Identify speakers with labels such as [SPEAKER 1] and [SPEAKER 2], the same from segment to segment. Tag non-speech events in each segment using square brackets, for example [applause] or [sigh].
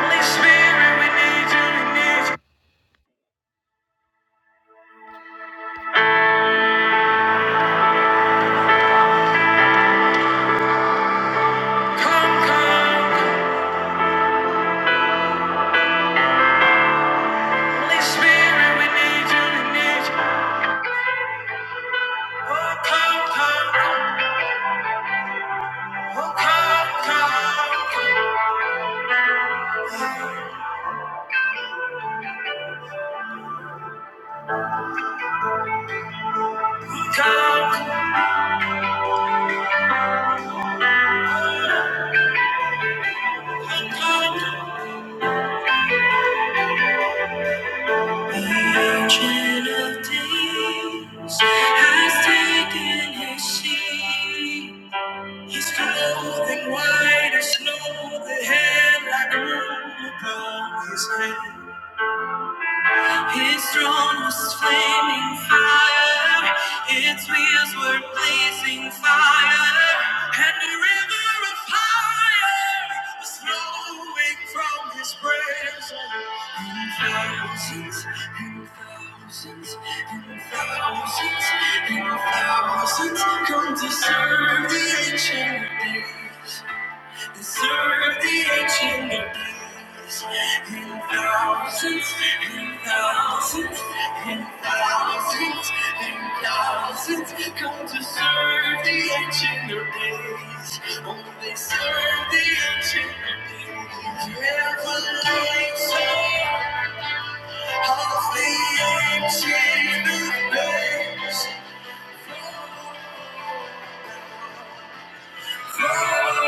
[SPEAKER 1] Holy Spirit, we need you, we need you. Come, come. Holy Spirit, we need you, we need you. Oh, come, come. Oh, come, come. Oh, come, oh, come. The Ancient of Days has taken his seat. He's clothed in white as snow, the hair like a robe upon his head. His throne was flaming fire. Its wheels were blazing fire. And a river of fire was flowing from his presence. And thousands and thousands and thousands and thousands come to serve the ancient of days. And Serve the ancient days in thousands and thousands and thousands and thousands come to serve the ancient days. Oh, they serve the ancient days. Revelation of the ancient days. Oh, revelation.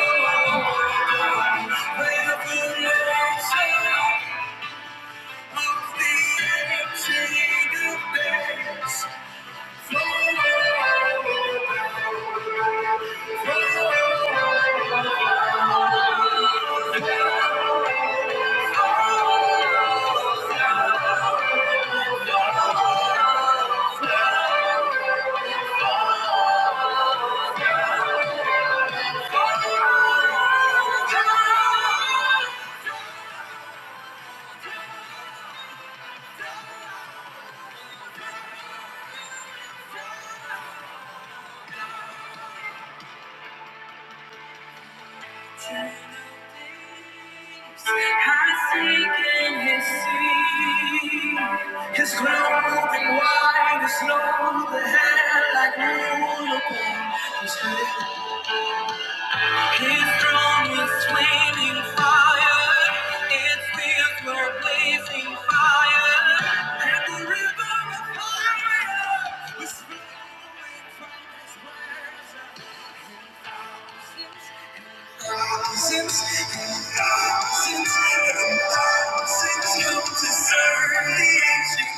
[SPEAKER 1] His clothing white as snow, the hair like wool upon his head. His throne is flaming fire. Its wheels were blazing fire. And the river of fire was thousands and thousands and thousands come to serve the ancient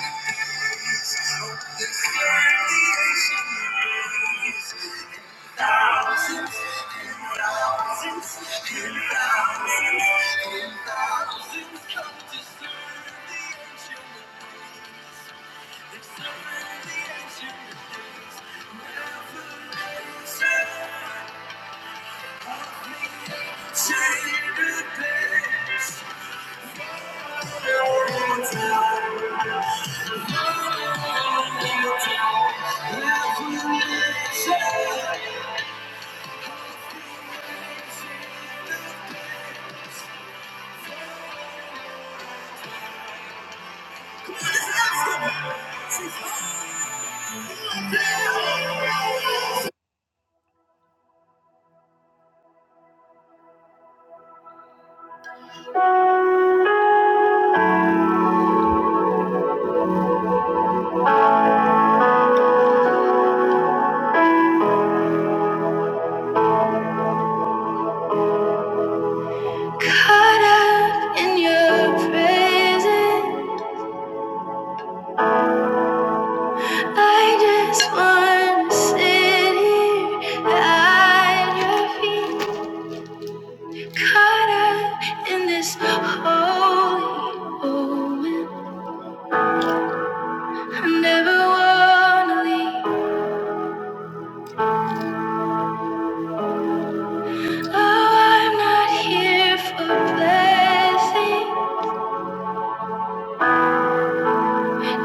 [SPEAKER 1] of days. Oh, to serve the ancient of days. Thousands and thousands and thousands and thousands come to serve. Caught up in your prison, I just wanna sit here at your feet. Caught up in this holy moment, I never wanna leave. Oh, I'm not here for blessing.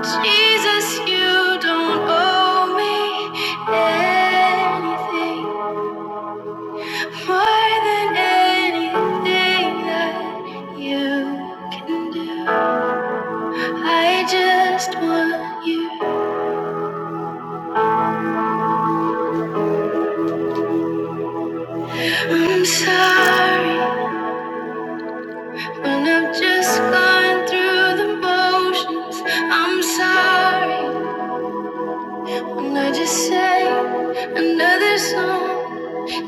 [SPEAKER 1] Jesus, you don't owe me anything more than anything that you can do. I just want you. I'm sorry when i am just going through the motions. I'm sorry when I just sang another song.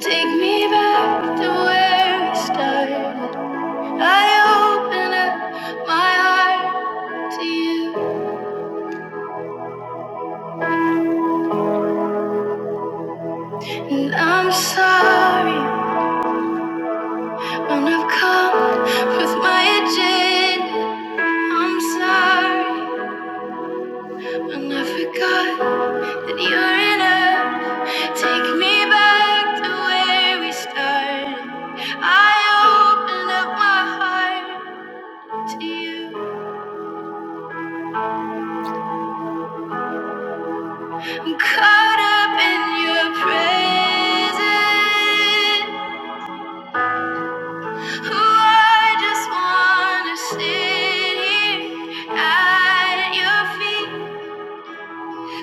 [SPEAKER 1] Take me back to where we started. I open up my heart to you, and I'm sorry when I've come with my agenda. I'm sorry when I forgot that you're enough. Take me back to where we started. I open up my heart to you. I'm caught up in your presence. I just wanna sit here at your feet,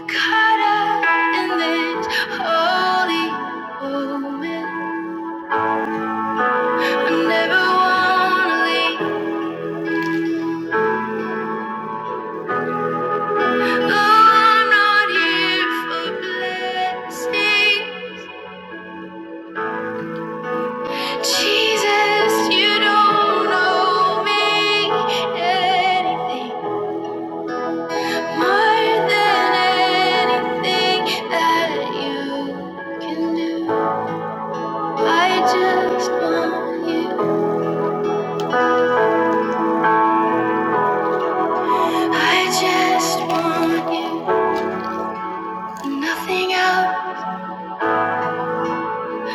[SPEAKER 1] caught up in this holy moment. I never wanna leave. Oh, I'm not here for blessing. Jesus, you don't owe me anything more than anything that you can do. I just want you. I just want you. Nothing else,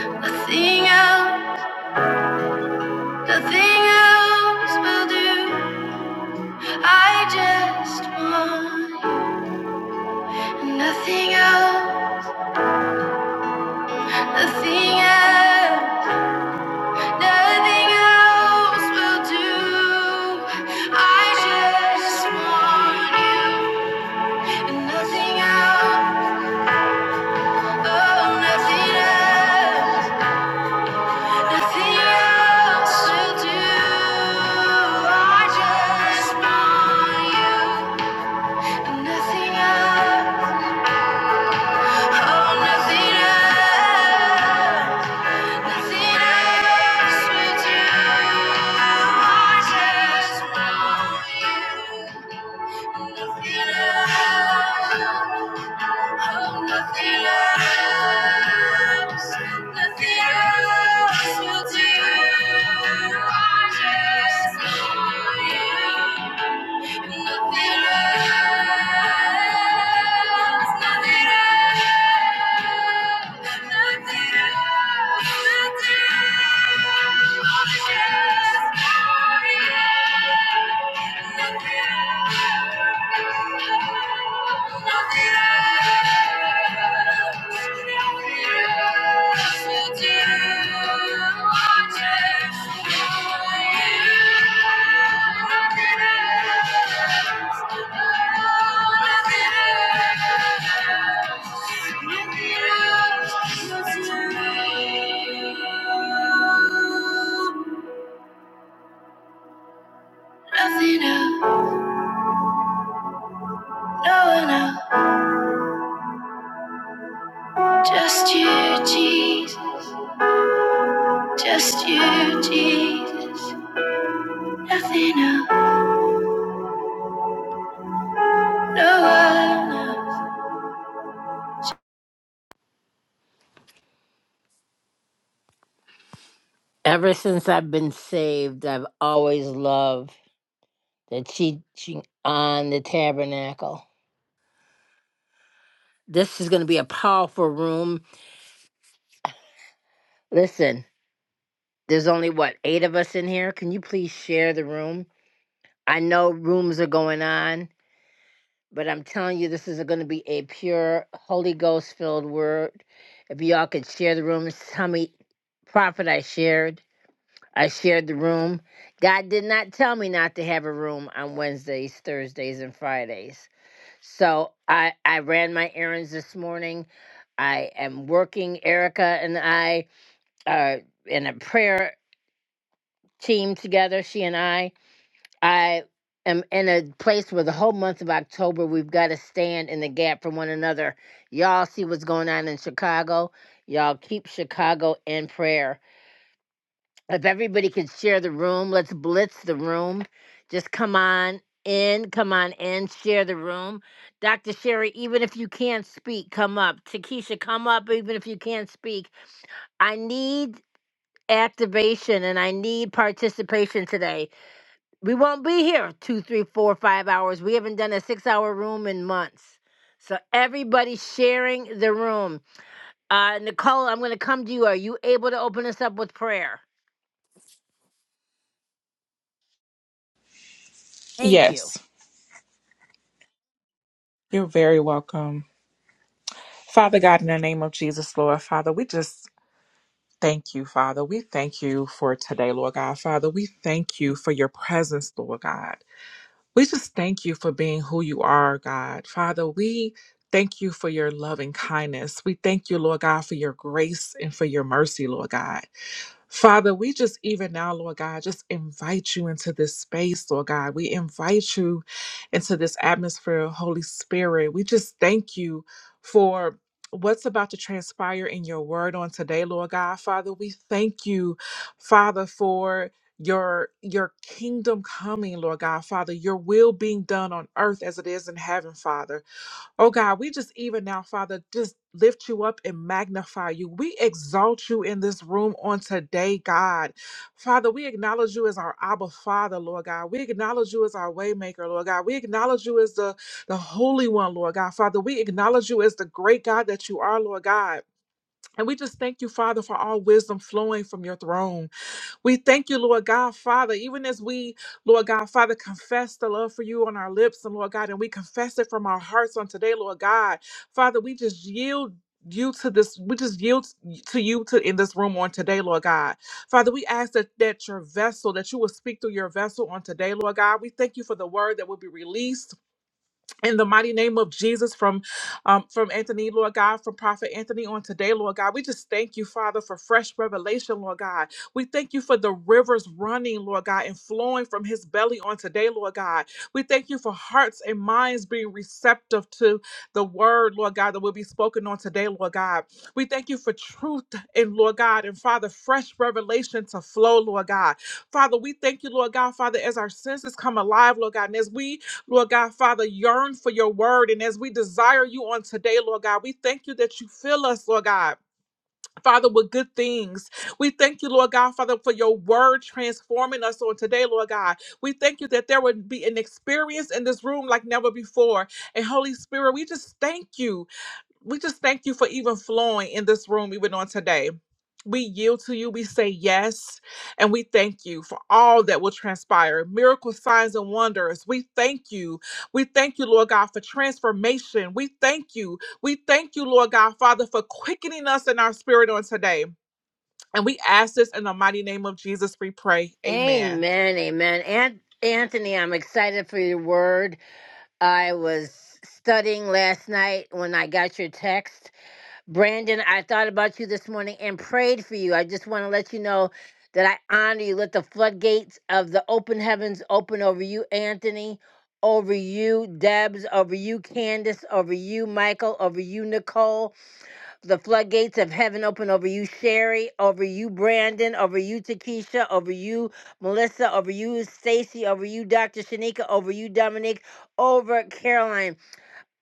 [SPEAKER 1] nothing else, nothing else will do. I just want you. Nothing else, nothing else, nothing else will do. I just want you. Nothing else, oh, nothing else. Nothing else to do. I just want you. Nothing else. Oh, nothing else. Nothing else to do. I just want you. Nothing left. Oh, nothing else. Nothing else will do. I just want you. Nothing else. Nothing else. Nothing else. Nothing else. I just want you. Nothing else. Nothing else, no one else, just you, Jesus, just you, Jesus. Nothing else, no one else. Ever since I've been saved, I've always loved the teaching on the tabernacle. This is going to be a powerful room. Listen, there's only what, eight of us in here? Can you please share the room? I know rooms are going on, but I'm telling you, this is going to be a pure Holy Ghost filled word. If y'all could share the room, tell me, prophet, I shared. I shared the room. God did not tell me not to have a room on Wednesdays, Thursdays, and Fridays. So I I ran my errands this morning. I am working. Erica and I are in a prayer team together. She and I. I am in a place where the whole month of October we've got to stand in the gap for one another. Y'all see what's going on in Chicago. Y'all keep Chicago in prayer. If everybody could share the room, let's blitz the room. Just come on in, come on in, share the room. Dr. Sherry, even if you can't speak, come up. Takesha, come up, even if you can't speak. I need activation and I need participation today. We won't be here two, three, four, five hours. We haven't done a six hour room in months. So everybody sharing the room. Uh, Nicole, I'm going to come to you. Are you able to open us up with prayer? Thank you.
[SPEAKER 2] Yes, you're very welcome. Father God, in the name of Jesus, Lord, Father, we just thank you, Father. We thank you for today, Lord God. Father, we thank you for your presence, Lord God. We just thank you for being who you are, God. Father, we thank you for your loving kindness. We thank you, Lord God, for your grace and for your mercy, Lord God. Father, we just even now, Lord God, just invite you into this space, Lord God. We invite you into this atmosphere, Holy Spirit. We just thank you for what's about to transpire in your word on today, Lord God. Father, we thank you, Father, for your your kingdom coming lord god father your will being done on earth as it is in heaven father Oh God, we just even now, Father, just lift you up and magnify you. We exalt you in this room on today, God. Father, we acknowledge you as our Abba Father, Lord God. We acknowledge you as our waymaker, Lord God. We acknowledge you as the, the Holy One, Lord God. Father, we acknowledge you as the great God that you are, Lord God. And we just thank you, Father, for all wisdom flowing from your throne. We thank you, Lord God, Father, even as we, Lord God, Father, confess the love for you on our lips, and Lord God, and we confess it from our hearts on today, Lord God. Father, we just yield you to this we just yield to you to in this room on today lord god father we ask that that your vessel that you will speak through your vessel on today lord god we thank you for the word that will be released in the mighty name of Jesus, from um, from Anthony, Lord God, from Prophet Anthony on today, Lord God, we just thank you, Father, for fresh revelation, Lord God. We thank you for the rivers running, Lord God, and flowing from his belly on today, Lord God. We thank you for hearts and minds being receptive to the word, Lord God, that will be spoken on today, Lord God. We thank you for truth and Lord God, and Father, fresh revelation to flow, Lord God. Father, we thank you, Lord God, Father, as our senses come alive, Lord God, and as we Lord God, Father, yearn for your word. And as we desire you on today, Lord God, we thank you that you fill us, Lord God. Father, with good things. We thank you, Lord God, Father, for your word transforming us on today, Lord God. We thank you that there would be an experience in this room like never before. And Holy Spirit, we just thank you we just thank you for even flowing in this room even on today. We yield to you, we say yes, and we thank you for all that will transpire. Miracles, signs, and wonders. We thank you. We thank you, Lord God, for transformation. We thank you. We thank you, Lord God, Father, for quickening us in our spirit on today. And we ask this in the mighty name of Jesus, we pray. Amen.
[SPEAKER 1] Amen, amen. Ant- Anthony, I'm excited for your word. I was studying last night when I got your text. Brandon, I thought about you this morning and prayed for you. I just want to let you know that I honor you. Let the floodgates of the open heavens open over you, Anthony, over you, Debs, over you, Candace, over you, Michael, over you, Nicole the floodgates of heaven open over you, Sherry, over you, Brandon, over you, Takesha, over you, Melissa, over you, Stacy, over you, Dr. Shanika, over you, Dominique. over Caroline.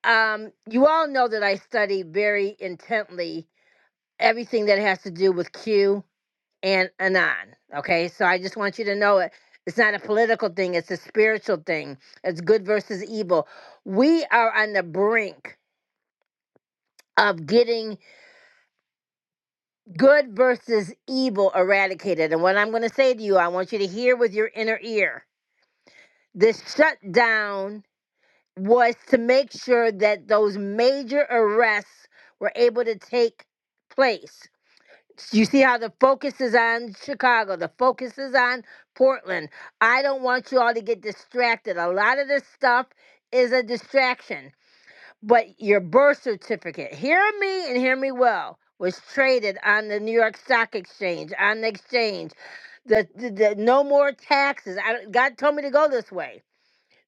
[SPEAKER 1] Um, you all know that I study very intently everything that has to do with Q and Anon. Okay, so I just want you to know it. It's not a political thing, it's a spiritual thing. It's good versus evil. We are on the brink of getting Good versus evil eradicated. And what I'm going to say to you, I want you to hear with your inner ear. This shutdown was to make sure that those major arrests were able to take place. You see how the focus is on Chicago, the focus is on Portland. I don't want you all to get distracted. A lot of this stuff is a distraction. But your birth certificate, hear me and hear me well, was traded on the New York Stock Exchange, on the exchange. The, the, the no more taxes. I, don't- God told me to go this way.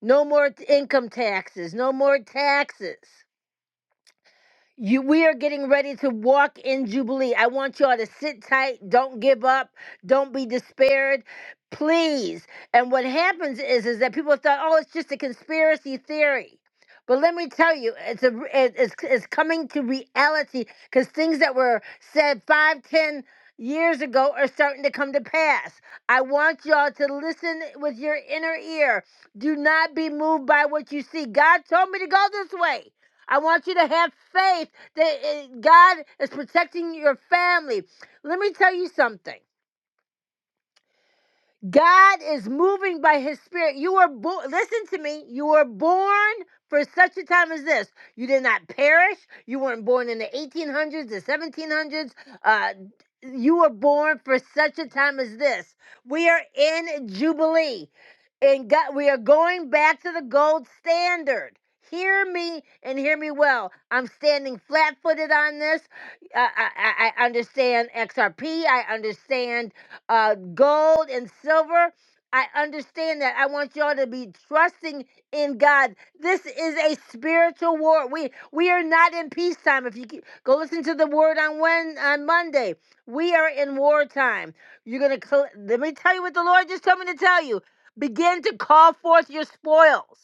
[SPEAKER 1] No more t- income taxes. No more taxes. You, we are getting ready to walk in Jubilee. I want y'all to sit tight. Don't give up. Don't be despaired. Please. And what happens is, is that people thought, oh, it's just a conspiracy theory. But let me tell you, it's a, it- it's, it's coming to reality because things that were said five, ten years ago are starting to come to pass. I want y'all to listen with your inner ear. Do not be moved by what you see. God told me to go this way. I want you to have faith that uh, God is protecting your family. Let me tell you something. God is moving by his spirit. You were born, listen to me, you were born for such a time as this. You did not perish. You weren't born in the 1800s, the 1700s. Uh, you were born for such a time as this. We are in Jubilee. And God, we are going back to the gold standard. Hear me and hear me well. I'm standing flat footed on this. I, I, I I understand XRP. I understand uh, gold and silver. I understand that. I want y'all to be trusting in God. This is a spiritual war. We we are not in peacetime. If you ke- go listen to the word on when on Monday, we are in wartime. You're gonna cl- let me tell you what the Lord just told me to tell you. Begin to call forth your spoils.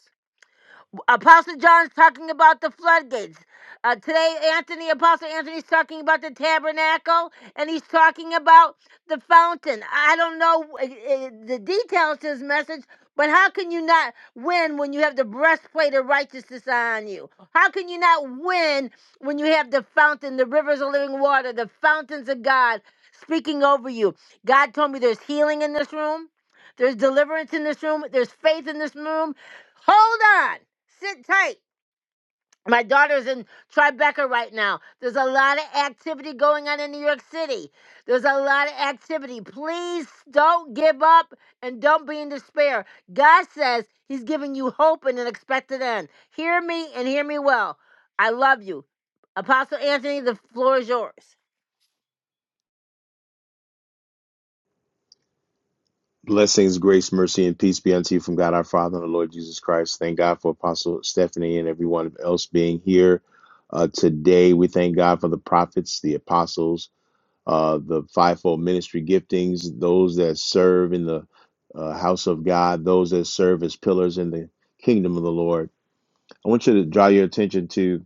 [SPEAKER 1] Apostle John's talking about the floodgates. Uh, today, Anthony, Apostle Anthony's talking about the tabernacle and he's talking about the fountain. I don't know uh, uh, the details to his message, but how can you not win when you have the breastplate of righteousness on you? How can you not win when you have the fountain, the rivers of living water, the fountains of God speaking over you? God told me there's healing in this room, there's deliverance in this room, there's faith in this room. Hold on. Sit tight. My daughter's in Tribeca right now. There's a lot of activity going on in New York City. There's a lot of activity. Please don't give up and don't be in despair. God says He's giving you hope and an expected end. Hear me and hear me well. I love you. Apostle Anthony, the floor is yours.
[SPEAKER 3] Blessings, grace, mercy, and peace be unto you from God our Father and the Lord Jesus Christ. Thank God for Apostle Stephanie and everyone else being here uh, today. We thank God for the prophets, the apostles, uh, the fivefold ministry giftings, those that serve in the uh, house of God, those that serve as pillars in the kingdom of the Lord. I want you to draw your attention to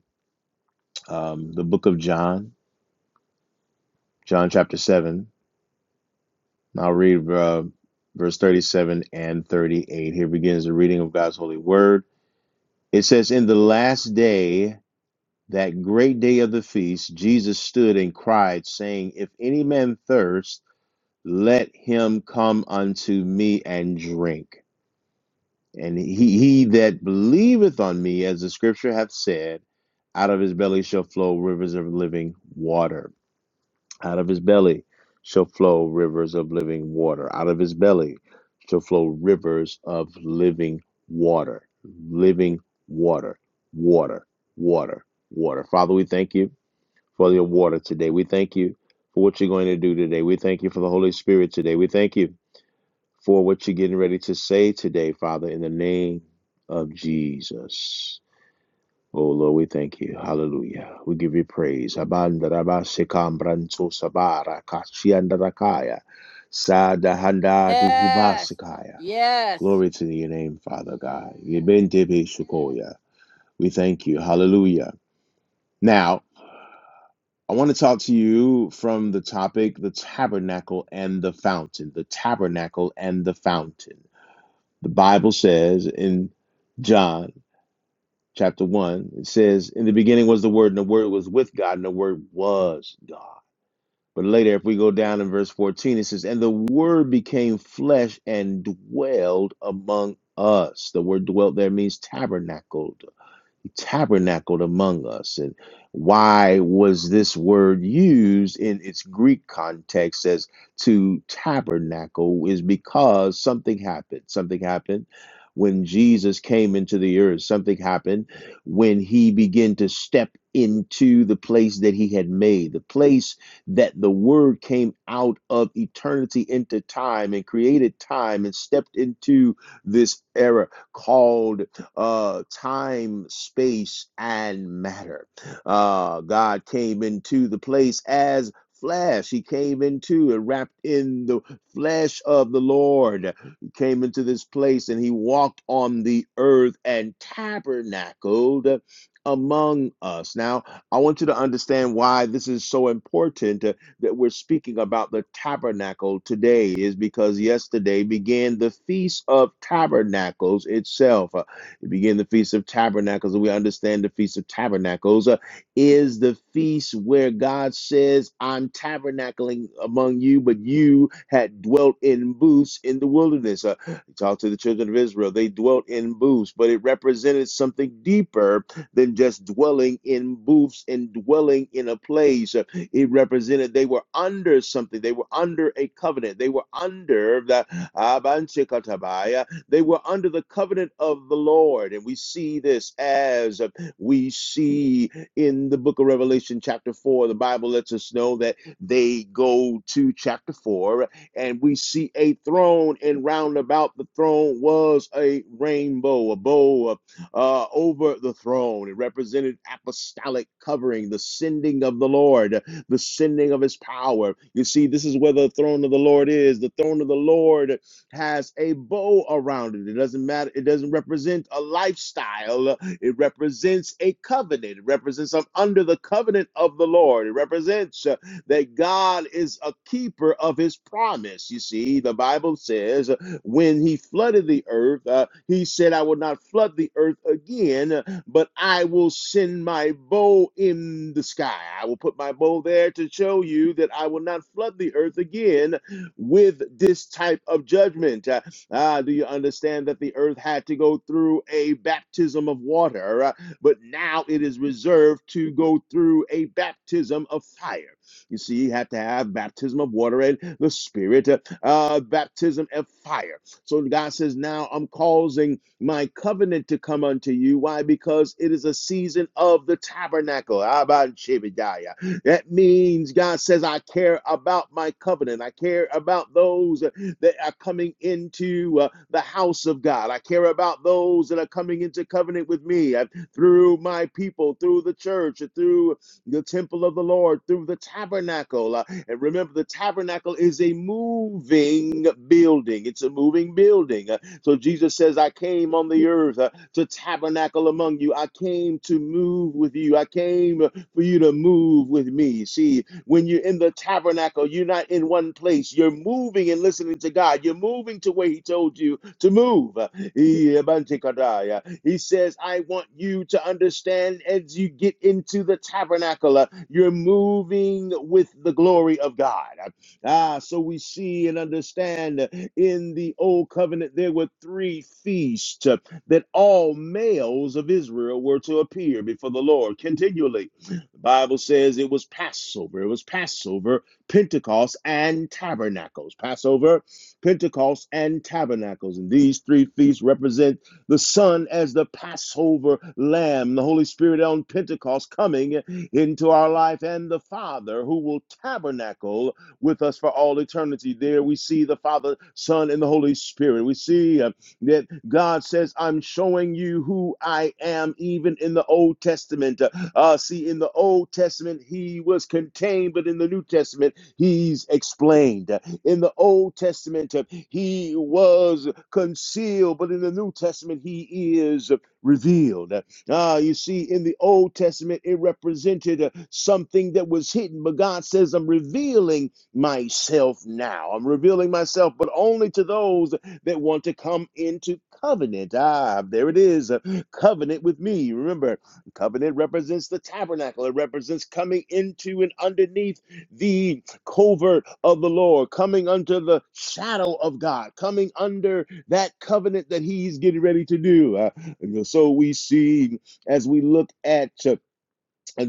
[SPEAKER 3] um, the book of John, John chapter 7. And I'll read uh, verse 37 and 38. Here begins the reading of God's holy word. It says, In the last day, that great day of the feast, Jesus stood and cried, saying, If any man thirst, let him come unto me and drink. And he, he that believeth on me, as the scripture hath said, out of his belly shall flow rivers of living water. Out of his belly shall flow rivers of living water. Out of his belly shall flow rivers of living water. Living water. Water. Water. Water. Father, we thank you for your water today. We thank you for what you're going to do today. We thank you for the Holy Spirit today. We thank you for what you're getting ready to say today, Father, in the name of Jesus. Oh Lord, we thank you. Hallelujah. We give you praise. Abandaraba sekambranto sabara kashiandarakaya. Sadahanda
[SPEAKER 1] Yes.
[SPEAKER 3] duhubasikaya.
[SPEAKER 1] Yes.
[SPEAKER 3] Glory to your name, Father God. Yebentebe shukoya. We thank you. Hallelujah. Now, I want to talk to you from the topic the tabernacle and the fountain. The tabernacle and the fountain. The Bible says in John chapter 1. It says, In the beginning was the Word, and the Word was with God, and the Word was God. But later, if we go down in verse 14, it says, And the Word became flesh and dwelled among us. The word dwelt there means tabernacled he tabernacled among us. And why was this word used in its Greek context as to tabernacle? Is because something happened. Something happened when Jesus came into the earth. Something happened when he began to step into the place that he had made, the place that the word came out of eternity into time and created time and stepped into this era called uh, time, space, and matter. Uh, God came into the place as flesh. He came into and wrapped in the flesh of the Lord. He came into this place and he walked on the earth and tabernacled among us. Now, I want you to understand why this is so important uh, that we're speaking about the tabernacle today is because yesterday began the feast of tabernacles itself. It began the Feast of Tabernacles, and we understand the Feast of Tabernacles uh, is the feast where God says, I'm tabernacling among you, but you had dwelt in booths in the wilderness. Uh, he talked to the children of Israel. They dwelt in booths, but it represented something deeper than just dwelling in booths and dwelling in a place. Uh, It represented they were under something. They were under a covenant. They were under the they were under the covenant of the Lord. And we see this as uh, we see in the book of Revelation, chapter 4. The Bible lets us know that they go to chapter 4, and we see a throne, and round about the throne was a rainbow, a bow uh, over the throne. It represented apostolic covering, the sending of the Lord, the sending of his power. You see, this is where the throne of the Lord is. The throne of the Lord has a bow around it. It doesn't matter. It doesn't represent a lifestyle. It represents a covenant. It represents I'm under the covenant of the Lord. It represents uh, that God is a keeper of his promise. You see, the Bible says uh, when he flooded the earth, uh, he said, I will not flood the earth again, uh, but I will send my bow in the sky. I will put my bow there to show you that I will not flood the earth again, with this type of judgment. Uh, ah, do you understand that the earth had to go through a baptism of water, uh, but now it is reserved to go through a baptism of fire? You see, you have to have baptism of water and the Spirit, uh, uh, baptism of fire. So God says, Now I'm causing my covenant to come unto you. Why? Because it is a season of the tabernacle. That means God says, I care about my covenant. I care about those that are coming into uh, the house of God. I care about those that are coming into covenant with me uh, through my people, through the church, uh, through the temple of the Lord, through the tabernacle. Uh, and remember, the tabernacle is a moving building, it's a moving building. Uh, so Jesus says, I came on the earth uh, to tabernacle among you, I came to move with you, I came for you to move with me. See, when you're in the tabernacle, you're not in one place. You're moving and listening to God. You're moving to where He told you to move. He says, I want you to understand as you get into the tabernacle, uh, you're moving with the glory of God. Ah, so we see and understand uh, in the old covenant, there were three feasts uh, that all males of Israel were to appear before the Lord continually the Bible says it was Passover. It was Passover, Pentecost, and Tabernacles. Passover, Pentecost, and Tabernacles. And these three feasts represent the Son as the Passover Lamb, the Holy Spirit on Pentecost coming into our life, and the Father who will tabernacle with us for all eternity. There we see the Father, Son, and the Holy Spirit. We see uh, that God says, I'm showing you who I am, even in the Old Testament. Uh, uh, see, in the Old Testament, he was contained, but in the New Testament, he's explained. Uh, In the Old Testament, uh, he was concealed, but in the New Testament, he is revealed. Uh, Ah, you see, in the Old Testament, it represented uh, something that was hidden, but God says, I'm revealing myself now. I'm revealing myself, but only to those that want to come into covenant. Ah, there it is, uh, covenant with me. Remember, covenant represents the tabernacle. It represents coming into and underneath the covert of the Lord, coming under the shadow of God, coming under that covenant that He's getting ready to do. Uh, and so we see as we look at uh,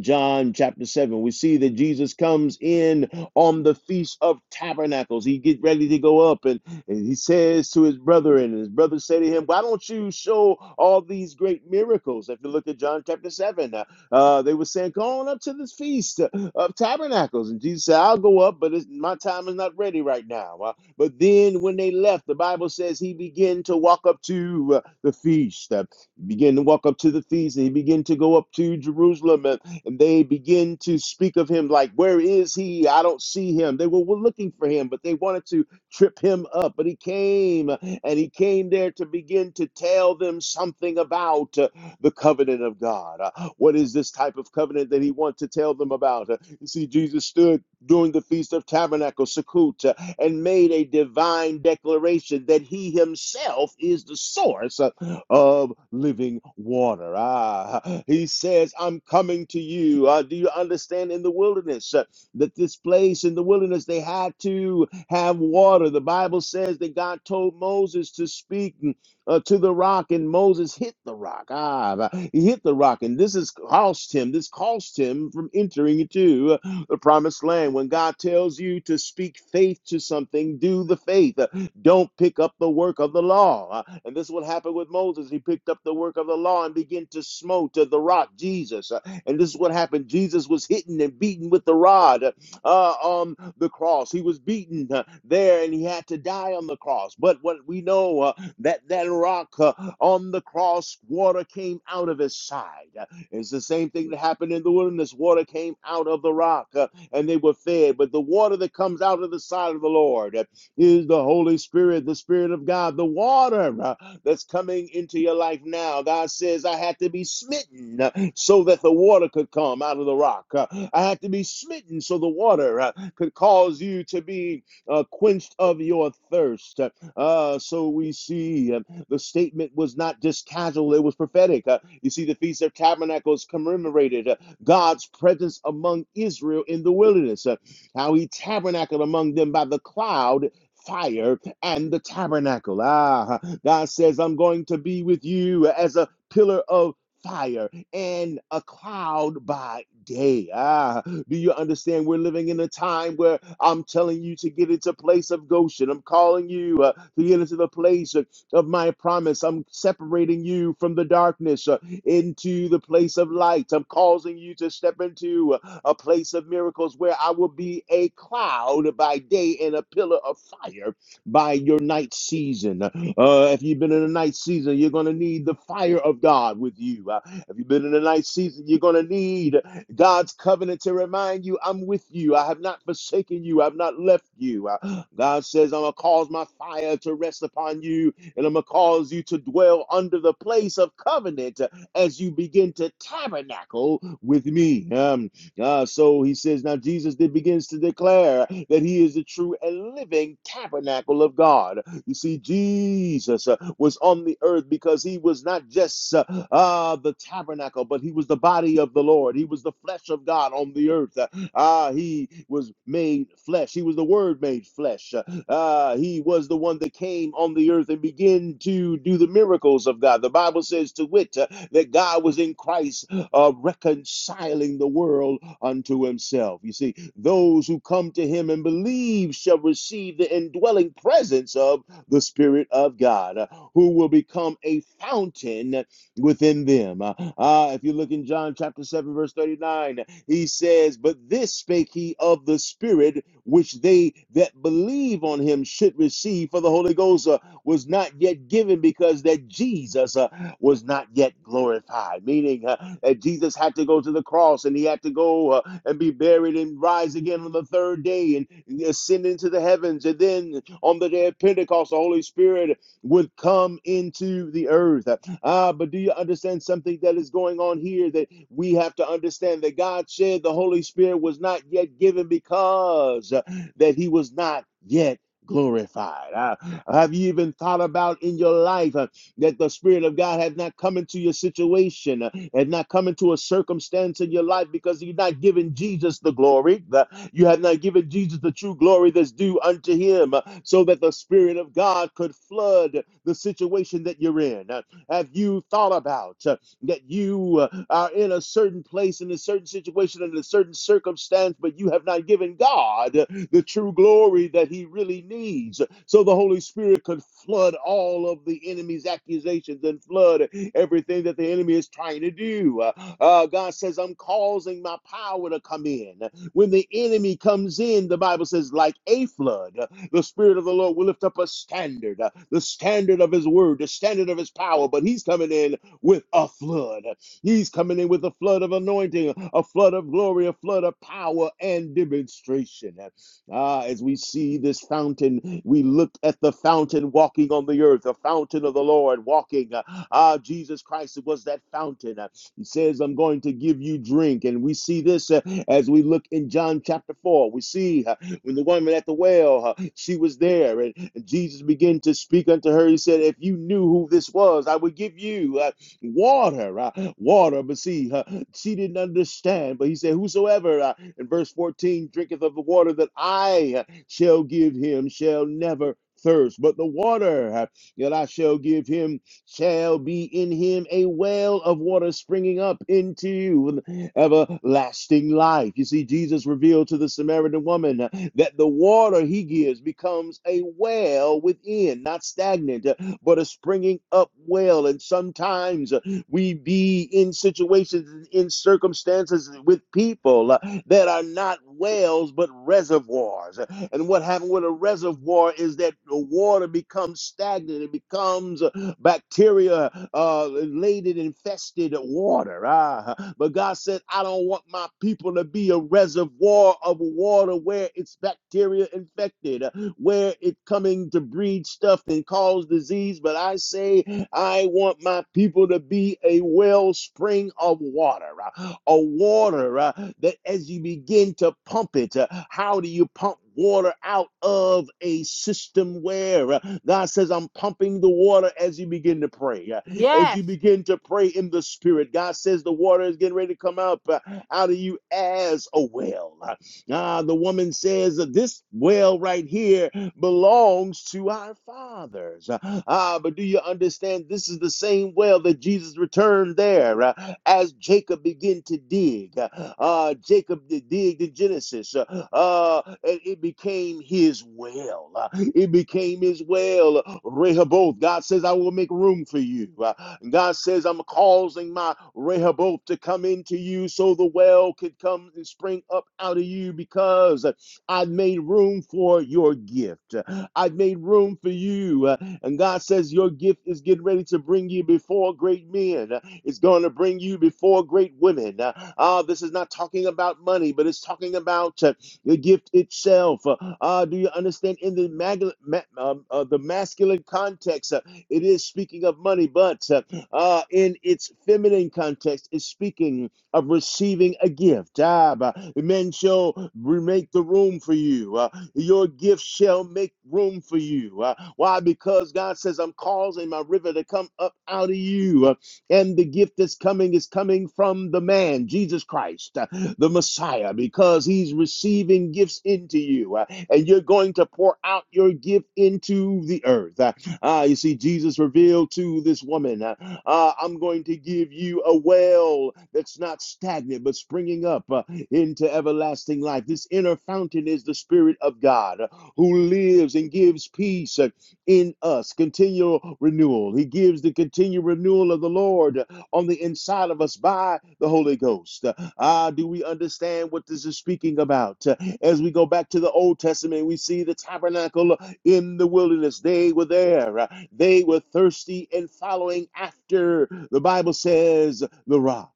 [SPEAKER 3] John chapter 7, we see that Jesus comes in on the Feast of Tabernacles. He get ready to go up and, and he says to his brother, and his brother said to him, Why don't you show all these great miracles? If you look at John chapter 7, uh, uh, they were saying, Go on up to this Feast of Tabernacles. And Jesus said, I'll go up, but it's, my time is not ready right now. Uh, but then when they left, the Bible says he began to walk up to uh, the feast. Uh, he began to walk up to the feast and he began to go up to Jerusalem. and and they begin to speak of him like, Where is he? I don't see him. They were were looking for him, but they wanted to trip him up. But he came, and he came there to begin to tell them something about uh, the covenant of God. Uh, What is this type of covenant that he wants to tell them about? Uh, You see, Jesus stood during the Feast of Tabernacles, Sukkot, uh, and made a divine declaration that he himself is the source. uh, of living water. Ah, he says, I'm coming to you. Uh, do you understand in the wilderness uh, that this place in the wilderness they had to have water? The Bible says that God told Moses to speak mm, uh, to the rock, and Moses hit the rock. Ah, he hit the rock, and this has cost him. This cost him from entering into the promised land. When God tells you to speak faith to something, do the faith. Uh, Don't pick up the work of the law. Uh, And this is what happened with Moses. He picked up the work of the law and began to smote uh, the rock, Jesus. Uh, And this is what happened. Jesus was hitting and beaten with the rod uh, uh, on the cross. He was beaten uh, there and he had to die on the cross. But what we know uh, that that rock uh, on the cross, water came out of his side. It's the same thing that happened in the wilderness. Water came out of the rock uh, and they were fed. But the water that comes out of the side of the Lord uh, is the Holy Spirit, the Spirit of God, the water uh, that's coming into your life now. God says, I had to be smitten uh, so that the water could come out of the rock. Uh, I had to be smitten so the water uh, could cause you to be uh, quenched of your thirst. Uh, uh, so we see. uh, the statement was not just casual, it was prophetic. Uh, you see, the Feast of Tabernacles commemorated uh, God's presence among Israel in the wilderness, uh, how he tabernacled among them by the cloud. Fire and the tabernacle. Ah, God says, I'm going to be with you as a pillar of fire and a cloud by day. Ah, do you understand? We're living in a time where I'm telling you to get into place of Goshen. I'm calling you uh, to get into the place of my promise. I'm separating you from the darkness uh, into the place of light. I'm causing you to step into uh, a place of miracles where I will be a cloud by day and a pillar of fire by your night season. Uh, if you've been in a night season, you're going to need the fire of God with you. Uh, if you've been in a night season, you're going to need God's covenant to remind you, I'm with you. I have not forsaken you. I've not left you. Uh, God says, I'm going to cause my fire to rest upon you and I'm going to cause you to dwell under the place of covenant uh, as you begin to tabernacle with me. Um, uh, so he says, now Jesus then begins to declare that he is the true and living tabernacle of God. You see, Jesus, uh, was on the earth because he was not just uh, uh, the tabernacle, but he was the body of the Lord. He was the flesh of God on the earth. Uh, uh, he was made flesh. He was the Word made flesh. Uh, uh, he was the one that came on the earth and began to do the miracles of God. The Bible says, to wit, uh, that God was in Christ uh, reconciling the world unto himself. You see, those who come to him and believe shall receive the indwelling presence of the Spirit of God. Uh, who will become a fountain within them. Uh, uh, if you look in John chapter 7, verse 39, he says, But this spake he of the Spirit, which they that believe on him should receive, for the Holy Ghost uh, was not yet given because that Jesus uh, was not yet glorified. Meaning uh, that Jesus had to go to the cross and he had to go uh, and be buried and rise again on the third day and ascend into the heavens. And then on the day of Pentecost, the Holy Spirit would come into the earth. Ah, but do you understand something that is going on here that we have to understand that God said the Holy Spirit was not yet given because uh, that he was not yet glorified. Ah, have you even thought about in your life uh, that the Spirit of God has not come into your situation? Uh, and not come into a circumstance in your life because you're not giving Jesus the glory. that You have not given Jesus the true glory that's due unto him uh, so that the Spirit of God could flood the situation that you're in. Uh, Have you thought about uh, that you uh, are in a certain place, in a certain situation, in a certain circumstance, but you have not given God the true glory that he really needs? so the Holy Spirit could flood all of the enemy's accusations and flood everything that the enemy is trying to do. Uh, uh, God says, I'm causing my power to come in. When the enemy comes in, the Bible says, like a flood, uh, the Spirit of the Lord will lift up a standard, uh, the standard of His word, the standard of His power. But He's coming in with a flood. He's coming in with a flood of anointing, a flood of glory, a flood of power and demonstration. Ah, as we see this fountain, we look at the fountain walking on the earth, the fountain of the Lord walking. Ah, Jesus Christ was that fountain. Uh, He says, I'm going to give you drink. And we see this uh, as we look in John chapter 4. We see uh, when the woman at the well, uh, she was there, and and Jesus began to speak unto her. He said, If you knew who this was, I would give you. uh, water, uh, water. But see, uh, she didn't understand. But he said, Whosoever, uh, in verse 14, drinketh of the water that I uh, shall give him shall never thirst. But the water uh, that I shall give him shall be in him a well of water springing up into everlasting life. You see, Jesus revealed to the Samaritan woman uh, that the water he gives becomes a well within, not stagnant. uh, but a springing up well. And sometimes uh, we be in situations, in circumstances with people uh, that are not wells, but reservoirs. And what happened with a reservoir is that the water becomes stagnant, it becomes uh, bacteria uh, laden, infested water. Ah, but God said, I don't want my people to be a reservoir of water where it's bacteria infected where it coming to breed stuff and cause disease. But I say, I want my people to be a wellspring of water, uh, a water uh, that as you begin to pump it, uh, how do you pump? Water out of a system where uh, God says, I'm pumping the water as you begin to pray. Uh, as you
[SPEAKER 1] Yes.
[SPEAKER 3] begin to pray in the spirit. God says the water is getting ready to come up uh, out of you as a well. uh, Ah, the woman says, uh, This well right here belongs to our fathers. Uh, Ah, but do you understand? This is the same well that Jesus returned there uh, as Jacob began to dig. Uh, ah, Jacob did dig in Genesis. Uh, uh, it became his well. Uh, It became his well. Rehoboth, God says, I will make room for you. Uh, God says, I'm causing my Rehoboth to come into you so the well could come and spring up out of you because I've made room for your gift. I've made room for you. Uh, And God says, Your gift is getting ready to bring you before great men. Uh, It's going to bring you before great women. Uh, ah, uh, this is not talking about money, but it's talking about. uh, the gift itself. Uh, uh, do you understand? In the, mag- ma- um, uh, the masculine context, uh, it is speaking of money, but uh, uh, in its feminine context, it's speaking of receiving a gift. Ah, bah, men shall make the room for you. Uh, your gift shall make room for you. Uh, why? Because God says, I'm causing my river to come up out of you. Uh, and the gift that's coming is coming from the man, Jesus Christ, uh, the Messiah, because he's receiving gifts into you. uh, and you're going to pour out your gift into the earth. Uh, uh, you see, Jesus revealed to this woman, uh, uh, I'm going to give you a well that's not stagnant, but springing up uh, into everlasting life. This inner fountain is the Spirit of God uh, who lives and gives peace. uh, in us, continual renewal. He gives the continual renewal of the Lord on the inside of us by the Holy Ghost. Ah, do we understand what this is speaking about? As we go back to the Old Testament, we see the tabernacle in the wilderness. They were there, they were thirsty and following after, the Bible says, the rock.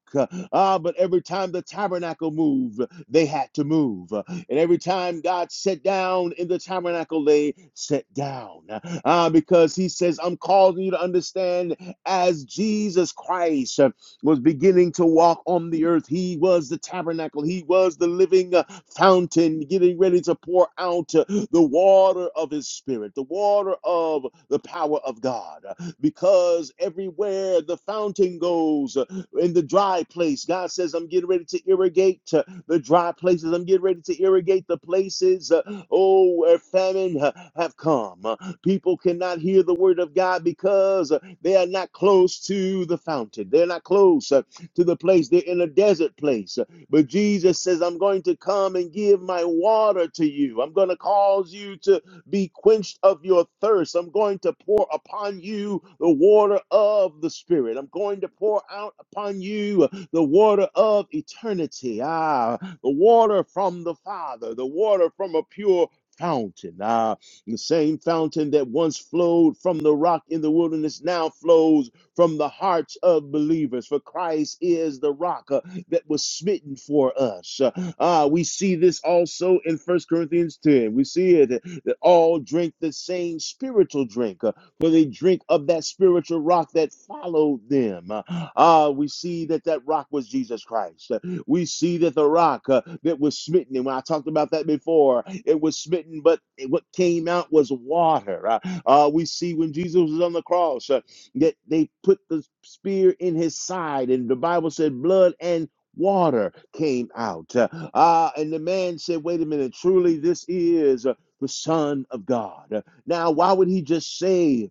[SPEAKER 3] Ah, but every time the tabernacle moved, they had to move. And every time God sat down in the tabernacle, they sat down uh, because He says, I'm calling you to understand as Jesus Christ was beginning to walk on the earth, He was the tabernacle, He was the living uh, fountain, getting ready to pour out uh, the water of His Spirit, the water of the power of God. Because everywhere the fountain goes, in the dry place. God says, I'm getting ready to irrigate uh, the dry places. I'm getting ready to irrigate the places, uh, oh, where famine uh, have come. Uh, people cannot hear the word of God because uh, they are not close to the fountain. They're not close uh, to the place. They're in a desert place. Uh, But Jesus says, I'm going to come and give my water to you. I'm going to cause you to be quenched of your thirst. I'm going to pour upon you the water of the Spirit. I'm going to pour out upon you the water of eternity. Ah, the water from the Father, the water from a pure fountain. Ah, the same fountain that once flowed from the rock in the wilderness now flows from the hearts of believers. For Christ is the rock. uh, that was smitten for us. Uh, we see this also in First Corinthians 10. We see it that, that all drink the same spiritual drink, uh, for they drink of that spiritual rock that followed them. Uh, uh, we see that that rock was Jesus Christ. Uh, we see that the rock uh, that was smitten, and when I talked about that before, it was smitten, but it- what came out was water. Uh, uh, we see when Jesus was on the cross, uh, that they put the spear in his side and the bible said blood and water came out. Uh, ah, and the man said, Wait a minute, truly, this is uh, the Son of God. Uh, Now, why would he just say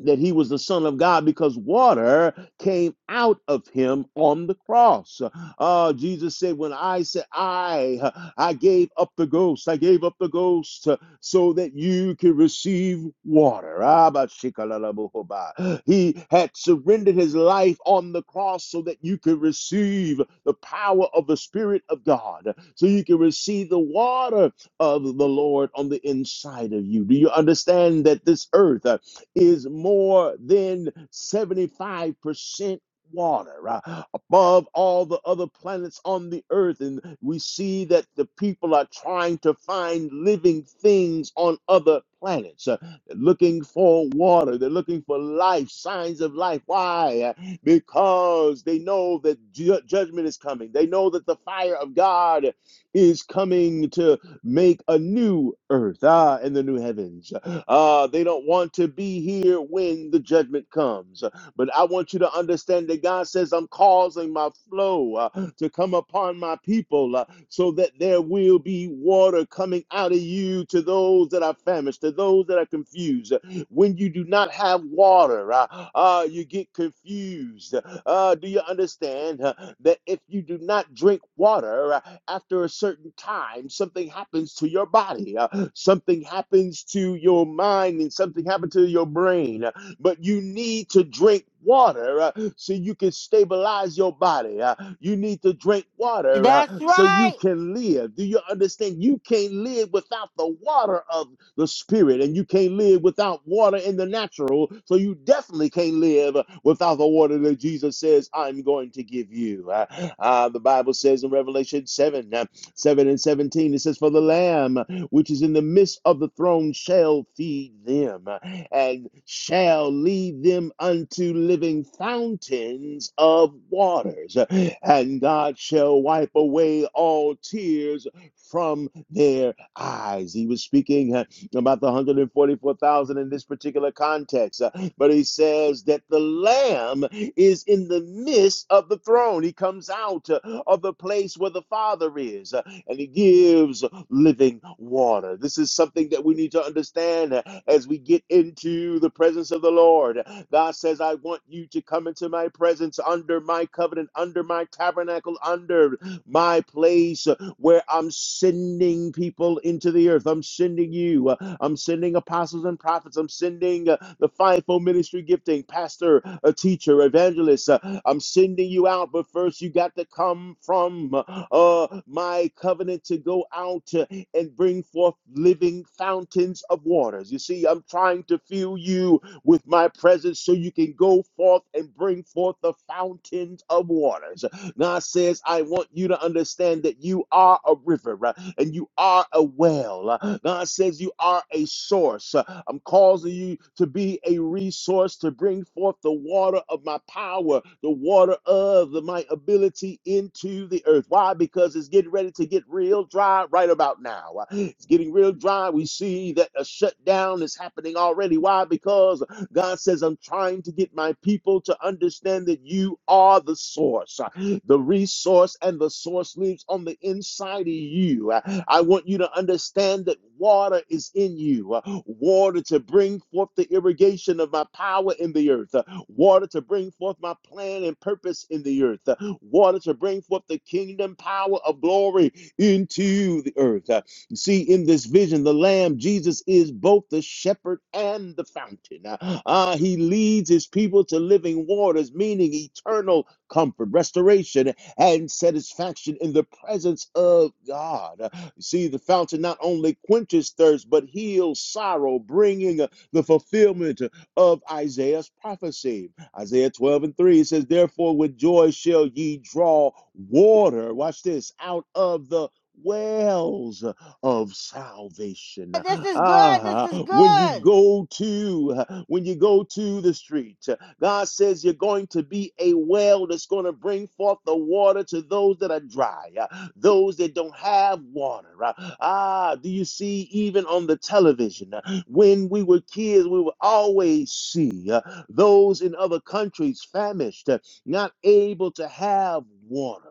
[SPEAKER 3] that he was the Son of God because water came out of him on the cross. Uh, Jesus said, When I said, I, I gave up the ghost, I gave up the ghost uh, so that you could receive water. Ah, He had surrendered his life on the cross so that you could receive the power of the Spirit of God, so you can receive the water of the Lord on the inside of you? Do you understand that this earth uh, is more than 75% water uh, above all the other planets on the earth and we see that the people are trying to find living things on other planets uh, they're looking for water they're looking for life signs of life why Uh, because they know that ju- judgment is coming they know that the fire of god is coming to make a new earth, ah, in the new heavens. Ah, they don't want to be here when the judgment comes. But I want you to understand that God says, I'm causing my flow uh, to come upon my people uh, so that there will be water coming out of you to those that are famished, to those that are confused, when you do not have water, uh, uh, you get confused. Uh, do you understand uh, that if you do not drink water uh, after a certain time, something happens to your body, uh, something happens to your mind, and something happens to your brain? uh, but you need to drink water uh, so you can stabilize your body. uh, you need to drink water uh,
[SPEAKER 1] That's
[SPEAKER 3] so you
[SPEAKER 1] right.
[SPEAKER 3] can live. Do you understand? You can't live without the water of the spirit, and you can't live without water in the natural. So you definitely can't live without the water that Jesus says, I'm going to give you. Uh, uh, the Bible says in Revelation 7 uh, 7 and 17, it says, For the Lamb which is in the midst of the throne shall feed them uh, and shall lead them unto living fountains of waters. Uh, And God shall wipe away all tears from their eyes. He was speaking. uh, about the 144,000 in this particular context. Uh, But he says that the Lamb is in the midst of the throne. He comes out uh, of the place where the Father is uh, and he gives living water. This is something that we need to understand uh, as we get into the presence of the Lord. God says, I want you to come into my presence under my covenant, under my tabernacle, under my place uh, where I'm sending people into the earth. I'm sending you. Uh, I'm sending apostles and prophets. I'm sending uh, the fivefold ministry gifting, pastor, a teacher, evangelist. Uh, I'm sending you out, but first you got to come from uh, my covenant to go out uh, and bring forth living fountains of waters. You see, I'm trying to fill you with my presence so you can go forth and bring forth the fountains of waters. God says, I want you to understand that you are a river uh, and you are a well. Uh, God says, you are a source. Uh, I'm causing you to be a resource to bring forth the water of my power, the water of the- my ability into the earth. Why? Because it's getting ready to get real dry right about now. Uh, It's getting real dry. We see that a shutdown is happening already. Why? Because God says, I'm trying to get my people to understand that you are the source. The resource and the source lives on the inside of you. I want you to understand that water is in you. Water to bring forth the irrigation of my power in the earth. Water to bring forth my plan and purpose in the earth. Water to bring forth the kingdom power of glory into the earth see in this vision the lamb jesus is both the shepherd and the fountain Ah, he leads his people to living waters meaning eternal comfort restoration and satisfaction in the presence of god You see the fountain not only quenches thirst but heals sorrow bringing uh, the fulfillment of isaiah's prophecy isaiah 12 and 3 says therefore with joy shall ye draw water watch this out of the wells of salvation.
[SPEAKER 1] This is good. This
[SPEAKER 3] Ah,
[SPEAKER 1] is
[SPEAKER 3] when you
[SPEAKER 1] good.
[SPEAKER 3] go to when you go to the street, God says you're going to be a well that's going to bring forth the water to those that are dry, uh, those that don't have water. uh. Ah, do you see even on the television uh, when we were kids, we would always see uh, those in other countries famished, uh, not able to have water.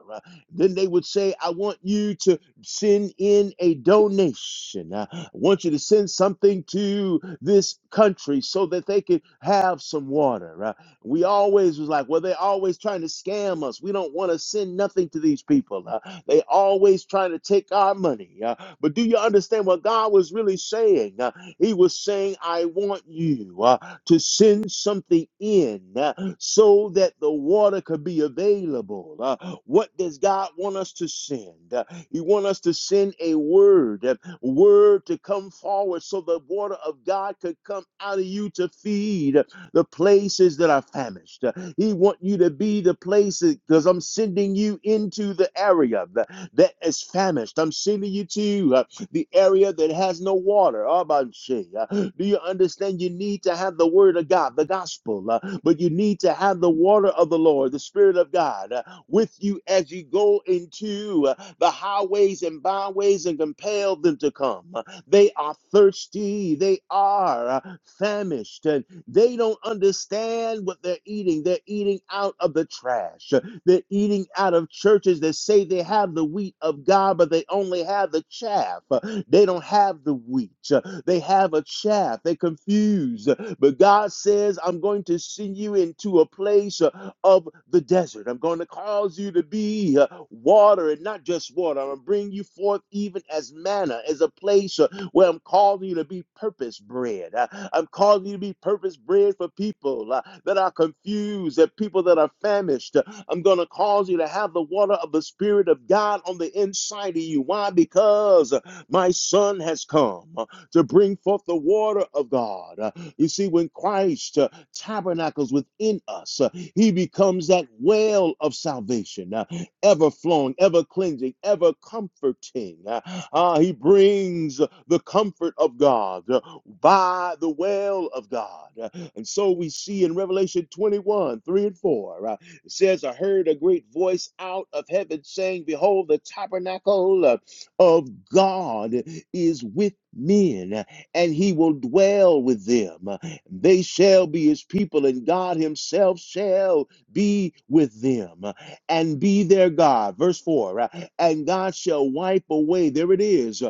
[SPEAKER 3] Then they would say, I want you to send in a donation. Uh, I want you to send something to this country so that they could have some water. Uh, we always was like, well, they're always trying to scam us. We don't want to send nothing to these people. Uh, they always trying to take our money. Uh, but do you understand what God was really saying? Uh, he was saying, I want you uh, to send something in. Uh, so that the water could be available. Uh, what does God want us to send? Uh, he wants us to send a word, a word to come forward so the water of God could come out of you to feed the places that are famished. Uh, He want you to be the places because I'm sending you into the area tha- that is famished. I'm sending you to uh, the area that has no water. Abanshe. Do you understand? You need to have the word of God, the gospel, uh, but you need to have the water of the Lord, the spirit of God, uh, with you as you go into uh, the highways and byways and compel them to come. Uh, They are thirsty, they are uh, famished, and they don't understand what they're eating. They're eating out of the trash. They're eating out of churches that say they have the wheat of God, but they only have the chaff. Uh, They don't have the wheat. Uh, They have a chaff. They're confused. Uh, But God says, I'm going to send you into a place uh, of the desert. I'm going to cause you to be uh, water and not just water. I'm going to bring you forth even as manna, as a place uh, where I'm calling you to be purpose bred. Uh, I'm calling you to be purpose bred for people uh, that are confused, that people that are famished. Uh, I'm going to cause you to have the water of the Spirit of God on the inside of you. Why? Because uh, my Son has come uh, to bring forth the water of God. Uh, You see, when Christ uh, tabernacles within us, uh, he becomes that well of salvation. Uh, ever flowing, ever cleansing, ever comforting. Uh, uh, he brings uh, the comfort of God, uh, by the well of God. Uh, And so we see in Revelation 21 3 and 4, uh, it says, I heard a great voice out of heaven saying, Behold, the tabernacle uh, of God is with men, and he will dwell with them. They shall be his people, and God himself shall be with them and be their God. Verse 4 uh, And God shall wipe away, there it is,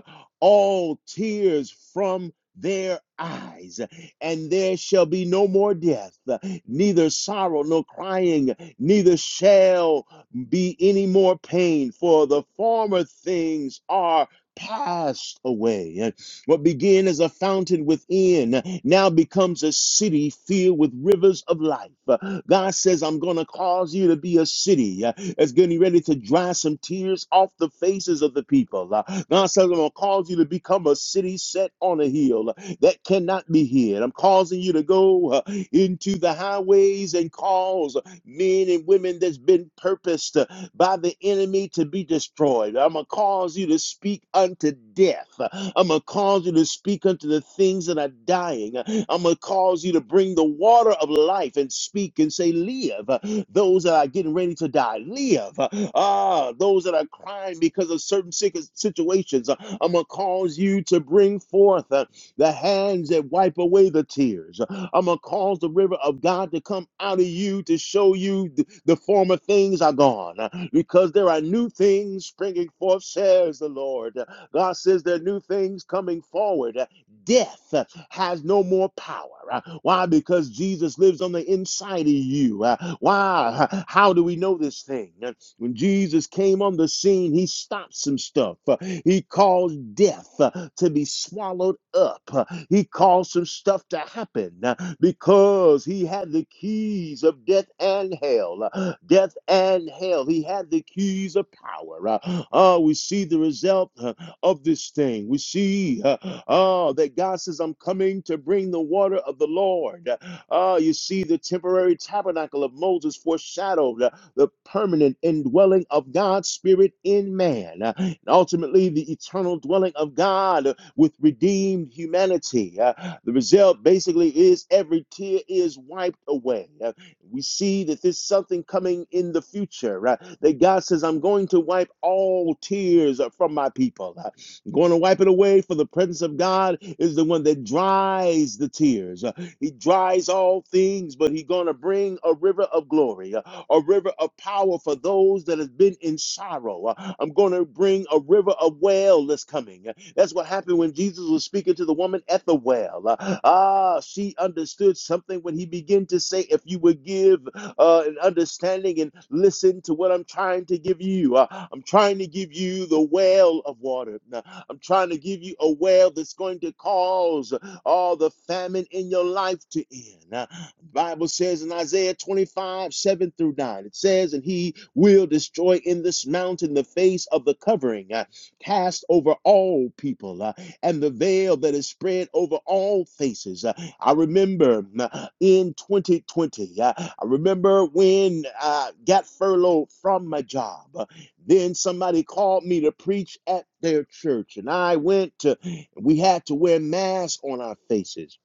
[SPEAKER 3] all tears from their eyes, and there shall be no more death, neither sorrow nor crying, neither shall be any more pain, for the former things are passed away. What began as a fountain within now becomes a city filled with rivers of life. Uh, God says, I'm going to cause you to be a city uh, that's getting ready to dry some tears off the faces of the people. Uh, God says, I'm going to cause you to become a city set on a hill uh, that cannot be hid. I'm causing you to go uh, into the highways and cause men and women that's been purposed uh, by the enemy to be destroyed. I'm going to cause you to speak unto death. I'm going to cause you to speak unto the things that are dying. I'm going to cause you to bring the water of life and speak and say, Live. Those that are getting ready to die, live. Ah, those that are crying because of certain sick- situations, I'm going to cause you to bring forth. uh, the hands that wipe away the tears. I'm going to cause the river of God to come out of you to show you th- the former things are gone uh, because there are new things springing forth, says the Lord. God says there are new things coming forward. Death uh, has no more power. Uh, Why? Because Jesus lives on the inside of you. Uh, Why? How do we know this thing? When Jesus came on the scene, he stopped some stuff. Uh, He caused death uh, to be swallowed up. Uh, He caused some stuff to happen uh, because he had the keys of death and hell. Uh, Death and hell. He had the keys of power. Uh, uh, we see the result uh, of this thing. We see uh, uh, that God says, I'm coming to bring the water of the Lord. Uh, oh, you see the temporary tabernacle of Moses foreshadowed. uh, the permanent indwelling of God's Spirit in man, uh, and ultimately the eternal dwelling of God uh, with redeemed humanity. Uh, the result basically is every tear is wiped away. Uh, we see that there's something coming in the future uh, that God says, I'm going to wipe all tears uh, from my people. Uh, I'm going to wipe it away, for the presence of God is the one that dries the tears. Uh, he dries all things, but he's going to bring a river of glory, uh, a river of power for those that have been in sorrow. Uh, I'm going to bring a river of well that's coming. Uh, That's what happened when Jesus was speaking to the woman at the well. Uh, Ah, she understood something when he began to say, If you would give uh, an understanding and listen to what I'm trying to give you, uh, I'm trying to give you the well of water. Uh, I'm trying to give you a well that's going to cause all the famine in your life to end. Uh, the Bible says in Isaiah 25, 7 through 9, it says, And he will destroy in this mountain the face of the covering uh, cast over all people, uh, and the veil that is spread over all faces. Uh, I remember uh, in 2020, uh, I remember when I got furloughed from my job. Uh, Then somebody called me to preach at their church, and I went to we had to wear masks on our faces.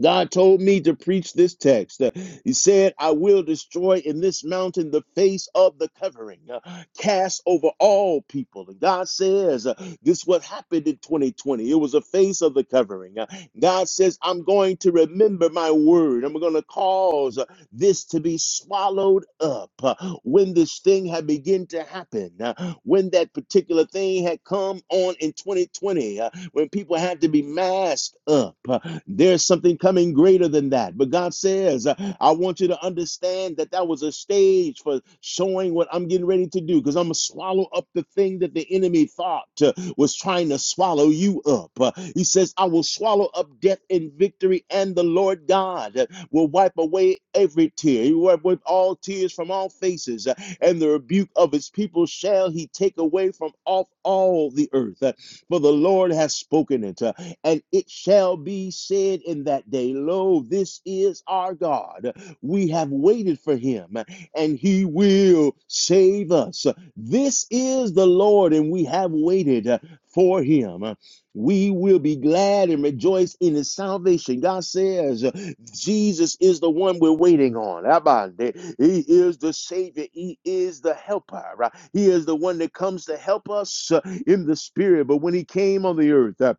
[SPEAKER 3] God told me to preach this text. Uh, He said, I will destroy in this mountain the face of the covering, uh, cast over all people. And God says, uh, This is what happened in 2020. It was a face of the covering. Uh, God says, I'm going to remember my word. I'm going to cause uh, this to be swallowed up. Uh, When this thing had begun to happen, uh, when that particular thing had come on in 2020 when people had to be masked up. Uh, There's something coming greater than that. But God says, uh, I want you to understand that that was a stage for showing what I'm getting ready to do because I'm going to swallow up the thing that the enemy thought uh, was trying to swallow you up. Uh, He says, I will swallow up death in victory, and the Lord God uh, will wipe away every tear. He will wipe with all tears from all faces, uh, and the rebuke of his people shall he take away from off all the earth. Uh, for the Lord has spoken it. Uh, And it shall be said in that day, Lo, this is our God. We have waited for him, and he will save us. This is the Lord, and we have waited uh, for him. We will be glad and rejoice in his salvation. God says, Jesus is the one we're waiting on. Abande. He is the Savior. He is the helper. right? He is the one that comes to help us uh, in the spirit. But when he came on the earth, uh,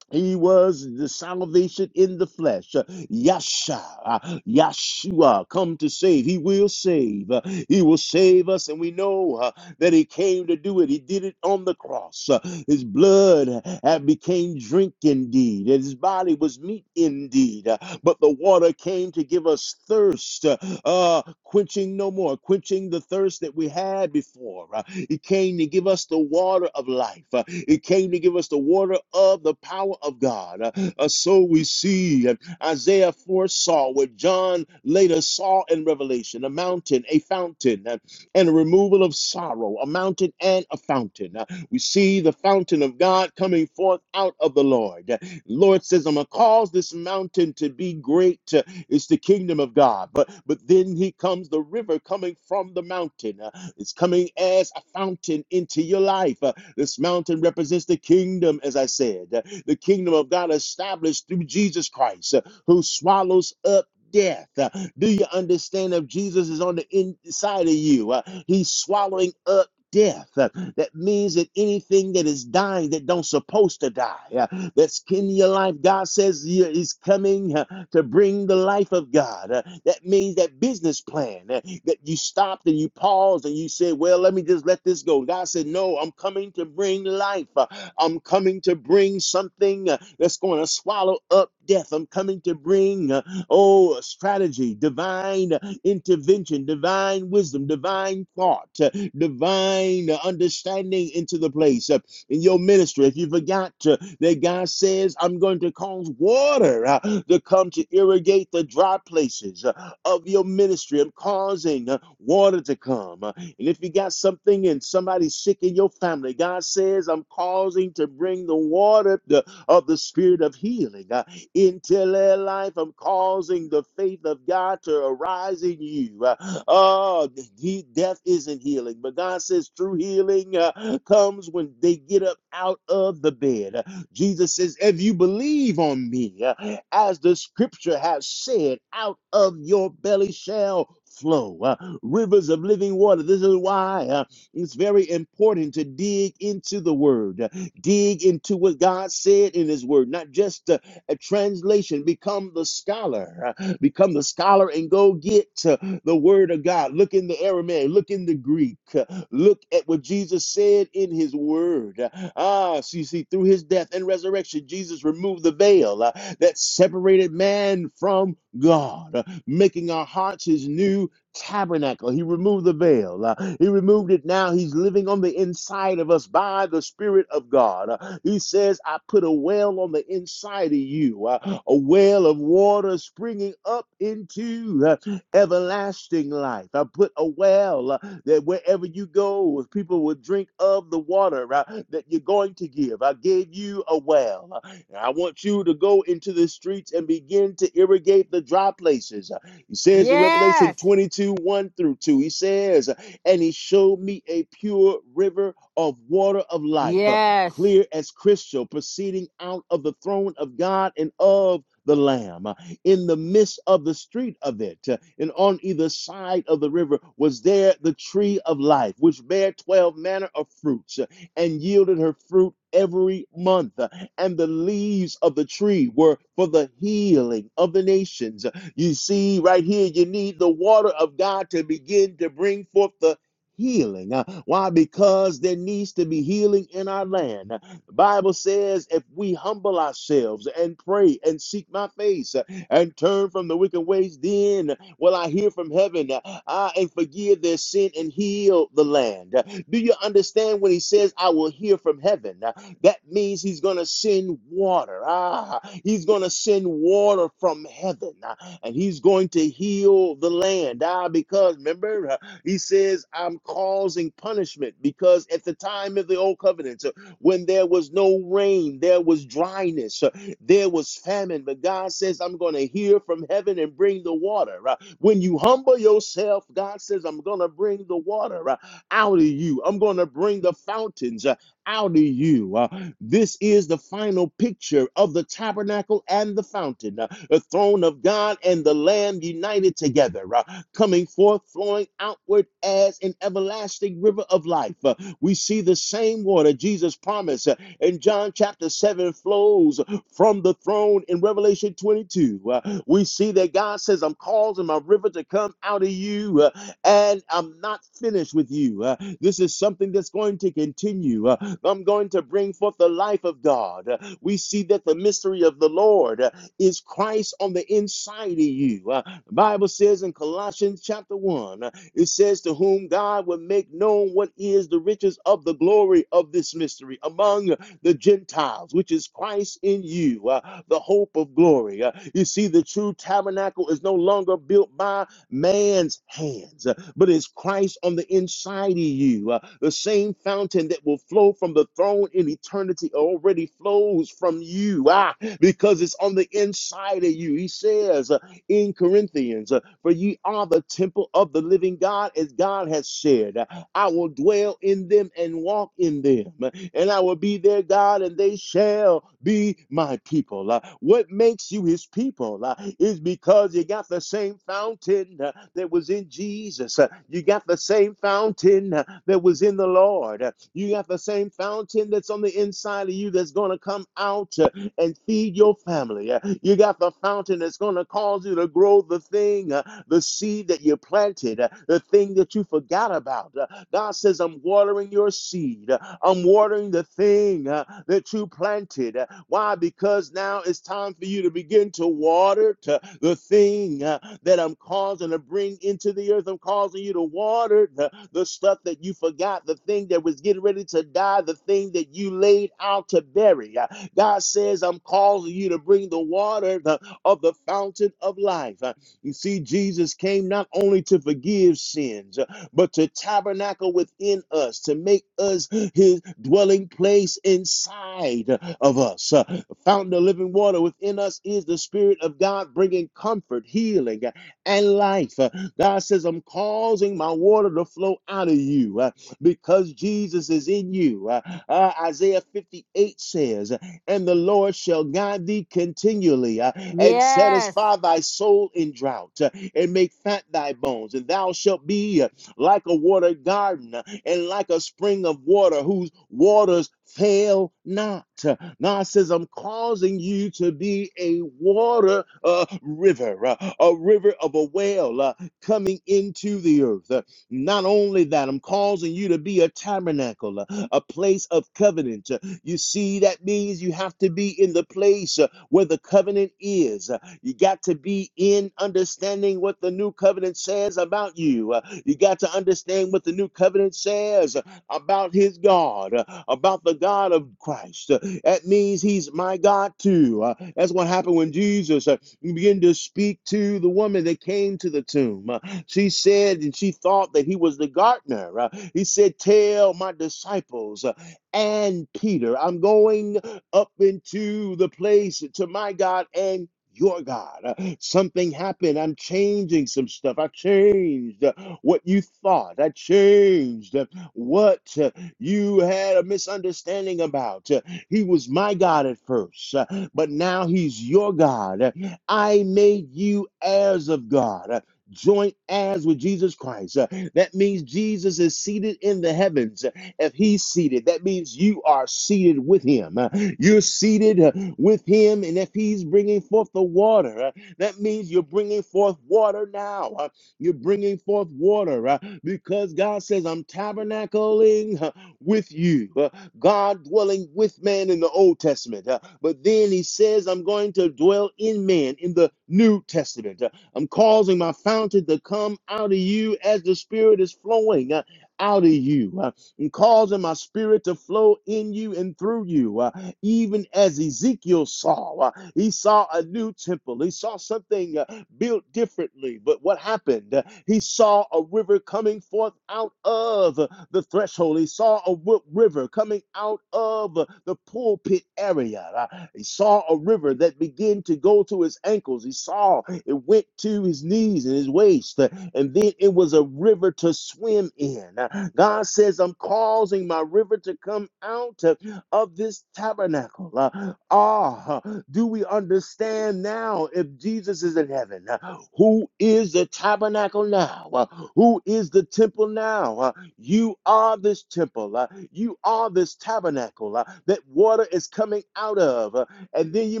[SPEAKER 3] he was the salvation in the flesh. Uh, Yasha, uh, Yashua, come to save. He will save. Uh, He will save us. And we know. uh, that he came to do it. He did it on the cross. Uh, His blood had became drink indeed, and his body was meat indeed. Uh, But the water came to give us thirst, uh, uh, quenching no more, quenching the thirst that we had before. Uh, It came to give us the water of life. Uh, It came to give us the water of the power of God. Uh, uh, So we see uh, Isaiah foresaw what John later saw in Revelation a mountain, a fountain. uh, and a removal of sorrow, a mountain and a fountain. Uh, We see the fountain of God coming forth out of the Lord. Uh, Lord says, I'm gonna cause this mountain to be great. Uh, It's the kingdom of God. But but then he comes the river coming from the mountain. Uh, It's coming as a fountain into your life. Uh, This mountain represents the kingdom, as I said, Uh, the kingdom of God established through Jesus Christ, uh, who swallows up death. Uh, Do you understand if Jesus is on the inside of you? Uh, He's swallowing up death. Uh, That means that anything that is dying that don't supposed to die, uh, that's in your life, God says you- is coming uh, to bring the life of God. Uh, That means that business plan uh, that you stopped and you paused and you said, "Well, let me just let this go." God said, "No, I'm coming to bring life. Uh, I'm coming to bring something uh, that's going to swallow up death. I'm coming to bring uh, oh strategy, divine." intervention, divine wisdom, divine thought, uh, divine uh, understanding into the place uh, in your ministry. If you forgot uh, that God says, I'm going to cause water uh, to come to irrigate the dry places uh, of your ministry, I'm causing uh, water to come. Uh, and if you got something and somebody's sick in your family, God says, I'm causing to bring the water to, of the spirit of healing uh, into their life. I'm causing the faith of God to arise in you. Uh, oh, he, death isn't healing, but God says true healing uh, comes when they get up out of the bed. Uh, Jesus says, If you believe on me, uh, as the scripture has said, out of your belly shall flow uh, rivers of living water. This is why uh, it's very important to dig into the word. Dig into what God said in His Word, not just uh, a translation. Become the scholar. [laughs] uh, Become the scholar and go get uh, the Word of God. Look in the Aramaic. Look in the Greek. [laughs] uh, Look at what Jesus said in His Word. [laughs] Uh, Ah, so you see, through His death and resurrection, Jesus removed the veil uh, that separated man from God, uh, making our hearts His new tabernacle. He removed the veil. Uh, he removed it. Now he's living on the inside of us by the Spirit of God. Uh, he says, I put a well on the inside of you, uh, a well of water springing up into uh, everlasting life. I put a well uh, that wherever you go, people will drink of the water uh, that you're going to give. I gave you a well. Uh, and I want you to go into the streets and begin to irrigate the dry places. Uh, he says in Revelation
[SPEAKER 1] Yes.
[SPEAKER 3] 22 1 through 2, he says, And he showed me a pure river of water of life, uh,
[SPEAKER 1] Yes.
[SPEAKER 3] clear as crystal, proceeding out of the throne of God and of the Lamb. Uh, In the midst of the street of it, uh, and on either side of the river, was there the tree of life, which bare twelve manner of fruits, uh, and yielded her fruit every month. Uh, And the leaves of the tree were for the healing of the nations you see, right here, you need the water of God to begin to bring forth the healing. Uh, Why? Because there needs to be healing in our land. Uh, The Bible says if we humble ourselves and pray and seek my face uh, and turn from the wicked ways, then will I hear from heaven uh, I and forgive their sin and heal the land. Uh, Do you understand when he says I will hear from heaven? Uh, That means he's going to send water. Ah, he's going to send water from heaven. Uh, and he's going to heal the land. Ah, because remember, uh, he says, I'm causing punishment because at the time of the old covenant, uh, when there was no rain, there was dryness, uh, there was famine. But God says, I'm going to hear from heaven and bring the water. Uh, When you humble yourself, God says, I'm going to bring the water uh, out of you, I'm going to bring the fountains uh, out of you. Uh, This is the final picture of the tabernacle and the fountain. uh the throne of God and the Lamb united together, uh, coming forth, flowing outward as an everlasting river of life. Uh, we see the same water Jesus promised uh, in John chapter 7 flows from the throne in Revelation 22. Uh, we see that God says, I'm causing my river to come out of you, uh, and I'm not finished with you. Uh, this is something that's going to continue. Uh, I'm going to bring forth the life of God. Uh, we see that the mystery of the Lord. uh, is Christ on the inside of you. Uh, the Bible says in Colossians chapter 1, uh, it says, To whom God would make known what is the riches of the glory of this mystery among the Gentiles, which is Christ in you, uh, the hope of glory. Uh, you see, the true tabernacle is no longer built by man's hands but it's Christ on the inside of you. Uh, the same fountain that will flow from the throne in eternity already flows from you ah, because it's on the inside of you. He says uh, in Corinthians, uh, For ye are the temple of the living God, as God has said. uh, I will dwell in them and walk in them, and I will be their God, and they shall be my people. Uh, What makes you his people uh, is because you got the same fountain uh, that was in Jesus. Uh, You got the same fountain uh, that was in the Lord. Uh, You got the same fountain that's on the inside of you that's going to come come out uh, and feed your family. Uh, You got the fountain that's going to cause you to grow the thing, uh, the seed that you planted, uh, the thing that you forgot about. Uh, God says, I'm watering your seed. Uh, I'm watering the thing uh, that you planted. Uh, Why? Because now it's time for you to begin to water to the thing uh, that I'm causing to bring into the earth. I'm causing you to water the, the stuff that you forgot, the thing that was getting ready to die, the thing that you laid out to bury. Uh, God says, I'm calling you to bring the water the- of the fountain of life. Uh, You see, Jesus came not only to forgive sins, uh, but to tabernacle within us, to make us his dwelling place inside of us. Uh, The fountain of living water within us is the Spirit of God bringing comfort, healing, uh, and life. Uh, God says, I'm causing my water to flow out of you uh, because Jesus is in you. Uh, uh, Isaiah 58 says, and the Lord shall guide thee continually uh, and
[SPEAKER 1] Yes,
[SPEAKER 3] satisfy thy soul in drought uh, and make fat thy bones. And thou shalt be uh, like a watered garden uh, and like a spring of water whose waters fail not. Uh, God says, I'm causing you to be a water uh, river, uh, a river of a well uh, coming into the earth. Uh, not only that, I'm causing you to be a tabernacle, uh, a place of covenant, uh, you see, that means you have to be in the place uh, where the covenant is. Uh, You got to be in understanding what the new covenant says about you. Uh, You got to understand what the new covenant says uh, about his God, uh, about the God of Christ. Uh, That means he's my God too. Uh, That's what happened when Jesus uh, began to speak to the woman that came to the tomb. Uh, She said, and she thought that he was the gardener. Uh, He said, Tell my disciples uh, and Peter. I'm going up into the place to my God and your God. Uh, Something happened. I'm changing some stuff. I changed uh, what you thought. I changed uh, what uh, you had a misunderstanding about. Uh, He was my God at first, uh, but now he's your God. Uh, I made you heirs of God. uh, Joint heirs with Jesus Christ. Uh, That means Jesus is seated in the heavens. If he's seated, that means you are seated with him. Uh, You're seated uh, with him. And if he's bringing forth the water, uh, that means you're bringing forth water now. Uh, You're bringing forth water uh, because God says, I'm tabernacling uh, with you. Uh, God dwelling with man in the Old Testament. Uh, but then he says, I'm going to dwell in man in the New Testament. Uh, I'm causing my fountain to come out of you as the Spirit is flowing uh, out of you. Uh, and causing my spirit to flow in you and through you. Uh, even as Ezekiel saw, uh, he saw a new temple, he saw something uh, built differently. But what happened? Uh, He saw a river coming forth out of uh, the threshold, he saw a w- river river coming out of the pulpit area. Uh, He saw a river that began to go to his ankles. He saw it went to his knees and his waist, uh, and then it was a river to swim in. Uh, God says, I'm causing my river to come out uh, of this tabernacle. Uh, Ah, uh, do we understand now if Jesus is in heaven? uh, Who is the tabernacle now? Uh, Who is the temple now? Uh, you are this temple. uh, you are this tabernacle uh, that water is coming out of. uh, and then you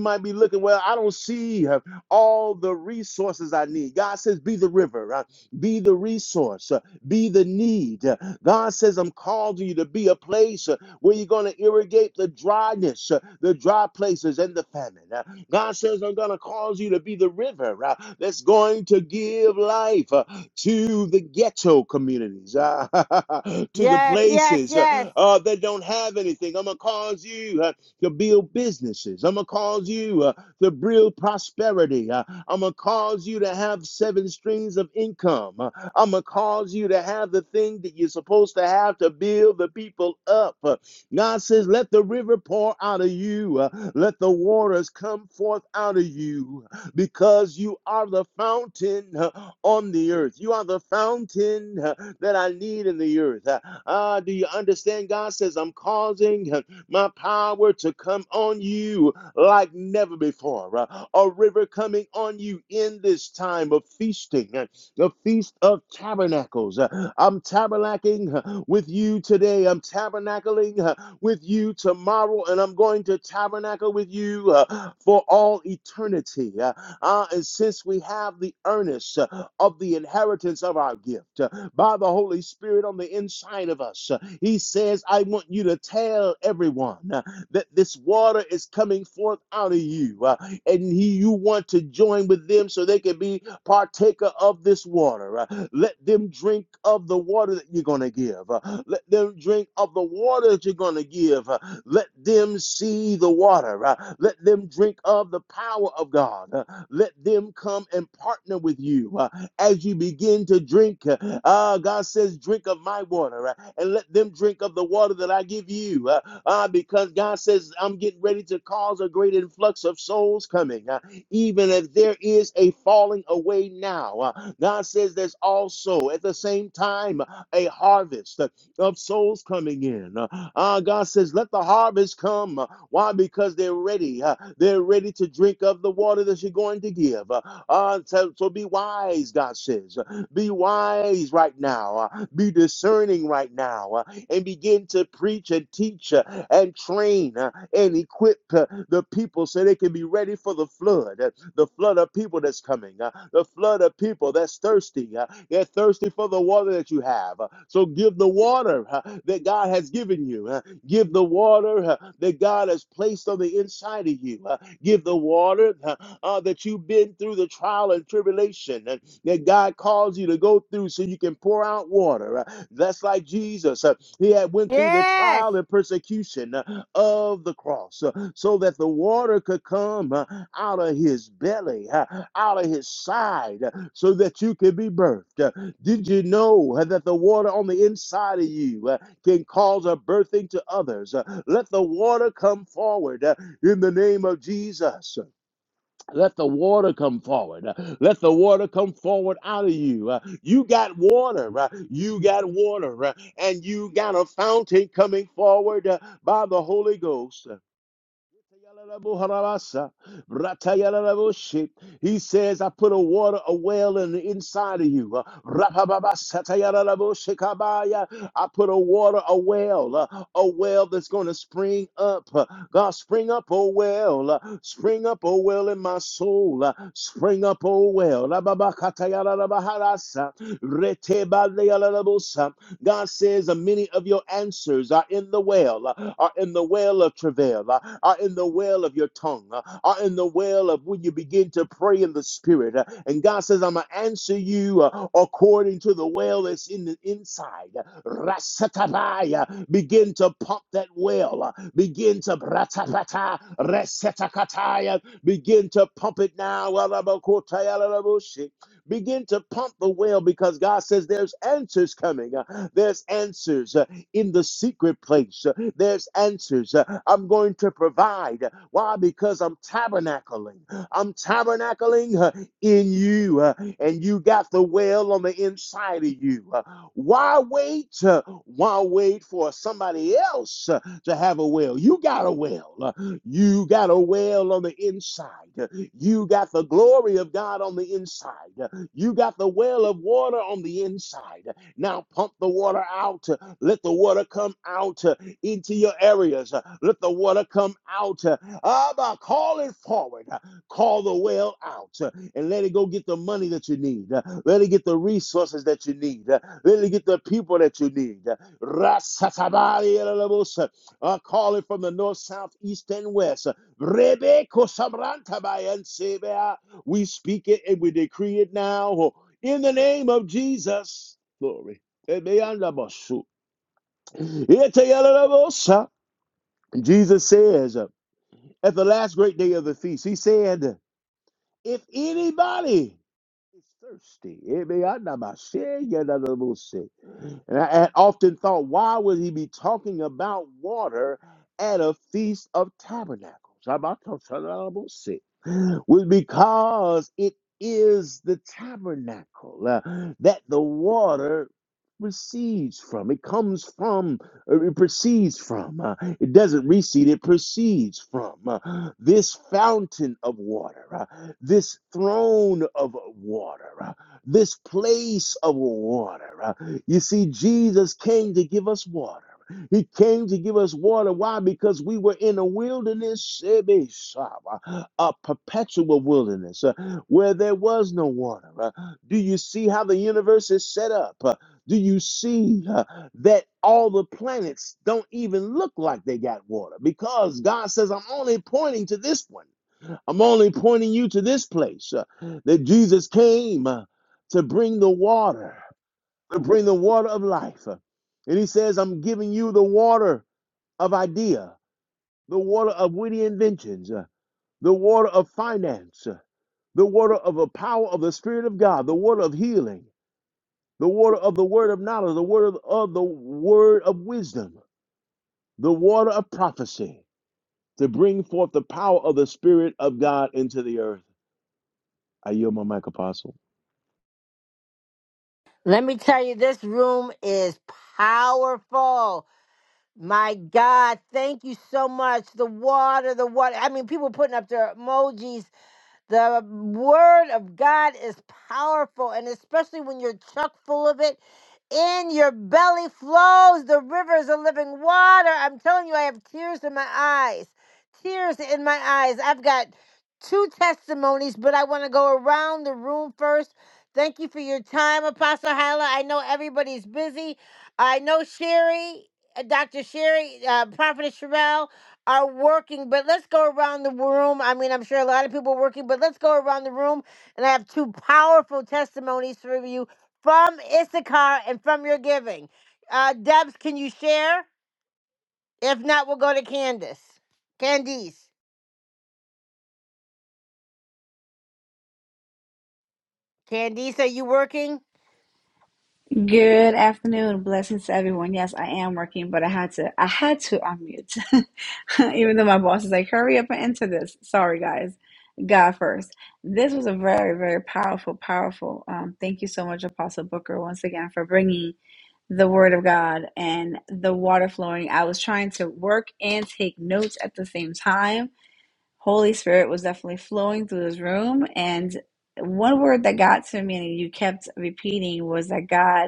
[SPEAKER 3] might be looking, well, I don't see uh, all the resources I need. God says, be the river, uh, be the resource, uh, be the need. Uh, God says, I'm calling you to be a place. uh, where you're going to irrigate the dryness, uh, the dry places, and the famine. Uh, God says, I'm going to cause you to be the river uh, that's going to give life uh, to the ghetto communities, uh, [laughs] to the
[SPEAKER 1] yes, yes,
[SPEAKER 3] places
[SPEAKER 1] yes,
[SPEAKER 3] uh, uh, that don't have anything. I'm going to cause you uh, to build businesses. I'm going to cause you uh, to build prosperity. Uh, I'm going to cause you to have seven streams of income. Uh, I'm going to cause you to have the thing that you're supposed to have to build the people up. Uh, God says, Let the river pour out of you, uh, let the waters come forth out of you, because you are the fountain uh, on the earth. You are the fountain uh, that I need in the earth. Uh, ah, do you understand? God says, I'm causing. uh, my power to come on you like never before. Uh, A river coming on you in this time of feasting, uh, the feast of tabernacles. Uh, I'm tabernacling uh, with you today. I'm tabernacling uh, with you tomorrow, and I'm going to tabernacle with you uh, for all eternity. Uh, uh, and since we have the earnest uh, of the inheritance of our gift uh, by the Holy Spirit on the inside of us, uh, he says, I want you to tell everyone uh, that this water is coming forth out of you, uh, and he, you want to join with them so they can be partaker of this water. uh, Let them drink of the water that you're going to give. uh, Let them drink of the water that you're going to give. uh, Let them see the water. uh, Let them drink of the power of God. uh, Let them come and partner with you uh, as you begin to drink drink. Uh, God says, drink of my water uh, and let them drink of the water that I give you. Uh, uh, because God says, I'm getting ready to cause a great influx of souls coming. Uh, even if there is a falling away now, uh, God says there's also at the same time a harvest uh, of souls coming in. Uh, uh, God says, let the harvest come. Uh, Why? Because they're ready. Uh, they're ready to drink of the water that you're going to give. Uh, uh, so, so be wise, God says. Be wise right now. uh, Be discerning right now. uh, And begin to preach and teach uh, and train uh, and equip uh, the people so they can be ready for the flood. uh, The flood of people that's coming. uh, The flood of people that's thirsty. uh, They're thirsty for the water that you have. uh, So give the water uh, that God has given you. uh, Give the water uh, that God has placed on the inside of you. uh, give the water uh, uh, that you've been through the trial and tribulation uh, that God calls you to go through so you can pour out water. Uh, that's like Jesus. uh, he had went through the
[SPEAKER 1] yes.
[SPEAKER 3] trial and persecution uh, of the cross uh, so that the water could come uh, out of his belly, uh, out of his side, uh, so that you could be birthed. Uh, did you know uh, that the water on the inside of you uh, can cause a birthing to others. Uh, Let the water come forward. uh, in the name of Jesus. Let the water come forward. Uh, Let the water come forward out of you. Uh, You got water. uh, You got water. uh, And you got a fountain coming forward uh, by the Holy Ghost. Uh, he says, I put a water, a well in the inside of you. Uh, I put a water, a well, uh, a well that's going to spring up. Uh, God, spring up, oh well. Uh, Spring up, oh well, in my soul. Uh, Spring up, oh well. God says, uh, many of your answers are in the well, uh, are in the well of travail, uh, are in the well of your tongue, uh, are in the well of when you begin to pray in the spirit. uh, And God says, I'm going to answer you uh, according to the well that's in the inside. Rasatabaya, begin to pump that well. uh, Begin to bratabata, resetakataya, begin to pump it now. Walabakotayalaraboshe. Begin to pump the well because God says there's answers coming. Uh, There's answers uh, in the secret place. Uh, There's answers. Uh, I'm going to provide. Why? Because I'm tabernacling. I'm tabernacling uh, in you, uh, and you got the well on the inside of you. Uh, Why wait? uh, Why wait for somebody else uh, to have a well? You got a well. Uh, You got a well on the inside. Uh, You got the glory of God on the inside. Uh, you got the well of water on the inside. Now pump the water out. Let the water come out uh, into your areas. Uh, Let the water come out. Uh, Abba, call it forward. Uh, Call the well out uh, and let it go get the money that you need. Uh, Let it get the resources that you need. Uh, Let it get the people that you need. Uh, Rasatabari elelebus. Uh, Call it from the north, south, east, and west. Rebeko samrantabayansebea. We speak it and we decree it now in the name of Jesus. Glory. Ebeyandabasu. Eteyalalabosa. Jesus says at the last great day of the feast, He said, If anybody it's thirsty. It may I not my share, yet I don't know say. And I had often thought, why would he be talking about water at a feast of tabernacles? I'm not talking about no say. Was because it is the tabernacle uh, that the water recedes from. It comes from, uh, it proceeds from. uh, it doesn't recede, it proceeds from uh, this fountain of water. uh, this throne of water, uh, this place of water. uh. You see, Jesus came to give us water. He came to give us water. Why? Because we were in a wilderness, eh, uh, a perpetual wilderness uh, where there was no water. uh. Do you see how the universe is set up? Uh, Do you see uh, that all the planets don't even look like they got water? Because God says, I'm only pointing to this one. I'm only pointing you to this place uh, that Jesus came uh, to bring the water, to bring the water of life. Uh, And he says, I'm giving you the water of idea, the water of witty inventions, uh, the water of finance, uh, the water of the power of the Spirit of God, the water of healing, the water of the word of knowledge, the word of, of the word of wisdom, the water of prophecy, to bring forth the power of the Spirit of God into the earth. I yield my mic, Apostle.
[SPEAKER 1] Let me tell you, this room is powerful. My God, thank you so much. The water, the water. I mean, people putting up their emojis. The word of God is powerful, and especially when you're chock full of it. In your belly flows the rivers of living water. I'm telling you, I have tears in my eyes. Tears in my eyes. I've got two testimonies, but I want to go around the room first. Thank you for your time, Apostle Hyla. I know everybody's busy. I know Sherry, uh, Dr. Sherry, uh, Prophet Sherelle are working, but let's go around the room. I mean, I'm sure a lot of people are working, but let's go around the room. And I have two powerful testimonies for you from Issachar and from your giving. Uh, Debs, can you share? If not, we'll go to Candace. Candice. Candice, are you working?
[SPEAKER 4] Good afternoon. Blessings to everyone. Yes, I am working, but I had to I had to unmute. [laughs] Even though my boss is like, hurry up and enter this. Sorry guys. God first. This was a very, very powerful, powerful. Um, thank you so much, Apostle Booker, once again for bringing the Word of God and the water flowing. I was trying to work and take notes at the same time. Holy Spirit was definitely flowing through this room, and one word that got to me and you kept repeating was that God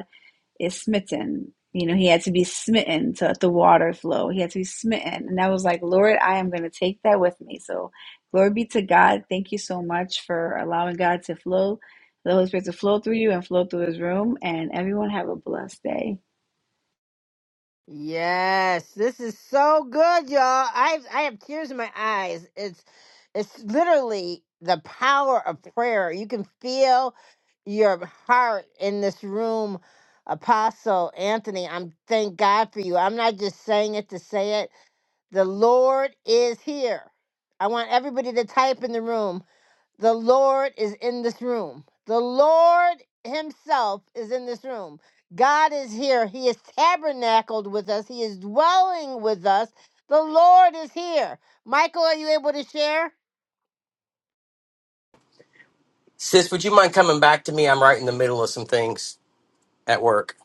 [SPEAKER 4] is smitten. You know, he had to be smitten to let the water flow. He had to be smitten. And I was like, Lord, I am going to take that with me. So, glory be to God. Thank you so much for allowing God to flow, the Holy Spirit to flow through you and flow through his room. And everyone have a blessed day.
[SPEAKER 1] Yes, this is so good, y'all. I I have tears in my eyes. It's it's literally the power of prayer. You can feel your heart in this room, Apostle Anthony. I'm thank God for you. I'm not just saying it to say it. The Lord is here. I want everybody to type in the room. The Lord is in this room. The Lord Himself is in this room. God is here. He is tabernacled with us, He is dwelling with us. The Lord is here. Michael, are you able to share?
[SPEAKER 5] Sis, would you mind coming back to me? I'm right in the middle of some things at work.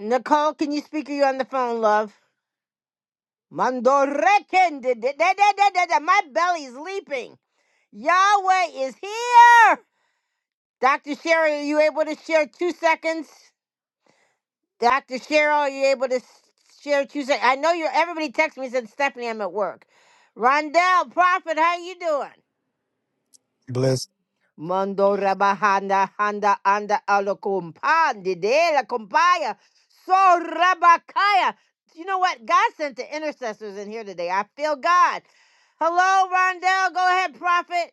[SPEAKER 1] Nicole, can you speak? Are you on the phone, love? Mandorekende, da- da- da- da- da- da. My belly's leaping. Yahweh is here. Dr. Sherry, are you able to share two seconds? Dr. Cheryl, are you able to s- share what you say? I know you're everybody texted me and said Stephanie, I'm at work. Rondell, Prophet, how you doing?
[SPEAKER 6] blessed.
[SPEAKER 1] Mando rabahanda handa anda alokumpandi de la compaya. So rabakaya. You know what? God sent the intercessors in here today. I feel God. Hello, Rondell. Go ahead, Prophet.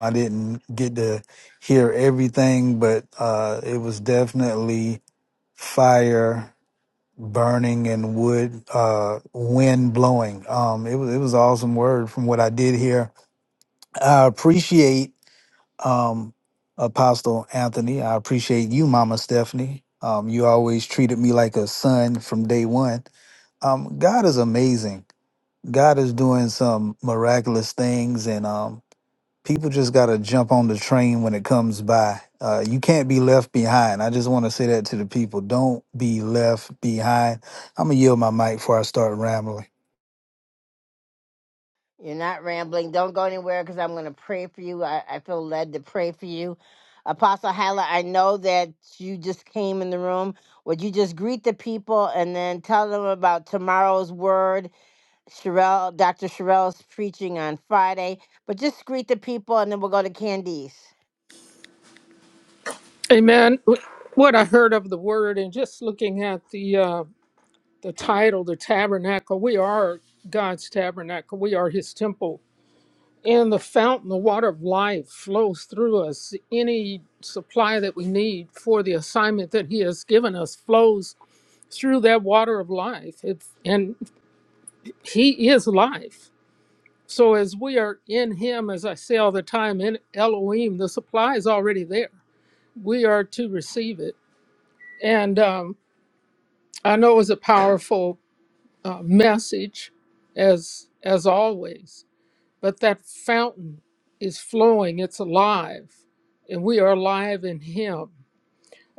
[SPEAKER 6] I didn't get to hear everything, but uh, it was definitely fire burning and wood uh, wind blowing. Um, it was it was an awesome word from what I did hear. I appreciate um, Apostle Anthony. I appreciate you, Mama Stephanie. Um, you always treated me like a son from day one. Um, God is amazing. God is doing some miraculous things, and um, people just gotta jump on the train when it comes by. Uh, you can't be left behind. I just want to say that to the people. Don't be left behind. I'm gonna yield my mic before I start rambling.
[SPEAKER 1] You're not rambling. Don't go anywhere because I'm going to pray for you. I, I feel led to pray for you. Apostle Hala, I know that you just came in the room. Would you just greet the people and then tell them about tomorrow's word? Sherelle, Dr. Sherelle's preaching on Friday. But just greet the people and then we'll go to Candice.
[SPEAKER 7] Amen. What I heard of the word, and just looking at the uh, the title, the tabernacle, we are God's tabernacle. We are His temple, and the fountain, the water of life, flows through us. Any supply that we need for the assignment that He has given us flows through that water of life. It's, and He is life. So as we are in Him, as I say all the time, in Elohim, the supply is already there. We are to receive it, and. Um, I know it was a powerful uh, message, as as always. But that fountain is flowing; it's alive, and we are alive in Him.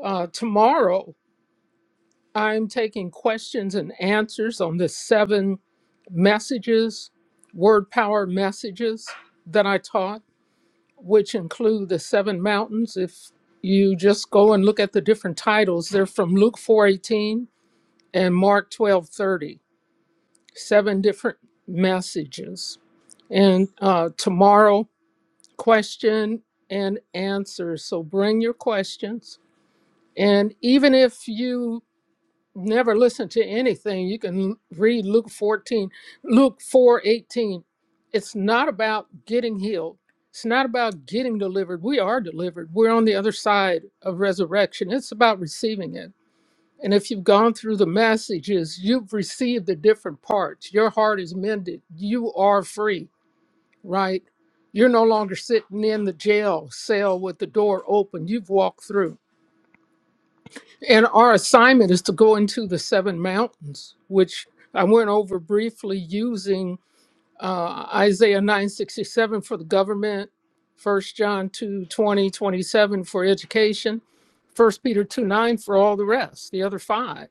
[SPEAKER 7] Uh, tomorrow, I'm taking questions and answers on the seven messages, word power messages that I taught, which include the seven mountains. If you just go and look at the different titles, they're from Luke 4:18 and Mark 12:30 seven different messages. And uh, tomorrow, question and answer. So bring your questions. And even if you never listen to anything, you can read Luke 14, Luke 4:18. It's not about getting healed. It's not about getting delivered. We are delivered. We're on the other side of resurrection. It's about receiving it. And if you've gone through the messages, you've received the different parts. Your heart is mended. You are free, right? You're no longer sitting in the jail cell with the door open. You've walked through. And our assignment is to go into the seven mountains, which I went over briefly using uh, Isaiah 967 for the government, 1 John 2 twenty, 27 for education, 1 Peter 2 9 for all the rest, the other five.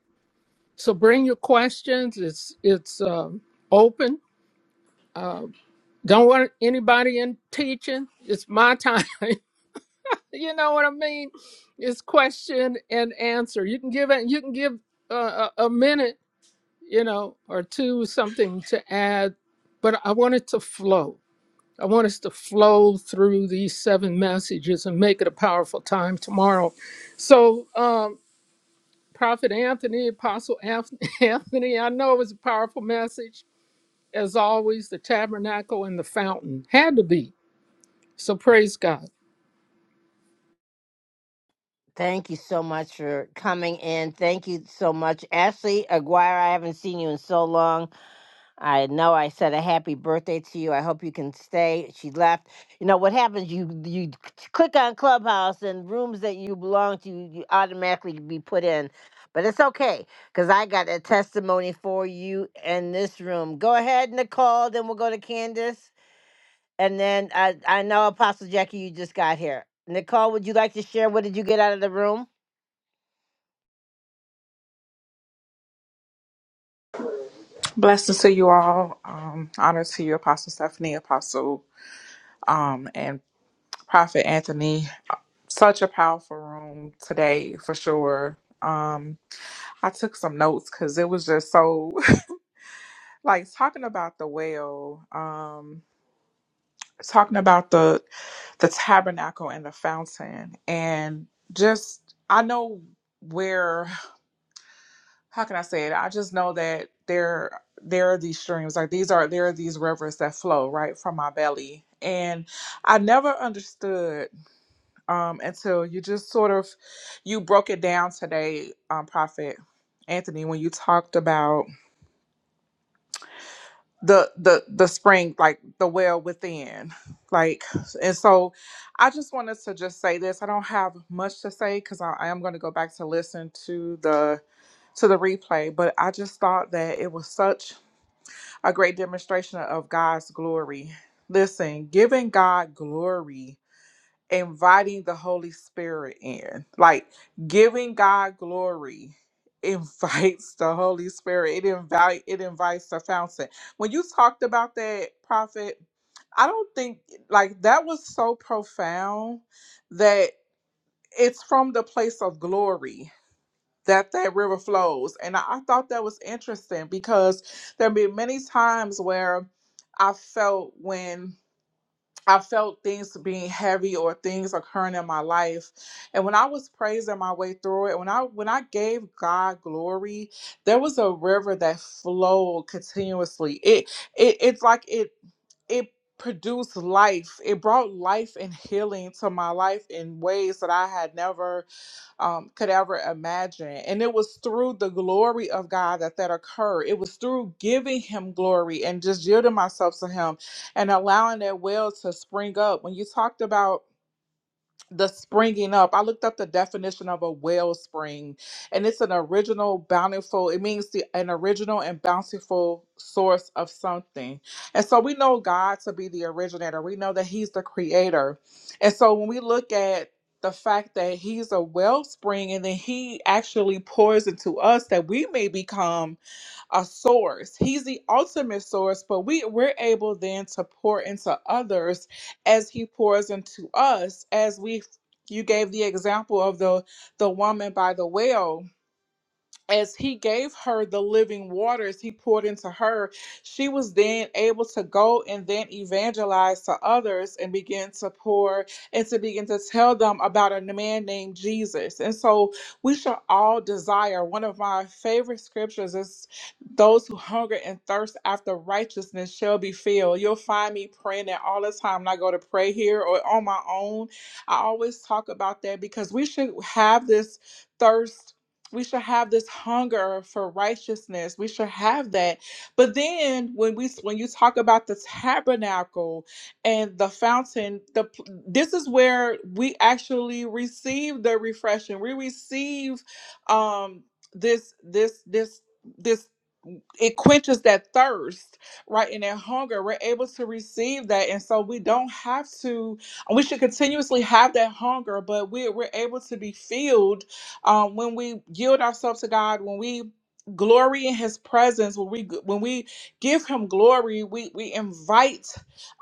[SPEAKER 7] So bring your questions. It's it's um, open. Uh, don't want anybody in teaching. It's my time. [laughs] you know what I mean? It's question and answer. You can give it. You can give uh, a, a minute, you know, or two something to add. But I want it to flow. I want us to flow through these seven messages and make it a powerful time tomorrow. So, um, Prophet Anthony, Apostle Anth- [laughs] Anthony, I know it was a powerful message as always, the tabernacle and the fountain had to be. So praise God.
[SPEAKER 1] Thank you so much for coming in. Thank you so much. Ashley Aguirre, I haven't seen you in so long. I know I said a happy birthday to you. I hope you can stay. She left. You know what happens? You you click on Clubhouse and rooms that you belong to, you automatically be put in. But it's okay because I got a testimony for you in this room. Go ahead, Nicole. Then we'll go to Candace, and then I I know Apostle Jackie, you just got here. Nicole, would you like to share? What did you get out of the room?
[SPEAKER 2] Blessings to you all. Um, honor to you, Apostle Stephanie, Apostle um, and Prophet Anthony. Such a powerful room today for sure. Um, I took some notes because it was just so [laughs] like talking about the well, um, talking about the the tabernacle and the fountain and just i know where [sighs] how can i say it i just know that there there are these streams like these are there are these rivers that flow right from my belly and i never understood um, until you just sort of you broke it down today, um, Prophet Anthony, when you talked about the the the spring, like the well within, like, and so I just wanted to just say this. I don't have much to say because I, I am going to go back to listen to the to the replay, but I just thought that it was such a great demonstration of God's glory. Listen, giving God glory inviting the Holy Spirit in, like giving God glory [laughs] invites the Holy Spirit. It invite it invites the fountain. When you talked about that prophet, I don't think like that was so profound that it's from the place of glory that that river flows. And I, I thought that was interesting because there have been many times where I felt when I felt things being heavy or things occurring in my life. And when I was praising my way through it, when I when I gave God glory, there was a river that flowed continuously. It it it's like it it produced life. It brought life and healing to my life in ways that I had never um, could ever imagine. And it was through the glory of God that that occurred. It was through giving Him glory and just yielding myself to Him and allowing that well to spring up. When you talked about the springing up. I looked up the definition of a wellspring, and it's an original, bountiful. It means the, an original and bountiful source of something. And so we know God to be the originator. We know that He's the creator. And so when we look at the fact that He's a wellspring, and then He actually pours into us that we may become a source. He's the ultimate source, but we, we're able then to pour into others as he pours into us, as we you gave the example of the the woman by the well as he gave her the living waters he poured into her, she was then able to go and then evangelize to others and begin to pour and to begin to tell them about a man named Jesus. And so we shall all desire. One of my favorite scriptures is those who hunger and thirst after righteousness shall be filled. You'll find me praying that all the time when I go to pray here or on my own. I always talk about that because we should have this thirst we should have this hunger for righteousness we should have that but then when we when you talk about the tabernacle and the fountain the this is where we actually receive the refreshing we receive um this this this this it quenches that thirst, right, and that hunger. We're able to receive that, and so we don't have to. We should continuously have that hunger, but we we're able to be filled um, when we yield ourselves to God. When we glory in His presence, when we when we give Him glory, we we invite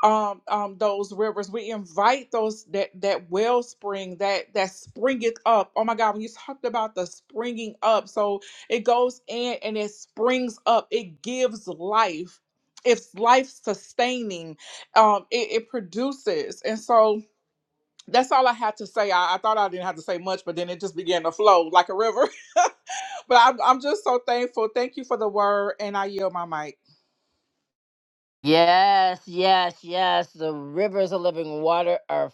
[SPEAKER 2] um, um, those rivers. We invite those that that wellspring that that springeth up. Oh my God, when you talked about the springing up, so it goes in and it springs up. It gives life. It's life sustaining. Um, it, it produces. And so that's all I had to say. I, I thought I didn't have to say much, but then it just began to flow like a river. [laughs] But I'm, I'm just so thankful. Thank you for the word, and I yield my mic.
[SPEAKER 1] Yes, yes, yes. The rivers of living water are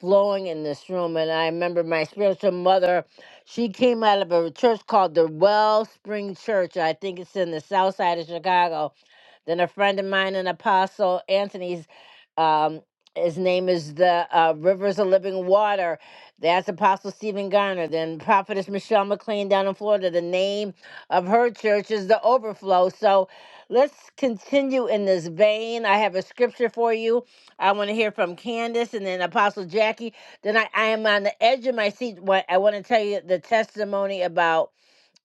[SPEAKER 1] flowing in this room. And I remember my spiritual mother, she came out of a church called the Wellspring Church. I think it's in the south side of Chicago. Then a friend of mine, an apostle, Anthony's, um, his name is the uh, Rivers of Living Water. That's Apostle Stephen Garner. Then Prophetess Michelle McLean down in Florida. The name of her church is the Overflow. So Let's continue in this vein. I have a scripture for you. I want to hear from Candace and then Apostle Jackie. Then I, I am on the edge of my seat. What I want to tell you the testimony about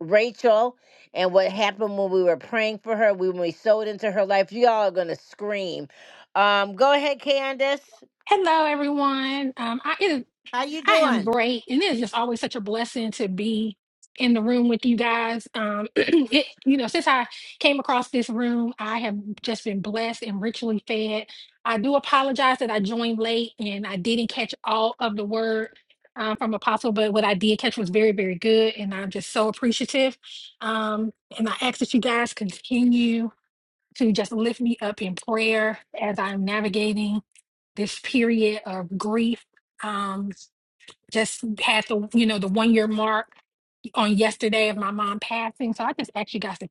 [SPEAKER 1] Rachel and what happened when we were praying for her, when we sowed into her life. You all are gonna scream. Um, go ahead, Candace.
[SPEAKER 8] Hello, everyone. Um, I it is,
[SPEAKER 1] How you
[SPEAKER 8] I am
[SPEAKER 1] doing?
[SPEAKER 8] great, and it is just always such a blessing to be in the room with you guys. Um, [clears throat] it, you know, since I came across this room, I have just been blessed and richly fed. I do apologize that I joined late and I didn't catch all of the word um, from Apostle, but what I did catch was very, very good, and I'm just so appreciative. Um, and I ask that you guys continue to just lift me up in prayer as I'm navigating this period of grief. Um, just had the you know the one year mark on yesterday of my mom passing, so I just actually got to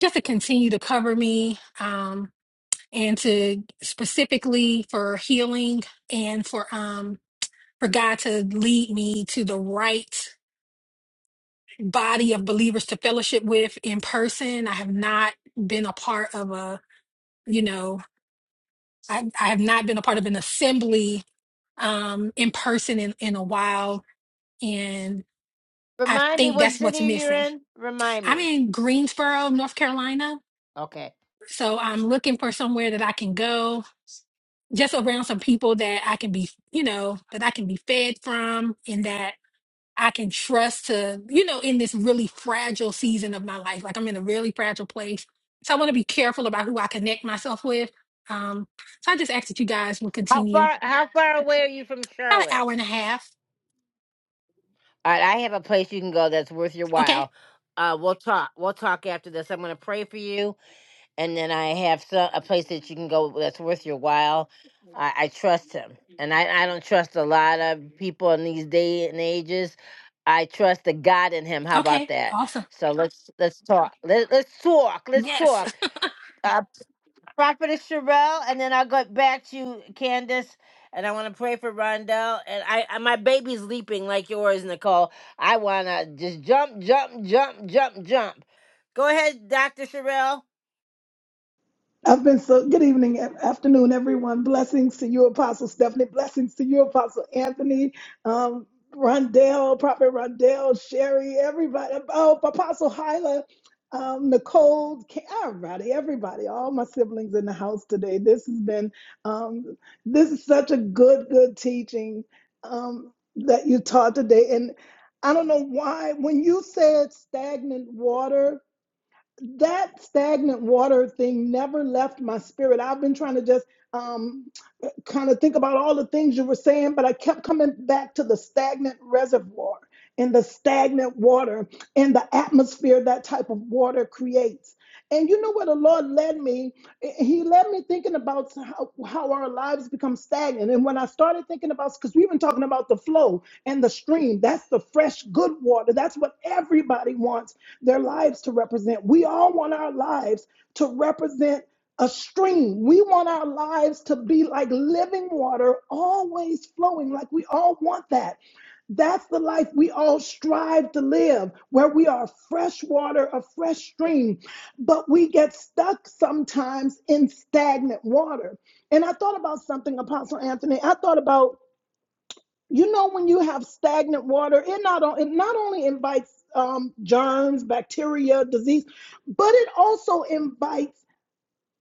[SPEAKER 8] just to continue to cover me um, and to specifically for healing and for um, for God to lead me to the right body of believers to fellowship with in person. I have not been a part of a you know I, I have not been a part of an assembly um in person in in a while and I
[SPEAKER 1] Remind me
[SPEAKER 8] think
[SPEAKER 1] what
[SPEAKER 8] that's
[SPEAKER 1] city
[SPEAKER 8] what's
[SPEAKER 1] you're
[SPEAKER 8] missing.
[SPEAKER 1] in. Remind
[SPEAKER 8] I'm
[SPEAKER 1] me.
[SPEAKER 8] in Greensboro, North Carolina,
[SPEAKER 1] Okay.
[SPEAKER 8] so I'm looking for somewhere that I can go just around some people that I can be, you know, that I can be fed from and that I can trust to, you know, in this really fragile season of my life. Like I'm in a really fragile place. So I want to be careful about who I connect myself with. Um, so I just ask that you guys will
[SPEAKER 1] How
[SPEAKER 8] continue
[SPEAKER 1] far how far away are you from
[SPEAKER 8] about an
[SPEAKER 1] Charlotte?
[SPEAKER 8] hour and a half.
[SPEAKER 1] All right, I have a place you can go that's worth your
[SPEAKER 8] Okay.
[SPEAKER 1] while. Uh, we'll talk. We'll talk after this. I'm going to pray for you, and then I have some, a place that you can go that's worth your while. I, I trust him, and I, I don't trust a lot of people in these day and ages. I trust the God in him. How about
[SPEAKER 8] Okay.
[SPEAKER 1] that?
[SPEAKER 8] Awesome.
[SPEAKER 1] So let's let's talk. Let, let's talk. Let's
[SPEAKER 8] Yes.
[SPEAKER 1] talk. Uh, Prophetess Sherelle, and then I'll go back to you, Candace. And I want to pray for Rondell. And I, I, my baby's leaping like yours, Nicole. I want to just jump, jump, jump, jump, jump. Go ahead, Dr. Sherelle.
[SPEAKER 9] I've been so good evening, a- afternoon, everyone. Blessings to you, Apostle Stephanie. Blessings to you, Apostle Anthony, um, Rondell, Prophet Rondell, Sherry, everybody. Oh, Apostle Hyla, um, Nicole, Ca- everybody, everybody, all my siblings in the house today. This has been, um, this is such a good, good teaching um, that you taught today. And I don't know why, when you said stagnant water, that stagnant water thing never left my spirit. I've been trying to just um, kind of think about all the things you were saying, but I kept coming back to the stagnant reservoir and the stagnant water and the atmosphere that type of water creates. And you know where the Lord led me? He led me thinking about how, how our lives become stagnant. And when I started thinking about, because we've been talking about the flow and the stream, that's the fresh, good water. That's what everybody wants their lives to represent. We all want our lives to represent a stream. We want our lives to be like living water, always flowing, like we all want that. That's the life we all strive to live, where we are fresh water, a fresh stream. But we get stuck sometimes in stagnant water. And I thought about something, Apostle Anthony. I thought about you know when you have stagnant water it not, on, it not only invites um, germs bacteria disease but it also invites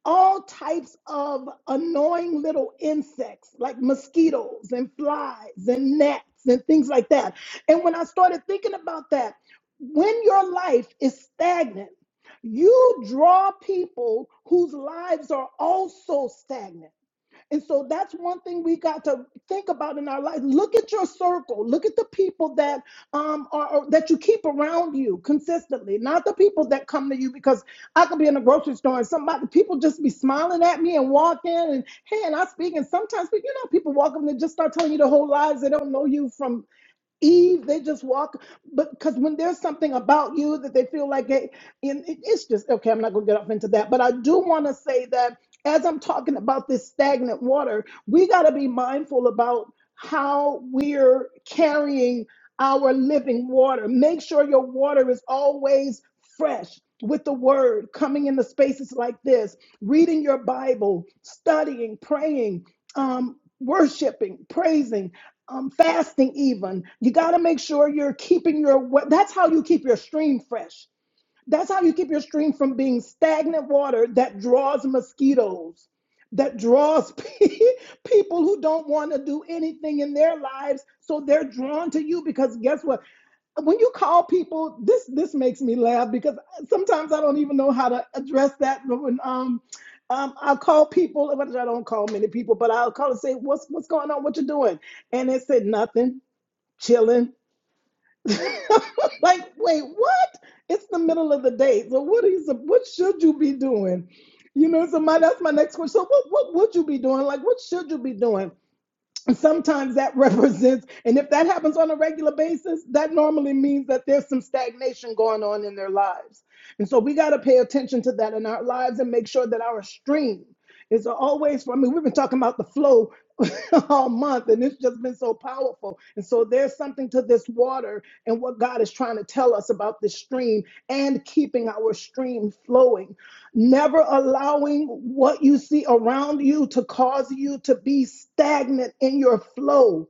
[SPEAKER 9] all types of annoying little insects like mosquitoes and flies and gnats and things like that and when i started thinking about that when your life is stagnant you draw people whose lives are also stagnant and so that's one thing we got to think about in our life. Look at your circle. Look at the people that um are that you keep around you consistently, not the people that come to you because I could be in a grocery store and somebody people just be smiling at me and walk in and hey and I speak and sometimes but you know people walk up and they just start telling you the whole lies. They don't know you from Eve, they just walk, but because when there's something about you that they feel like it, and it- it's just okay. I'm not going to get off into that, but I do want to say that as I'm talking about this stagnant water, we got to be mindful about how we're carrying our living water. Make sure your water is always fresh with the word coming into spaces like this, reading your Bible, studying, praying, um, worshiping, praising. Um, fasting even you got to make sure you're keeping your wa- that's how you keep your stream fresh that's how you keep your stream from being stagnant water that draws mosquitoes, that draws [laughs] people who don't want to do anything in their lives. So they're drawn to you because guess what? When you call people, this this makes me laugh because sometimes I don't even know how to address that. when um, um I'll call people, well, I don't call many people, but I'll call and say, What's what's going on? What you doing? And they said nothing, chilling. [laughs] like, wait, what? It's the middle of the day. So what is what should you be doing? You know, so my that's my next question. So what what would you be doing? Like, what should you be doing? sometimes that [laughs] represents and if that happens on a regular basis that normally means that there's some stagnation going on in their lives and so we got to pay attention to that in our lives and make sure that our stream is always i mean we've been talking about the flow [laughs] all month and it's just been so powerful and so there's something to this water and what god is trying to tell us about this stream and keeping our stream flowing never allowing what you see around you to cause you to be stagnant in your flow.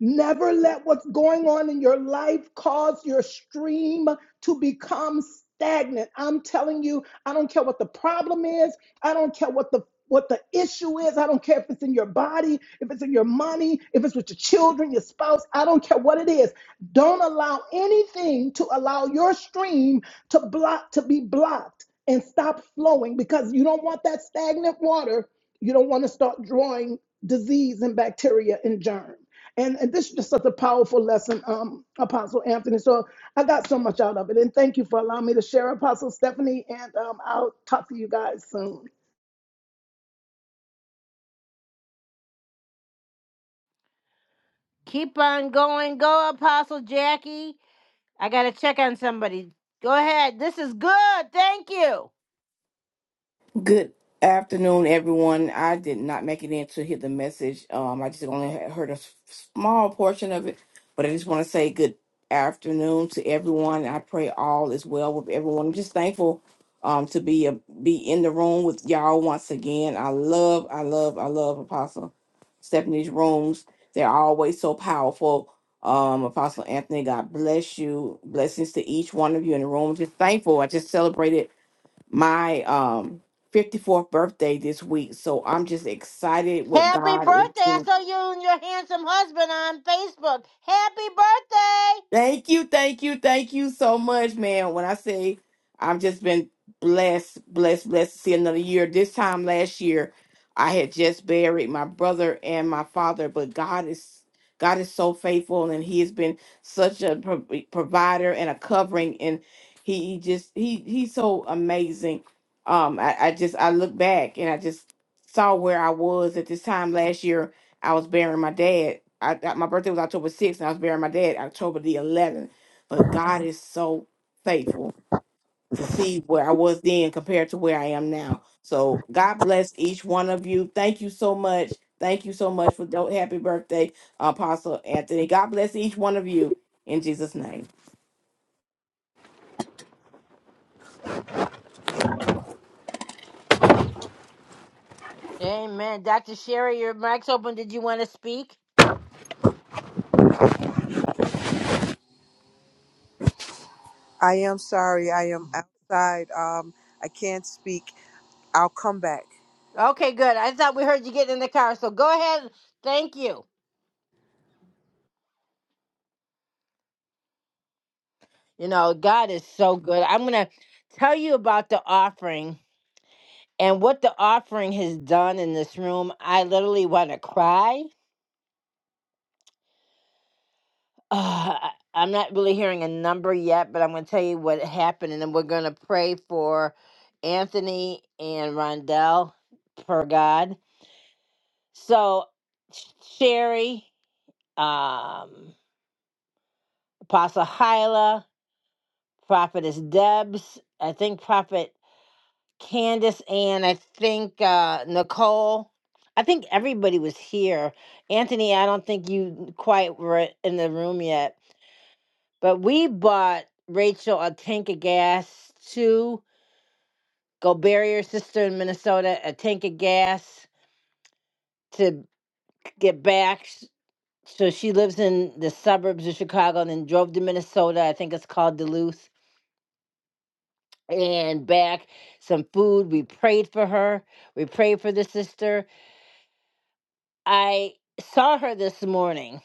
[SPEAKER 9] Never let what's going on in your life cause your stream to become stagnant. I'm telling you, I don't care what the problem is. I don't care what the what the issue is. I don't care if it's in your body, if it's in your money, if it's with your children, your spouse. I don't care what it is. Don't allow anything to allow your stream to block to be blocked and stop flowing because you don't want that stagnant water. You don't want to start drawing disease and bacteria and germ. And, and this is just such a powerful lesson, um, Apostle Anthony. So I got so much out of it. And thank you for allowing me to share, Apostle Stephanie. And um, I'll talk to you guys soon.
[SPEAKER 1] Keep on going. Go, Apostle Jackie. I got to check on somebody. Go ahead. This is good. Thank you.
[SPEAKER 10] Good afternoon, everyone. I did not make it in to hear the message. Um, I just only had heard a s- small portion of it, but I just want to say good afternoon to everyone. I pray all is well with everyone. I'm just thankful um, to be a, be in the room with y'all once again. I love, I love, I love Apostle Stephanie's rooms. They're always so powerful. Um, Apostle Anthony, God bless you. Blessings to each one of you in the room. Just thankful. I just celebrated my um 54th birthday this week. So I'm just excited what
[SPEAKER 1] Happy
[SPEAKER 10] God is
[SPEAKER 1] birthday. I
[SPEAKER 10] doing.
[SPEAKER 1] saw you and your handsome husband on Facebook. Happy birthday.
[SPEAKER 10] Thank you, thank you, thank you so much, man. When I say I've just been blessed, blessed, blessed to see another year. This time last year, I had just buried my brother and my father, but God is God is so faithful, and He has been such a pro- provider and a covering, and He, he just He He's so amazing. Um, I, I just I look back and I just saw where I was at this time last year I was burying my dad. I, I- my birthday was October 6th, and I was burying my dad October the 11th. But God is so faithful to see where I was then compared to where I am now. So God bless each one of you. Thank you so much. Thank you so much for the happy birthday, Apostle Anthony. God bless each one of you in Jesus' name.
[SPEAKER 1] Amen. Dr. Sherry, your mic's open. Did you want to speak?
[SPEAKER 11] I am sorry. I am outside. Um, I can't speak. I'll come back.
[SPEAKER 1] Okay, good. I thought we heard you getting in the car, so go ahead. Thank you. You know, God is so good. I'm going to tell you about the offering and what the offering has done in this room. I literally want to cry. [sighs] Uh, I'm not really hearing a number yet, but I'm going to tell you what happened, and then we're going to pray for Anthony and Rondell per God. So, Sh- Sherry, um, Apostle Hyla, Prophetess Debs, I think Prophet Candace, and I think uh, Nicole. I think everybody was here. Anthony, I don't think you quite were in the room yet, but we bought Rachel a tank of gas to go bury her sister in Minnesota, a tank of gas to get back. So she lives in the suburbs of Chicago and then drove to Minnesota. I think it's called Duluth and back some food. We prayed for her. We prayed for the sister. I saw her this morning.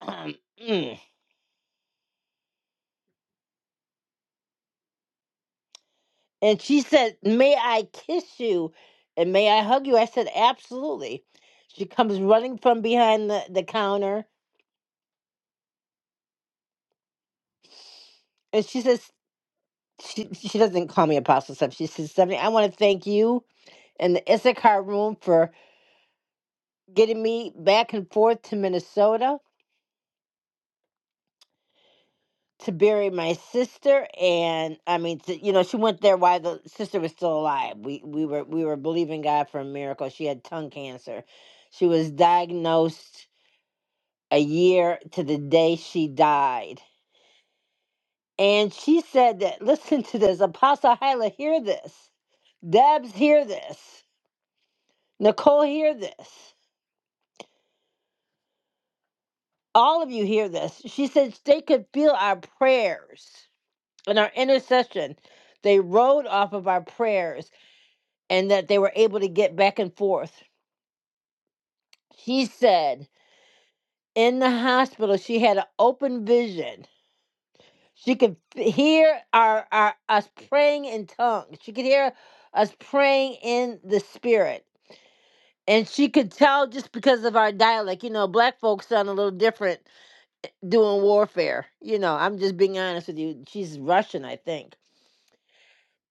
[SPEAKER 1] um, mm, and she said, May I kiss you and may I hug you? I said, Absolutely. She comes running from behind the, the counter and she says, she, she doesn't call me Apostle Steph. She says, Stephanie, I want to thank you and the Issachar room for getting me back and forth to Minnesota. to bury my sister and i mean to, you know she went there while the sister was still alive we we were we were believing god for a miracle she had tongue cancer she was diagnosed a year to the day she died and she said that [laughs] listen to this apostle hyla hear this debs hear this nicole hear this all of you hear this she said they could feel our prayers and our intercession they rode off of our prayers and that they were able to get back and forth. She said in the hospital she had an open vision. She could f- hear our, our us praying in tongues. She could hear us praying in the spirit. And she could tell just because of our dialect, you know, black folks sound a little different eh, doing warfare. You know, I'm just being honest with you. She's Russian, I think.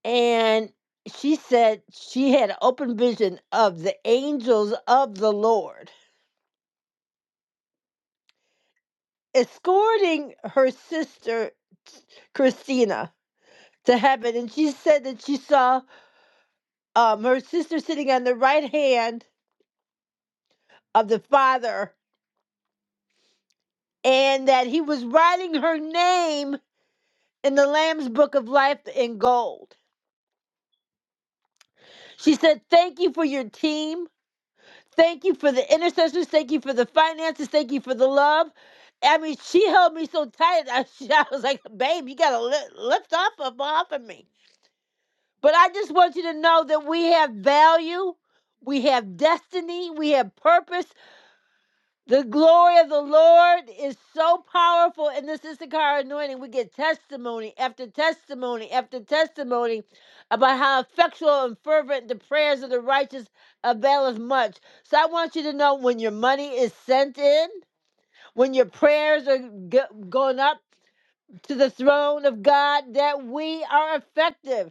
[SPEAKER 1] And she said she had an open vision of the angels of the Lord escorting her sister Christina to heaven, and she said that she saw um, her sister sitting on the right hand of the Father, and that he was writing her name in the Lamb's Book of Life in gold. She said, "Thank you for your team. Thank you for the intercessors. Thank you for the finances. Thank you for the love." I mean, she held me so tight. I, [laughs] I was like, "Babe, you gotta lift off of off of me." But I just want you to know that we have value, we have destiny, we have purpose. The glory of the Lord is so powerful in this Issachar anointing. We get testimony after testimony after testimony about how effectual and fervent the prayers of the righteous avail us much. So I want you to know when your money is sent in, when your prayers are go- going up to the throne of God, that we are effective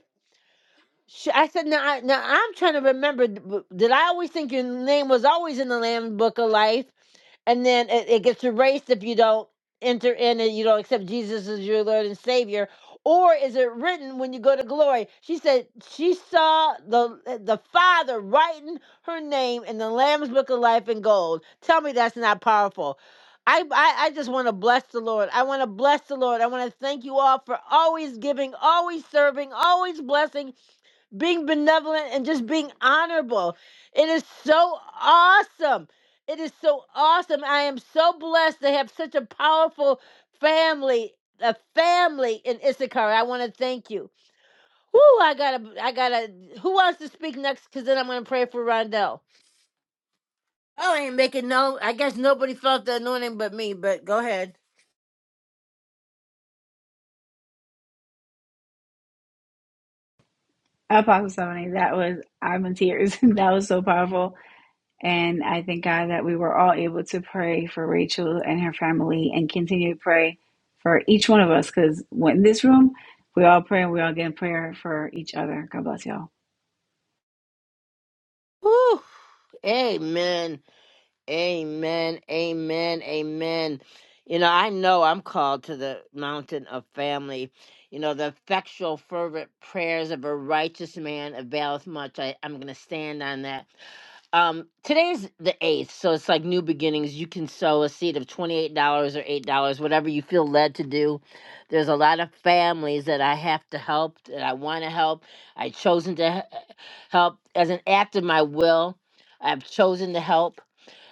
[SPEAKER 1] Sh- I said, now, I, now I'm trying to remember. d- w- Did I always think your name was always in the Lamb's Book of Life, and then it, it gets erased if you don't enter in and you don't accept Jesus as your Lord and Savior, or is it written when you go to glory? She said she saw the uh, the Father writing her name in the Lamb's Book of Life in gold. Tell me that's not powerful. I, I, I just want to bless the Lord. I want to bless the Lord. I want to thank you all for always giving, always serving, always blessing being benevolent and just being honorable. It is so awesome. It is so awesome. I am so blessed to have such a powerful family, a family in Issachar. I want to thank you. Whoo, I gotta, I gotta. Who wants to speak next? Because then I'm gonna pray for Rondell. Oh, I ain't making no. I guess nobody felt the anointing but me. But go ahead.
[SPEAKER 4] Apostle Stephanie, that was, I'm in tears. [laughs] that was so powerful. And I thank God that we were all able to pray for Rachel and her family and continue to pray for each one of us because in this room, we all pray and we all get in prayer for each other. God bless y'all.
[SPEAKER 1] Whoo, amen. Amen. Amen. Amen. You know, I know I'm called to the mountain of family. You know, the effectual, fervent prayers of a righteous man availeth much. I, I'm going to stand on that. Um, today's the 8th, so it's like new beginnings. You can sow a seed of $28 or $8, whatever you feel led to do. There's a lot of families that I have to help, that I want to help. I've chosen to he- help as an act of my will. I've chosen to help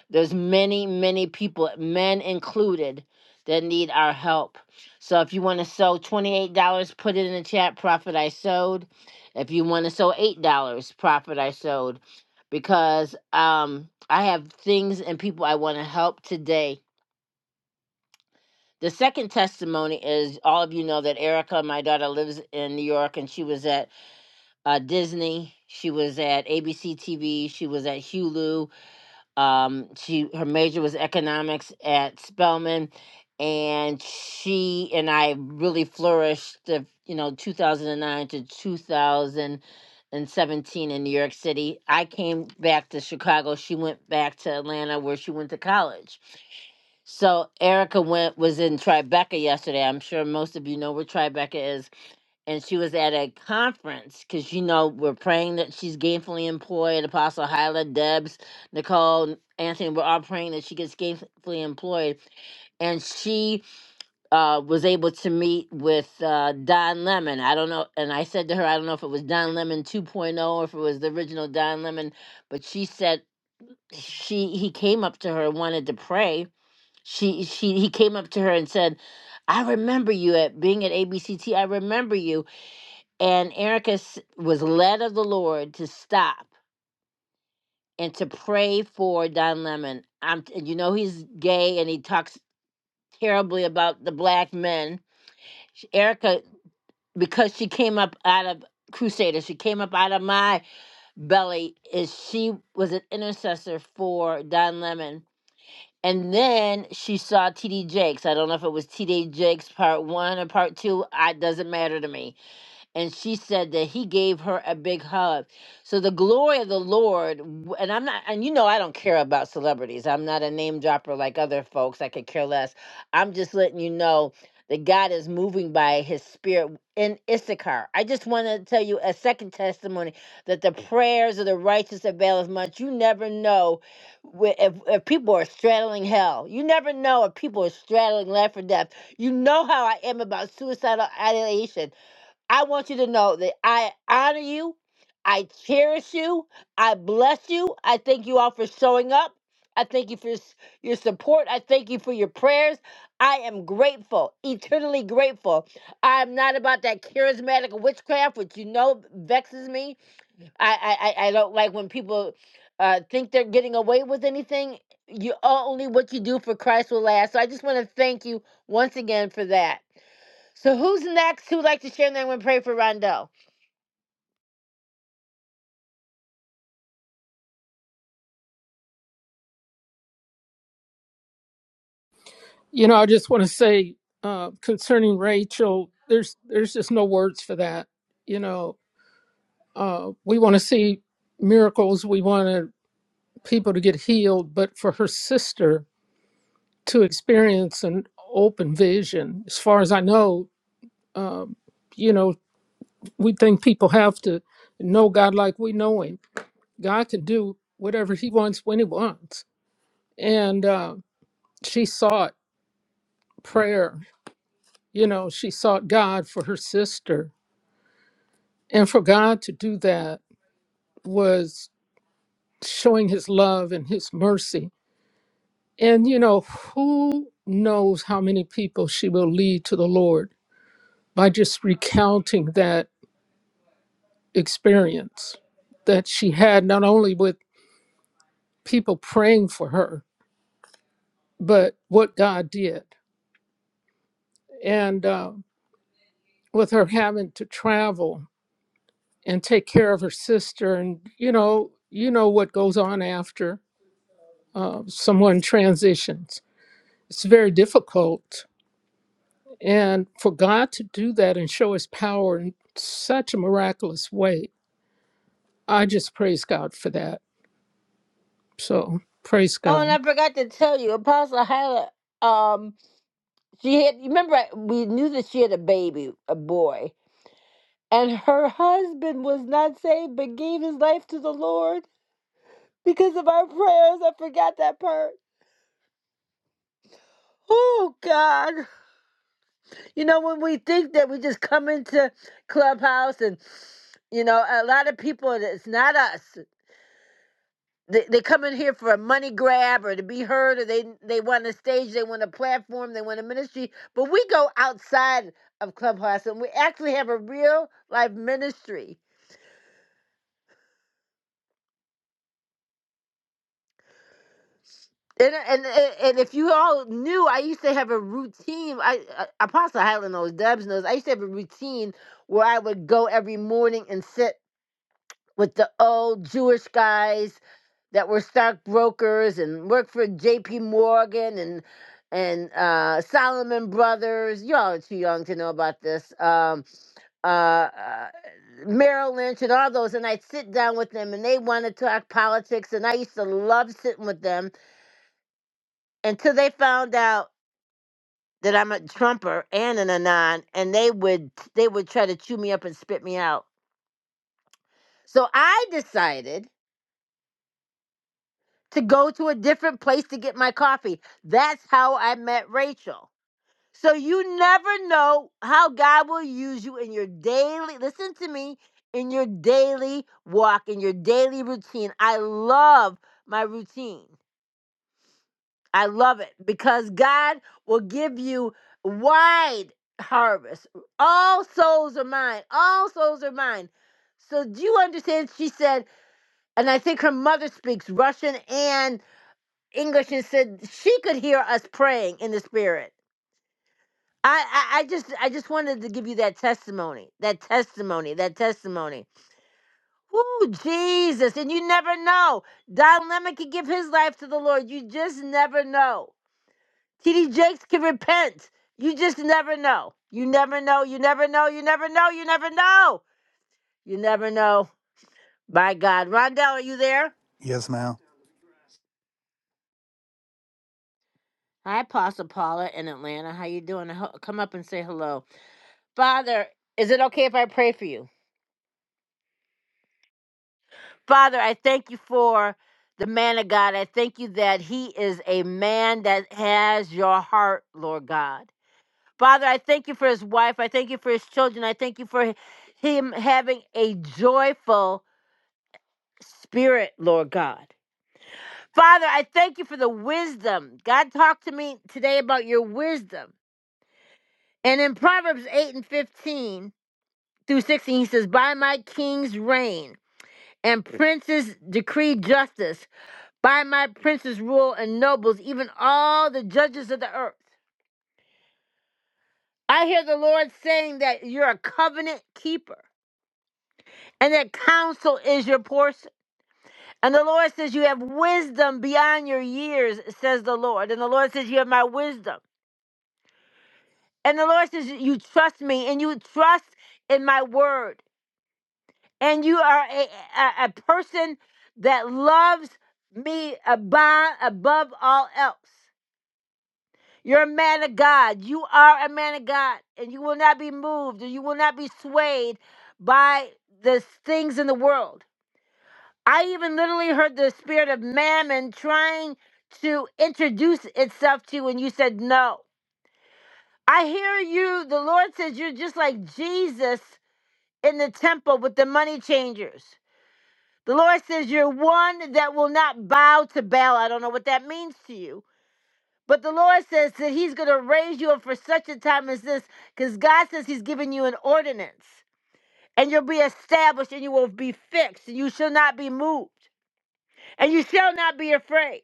[SPEAKER 1] there's many, many people, men included, that need our help. So if you want to sew $28, put it in the chat, Profit I Sewed. If you want to sew $8, Profit I Sewed. Because um, I have things and people I want to help today. The second testimony is all of you know that Erica, my daughter, lives in New York and she was at uh, Disney. She was at ABC TV. She was at Hulu um, she her major was economics at Spelman, and she and I really flourished. The, you know, 2009 to 2017 in New York City. I came back to Chicago. She went back to Atlanta, where she went to college. So Erica went was in Tribeca yesterday. I'm sure most of you know where Tribeca is and she was at a conference because you know we're praying that she's gainfully employed. Apostle Hyla, Debs, Nicole, Anthony, we're all praying that she gets gainfully employed, and she uh, was able to meet with uh, Don Lemon. I don't know, and I said to her, I don't know if it was Don Lemon 2.0 or if it was the original Don Lemon, but she said she he came up to her and wanted to pray. She she he came up to her and said, "I remember you at being at ABCT. I remember you." And Erica s- was led of the Lord to stop and to pray for Don Lemon. I'm, t- you know, he's gay and he talks terribly about the black men. Sh- Erica, because she came up out of Crusader, she came up out of my belly, is she was an intercessor for Don Lemon. And then she saw TD Jakes. I don't know if it was TD Jakes part one or part two. I doesn't matter to me and she said that he gave her a big hug. So the glory of the Lord, w- and I'm not, and you know, I don't care about celebrities. I'm not a name dropper like other folks. I could care less. I'm just letting you know that God is moving by his spirit in Issachar. I just want to tell you a second testimony that the prayers of the righteous avail as much. You never know wh- if, if people are straddling hell. You never know if people are straddling life or death. You know how I am about suicidal ideation. I want you to know that I honor you, I cherish you, I bless you. I thank you all for showing up. I thank you for s- your support. I thank you for your prayers. I am grateful, eternally grateful. I'm not about that charismatic witchcraft, which you know vexes me. I I, I I don't like when people uh, think they're getting away with anything. You only what you do for Christ will last. So I just want to thank you once again for that. So who's next? Who'd like to share and then we pray for Rondell?
[SPEAKER 7] You know, I just want to say uh, concerning Rachel, there's there's just no words for that. You know, uh, we want to see miracles. We want people to get healed, but for her sister to experience an open vision, as far as I know, um, you know, we think people have to know God like we know Him. God can do whatever He wants when He wants, and. uh, she sought prayer. You know, she sought God for her sister. And for God to do that was showing his love and his mercy. And, you know, who knows how many people she will lead to the Lord by just recounting that experience that she had, not only with people praying for her, but what God did. And uh, with her having to travel and take care of her sister and you know you know what goes on after uh, someone transitions it's very difficult and for god to do that and show his power in such a miraculous way i just praise god for that so praise
[SPEAKER 1] Oh, and
[SPEAKER 7] god
[SPEAKER 1] I forgot to tell you, Apostle Hyla, um, she had remember I- we knew that she had a baby, a boy, and her husband was not saved but gave his life to the Lord because of our prayers. I forgot that part. Oh God. You know, when we think that we just come into Clubhouse and you know, a lot of people, it's not us. they, they come in here for a money grab or to be heard or they they want a stage they want a platform they want a ministry but we go outside of clubhouse and we actually have a real life ministry and, and and if you all knew i used to have a routine i uh, apostle highland knows dubs knows i used to have a routine where i would go every morning and sit with the old Jewish guys that were stockbrokers and worked for J.P. Morgan and and uh, Solomon Brothers. Y'all are too young to know about this. Um, uh, uh, Merrill Lynch and all those. And I'd sit down with them and they wanted to talk politics. And I used to love sitting with them until they found out that I'm a Trumper and an Anon. And they would they would try to chew me up and spit me out. So I decided to go to a different place to get my coffee. That's how I met Rachel. So you never know how God will use you in your daily, listen to me, in your daily walk, in your daily routine. I love my routine. I love it because God will give you wide harvest. All souls are mine. All souls are mine. So do you understand? She said, and I think her mother speaks Russian and English and said she could hear us praying in the spirit. I, I, I just I just wanted to give you that testimony, that testimony, that testimony. Woo, Jesus! And you never know. Don Lemon could give his life to the Lord. You just never know. TD Jakes can repent. You just never know. You never know. You never know. You never know. You never know. You never know. My God, Rondell, are you there?
[SPEAKER 6] Yes, ma'am.
[SPEAKER 1] Hi, Apostle Paula in Atlanta. How you doing? Ho- Come up and say hello. Father, is it okay if I pray for you? Father, I thank you for the man of God. I thank you that he is a man that has your heart, Lord God. Father, I thank you for his wife. I thank you for his children. I thank you for him having a joyful spirit, Lord God. Father, I thank you for the wisdom. God talked to me today about your wisdom. And in Proverbs 8 and 15 through 16, he says, By my king's reign. and princes decree justice. By my princes rule and nobles, even all the judges of the earth. I hear the Lord saying that you're a covenant keeper and that counsel is your portion. And the Lord says you have wisdom beyond your years, says the Lord. And the Lord says you have my wisdom. And the Lord says you trust me and you trust in my word. And you are a, a, a person that loves me above, above all else. You're a man of God. You are a man of God, and you will not be moved, and you will not be swayed by the things in the world. I even literally heard the spirit of mammon trying to introduce itself to you, and you said no. I hear you. The Lord says you're just like Jesus in the temple with the money changers. The Lord says you're one that will not bow to Baal. I don't know what that means to you, But the Lord says that He's going to raise you up for such a time as this because God says He's giving you an ordinance and you'll be established and you will be fixed and you shall not be moved and you shall not be afraid.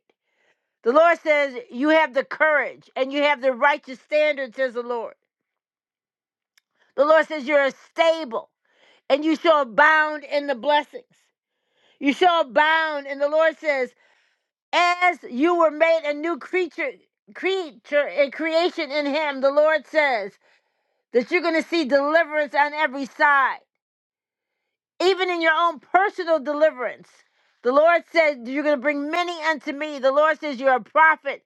[SPEAKER 1] The Lord says you have the courage and you have the righteous standards. says the Lord. The Lord says you're stable and you shall abound in the blessings. You shall abound. And the Lord says, as you were made a new creature, creature and creation in Him, the Lord says, that you're going to see deliverance on every side, even in your own personal deliverance. The Lord said, You're going to bring many unto me. The Lord says, You're a prophet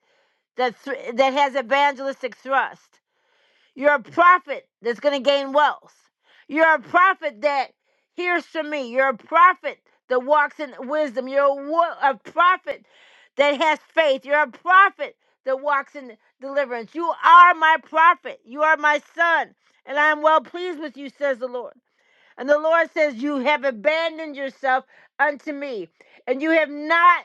[SPEAKER 1] that, thr that has evangelistic thrust. You're a prophet that's going to gain wealth. You're a prophet that hears from me. You're a prophet that walks in wisdom. You're a, wo- a prophet that has faith. You're a prophet that walks in deliverance. You are my prophet. You are my son. And I am well pleased with you, says the Lord. And the Lord says, You have abandoned yourself unto me, and you have not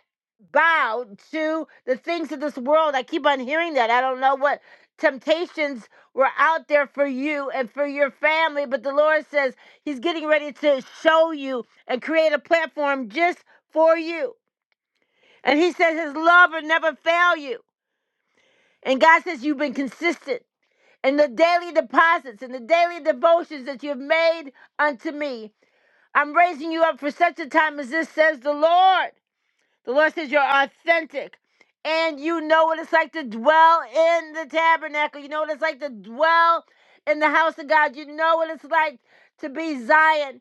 [SPEAKER 1] bowed to the things of this world. I keep on hearing that. I don't know what temptations were out there for you and for your family, but the Lord says He's getting ready to show you and create a platform just for you. And He says His love will never fail you. And God says, You've been consistent. in the daily deposits and the daily devotions that you've made unto me, I'm raising you up for such a time as this, says the Lord. The Lord says you're authentic. And you know what it's like to dwell in the tabernacle. You know what it's like to dwell in the house of God. You know what it's like to be Zion.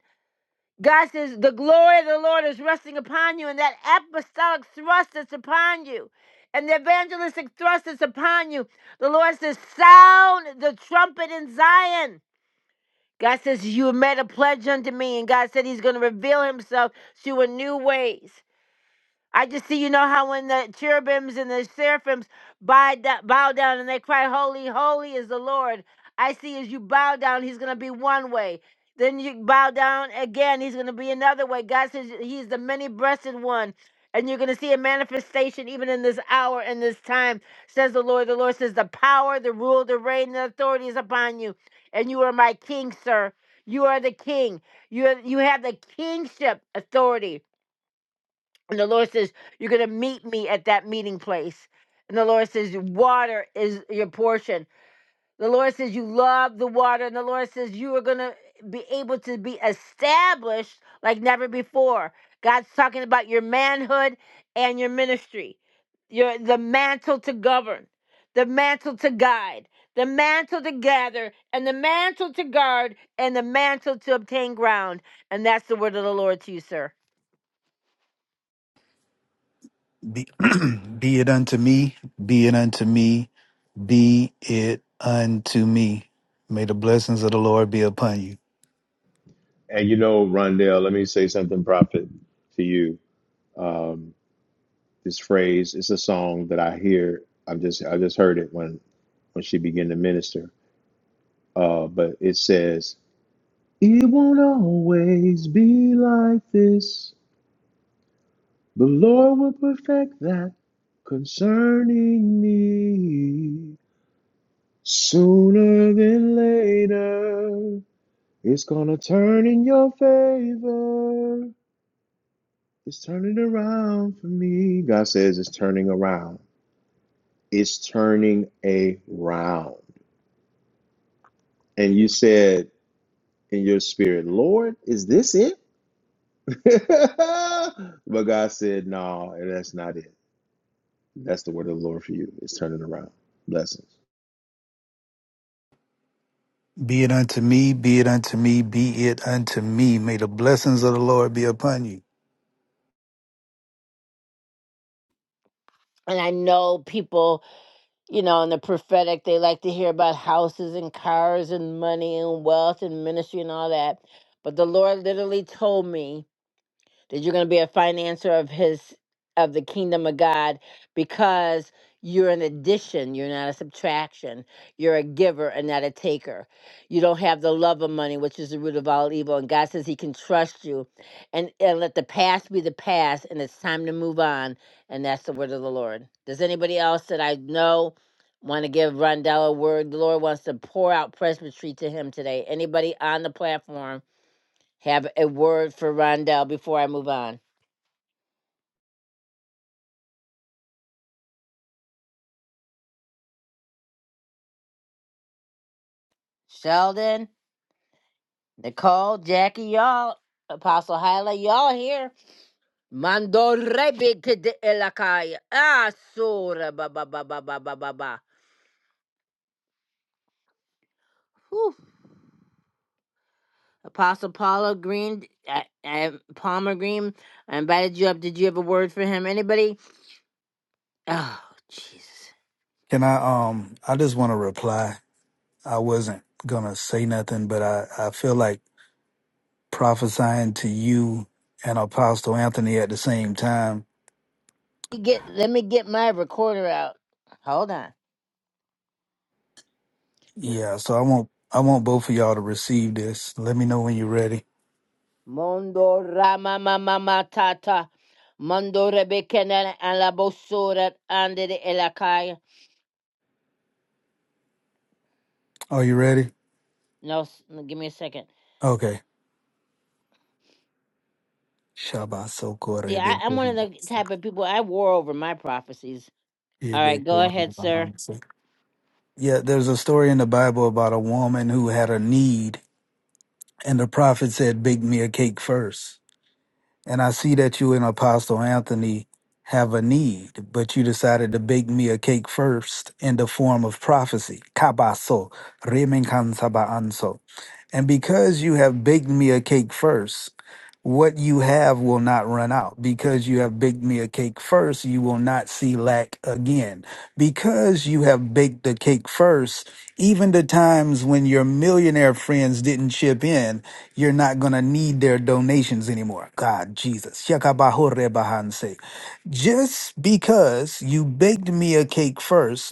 [SPEAKER 1] God says, The glory of the Lord is resting upon you, and that apostolic thrust that's upon you, and the evangelistic thrust that's upon you. The Lord says, Sound the trumpet in Zion. God says, You have made a pledge unto me, and God said He's going to reveal Himself to you in new ways. I just see, you know, how when the cherubims and the seraphims bow, da- bow down and they cry, Holy, holy is the Lord. I see as you bow down, he's going to be one way. Then you bow down again, he's going to be another way. God says he's the many breasted one. And you're going to see a manifestation even in this hour and this time, says the Lord. The Lord says, The power, the rule, the reign, the authority is upon you. And you are my king, sir. You are the king. You, are, you have the kingship authority. And the Lord says, You're going to meet me at that meeting place. And the Lord says, Water is your portion. The Lord says, You love the water. And the Lord says, You are going to be able to be established like never before. God's talking about your manhood and your ministry, your, the mantle to govern, the mantle to guide, the mantle to gather, and the mantle to guard, and the mantle to obtain ground. And that's the word of the Lord to you, sir.
[SPEAKER 6] Be, [clears throat] be it unto me. Be it unto me. Be it unto me. May the blessings of the Lord be upon you.
[SPEAKER 3] And you know, Rondell, let me say something, Prophet, to you. Um, this phrase it's a song that I hear. I've just I just heard it when when she began to minister. Uh, but it says, "It won't always be like this. The Lord will perfect that concerning me sooner than later. It's gonna turn in your favor." It's turning around for me. God says it's turning around. It's turning around. And you said in your spirit, Lord, is this it? [laughs] but God said, No, that's not it. That's the word of the Lord for you. It's turning around. Blessings.
[SPEAKER 6] Be it unto me. Be it unto me. Be it unto me. May the blessings of the Lord be upon you.
[SPEAKER 1] And I know people you know, in the prophetic, they like to hear about houses and cars and money and wealth and ministry and all that. But the Lord literally told me that you're going to be a financier of his of the kingdom of God because you're an addition, you're not a subtraction. You're a giver and not a taker. You don't have the love of money, which is the root of all evil. And God says He can trust you and, and let the past be the past and it's time to move on. And that's the word of the Lord. Does anybody else that I know want to give Rondell a word? The Lord wants to pour out presbytery to him today. Anybody on the platform have a word for Rondell before I move on? Sheldon, Nicole, Jackie, y'all, Apostle Hyla, y'all here. Mando rebik de elakai. Ah, sora ba ba ba ba ba ba ba ba. Whew. Apostle Paula Green, I, I, Palmer Green, I invited you up. Did you have a word for him? Anybody? Oh, Jesus.
[SPEAKER 6] Can I? Um, I just want to reply. I wasn't gonna say nothing, but I, I feel like prophesying to you and Apostle Anthony at the same time.
[SPEAKER 1] Let me Get, let me get my recorder out. Hold on.
[SPEAKER 6] Yeah, so I want I want both of y'all to receive this. Let me know when you're ready.
[SPEAKER 1] Mondo rama mama matata. Mando rebekenen alabosora ande de
[SPEAKER 6] Are you ready?
[SPEAKER 1] No, s- no, give me a second.
[SPEAKER 6] Okay. Shabbat
[SPEAKER 1] See, I, I'm one of the type of people I wore over my prophecies. All right, go ahead, sir.
[SPEAKER 6] Yeah, there's a story in the Bible about a woman who had a need and the prophet said, Bake me a cake first." and I see that you and Apostle Anthony have a need, but you decided to bake me a cake first in the form of prophecy. Kabaso, remenkansaba anso. And because you have baked me a cake first, what you have will not run out. Because you have baked me a cake first, you will not see lack again. Because you have baked the cake first, even the times when your millionaire friends didn't chip in, you're not going to need their donations anymore. God, Jesus. Shakabahorebahanse. Just because you baked me a cake first,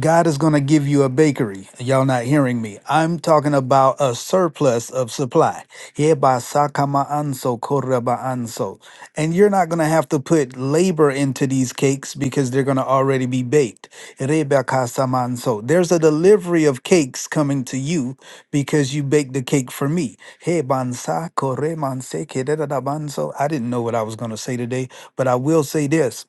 [SPEAKER 6] God is going to give you a bakery. Y'all not hearing me. I'm talking about a surplus of supply. Heba sakama anso koraba anso. And you're not going to have to put labor into these cakes because they're going to already be baked. Reba kasamanso. There's a delivery of cakes coming to you because you baked the cake for me. Hebansa koremanse kedadadabanso. I didn't know what I was going to say today, but I will say this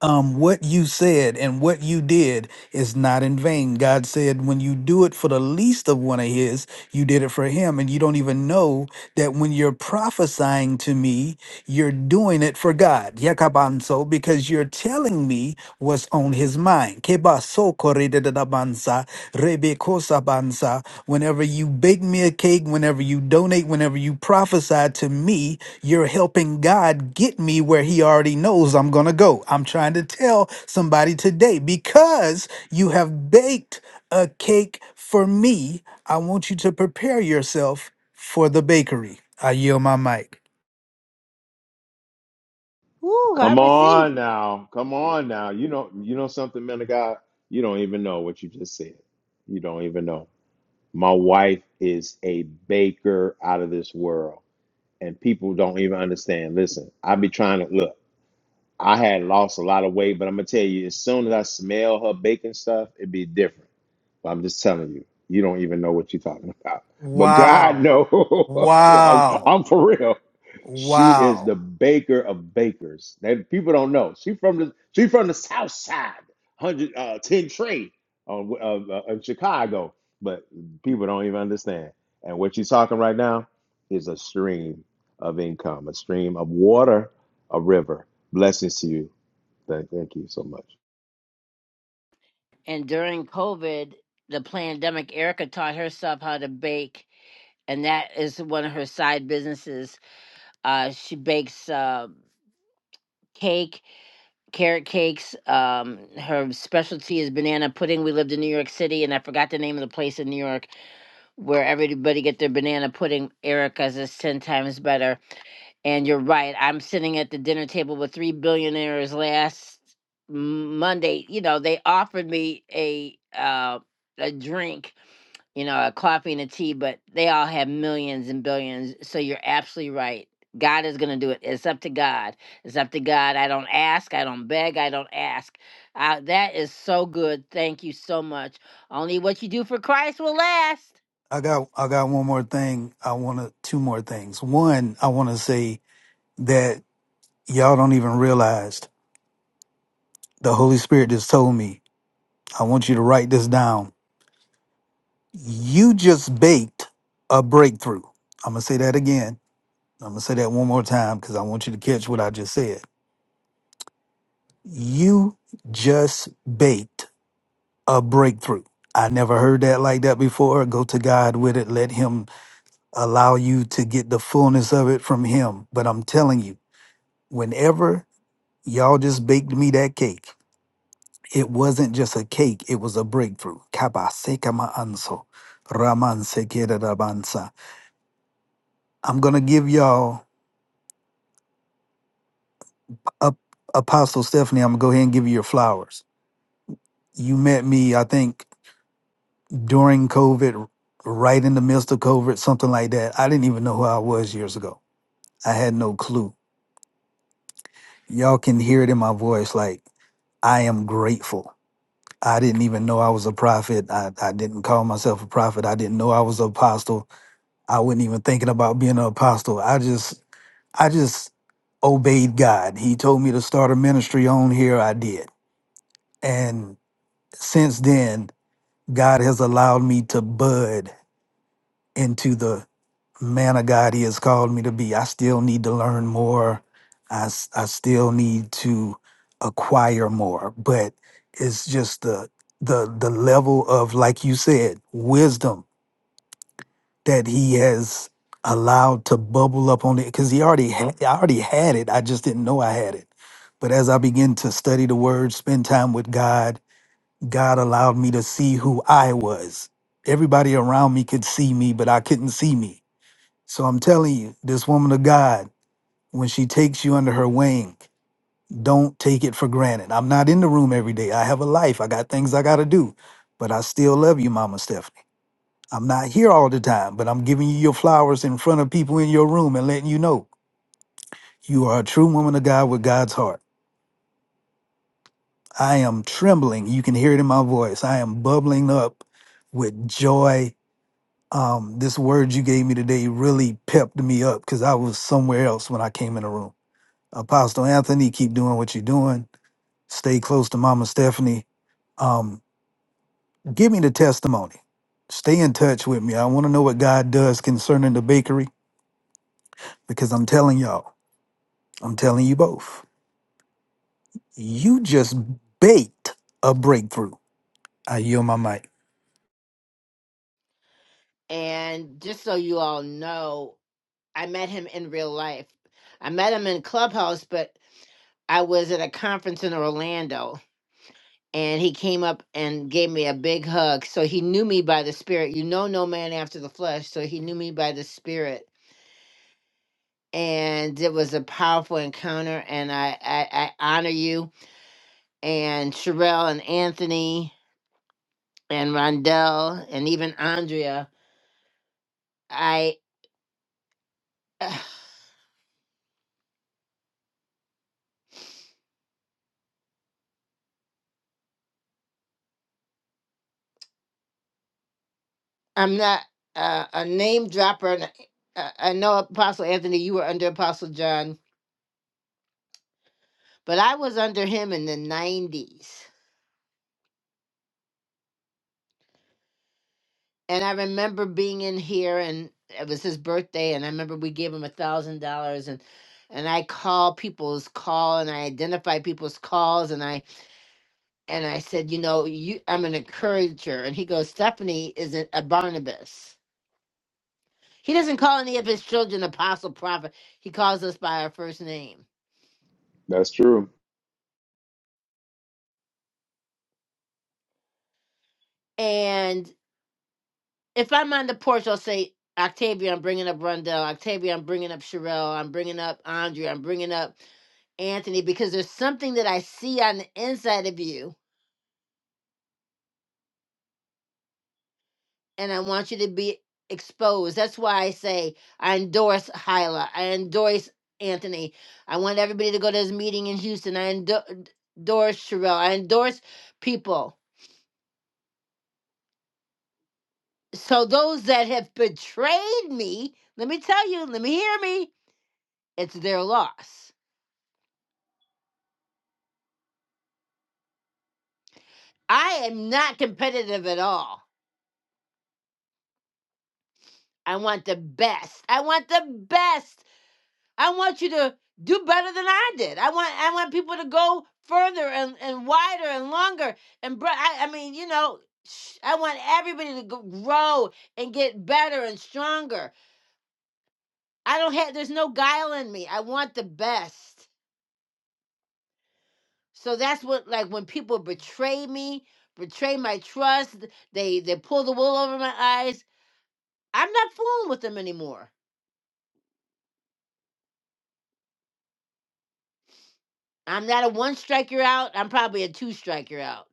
[SPEAKER 6] um, what you said and what you did is not in vain. God said, when you do it for the least of one of his, you did it for him. And you don't even know that when you're prophesying to me, you're doing it for God. Yakabanso, because you're telling me what's on on his mind. Keba soko re de de da banza, rebe kosa banza. Whenever you bake me a cake, whenever you donate, whenever you prophesy to me, you're helping God get me where he already knows I'm going to go. I'm trying to tell somebody today because you have baked a cake for me, I want you to prepare yourself for the bakery. I yield my mic.
[SPEAKER 1] Woo, I
[SPEAKER 3] Come
[SPEAKER 1] received.
[SPEAKER 3] on now. Come on now. You know, you know something, man of God. You don't even know what you just said. You don't even know. My wife is a baker out of this world. and people don't even understand. Listen, I be trying to look. I had lost a lot of weight, but I'm gonna tell you, as soon as I smell her baking stuff, it'd be different. But I'm just telling you, you don't even know what you're talking about. But God
[SPEAKER 6] Wow.
[SPEAKER 3] know, [laughs] I'm,
[SPEAKER 6] Wow.
[SPEAKER 3] I'm for real. She is
[SPEAKER 6] Wow.
[SPEAKER 3] the baker of bakers. That people don't know. She from the she from the South Side, hundred uh, ten Trey uh, of, uh, uh, of Chicago. But people don't even understand. And what she's talking right now is a stream of income, a stream of water, a river. Blessings to you. Thank, thank you so much.
[SPEAKER 1] And during COVID, the pandemic, Erica taught herself how to bake, and that is one of her side businesses. Uh, she bakes uh, cake, carrot cakes. Um, her specialty is banana pudding. We lived in New York City, and I forgot the name of the place in New York where everybody get their banana pudding. Erica's is ten times better. And you're right. I'm sitting at the dinner table with three billionaires last M- Monday. You know, they offered me a uh, a drink, you know, a coffee and a tea, but they all have millions and billions. So you're absolutely right. God is going to do it. It's up to God. It's up to God. I don't ask. I don't beg. I don't ask. Uh, that is so good. Thank you so much. Only what you do for Christ will last.
[SPEAKER 6] I got I got one more thing. I want to two more things. One, I want to say that y'all don't even realize the Holy Spirit just told me. I want you to write this down. You just baked a breakthrough. I'm gonna say that again. I'm gonna say that one more time because I want you to catch what I just said. You just baked a breakthrough. I never heard that like that before. Go to God with it. Let Him allow you to get the fullness of it from Him. But I'm telling you. whenever y'all just baked me that cake, it wasn't just a cake, it was a breakthrough. Kaba seka ma anso, Raman sekera rabansa. I'm going to give y'all, up, Apostle Stephanie, I'm going to go ahead and give you your flowers. You met me, I think, during COVID, right in the midst of COVID, something like that. I didn't even know who I was years ago. I had no clue. Y'all can hear it in my voice like, I am grateful. I didn't even know I was a prophet. I, I didn't call myself a prophet. I didn't know I was an apostle. I wasn't even thinking about being an apostle. I just I just obeyed God. He told me to start a ministry on here. I did. And since then, God has allowed me to bud into the man of God he has called me to be. I still need to learn more. I, s- I still need to acquire more. But it's just the the the level of, like you said, wisdom that he has allowed to bubble up on it because he already had I already had it. I just didn't know I had it. But as I begin to study the word, spend time with God, God allowed me to see who I was. Everybody around me could see me, but I couldn't see me so I'm telling you, this woman of God, when she takes you under her wing, don't take it for granted. I'm not in the room every day. I have a life. I got things I got to do, but I still love you, Mama Stephanie. I'm not here all the time, but I'm giving you your flowers in front of people in your room and letting you know you are a true woman of God with God's heart. I am trembling. You can hear it in my voice. I am bubbling up with joy. Um, this word you gave me today really pepped me up because I was somewhere else when I came in the room. Apostle Anthony, keep doing what you're doing. Stay close to Mama Stephanie. Um, give me the testimony. Stay in touch with me. I want to know what God does concerning the bakery because I'm telling y'all, I'm telling you both, you just baked a breakthrough. I yield my mic.
[SPEAKER 1] And just so you all know, I met him in real life. I met him in Clubhouse, but I was at a conference in Orlando and he came up and gave me a big hug. So he knew me by the spirit. You know, no man after the flesh. So he knew me by the spirit. And it was a powerful encounter. And I, I, I honor you and Sherelle and Anthony and Rondell and even Andrea. I. [sighs] I'm not uh, a name dropper. And I, I know Apostle Anthony, you were under Apostle John, but I was under him in the 90s. And I remember being in here, and it was his birthday, and I remember we gave him a thousand dollars, and and I call people's call, and I identify people's calls, and I and I said, you know, you, I'm an encourager, and he goes, Stephanie isn't a Barnabas. He doesn't call any of his children apostle, prophet. He calls us by our first name
[SPEAKER 3] That's true.
[SPEAKER 1] and. if I'm on the porch, I'll say, Octavia, I'm bringing up Rundell. Octavia, I'm bringing up Sherelle. I'm bringing up Andre. I'm bringing up Anthony because there's something that I see on the inside of you and I want you to be exposed. That's why I say I endorse Hyla. I endorse Anthony. I want everybody to go to this meeting in Houston. I endo- endorse Sherelle. I endorse people. So those that have betrayed me, let me tell you, let me hear me, it's their loss. I am not competitive at all. I want the best. I want the best. I want you to do better than I did. I want I want people to go further and, and wider and longer and br- I, I mean, you know, I want everybody to go, grow and get better and stronger. I don't have there's no guile in me. I want the best. So that's what like when people betray me, betray my trust, they they pull the wool over my eyes. I'm not fooling with them anymore. I'm not a one strike you're out. I'm probably a two strike you're out.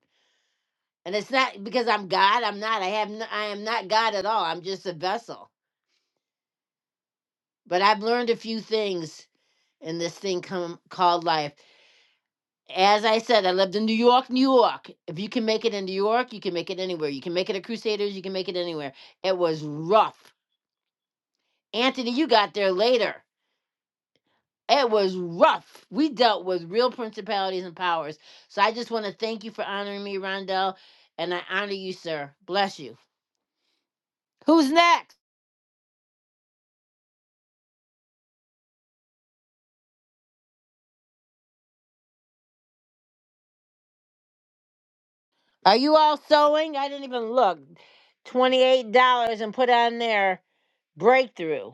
[SPEAKER 1] And it's not because I'm God. I'm not. I have. No, I am not God at all. I'm just a vessel. But I've learned a few things in this thing come, called life. As I said, I lived in New York, New York. If you can make it in New York, you can make it anywhere. You can make it at Crusaders. You can make it anywhere. It was rough. Anthony, you got there later. It was rough. We dealt with real principalities and powers. So I just want to thank you for honoring me, Rondell, and I honor you, sir. Bless you. Who's next? Are you all sewing? I didn't even look. $28 and put on there breakthrough.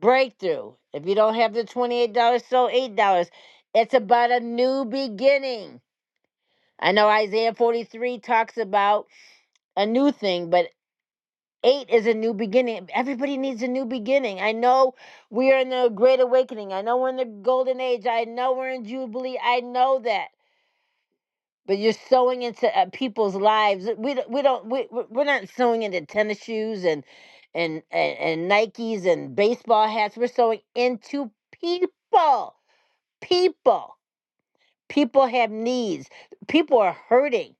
[SPEAKER 1] Breakthrough. If you don't have the $28, sew $8. It's about a new beginning. I know Isaiah 43 talks about a new thing, but eight is a new beginning. Everybody needs a new beginning. I know we are in the great awakening. I know we're in the golden age. I know we're in jubilee. I know that. But you're sewing into uh, people's lives. We don't- we don't we we- we're not sewing into tennis shoes and and and, and Nikes and baseball hats. We're sewing into people. People. People have needs. People are hurting.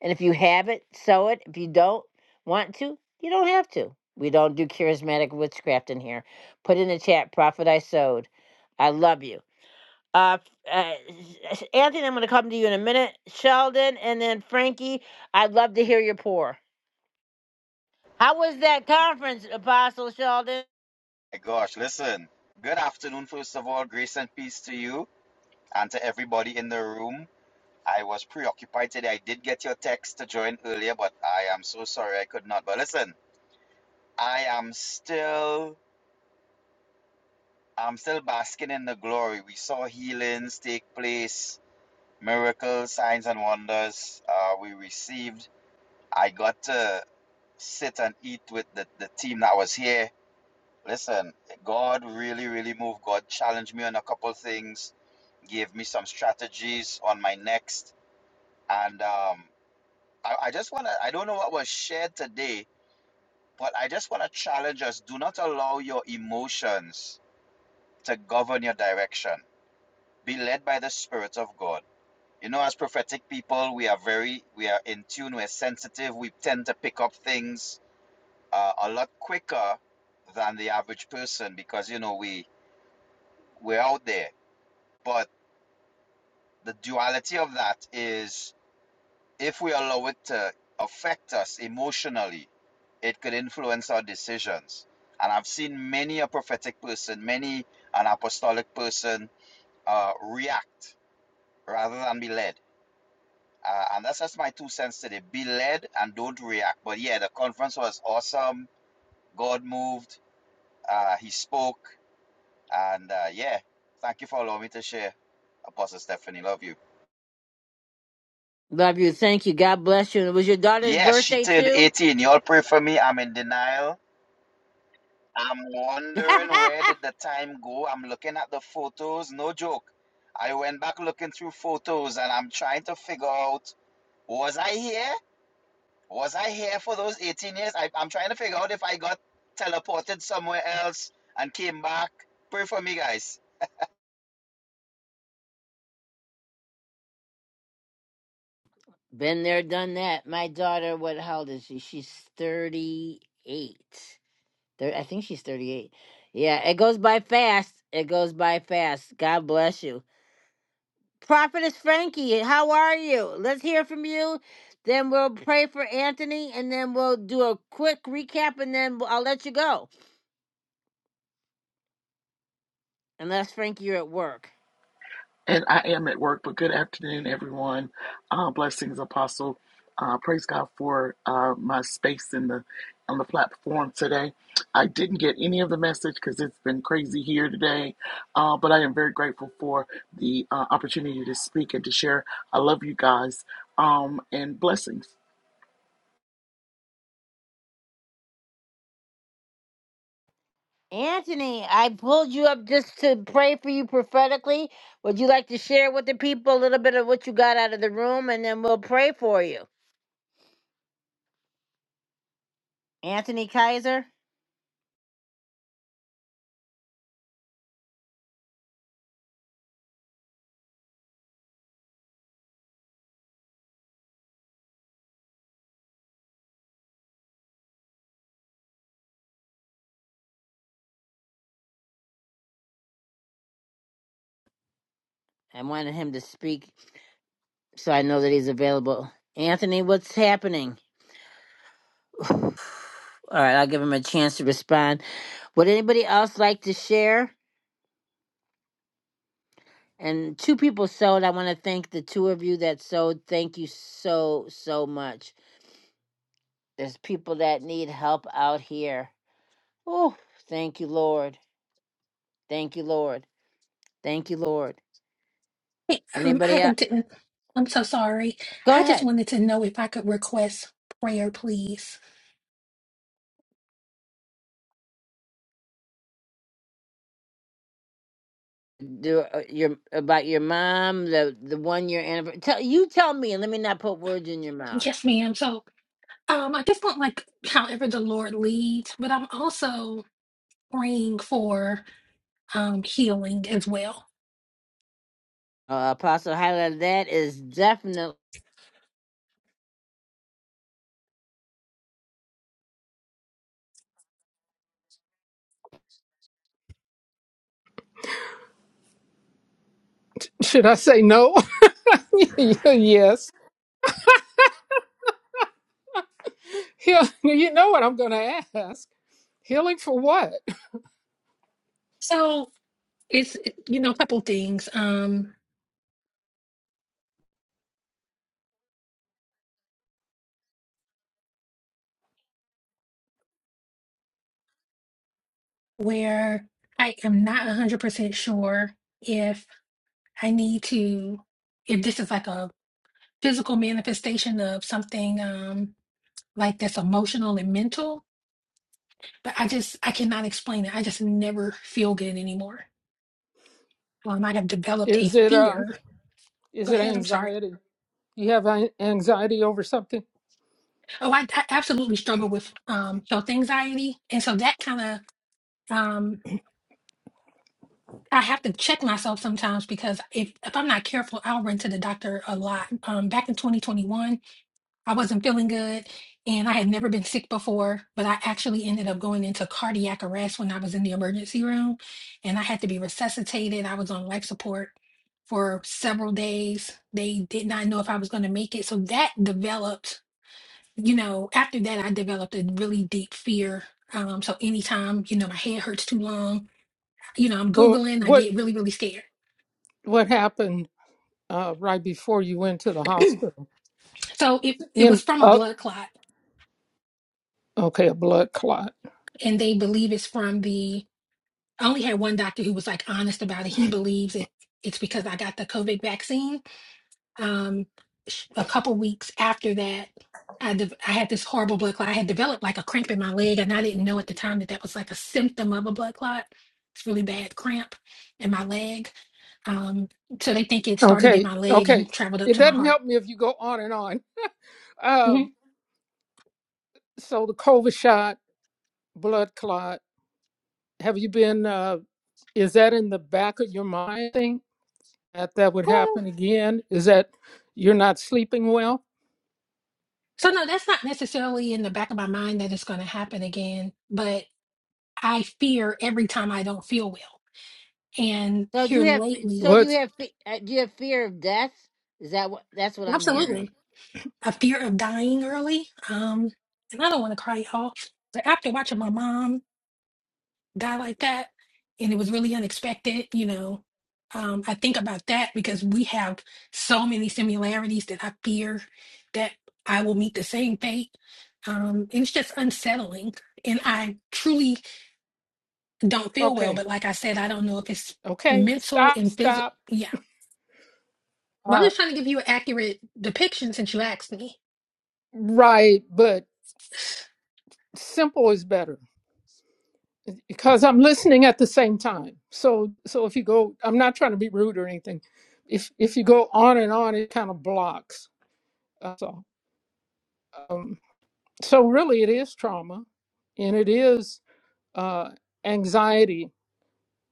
[SPEAKER 1] And if you have it, sow it. If you don't want to, you don't have to. We don't do charismatic witchcraft in here. Put in the chat, Prophet I sowed. I love you. Uh, uh, Anthony, I'm going to come to you in a minute. Sheldon and then Frankie, I'd love to hear your pour. How was that conference, Apostle Sheldon?
[SPEAKER 12] My gosh, listen. Good afternoon, first of all. Grace and peace to you and to everybody in the room. I was preoccupied today. I did get your text to join earlier, but I am so sorry I could not. But listen, I am still I'm still basking in the glory. We saw healings take place, miracles, signs and wonders. Uh, we received. I got to sit and eat with the, the team that was here Listen, God really, really moved. God challenged me on a couple things, gave me some strategies on my next. And um, I, I just want to, I don't know what was shared today, but I just want to challenge us do not allow your emotions to govern your direction. Be led by the Spirit of God. You know, as prophetic people, we are very, we are in tune, we're sensitive, we tend to pick up things uh, a lot quicker than the average person because, you know, we, we're out there. But The duality of that is if we allow it to affect us emotionally, it could influence our decisions. And I've seen many a prophetic person, many an apostolic person uh, react rather than be led. Uh, and that's just my two cents today. Be led and don't react. But yeah, the conference was awesome. God moved. Uh, he spoke. And uh, yeah, thank you for allowing me to share. Apostle Stephanie, love you.
[SPEAKER 1] Love you. Thank you. God bless you. And it was your daughter's
[SPEAKER 12] Yes, she
[SPEAKER 1] birthday,
[SPEAKER 12] turned
[SPEAKER 1] too?
[SPEAKER 12] 18. Y'all pray for me. I'm in denial. I'm wondering
[SPEAKER 1] [laughs]
[SPEAKER 12] where did the time go? I'm looking at the photos. No joke. I went back looking through photos and I'm trying to figure out was I here? Was I here for those 18 years? I, I'm trying to figure out if I got teleported somewhere else and came back. Pray for me, guys.
[SPEAKER 1] Been there, done that. My daughter, what? How old is she? She's thirty-eight. Thir- I think she's thirty-eight. Yeah, it goes by fast. It goes by fast. God bless you, Prophetess Frankie. How are you? Let's hear from you. Then we'll pray for Anthony, and then we'll do a quick recap, and then I'll let you go. Unless Frankie, you're at work.
[SPEAKER 13] And I am at work, but good afternoon, everyone. Uh, blessings, Apostle. Uh, praise God for uh, my space in the on the platform today. I didn't get any of the message because it's been crazy here today, uh, but I am very grateful for the uh, opportunity to speak and to share. I love you guys um, and blessings.
[SPEAKER 1] Anthony, I pulled you up just to pray for you prophetically. Would you like to share with the people a little bit of what you got out of the room and then we'll pray for you? Anthony Kaiser, I wanted him to speak so I know that he's available. Anthony, what's happening? [sighs] All right, I'll give him a chance to respond. Would anybody else like to share? And two people sewed. I want to thank the two of you that sewed. Thank you so, so much. There's people that need help out here. Oh, thank you, Lord. Thank you, Lord. Thank you, Lord.
[SPEAKER 8] Hey, um, I
[SPEAKER 1] Anybody else?
[SPEAKER 8] didn't, I'm so sorry.
[SPEAKER 1] Go
[SPEAKER 8] I just
[SPEAKER 1] ahead.
[SPEAKER 8] wanted to know if I could request prayer, please.
[SPEAKER 1] Do uh, your about your mom, the the one year anniversary. Tell you tell me, and let me not put words in your mouth.
[SPEAKER 8] Yes, ma'am. So, um, I just want like however the Lord leads, but I'm also praying for um healing as well.
[SPEAKER 1] Uh, Apostle highlighted that is definitely.
[SPEAKER 7] [laughs] should i say no [laughs] yes yeah, you know what i'm going to ask healing for what
[SPEAKER 8] So it's you know a couple things um where I am not 100% sure if I need to if this is like a physical manifestation of something um like that's emotional and mental But I just, I cannot explain it. I just never feel good anymore. Um, I have developed a
[SPEAKER 7] is it um
[SPEAKER 8] fear.
[SPEAKER 7] is
[SPEAKER 8] Go
[SPEAKER 7] it
[SPEAKER 8] ahead. I'm sorry.
[SPEAKER 7] anxiety you have an- anxiety over something
[SPEAKER 8] Oh, I, I absolutely struggle with um, health anxiety, and so that kind of um, I have to check myself sometimes because if if I'm not careful, I'll run to the doctor a lot. Um, back in 2021. I wasn't feeling good and I had never been sick before, but I actually ended up going into cardiac arrest when I was in the emergency room and I had to be resuscitated. I was on life support for several days. They did not know if I was going to make it. So that developed, you know, after that, I developed a really deep fear. Um, so anytime, you know, my head hurts too long, you know, I'm
[SPEAKER 7] well
[SPEAKER 8] Googling, I
[SPEAKER 7] what
[SPEAKER 8] get really, really scared.
[SPEAKER 7] what happened uh, right before you went to the hospital.
[SPEAKER 8] So it, it was
[SPEAKER 7] In
[SPEAKER 8] from a
[SPEAKER 7] uh,
[SPEAKER 8] blood clot
[SPEAKER 7] okay, a blood clot.
[SPEAKER 8] and they believe it's from the I only had one doctor who was like honest about it. He believes it, it's because I got the COVID vaccine. Um, sh- a couple weeks after that, I, de- I had this horrible blood clot. I had developed like a cramp in my leg, and I didn't know at the time that that was like a symptom of a blood clot. It's really bad cramp in my leg. Um, so they think it started in
[SPEAKER 7] Okay,
[SPEAKER 8] my leg
[SPEAKER 7] okay.
[SPEAKER 8] and traveled up
[SPEAKER 7] It
[SPEAKER 8] to my
[SPEAKER 7] doesn't
[SPEAKER 8] heart.
[SPEAKER 7] help me if you go on and on.
[SPEAKER 8] hmm
[SPEAKER 7] Um, so the COVID shot, blood clot. Have you been? Uh, is that in the back of your mind? Thing that that would happen again? Is that you're not sleeping well?
[SPEAKER 8] So no, that's not necessarily in the back of my mind that it's going to happen again, but I fear every time I don't feel well. and
[SPEAKER 1] So do you
[SPEAKER 8] here
[SPEAKER 1] have? fe-
[SPEAKER 8] lately,
[SPEAKER 1] So do you
[SPEAKER 7] What's
[SPEAKER 1] have? fe- uh, Do you have fear of death? Is that what? That's what I'm hearing.
[SPEAKER 8] absolutely, a fear of dying early. Um, and I don't want to cry y'all, but after watching my mom die like that, and it was really unexpected, you know, um, I think about that because we have so many similarities that I fear that I will meet the same fate. Um, and it's just unsettling, and I truly don't feel well.
[SPEAKER 7] okay?
[SPEAKER 8] But like I said, I don't know if it's
[SPEAKER 7] Okay,
[SPEAKER 8] mental
[SPEAKER 7] stop,
[SPEAKER 8] and physical.
[SPEAKER 7] stop.
[SPEAKER 8] Yeah,
[SPEAKER 7] All
[SPEAKER 8] Well, I'm
[SPEAKER 7] right,
[SPEAKER 8] just trying to give you an accurate depiction since you asked me.
[SPEAKER 7] right. But simple is better because I'm listening at the same time. So so if you go, I'm not trying to be rude or anything. If if you go on and on, it kind of blocks. That's all. Um, so really, it is trauma, and it is uh, anxiety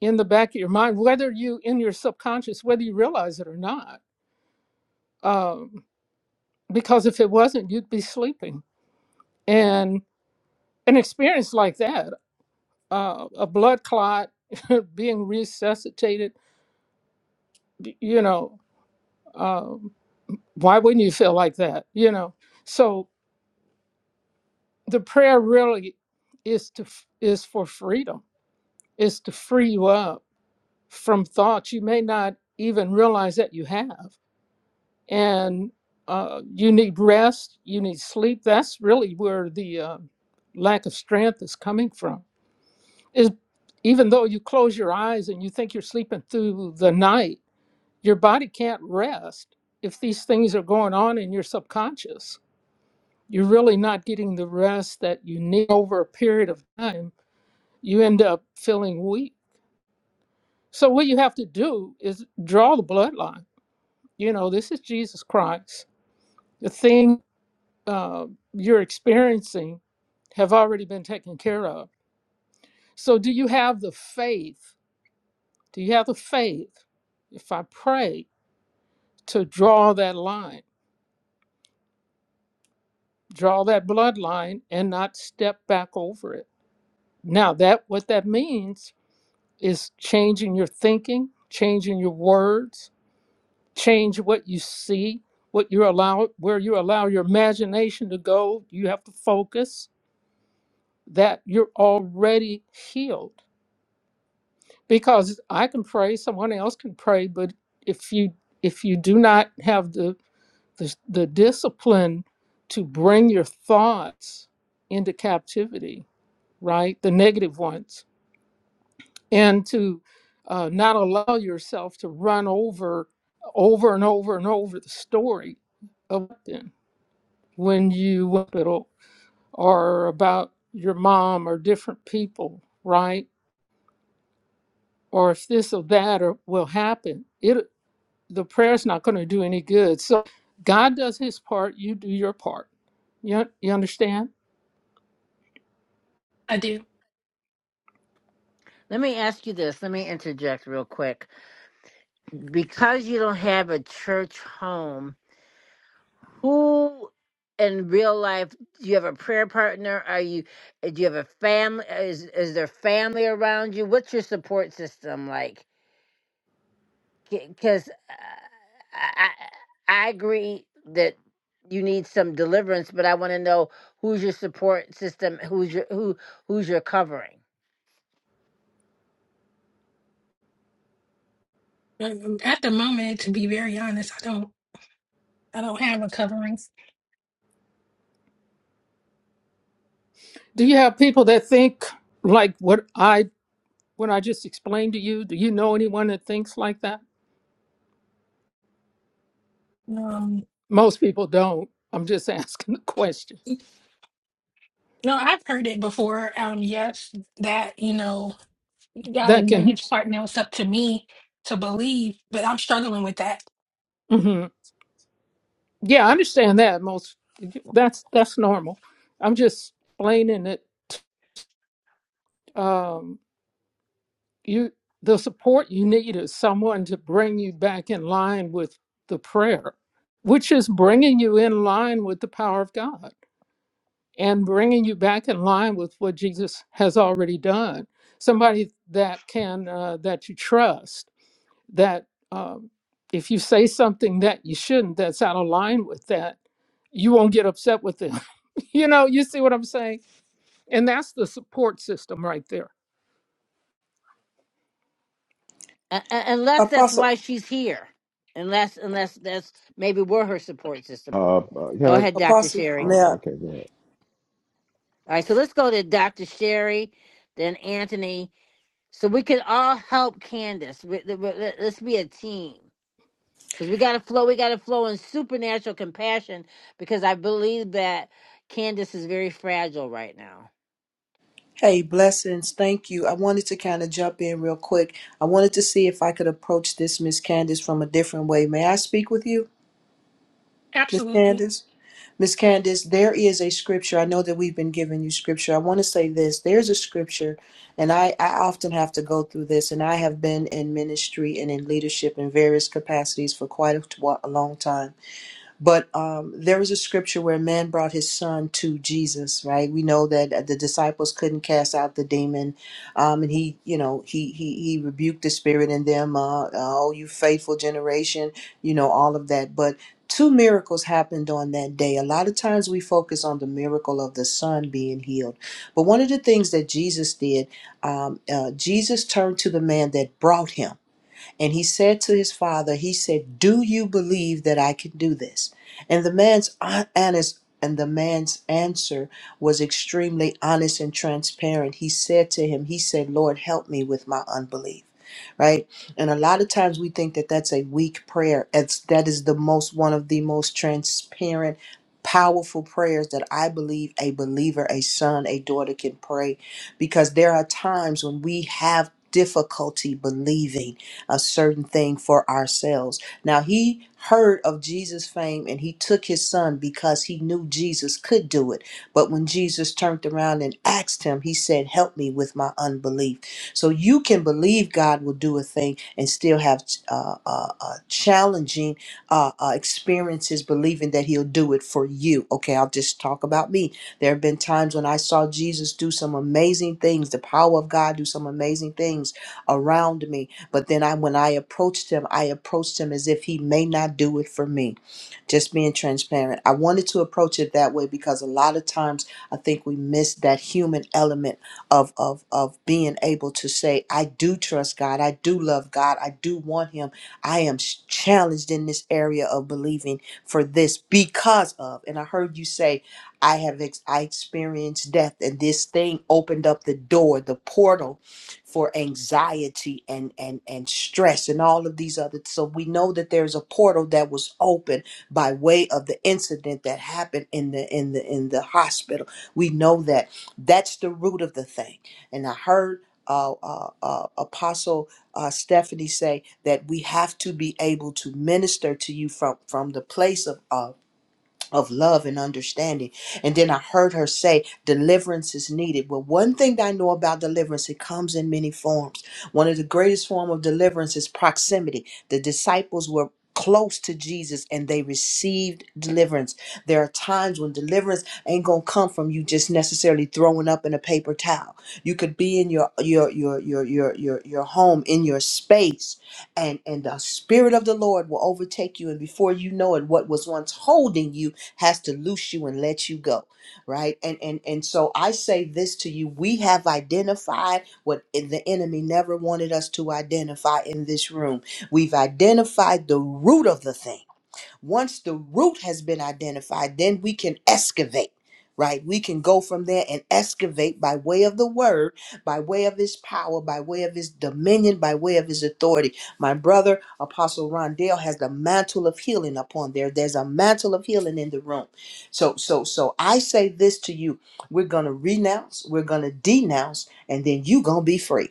[SPEAKER 7] in the back of your mind, whether you in your subconscious, whether you realize it or not. Um, because if it wasn't, you'd be sleeping. And an experience like that, uh, a blood clot, [laughs] being resuscitated, you know. Um, why wouldn't you feel like that you know so the prayer really is to f- is for freedom is to free you up from thoughts you may not even realize that you have and uh, you need rest you need sleep that's really where the uh, lack of strength is coming from is even though you close your eyes and you think you're sleeping through the night your body can't rest if these things are going on in your subconscious you're really not getting the rest that you need over a period of time, you end up feeling weak. So, what you have to do is draw the bloodline. You know, this is Jesus Christ. The thing uh, you're experiencing have already been taken care of. So, do you have the faith? Do you have the faith, if I pray, to draw that line, draw that bloodline and not step back over it? Now, that what that means is changing your thinking, changing your words, change what you see, what you allow, where you allow your imagination to go. You have to focus that you're already healed because I can pray, someone else can pray, but if you if you do not have the the, the discipline to bring your thoughts into captivity, right, the negative ones and to uh, not allow yourself to run over over and over and over the story of them when you went to hospital or about your mom or different people right or if this or that or will happen it the prayer's not going to do any good so god does his part you do your part you, you understand
[SPEAKER 8] I do.
[SPEAKER 1] Let me ask you this. Let me interject real quick. Because you don't have a church home, who in real life do you have a prayer partner are you uh, do you have a family uh, is is there family around you what's your support system like because I, I i agree that you need some deliverance but i want to know who's your support system who's your who who's your covering
[SPEAKER 8] Um, um, At the moment, to be very honest, I don't. I don't have a coverings.
[SPEAKER 7] do you have people that think like what i what i just explained to you do you know anyone that thinks like that
[SPEAKER 8] Um,
[SPEAKER 7] Most people don't. I'm just [laughs] asking the question.
[SPEAKER 8] no, I've heard it before. Um, yes, that you know, God
[SPEAKER 7] That
[SPEAKER 8] has done
[SPEAKER 7] can,
[SPEAKER 8] His part. Now it's up to me to believe, but I'm struggling with that.
[SPEAKER 7] hmm yeah, I understand that. Most that's that's normal. I'm just explaining that um, you the support you need is someone to bring you back in line with the prayer, which is bringing you in line with the power of God and bringing you back in line with what Jesus has already done. Somebody that can uh, that you trust that um, if you say something that you shouldn't, that's out of line with that, you won't get upset with them. [laughs] you know, you see what I'm saying? And that's the support system right there.
[SPEAKER 1] uh, uh, unless that's
[SPEAKER 11] Apostle,
[SPEAKER 1] why she's here unless unless that's maybe we're her support system
[SPEAKER 3] Uh, uh, can
[SPEAKER 1] go
[SPEAKER 3] I?
[SPEAKER 1] ahead dr
[SPEAKER 11] Apostle,
[SPEAKER 1] sherry
[SPEAKER 11] may
[SPEAKER 3] Oh,
[SPEAKER 11] I-
[SPEAKER 3] okay, go
[SPEAKER 1] All right, so let's go to Dr. Sherry, then Anthony, so we can all help Candace. We- we- we- let- us be a team because we got to flow. We got to flow in supernatural compassion because I believe that Candace is very fragile right now.
[SPEAKER 11] hey, blessings. Thank you. I wanted to kind of jump in real quick. I wanted to see if I could approach this Miss Candace from a different way. May I speak with you, Miss
[SPEAKER 8] Absolutely.
[SPEAKER 11] Candace? Miss Candace, there is a scripture. I know that we've been giving you scripture. I want to say this. There's a scripture, and I, I often have to go through this, and I have been in ministry and in leadership in various capacities for quite a, t- a long time. But um, there was a scripture where a man brought his son to Jesus, right? We know that uh, the disciples couldn't cast out the demon, um, and he, you know, he he he rebuked the spirit in them. Uh, uh, oh, you faithful generation, you know, all of that. But two miracles happened on that day. A lot of times we focus on the miracle of the son being healed, but one of the things that Jesus did, um, uh, Jesus turned to the man that brought him. And he said to his father, he said, "Do you believe that I can do this?" And the man's hon- honest and the man's answer was extremely honest and transparent. He said to him, he said, "Lord, help me with my unbelief." Right? And a lot of times we think that that's a weak prayer. It's that is the most one of the most transparent powerful prayers that I believe a believer, a son, a daughter can pray because there are times when we have difficulty believing a certain thing for ourselves. Now, he heard of Jesus' fame and he took his son because he knew Jesus could do it. But when Jesus turned around and asked him, he said, Help me with my unbelief. So you can believe God will do a thing and still have uh, uh, uh, challenging uh, uh, experiences believing that he'll do it for you. Okay, I'll just talk about me. There have been times when I saw Jesus do some amazing things, the power of God do some amazing things around me but then I when I approached him, I approached him as if he may not do it for me. Just being transparent. I wanted to approach it that way because a lot of times I think we miss that human element of of of being able to say, I do trust God, I do love God, I do want him. I am s- challenged in this area of believing for this because of. And I heard you say, I have ex- I experienced death and this thing opened up the door, the portal for anxiety and and and stress and all of these other so we know that there's a portal that was open by way of the incident that happened in the in the in the hospital we know that that's the root of the thing and i heard uh, uh, uh, Apostle uh, Stephanie say that we have to be able to minister to you from from the place of uh, of love and understanding. And then I heard her say, deliverance is needed. Well, one thing that I know about deliverance, it comes in many forms. One of the greatest form of deliverance is proximity. The disciples were close to Jesus and they received deliverance. There are times when deliverance ain't going to come from you just necessarily throwing up in a paper towel. You could be in your your your your your your, your home in your space and and the spirit of the Lord will overtake you and before you know it what was once holding you has to loose you and let you go right and and and so i say this to you we have identified what the enemy never wanted us to identify in this room we've identified the root of the thing once the root has been identified, then we can excavate. Right, we can go from there and excavate by way of the word, by way of his power, by way of his dominion, by way of his authority. My brother, Apostle Rondale, has the mantle of healing upon there. There's a mantle of healing in the room. So, so, so I say this to you: we're gonna renounce, we're gonna denounce, and then you gonna be free.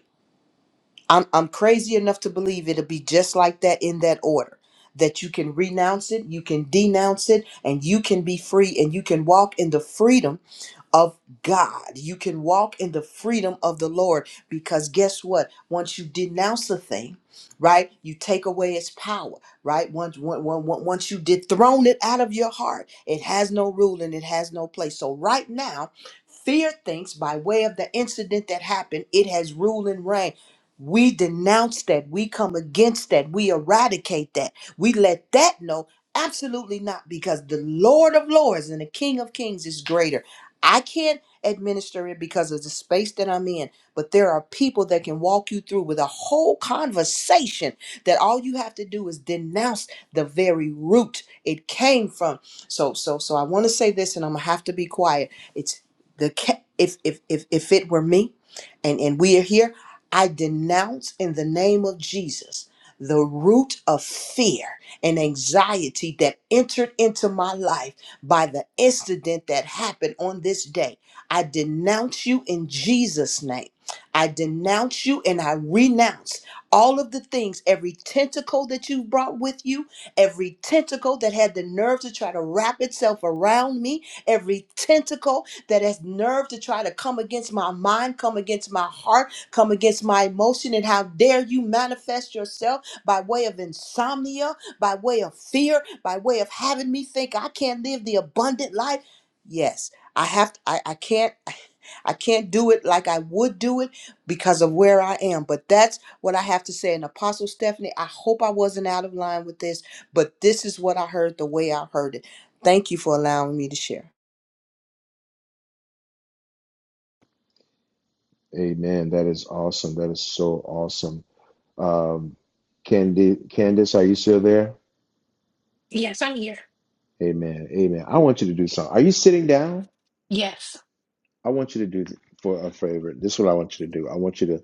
[SPEAKER 11] I'm I'm crazy enough to believe it'll be just like that in that order. That you can renounce it, you can denounce it, and you can be free and you can walk in the freedom of God. You can walk in the freedom of the Lord because guess what? Once you denounce a thing, right, you take away its power, right? Once, once, once you dethrone it out of your heart, it has no rule and it has no place. So, right now, fear thinks by way of the incident that happened, it has rule and reign. We denounce that. We come against that. We eradicate that. We let that know Absolutely not, because the Lord of Lords and the King of Kings is greater. I can't administer it because of the space that I'm in, but there are people that can walk you through with a whole conversation that all you have to do is denounce the very root it came from. So so so I want to say this and I'm going to have to be quiet. It's the ca- if if if if it were me and and we are here, I denounce in the name of Jesus the root of fear and anxiety that entered into my life by the incident that happened on this day. I denounce you in Jesus' name. I denounce you and I renounce all of the things, every tentacle that you've brought with you, every tentacle that had the nerve to try to wrap itself around me, every tentacle that has nerve to try to come against my mind, come against my heart, come against my emotion. And how dare you manifest yourself by way of insomnia? by way of fear, by way of having me think I can't live the abundant life. Yes, I have to, I, I can't I can't do it like I would do it because of where I am. But that's what I have to say. And Apostle Stephanie, I hope I wasn't out of line with this, but this is what I heard the way I heard it. Thank you for allowing me to share.
[SPEAKER 3] ahead. Amen. That is awesome. That is so awesome. Um, Candy, Candice, are you still there?
[SPEAKER 8] Yes, I'm here.
[SPEAKER 3] Amen. Amen. I want you to do something. Are you sitting down?
[SPEAKER 8] Yes,
[SPEAKER 3] I want you to do th- for a favor. This is what I want you to do. I want you to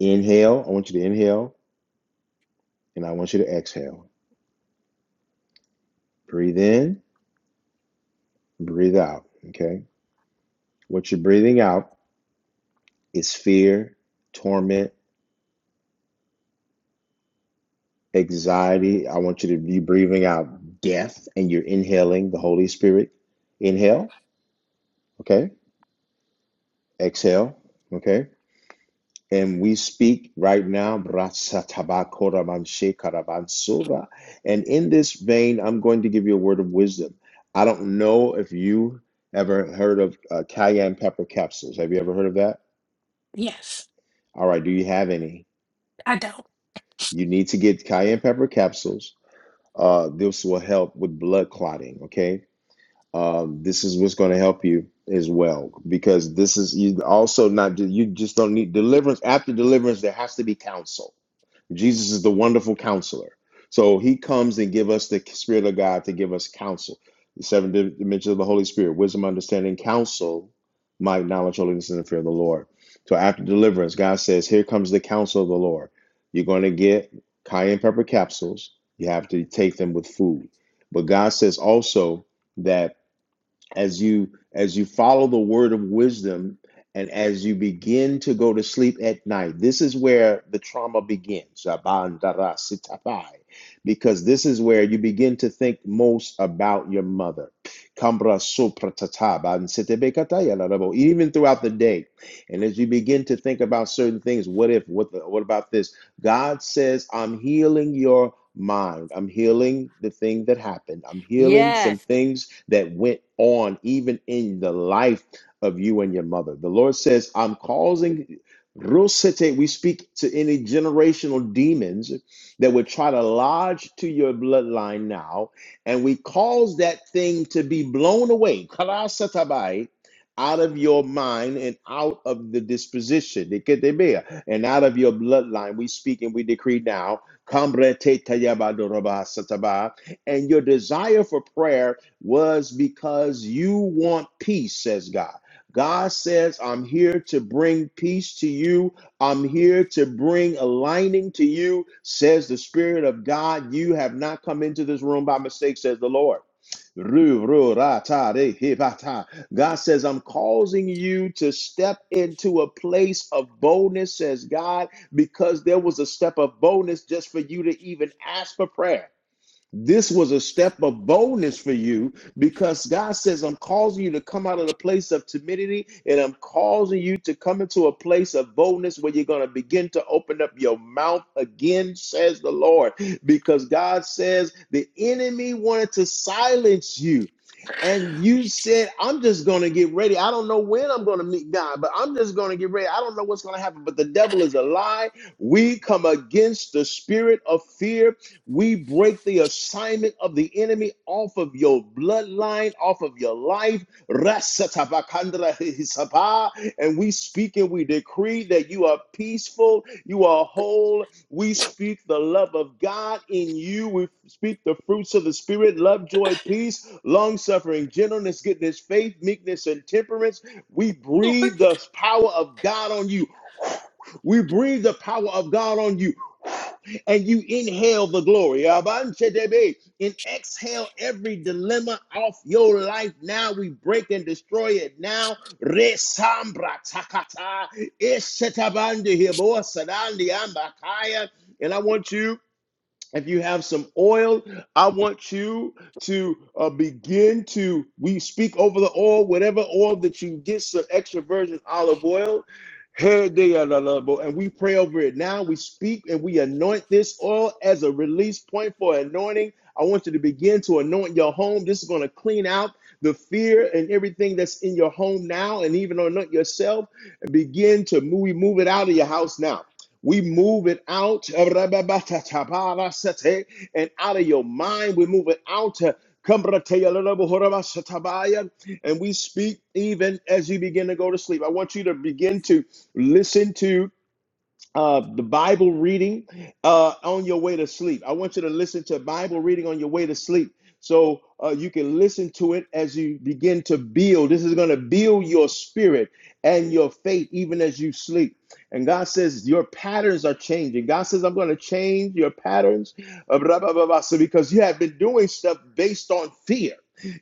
[SPEAKER 3] inhale. I want you to inhale and I want you to exhale. Breathe in, breathe out. Okay. What you're breathing out is fear, torment, anxiety. I want you to be breathing out death and you're inhaling the Holy Spirit. Inhale. Okay. Exhale. Okay. And we speak right now, and in this vein, I'm going to give you a word of wisdom. I don't know if you ever heard of uh, cayenne pepper capsules. Have you ever heard of that?
[SPEAKER 8] yes,
[SPEAKER 3] All right, do you have any?
[SPEAKER 8] I don't.
[SPEAKER 3] You need to get cayenne pepper capsules. Uh, this will help with blood clotting, okay? Um, this is what's going to help you as well because this is you also not you just don't need deliverance after deliverance there has to be counsel Jesus is the wonderful counselor. So he comes and give us the spirit of God to give us counsel. The seven dimensions of the Holy Spirit, wisdom, understanding, counsel, might, knowledge, holiness, and the fear of the Lord. So after deliverance, God says, here comes the counsel of the Lord. You're going to get cayenne pepper capsules. You have to take them with food. But God says also that as you as you follow the word of wisdom and as you begin to go to sleep at night this is where the trauma begins because this is where you begin to think most about your mother even throughout the day and as you begin to think about certain things what if what the, what about this god says i'm healing your mind i'm healing the thing that happened i'm healing
[SPEAKER 1] Yes,
[SPEAKER 3] some things that went on even in the life of you and your mother. The Lord says, I'm causing Rosete, we speak to any generational demons that would try to lodge to your bloodline now, and we cause that thing to be blown away. Karasatabai, out of your mind and out of the disposition, diketebea, and out of your bloodline. We speak and we decree now, kambre te tayabadorobasataba, and your desire for prayer was because you want peace, says God. God says, I'm here to bring peace to you. I'm here to bring aligning to you, says the Spirit of God. You have not come into this room by mistake, says the Lord. Ru, ru, ra, ta, de, he, ba, ta. God says, I'm causing you to step into a place of boldness, says God, because there was a step of boldness just for you to even ask for prayer. This was a step of boldness for you because God says, I'm causing you to come out of the place of timidity and I'm causing you to come into a place of boldness where you're going to begin to open up your mouth again, says the Lord. Because God says, the enemy wanted to silence you. And you said, I'm just going to get ready. I don't know when I'm going to meet God, but I'm just going to get ready. I don't know what's going to happen, but the devil is a lie. We come against the spirit of fear we break the assignment of the enemy off of your bloodline, off of your life. Rasatabakandra hisapa. And we speak and we decree that you are peaceful, you are whole. We speak the love of God in you. We speak the fruits of the Spirit love, joy, peace, long suffering, gentleness, goodness, faith, meekness, and temperance. We
[SPEAKER 8] Lord,
[SPEAKER 3] breathe the power of God on you. We breathe the power of God on you. And you inhale the glory. Abantedebe. And exhale every dilemma off your life now. We break and destroy it now. Resambra takata. Eshetabandi hibo sadandi ambakaya. And I want you if you have some oil, I want you to uh, begin to. We speak over the oil, whatever oil that you get, some extra virgin olive oil. Hey, they are lovable, and we pray over it now. We speak and we anoint this oil as a release point for anointing. I want you to begin to anoint your home. This is going to clean out the fear and everything that's in your home now, and even anoint yourself and begin to move, move it out of your house now. We move it out and out of your mind. We move it out. And we speak even as you begin to go to sleep. I want you to begin to listen to uh, the Bible reading uh, on your way to sleep. I want you to listen to Bible reading on your way to sleep. So uh, you can listen to it as you begin to build. This is going to build your spirit and your faith even as you sleep. And God says your patterns are changing. God says, I'm going to change your patterns uh, blah, blah, blah, blah. So because you have been doing stuff based on fear.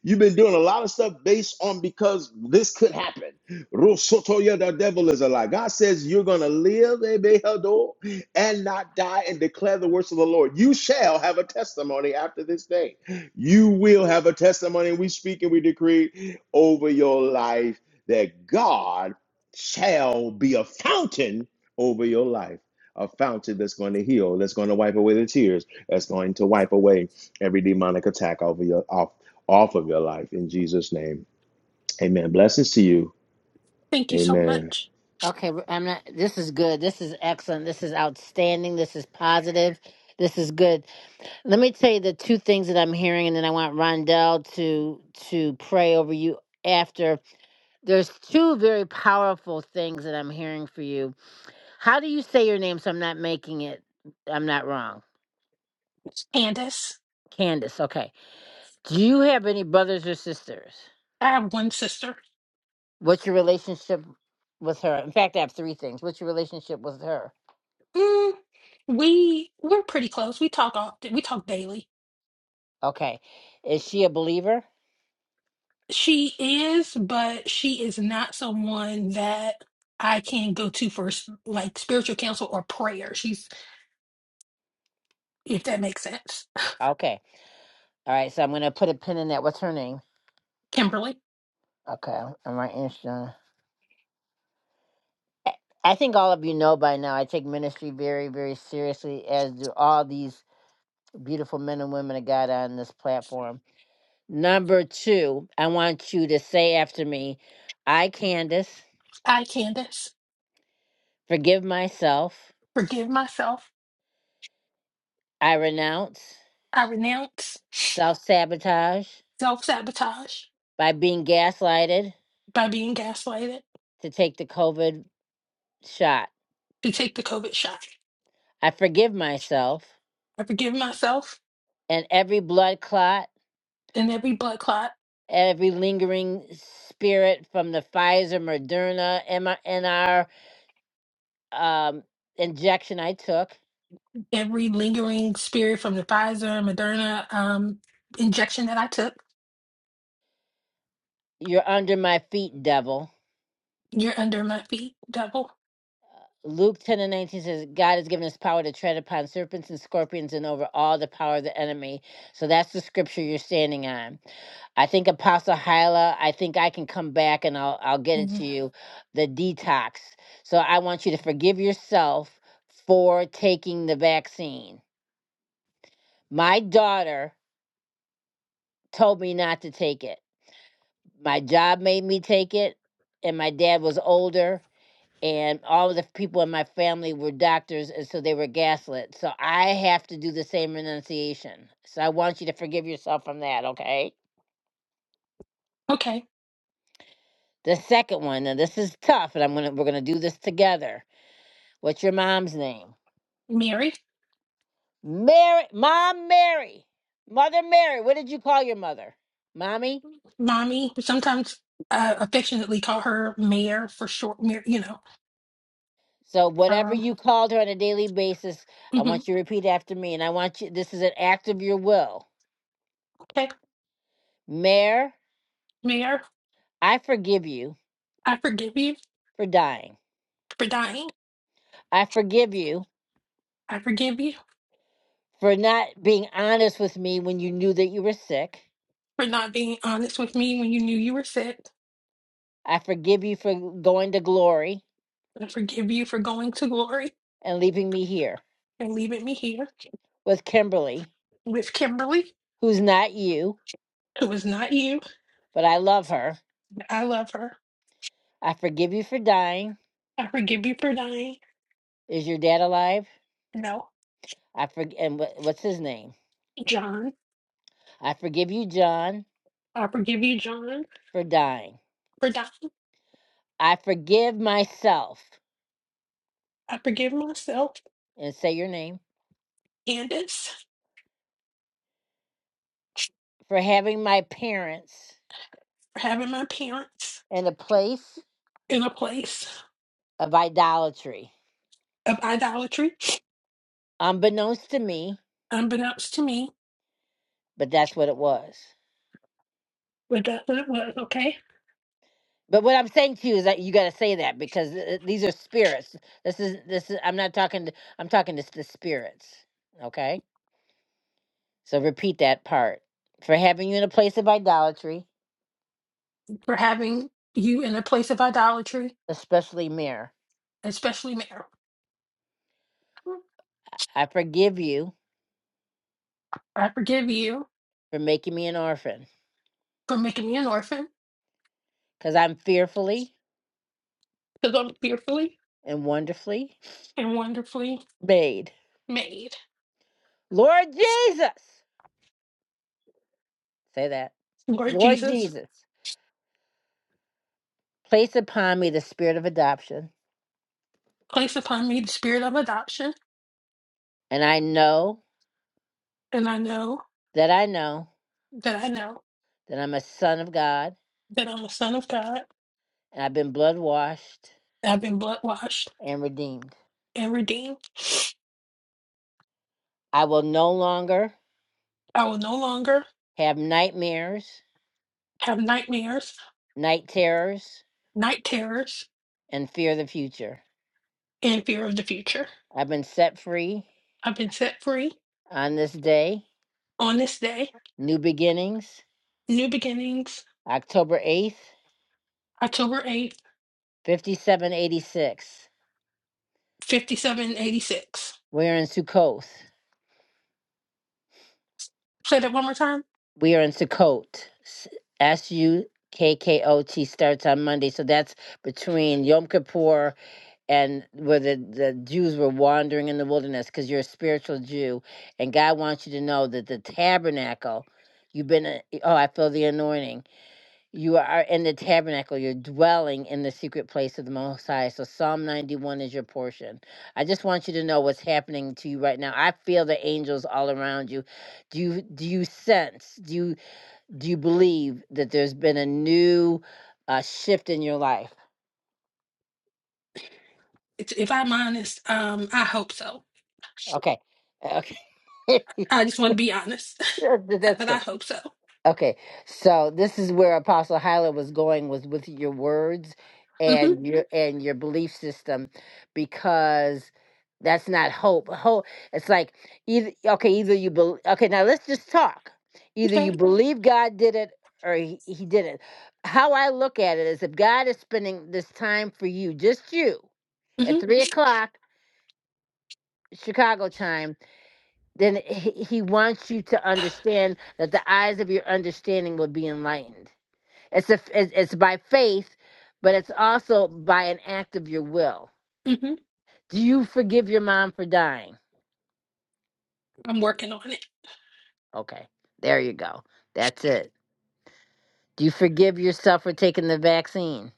[SPEAKER 3] You've been doing a lot of stuff based on because this could happen. Rosotoya, the devil is a lie. God says you're going to live Ebehador, and not die and declare the works of the Lord. You shall have a testimony after this day. You will have a testimony. We speak and we decree over your life that God shall be a fountain over your life. A fountain that's going to heal, that's going to wipe away the tears, that's going to wipe away every demonic attack over your off off of your life in Jesus' name. Amen. Blessings to you.
[SPEAKER 8] thank you so
[SPEAKER 3] Amen.
[SPEAKER 8] much,
[SPEAKER 1] Okay, we're- I'm not. This is good. This is excellent. This is outstanding. This is positive. This is good. Let me tell you the two things that I'm hearing, and then I want Rondell to to pray over you after. There's two very powerful things that I'm hearing for you. How do you say your name? So I'm not making it. I'm not wrong.
[SPEAKER 8] Candace.
[SPEAKER 1] Candace. Okay. Do you have any brothers or sisters?
[SPEAKER 8] I have one sister.
[SPEAKER 1] What's your relationship with her? In fact, I have three things. What's your relationship with her?
[SPEAKER 8] Mm, we we're pretty close. We talk often. We talk daily
[SPEAKER 1] Okay. Is she a believer?
[SPEAKER 8] She is, but she is not someone that I can go to for s- like spiritual counsel or prayer. She's, if that makes sense.
[SPEAKER 1] Okay. All right, so I'm gonna put a pin in that. What's her name?
[SPEAKER 8] Kimberly,
[SPEAKER 1] Okay, I'm writing this down. I I think all of you know by now. I take ministry very, very seriously, as do all these beautiful men and women of God on this platform. Number two, I want you to say after me, "I, Candace,
[SPEAKER 8] I, Candace,
[SPEAKER 1] forgive myself.
[SPEAKER 8] forgive myself.
[SPEAKER 1] I renounce
[SPEAKER 8] I renounce
[SPEAKER 1] self sabotage
[SPEAKER 8] self sabotage
[SPEAKER 1] by being gaslighted
[SPEAKER 8] by being gaslighted
[SPEAKER 1] to take the COVID shot.
[SPEAKER 8] to take the COVID shot.
[SPEAKER 1] I forgive myself
[SPEAKER 8] I forgive myself
[SPEAKER 1] and every blood clot."
[SPEAKER 8] and every blood clot,
[SPEAKER 1] every lingering spirit from the Pfizer, Moderna, MR, um, injection I took.
[SPEAKER 8] every lingering spirit from the Pfizer, Moderna um, injection that I took.
[SPEAKER 1] You're under my feet, devil.
[SPEAKER 8] You're under my feet, devil.
[SPEAKER 1] Luke 10 and 19 says, God has given us power to tread upon serpents and scorpions and over all the power of the enemy. So that's the scripture you're standing on. I think Apostle Hyla, I think I can come back and I'll I'll get it
[SPEAKER 8] Mhm.
[SPEAKER 1] to you. The detox. So I want you to forgive yourself for taking the vaccine. My daughter told me not to take it. My job made me take it, and my dad was older, and all of the people in my family were doctors, and so they were gaslit. So I have to do the same renunciation. So I want you to forgive yourself from that, okay?
[SPEAKER 8] Okay,
[SPEAKER 1] The second one, and this is tough, and I'm gonna we're gonna do this together. What's your mom's name?
[SPEAKER 8] Mary.
[SPEAKER 1] Mary, Mom Mary, Mother Mary. What did you call your mother? Mommy.
[SPEAKER 8] mommy. We sometimes uh, affectionately call her Mayor for short. Mayor, you know.
[SPEAKER 1] So whatever
[SPEAKER 8] Um,
[SPEAKER 1] you called her on a daily basis, I
[SPEAKER 8] mhm.
[SPEAKER 1] want you to repeat after me. And I want you this is an act of your will.
[SPEAKER 8] Okay,
[SPEAKER 1] Mayor,
[SPEAKER 8] Mayor,
[SPEAKER 1] I forgive you
[SPEAKER 8] I forgive you
[SPEAKER 1] for dying.
[SPEAKER 8] for dying.
[SPEAKER 1] I forgive you
[SPEAKER 8] I forgive you
[SPEAKER 1] for not being honest with me when you knew that you were sick.
[SPEAKER 8] for not being honest with me when you knew you were sick.
[SPEAKER 1] I forgive you for going to glory
[SPEAKER 8] I forgive you for going to glory
[SPEAKER 1] and leaving me here
[SPEAKER 8] and leaving me here
[SPEAKER 1] with Kimberly,
[SPEAKER 8] with Kimberly,
[SPEAKER 1] who's not you,
[SPEAKER 8] who was not you.
[SPEAKER 1] but I love her.
[SPEAKER 8] I love her.
[SPEAKER 1] I forgive you for dying.
[SPEAKER 8] I forgive you for dying.
[SPEAKER 1] Is your dad alive?
[SPEAKER 8] No,
[SPEAKER 1] I forg- and what, what's his name?
[SPEAKER 8] John.
[SPEAKER 1] I forgive you, John,
[SPEAKER 8] I forgive you, John,
[SPEAKER 1] for dying.
[SPEAKER 8] for dying.
[SPEAKER 1] I forgive myself,
[SPEAKER 8] I forgive myself,
[SPEAKER 1] and say your name,
[SPEAKER 8] Candace,
[SPEAKER 1] for having my parents
[SPEAKER 8] for having my parents
[SPEAKER 1] in a place
[SPEAKER 8] in a place.
[SPEAKER 1] of idolatry.
[SPEAKER 8] of idolatry,
[SPEAKER 1] Unbeknownst to me,
[SPEAKER 8] unbeknownst to me,
[SPEAKER 1] but that's what it was.
[SPEAKER 8] but that's what it was, okay?
[SPEAKER 1] But what I'm saying to you is that you got to say that because uh, these are spirits. This is this is I'm not talking to I'm talking to the spirits. Okay? So repeat that part. For having you in a place of idolatry,
[SPEAKER 8] For having you in a place of idolatry,
[SPEAKER 1] especially Mir.
[SPEAKER 8] especially marriage.
[SPEAKER 1] I forgive you
[SPEAKER 8] I forgive you
[SPEAKER 1] for making me an orphan
[SPEAKER 8] for making me an orphan,
[SPEAKER 1] because I'm fearfully
[SPEAKER 8] because I'm fearfully
[SPEAKER 1] and wonderfully
[SPEAKER 8] and wonderfully
[SPEAKER 1] made.
[SPEAKER 8] made.
[SPEAKER 1] Lord Jesus, say that.
[SPEAKER 8] Lord
[SPEAKER 1] Lord
[SPEAKER 8] Jesus,
[SPEAKER 1] Jesus, place upon me the spirit of adoption,
[SPEAKER 8] place upon me the spirit of adoption,
[SPEAKER 1] and I know
[SPEAKER 8] and I know
[SPEAKER 1] that I know
[SPEAKER 8] that I know
[SPEAKER 1] that I'm a son of God,
[SPEAKER 8] that I'm a son of God.
[SPEAKER 1] and I've been blood washed
[SPEAKER 8] I've been blood washed
[SPEAKER 1] and redeemed.
[SPEAKER 8] and redeemed.
[SPEAKER 1] I will no longer
[SPEAKER 8] I will no longer
[SPEAKER 1] have nightmares,
[SPEAKER 8] have nightmares,
[SPEAKER 1] night terrors,
[SPEAKER 8] night terrors,
[SPEAKER 1] and fear the future.
[SPEAKER 8] and fear of the future.
[SPEAKER 1] I've been set free
[SPEAKER 8] I've been set free
[SPEAKER 1] on this day,
[SPEAKER 8] On this day,
[SPEAKER 1] new beginnings,
[SPEAKER 8] New Beginnings,
[SPEAKER 1] October 8th,
[SPEAKER 8] October 8th,
[SPEAKER 1] 5786.
[SPEAKER 8] 5786.
[SPEAKER 1] We're in Sukkoth.
[SPEAKER 8] Say that one more time.
[SPEAKER 1] We are in Sukkot. S U K K O T starts on Monday. So that's between Yom Kippur and where the, the Jews were wandering in the wilderness because you're a spiritual Jew. And God wants you to know that the tabernacle, you've been, oh, I feel the anointing. You are in the tabernacle. You're dwelling in the secret place of the Most High. So Psalm 91 is your portion. I just want you to know what's happening to you right now. I feel the angels all around you. Do you do you sense? Do you do you believe that there's been a new uh, shift in your life?
[SPEAKER 8] It's- If I'm honest, um, I hope so.
[SPEAKER 1] Okay. uh, Okay. [laughs]
[SPEAKER 8] I just want to be honest, [laughs]
[SPEAKER 1] That's
[SPEAKER 8] but I
[SPEAKER 1] good.
[SPEAKER 8] hope so.
[SPEAKER 1] Okay, so this is where Apostle Hyla was going was with your words
[SPEAKER 8] hmm
[SPEAKER 1] and your and your belief system, because that's not hope. Hope it's like either okay, either you believe. Okay, now let's just talk. Either you
[SPEAKER 8] Okay.
[SPEAKER 1] believe God did it or he, he didn't. How I look at it is if God is spending this time for you, just you, at
[SPEAKER 8] hmm
[SPEAKER 1] 3 Mhm. o'clock Chicago time, then he, he wants you to understand that the eyes of your understanding will be enlightened it's a, it's it's by faith, but it's also by an act of your will.
[SPEAKER 8] hmm
[SPEAKER 1] Do you forgive your mom for dying?
[SPEAKER 8] I'm working on it.
[SPEAKER 1] Okay, there you go. That's it. Do you forgive yourself for taking the vaccine?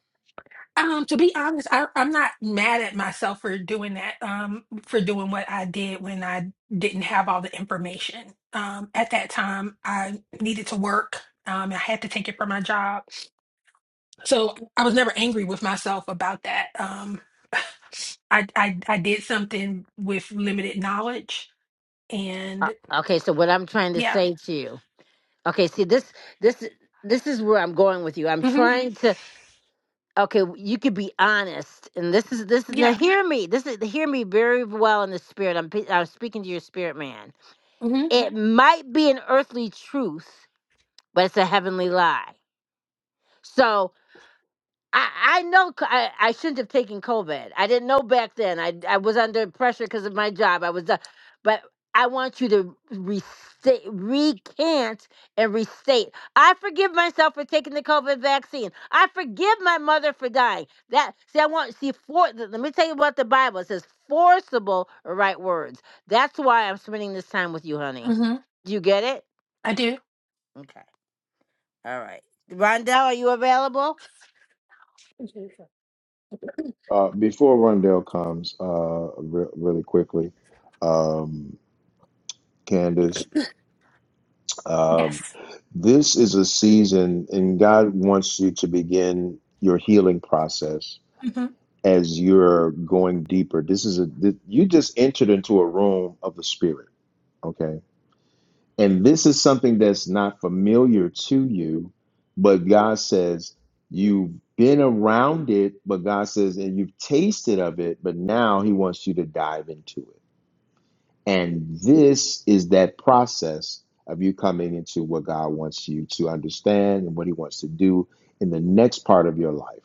[SPEAKER 8] Um, to be honest, I, I'm not mad at myself for doing that, um, for doing what I did when I didn't have all the information. Um, at that time, I needed to work. Um, I had to take it for my job. So I was never angry with myself about that. Um, I I I did something with limited knowledge,
[SPEAKER 1] Uh,
[SPEAKER 8] and
[SPEAKER 1] okay, so what I'm trying to
[SPEAKER 8] yeah,
[SPEAKER 1] say to you. Okay, see this this this is where I'm going with you. I'm
[SPEAKER 8] hmm
[SPEAKER 1] trying to okay, you could be honest. And this is this is now
[SPEAKER 8] yeah,
[SPEAKER 1] hear me. This is hear me very well in the spirit. I'm pe- I'm speaking to your spirit man.
[SPEAKER 8] hmm
[SPEAKER 1] It might be an earthly truth, but it's a heavenly lie. So I, I know c- I, I shouldn't have taken COVID. I didn't know back then. I, I was under pressure because of my job. I was, uh, but I want you to restate, recant and restate. I forgive myself for taking the COVID vaccine. I forgive my mother for dying. That see, I want see for. th- Let me tell you what the Bible it says. Forcible are right words. That's why I'm spending this time with you, honey.
[SPEAKER 8] hmm
[SPEAKER 1] Do you get it?
[SPEAKER 8] I do.
[SPEAKER 1] Okay. All right. Rondell, are you available?
[SPEAKER 8] Mhm.
[SPEAKER 3] Uh, before Rundell comes, uh, re- really quickly, um, Candace, um,
[SPEAKER 8] Yes,
[SPEAKER 3] this is a season, and God wants you to begin your healing process
[SPEAKER 8] hmm
[SPEAKER 3] as you're going deeper. This is a th- you just entered into a room of the Spirit, okay? And this is something that's not familiar to you, but God says you've been around it, but God says, and you've tasted of it, but now He wants you to dive into it And this is that process of you coming into what God wants you to understand and what He wants to do in the next part of your life.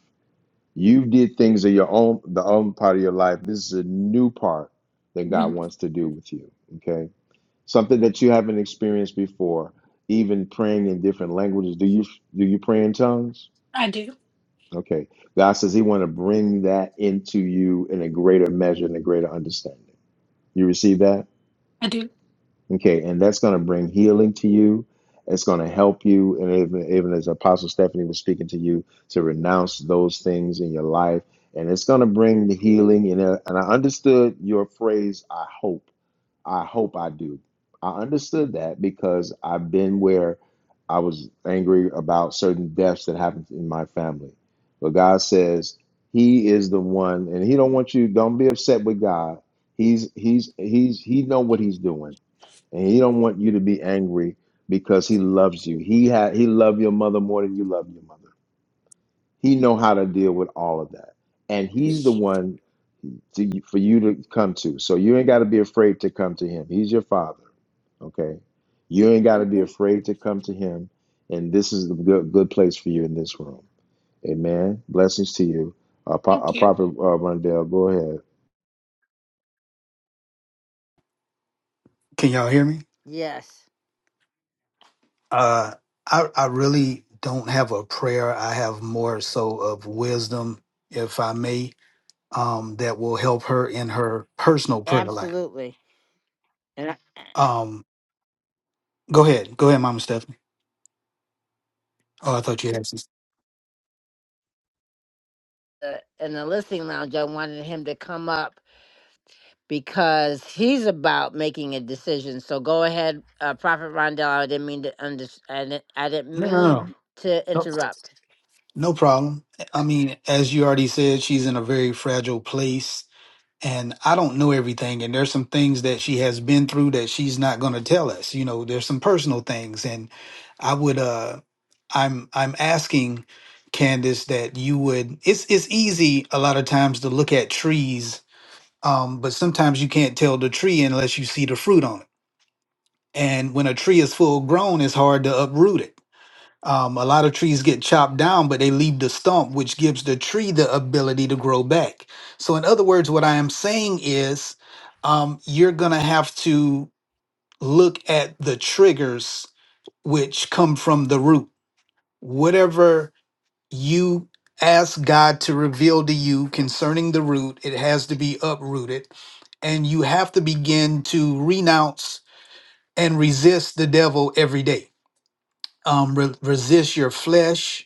[SPEAKER 3] You did things in your own the own part of your life. This is a new part that
[SPEAKER 8] hmm
[SPEAKER 3] God wants to do with you. Okay, something that you haven't experienced before. Even praying in different languages. Do you do you pray in tongues?
[SPEAKER 8] I do.
[SPEAKER 3] Okay, God says He want to bring that into you in a greater measure and a greater understanding. You receive that?
[SPEAKER 8] I do.
[SPEAKER 3] Okay, and that's going to bring healing to you. It's going to help you. And even, even as Apostle Stephanie was speaking to you, to renounce those things in your life. And it's going to bring the healing. And, uh, and I understood your phrase, I hope. I hope I do. I understood that because I've been where I was angry about certain deaths that happened in my family. But God says, He is the one, and He don't want you, don't be upset with God. He's he's he's he know what he's doing and he don't want you to be angry because he loves you. He had he loved your mother more than you love your mother. He know how to deal with all of that, and he's the one to, for you to come to. So you ain't got to be afraid to come to him. He's your father. Okay, you ain't got to be
[SPEAKER 8] hmm
[SPEAKER 3] afraid to come to him, and this is the good good place for you in this room. Amen. Blessings to you, uh, uh,
[SPEAKER 8] Thank you.
[SPEAKER 3] Prophet uh, Rundell. Go ahead.
[SPEAKER 6] Can y'all hear me?
[SPEAKER 1] Yes.
[SPEAKER 6] Uh, I I really don't have a prayer. I have more so of wisdom, if I may, um, that will help her in her personal prayer life.
[SPEAKER 1] Absolutely. And I,
[SPEAKER 6] Um, Go ahead. Go ahead, Mama Stephanie. Oh, I thought you had some.
[SPEAKER 1] [clears throat] uh, in the listening lounge, I wanted him to come up because he's about making a decision. So go ahead, uh, Prophet Rondell. I didn't mean to under, I didn't, I didn't
[SPEAKER 6] No, no,
[SPEAKER 1] mean
[SPEAKER 6] no.
[SPEAKER 1] [clears throat] to
[SPEAKER 6] No,
[SPEAKER 1] interrupt.
[SPEAKER 6] no problem. I mean, as you already said, she's in a very fragile place. And I don't know everything. And there's some things that she has been through that she's not going to tell us. You know, there's some personal things. And I would, uh, I'm, I'm asking Candace that you would, it's, it's easy a lot of times to look at trees. Um, but sometimes you can't tell the tree unless you see the fruit on it. And when a tree is full grown, it's hard to uproot it Um, a lot of trees get chopped down, but they leave the stump, which gives the tree the ability to grow back. So, in other words, what I am saying is um, you're going to have to look at the triggers which come from the root. Whatever you ask God to reveal to you concerning the root, it has to be uprooted. And you have to begin to renounce and resist the devil every day. Um, re- resist your flesh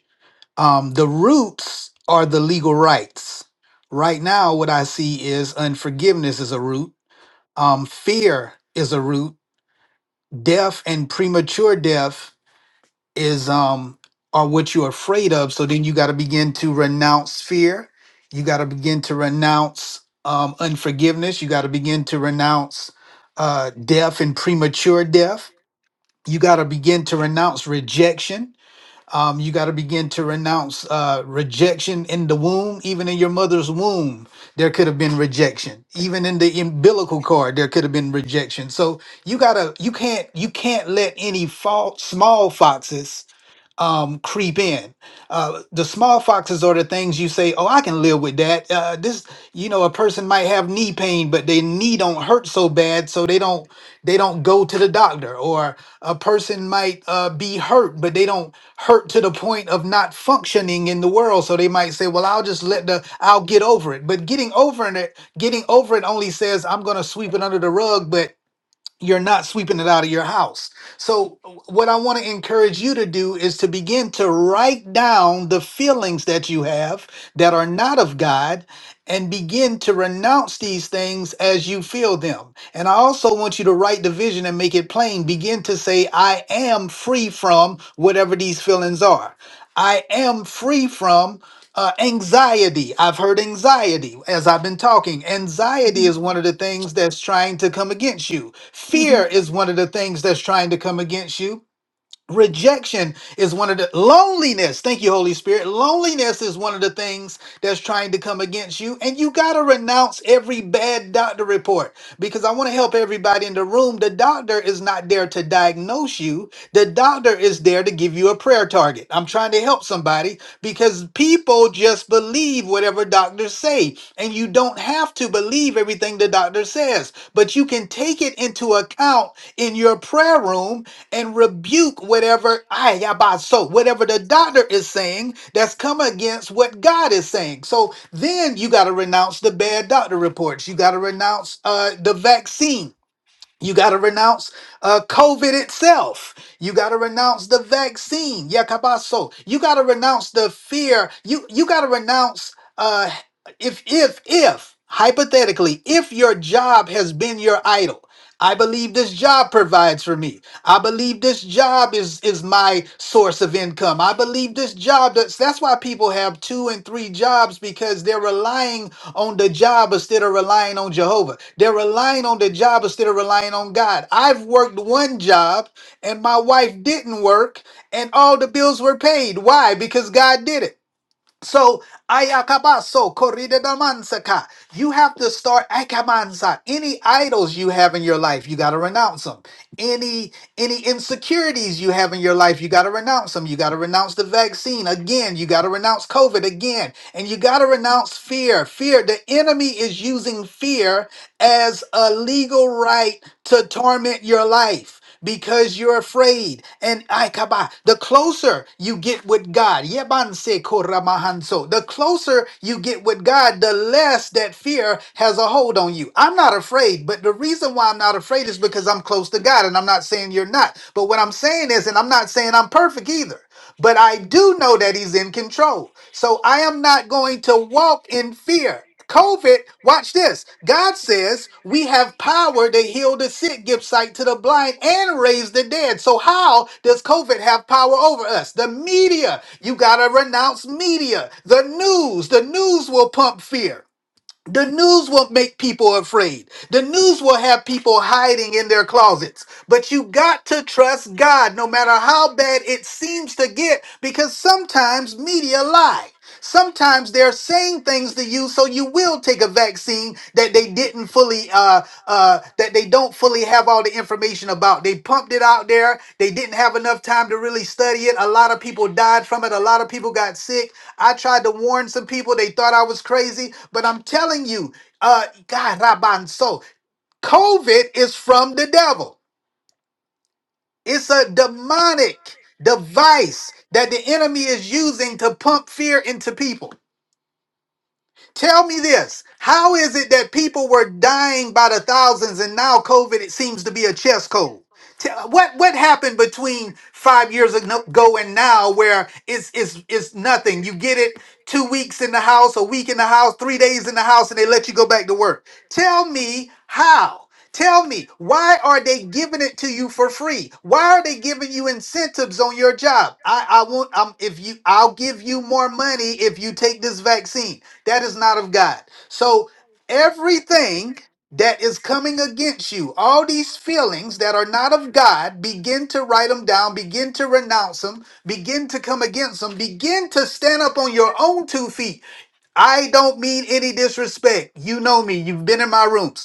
[SPEAKER 6] Um, the roots are the legal rights. Right now, what I see is unforgiveness is a root, um, fear is a root, death and premature death is um, are what you're afraid of. So then you got to begin to renounce fear. You got to begin to renounce um, unforgiveness. You got to begin to renounce uh, death and premature death. You got to begin to renounce rejection um, you got to begin to renounce uh, rejection in the womb, even in your mother's womb. There could have been rejection, even in the umbilical cord. There could have been rejection. So you gotta, you can't, you can't let any fault, small foxes um, creep in. Uh, the small foxes are the things you say, "Oh, I can live with that." Uh, this, you know, a person might have knee pain, but their knee don't hurt so bad, so they don't they don't go to the doctor. Or a person might uh, be hurt, but they don't hurt to the point of not functioning in the world, so they might say, "Well, I'll just let the I'll get over it." But getting over it, getting over it, only says I'm going to sweep it under the rug, but you're not sweeping it out of your house. So, what I want to encourage you to do is to begin to write down the feelings that you have that are not of God and begin to renounce these things as you feel them. And I also want you to write the vision and make it plain. Begin to say, I am free from whatever these feelings are. I am free from uh, anxiety. I've heard anxiety as I've been talking. Anxiety
[SPEAKER 8] hmm
[SPEAKER 6] is one of the things that's trying to come against you.
[SPEAKER 8] hmm
[SPEAKER 6] Fear is one of the things that's trying to come against you. Rejection is one of the loneliness. Thank you, Holy Spirit. Loneliness is one of the things that's trying to come against you, and you got to renounce every bad doctor report because I want to help everybody in the room. The doctor is not there to diagnose you, the doctor is there to give you a prayer target. I'm trying to help somebody because people just believe believe whatever doctors say, and you don't have to believe everything the doctor says, but you can take it into account in your prayer room and rebuke whatever I so whatever the doctor is saying that's come against what God is saying. So then you got to renounce the bad doctor reports. You got to renounce uh, the vaccine you got to renounce uh, COVID itself. You got to renounce the vaccine, Yakabaso. You got to renounce the fear. You you got to renounce uh, if if if hypothetically if your job has been your idol. I believe this job provides for me. I believe this job is is my source of income. I believe this job does. That's why people have two and three jobs because they're relying on the job instead of relying on Jehovah. They're relying on the job instead of relying on God. I've worked one job and my wife didn't work and all the bills were paid. Why? Because God did it. So ayakabaso koridedamanzaka. You have to start akamanza. Any idols you have in your life, you got to renounce them. Any any insecurities you have in your life, you got to renounce them. You got to renounce the vaccine again. You got to renounce COVID again, and you got to renounce fear. Fear. The enemy is using fear as a legal right to torment your life because you're afraid. and. And Aikaba, the closer you get with God, Yebanse Koramahanso, the closer you get with God, the less that fear has a hold on you. I'm not afraid, but the reason why I'm not afraid is because I'm close to God. And I'm not saying you're not. But what I'm saying is, and I'm not saying I'm perfect either but I do know that he's in control. So I am not going to walk in fear. COVID, watch this. God says we have power to heal the sick, give sight to the blind, and raise the dead. So, how does COVID have power over us? The media, you got to renounce media. The news, the news will pump fear. The news will make people afraid. The news will have people hiding in their closets. But you got to trust God no matter how bad it seems to get because sometimes media lie. Sometimes they're saying things to you so you will take a vaccine that they they didn't fully uh uh that they don't fully have all the information about they pumped it out there they didn't have enough time to really study it a lot of people died from it a lot of people got sick i tried to warn some people they thought i was crazy but i'm telling you uh god rabanso covid is from the devil it's a demonic device that the enemy is using to pump fear into people Tell me this. How is it that people were dying by the thousands and now COVID it seems to be a chess cold? Tell, what what happened between five years ago and now where it's it's it's nothing. You get it two weeks in the house, a week in the house, three days in the house, and they let you go back to work. Tell me how. Tell me, why are they giving it to you for free? Why are they giving you incentives on your job? I, I won't um if you I'll give you more money if you take this vaccine. That is not of God. So everything that is coming against you, all these feelings that are not of God, begin to write them down, begin to renounce them, begin to come against them, begin to stand up on your own two feet. I don't mean any disrespect. You know me, you've been in my rooms.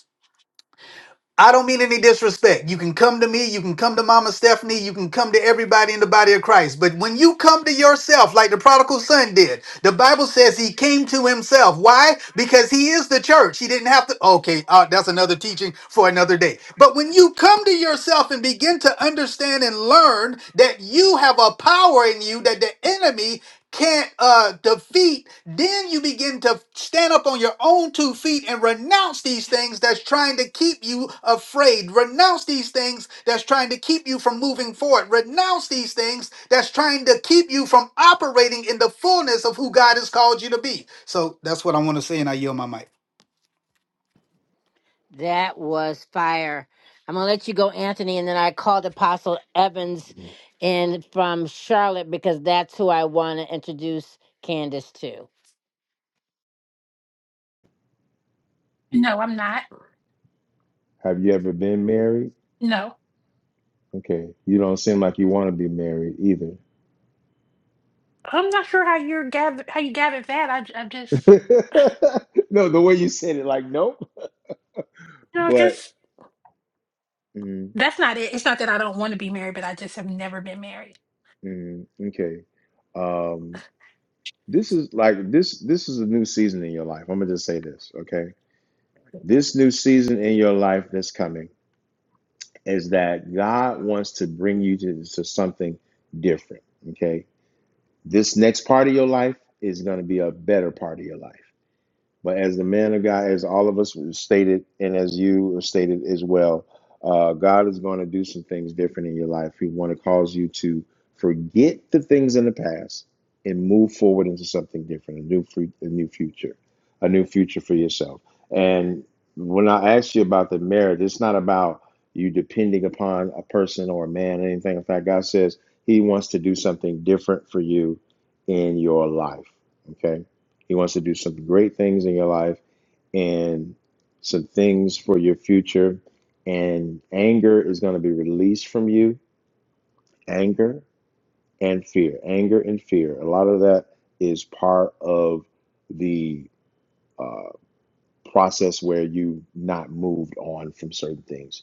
[SPEAKER 6] I don't mean any disrespect. You can come to me, you can come to Mama Stephanie, you can come to everybody in the body of Christ. But when you come to yourself, like the prodigal son did, the Bible says he came to himself. Why? Because he is the church. He didn't have to. Okay, uh, that's another teaching for another day. But when you come to yourself and begin to understand and learn that you have a power in you that the enemy can't uh, defeat, then you begin to stand up on your own two feet and renounce these things that's trying to keep you afraid. Renounce these things that's trying to keep you from moving forward. Renounce these things that's trying to keep you from operating in the fullness of who God has called you to be. So that's what I want to say, and I yield my mic.
[SPEAKER 1] That was fire. I'm gonna let you go, Anthony, and then I called Apostle Evans in from Charlotte because that's who I want to introduce Candace to.
[SPEAKER 8] No, I'm not.
[SPEAKER 3] Have you ever been married?
[SPEAKER 8] No,
[SPEAKER 3] Okay, you don't seem like you want to be married either.
[SPEAKER 8] I'm not sure how you are gather how you gathered that. I j- I just
[SPEAKER 3] [laughs] no, the way you said it, like nope.
[SPEAKER 8] you know
[SPEAKER 3] But
[SPEAKER 8] just
[SPEAKER 3] mm,
[SPEAKER 8] that's not it. It's not that I don't want to be married, but I just have never been married.
[SPEAKER 3] mm, okay, um, this is like this. This is a new season in your life. I'm gonna just say this, okay? This new season in your life that's coming is that God wants to bring you to, to something different. Okay, this next part of your life is gonna be a better part of your life. But as the man of God, as all of us stated, and as you stated as well, uh, God is going to do some things different in your life. He want to cause you to forget the things in the past and move forward into something different, a new, free, a new future, a new future for yourself. And when I asked you about the marriage, it's not about you depending upon a person or a man or anything. In fact, God says He wants to do something different for you in your life. Okay he wants to do some great things in your life and some things for your future. And anger is going to be released from you. Anger and fear. Anger and fear. A lot of that is part of the uh, process where you not moved on from certain things.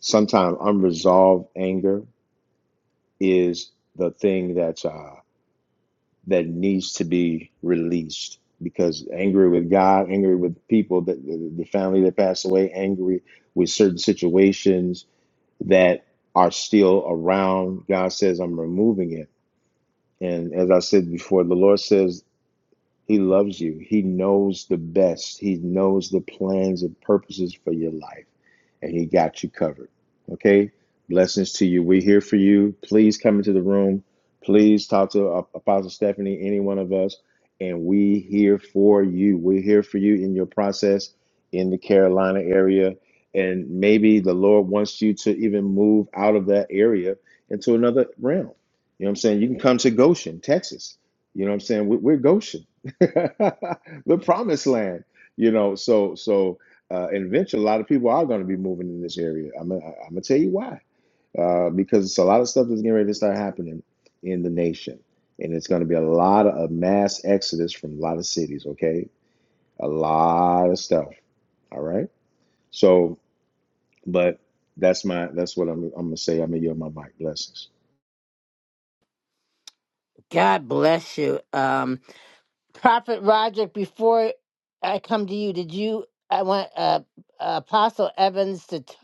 [SPEAKER 3] Sometimes unresolved anger is the thing that's uh, that needs to be released because angry with God, angry with people that the the family that passed away, angry with certain situations that are still around. God says, I'm removing it. And as I said before, the Lord says he loves you. He knows the best. He knows the plans and purposes for your life. And he got you covered. Okay? Blessings to you. We're here for you. Please come into the room. Please talk to uh, Apostle Stephanie, any one of us. And we here for you. We're here for you in your process in the Carolina area. And maybe the Lord wants you to even move out of that area into another realm. You know what I'm saying? You can come to Goshen, Texas. You know what I'm saying? We- We're Goshen. [laughs] the promised land you know so so uh in venture a lot of people are going to be moving in this area i'm gonna i'm gonna tell you why uh because it's a lot of stuff that's getting ready to start happening in the nation and it's going to be a lot of a mass exodus from a lot of cities okay a lot of stuff all right so but that's my that's what i'm, I'm gonna say i'm gonna yield my mic blessings
[SPEAKER 1] God bless you. Um, Prophet Roderick, before I come to you, did you? I want uh, Apostle Evans to, t-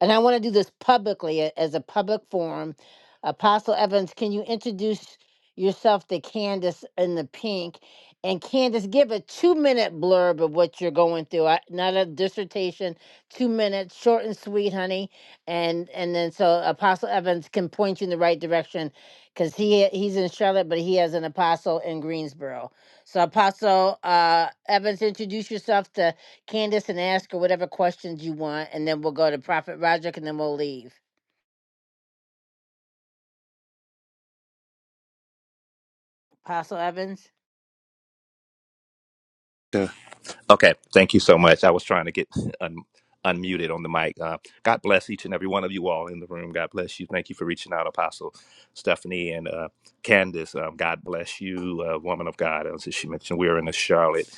[SPEAKER 1] and I want to do this publicly a- as a public forum. Apostle Evans, can you introduce yourself to Candace in the pink? And Candace, give a two minute blurb of what you're going through. I, not a dissertation, two minutes, short and sweet, honey. And and then so Apostle Evans can point you in the right direction because he he's in Charlotte, but he has an apostle in Greensboro. So, Apostle uh, Evans, introduce yourself to Candace and ask her whatever questions you want, and then we'll go to Prophet Roderick, and then we'll leave. Apostle Evans,
[SPEAKER 14] Sure. Okay, thank you so much. I was trying to get [laughs] un- unmuted on the mic. Uh, God bless each and every one of you all in the room. God bless you. Thank you for reaching out, Apostle Stephanie and uh, Candace. Um, God bless you, uh, woman of God. As she mentioned, we're in the Charlotte,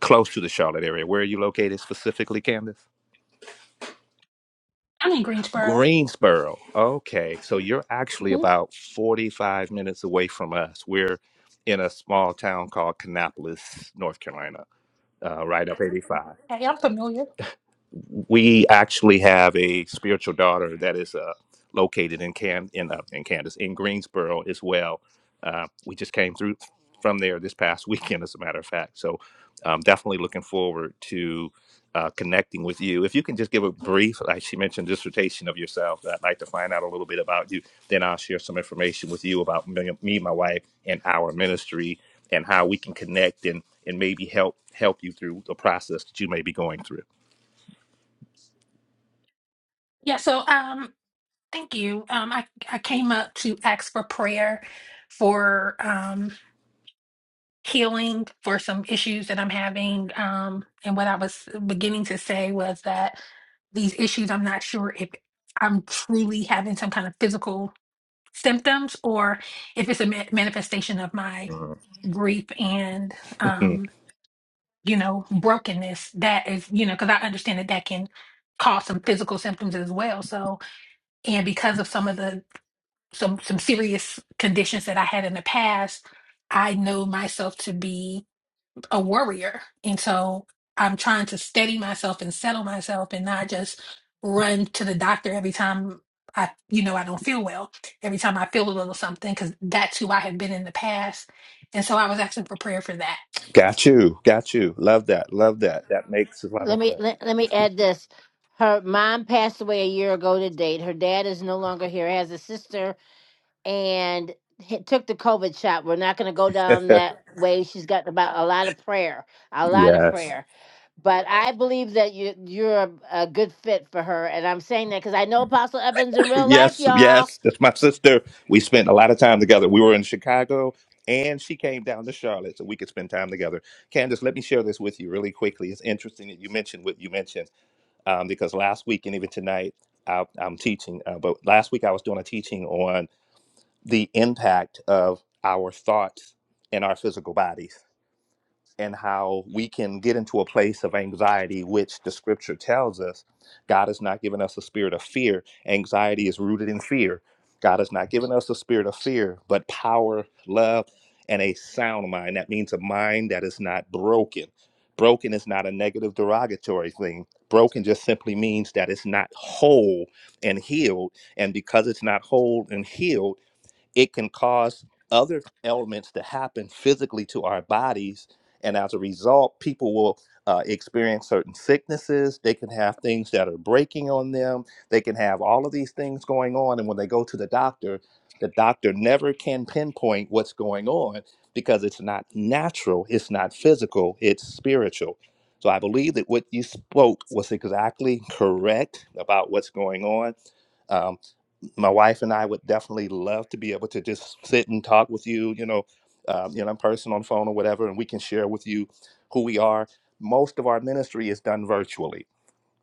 [SPEAKER 14] close to the Charlotte area. Where are you located specifically, Candace?
[SPEAKER 8] I'm in Greensboro.
[SPEAKER 14] Greensboro. Okay, so you're actually
[SPEAKER 8] hmm
[SPEAKER 14] about 45 minutes away from us. We're in a small town called Kannapolis, North Carolina, uh, right up 85.
[SPEAKER 8] Hey, I'm familiar.
[SPEAKER 14] we actually have a spiritual daughter that is uh, located in Can in uh, in Kansas in Greensboro as well. Uh, we just came through from there this past [laughs] weekend, as a matter of fact. So I'm definitely looking forward to uh, connecting with you. If you can just give a brief, like she mentioned, dissertation of yourself, I'd like to find out a little bit about you. Then I'll share some information with you about me, me my wife, and our ministry and how we can connect and and maybe help help you through the process that you may be going through.
[SPEAKER 8] Yeah, so um thank you. Um I I came up to ask for prayer for um healing for some issues that I'm having. Um and what I was beginning to say was that these issues I'm not sure if I'm truly having some kind of physical symptoms or if it's a ma- manifestation of my grief and
[SPEAKER 14] Mm.
[SPEAKER 8] um you know brokenness that is you know because i understand that that can cause some physical symptoms as well so and because of some of the some some serious conditions that i had in the past i know myself to be a worrier. And so I'm trying to steady myself and settle myself and not just run to the doctor every time I, you know, I don't feel well, every time I feel a little something, because that's who I have been in the past. And so I was asking for prayer for that.
[SPEAKER 14] Got you. Got you. Love that. Love that. That makes a lot of
[SPEAKER 1] let me
[SPEAKER 14] sense.
[SPEAKER 1] let, let me add this: her mom passed away a year ago to date. Her dad is no longer here. Has a sister and he took the COVID shot. We're not going to go down
[SPEAKER 14] [laughs]
[SPEAKER 1] that way. She's got about a lot of prayer, a lot of
[SPEAKER 14] yes.
[SPEAKER 1] prayer but I believe that you you're a, a good fit for her, and I'm saying that because I know Apostle Evans in real life,
[SPEAKER 14] Yes.
[SPEAKER 1] y'all.
[SPEAKER 14] Yes. That's my sister. We spent a lot of time together. We were in Chicago and she came down to Charlotte so we could spend time together. Candace, let me share this with you really quickly. It's interesting that you mentioned what you mentioned um, because last week and even tonight, I, I'm teaching, uh, but last week I was doing a teaching on the impact of our thoughts in our physical bodies and how we can get into a place of anxiety, which the scripture tells us God has not given us a spirit of fear. Anxiety is rooted in fear. God has not given us a spirit of fear, but power, love, and a sound mind. That means a mind that is not broken. Broken is not a negative derogatory thing. Broken just simply means that it's not whole and healed. And because it's not whole and healed, it can cause other elements to happen physically to our bodies. And as a result, people will uh, experience certain sicknesses. They can have things that are breaking on them. They can have all of these things going on. And when they go to the doctor, the doctor never can pinpoint what's going on because it's not natural, it's not physical, it's spiritual. So I believe that what you spoke was exactly correct about what's going on Um, my wife and I would definitely love to be able to just sit and talk with you, you know, um, you know, in person, on phone, or whatever, and we can share with you who we are. Most of our ministry is done virtually,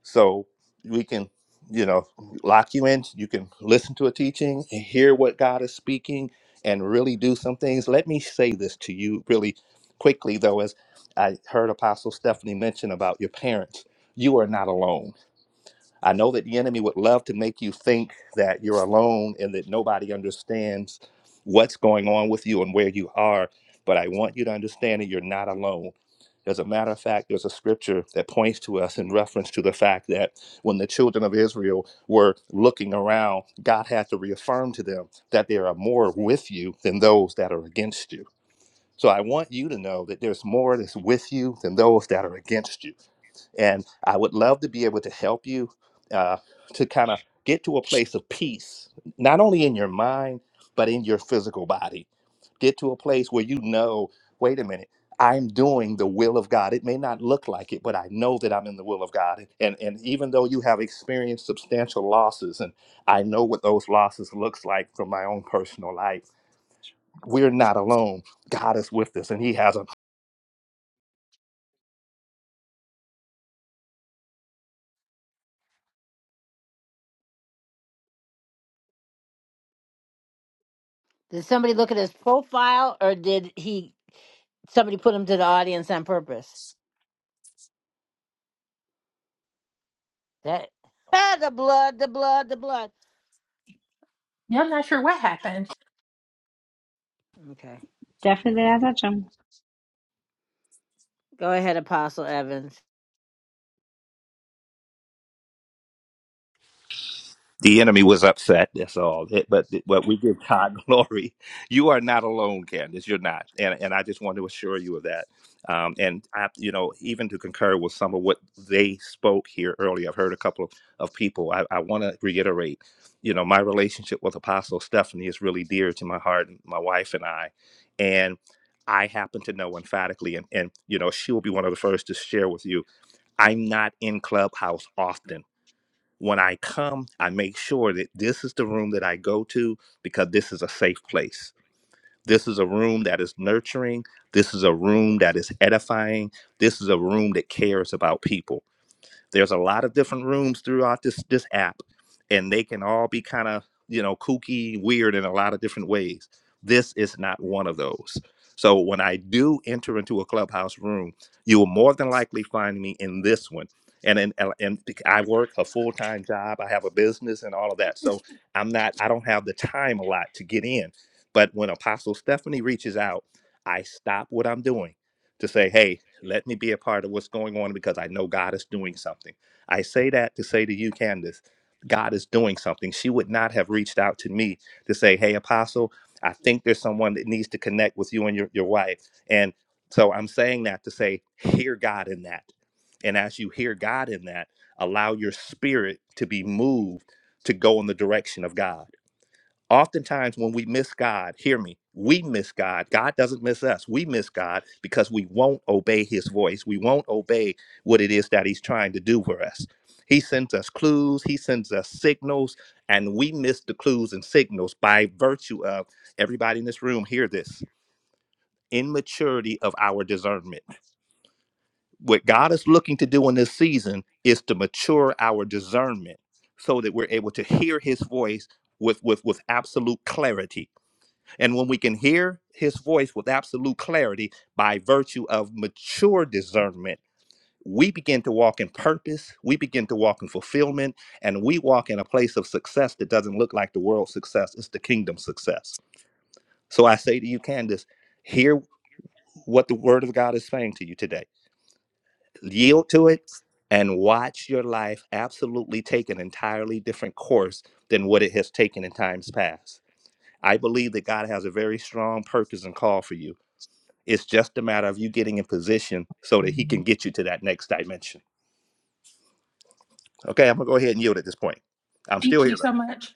[SPEAKER 14] so we can, you know, lock you in. You can listen to a teaching, and hear what God is speaking, and really do some things. Let me say this to you really quickly, though, as I heard Apostle Stephanie mention about your parents. You are not alone I know that the enemy would love to make you think that you're alone and that nobody understands what's going on with you and where you are, but I want you to understand that you're not alone. As a matter of fact, there's a scripture that points to us in reference to the fact that when the children of Israel were looking around, God had to reaffirm to them that there are more with you than those that are against you. So I want you to know that there's more that's with you than those that are against you. And I would love to be able to help you uh, to kind of get to a place of peace, not only in your mind, but in your physical body. Get to a place where you know, wait a minute, I'm doing the will of God. It may not look like it, but I know that I'm in the will of God. And, and even though you have experienced substantial losses, and I know what those losses looks like from my own personal life, we're not alone. God is with us, and He has
[SPEAKER 1] Did somebody look at his profile, or did he? Somebody put him to the audience on purpose. That [laughs] ah, the blood, the blood, the blood.
[SPEAKER 8] Yeah, I'm not sure what happened.
[SPEAKER 1] Okay,
[SPEAKER 4] Definitely did I touch them.
[SPEAKER 1] go ahead, Apostle Evans.
[SPEAKER 14] The enemy was upset. That's all. It- but but we give God [laughs] glory. You are not alone, Candace. You're not. And and I just want to assure you of that. Um, and I, you know, even to concur with some of what they spoke here earlier, I've heard a couple of, of people. I, I want to reiterate. You know, my relationship with Apostle Stephanie is really dear to my heart, and my wife and I, and I happen to know emphatically, and, and you know, she will be one of the first to share with you. I'm not in Clubhouse often when I come, I make sure that this is the room that I go to because this is a safe place. This is a room that is nurturing. This is a room that is edifying. This is a room that cares about people there's a lot of different rooms throughout this this app, and they can all be kind of you know kooky, weird in a lot of different ways. This is not one of those. So when I do enter into a clubhouse room, you will more than likely find me in this one. And in, and and I work a full time job. I have a business and all of that. So I'm not. I don't have the time a lot to get in. But when Apostle Stephanie reaches out, I stop what I'm doing to say, "Hey, let me be a part of what's going on because I know God is doing something. I say that to say to you, Candace, God is doing something. She would not have reached out to me to say, Hey, Apostle, I think there's someone that needs to connect with you and your, your wife. And so I'm saying that to say, Hear God in that. And as you hear God in that, allow your spirit to be moved to go in the direction of God. Oftentimes, when we miss God, hear me, we miss God. God doesn't miss us. We miss God because we won't obey his voice. We won't obey what it is that he's trying to do for us. He sends us clues, he sends us signals, and we miss the clues and signals by virtue of everybody in this room, hear this immaturity of our discernment. What God is looking to do in this season is to mature our discernment so that we're able to hear his voice with, with, with absolute clarity and when we can hear his voice with absolute clarity by virtue of mature discernment, we begin to walk in purpose, we begin to walk in fulfillment, and we walk in a place of success that doesn't look like the world's success, it's the kingdom's success. So I say to you, Candace, hear what the word of God is saying to you today. Yield to it and watch your life absolutely take an entirely different course than what it has taken in times past. I believe that God has a very strong purpose and call for you It's just a matter of you getting in position so that he can get you to that next dimension. Okay, I'm gonna go ahead and yield at this point. I'm still
[SPEAKER 8] Thank you
[SPEAKER 14] here
[SPEAKER 8] so much.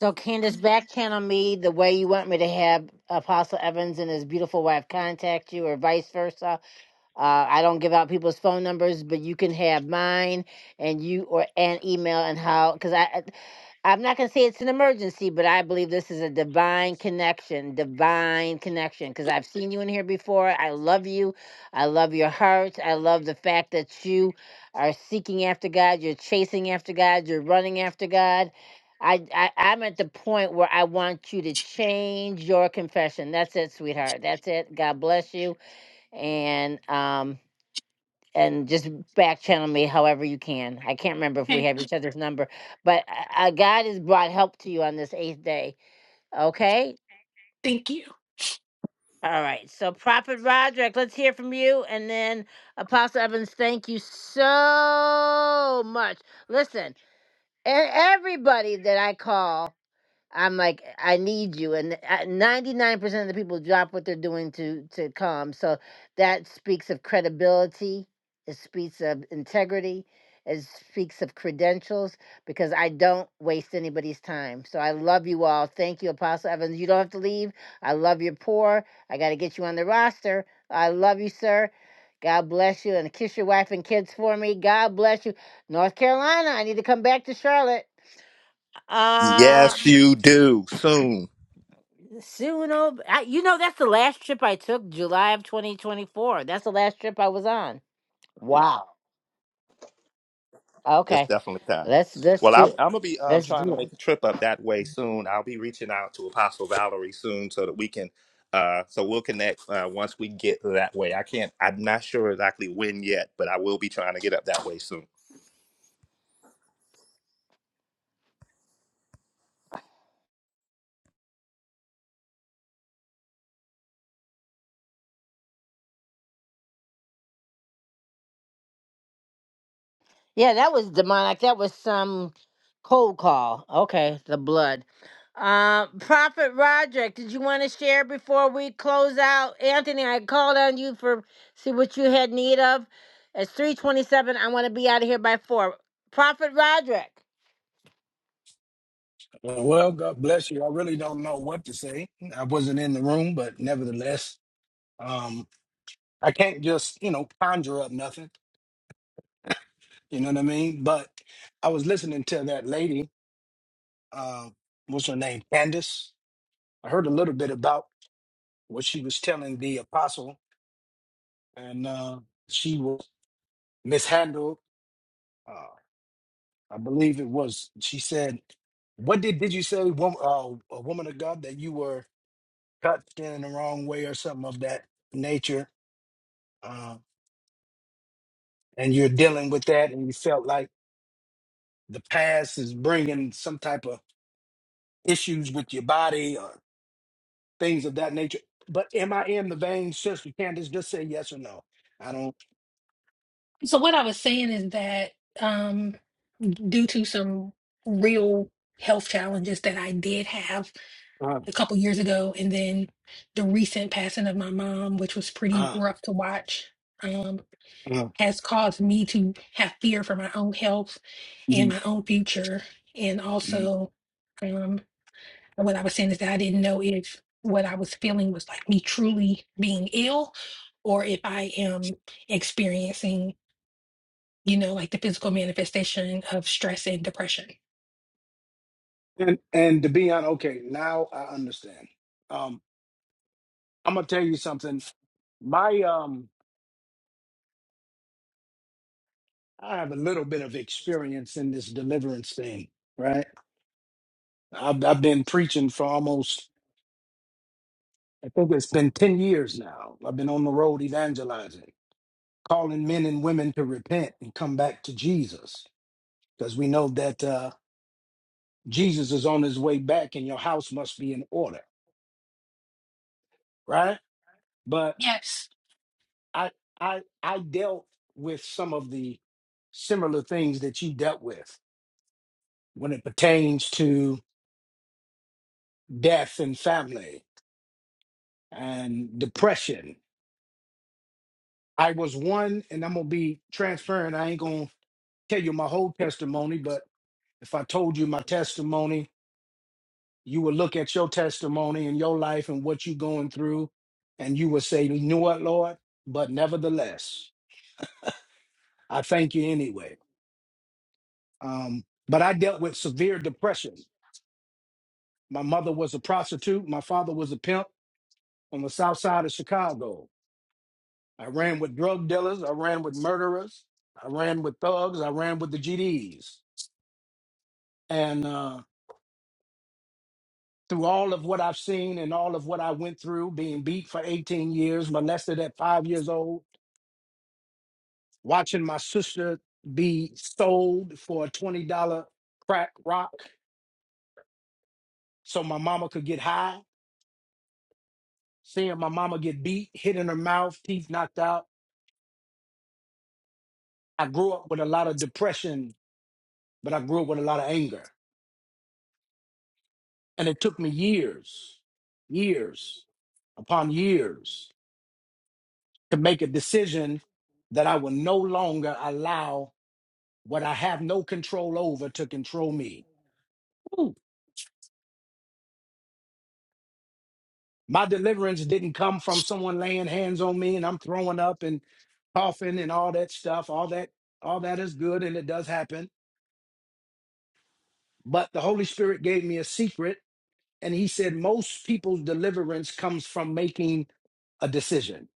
[SPEAKER 1] So, Candace, back channel me the way you want me to have Apostle Evans and his beautiful wife contact you, or vice versa. Uh, I don't give out people's phone numbers, but you can have mine and you or an email and how because I I- I'm not gonna say it's an emergency, but I believe this is a divine connection, divine connection. Because I've seen you in here before. I love you. I love your heart. I love the fact that you are seeking after God. You're chasing after God. You're running after God. I, I I'm at the point where I want you to change your confession. That's it, sweetheart. That's it. God bless you and um and just back channel me however you can. I can't remember if we
[SPEAKER 8] Okay.
[SPEAKER 1] have each other's number, but uh, uh, God has brought help to you on this eighth day. Okay.
[SPEAKER 8] Thank you.
[SPEAKER 1] All right. So Prophet Roderick, let's hear from you, and then Apostle Evans. Thank you so much. Listen, e- everybody that I call. I'm like, I need you. And ninety nine percent of the people drop what they're doing to to come. So that speaks of credibility. It speaks of integrity. It speaks of credentials because I don't waste anybody's time. So I love you all. Thank you, Apostle Evans. You don't have to leave. I love your pour. I got to get you on the roster. I love you, sir. God bless you. And kiss your wife and kids for me. God bless you. North Carolina, I need to come back to Charlotte.
[SPEAKER 14] though.
[SPEAKER 1] Uh,
[SPEAKER 14] Yes, you do. Soon.
[SPEAKER 1] Soon, oh, I, you know that's the last trip I took, July of 2024. That's the last trip I was on. Wow.
[SPEAKER 14] It's
[SPEAKER 1] Okay,
[SPEAKER 14] definitely time.
[SPEAKER 1] let's let's
[SPEAKER 14] Well, I'm,
[SPEAKER 1] do
[SPEAKER 14] I'm gonna be um,
[SPEAKER 1] let's
[SPEAKER 14] trying to
[SPEAKER 1] do it.
[SPEAKER 14] make a trip up that way soon. I'll be reaching out to Apostle Valerie soon so that we can, uh, so we'll connect uh, once we get that way. I can't. I'm not sure exactly when yet, but I will be trying to get up that way soon.
[SPEAKER 1] Yeah, that was demonic. That was some cold call. Okay, the blood. Uh, Prophet Roderick, did you want to share before we close out? Anthony, I called on you for see what you had need of. It's 3:27. I want to be out of here by four. Prophet Roderick.
[SPEAKER 15] Well, God bless you. I really don't know what to say. I wasn't in the room, but nevertheless, um, I can't just, you know, conjure up nothing. You know what I mean? But I was listening to that lady, uh, what's her name? Candace. I heard a little bit about what she was telling the apostle, and uh, she was mishandled. Uh, I believe it was, she said, What did, did you say, wom- uh, a woman of God, that you were touched in the wrong way or something of that nature? Uh, and you're dealing with that and you felt like the past is bringing some type of issues with your body or things of that nature. But am I in the vein, Sister Candace? Just say yes or no. I don't.
[SPEAKER 8] So what I was saying is that um due to some real health challenges that I did have
[SPEAKER 15] Uh,
[SPEAKER 8] a couple years ago, and then the recent passing of my mom, which was pretty
[SPEAKER 15] uh,
[SPEAKER 8] rough to watch, um,
[SPEAKER 15] uh,
[SPEAKER 8] has caused me to have fear for my own health and
[SPEAKER 15] mm,
[SPEAKER 8] my own future. And
[SPEAKER 15] mm.
[SPEAKER 8] also, um, what I was saying is that I didn't know if what I was feeling was like me truly being ill or if I am experiencing, you know, like the physical manifestation of stress and depression.
[SPEAKER 15] and and to be on, okay, now I understand. Um, I'm gonna tell you something. My um, I have a little bit of experience in this deliverance thing, right? I've, I've been preaching for almost I think it's been 10 years now. I've been on the road evangelizing, calling men and women to repent and come back to Jesus because we know that uh, Jesus is on his way back and your house must be in order, right? But
[SPEAKER 8] Yes.
[SPEAKER 15] I I I dealt with some of the similar things that you dealt with when it pertains to death and family and depression. I was one, and I'm gonna be transparent. I ain't gonna tell you my whole testimony, but If I told you my testimony, you would look at your testimony and your life and what you're going through, and you would say, You know what, Lord? But nevertheless, I thank you anyway. Um, but I dealt with severe depression. My mother was a prostitute, my father was a pimp on the south side of Chicago. I ran with drug dealers, I ran with murderers, I ran with thugs, I ran with the GDs. through all of what I've seen and all of what I went through, being beat for 18 years, molested at five years old, watching my sister be sold for a $20 crack rock so my mama could get high, seeing my mama get beat, hit in her mouth, teeth knocked out. I grew up with a lot of depression, but I grew up with a lot of anger. And it took me years, years upon years to make a decision that I will no longer allow what I have no control over to control me. Woo. My deliverance didn't come from someone laying hands on me and I'm throwing up and coughing and all that stuff. All that all that is good and it does happen. But the Holy Spirit gave me a secret and he said most people's deliverance comes from making a decision.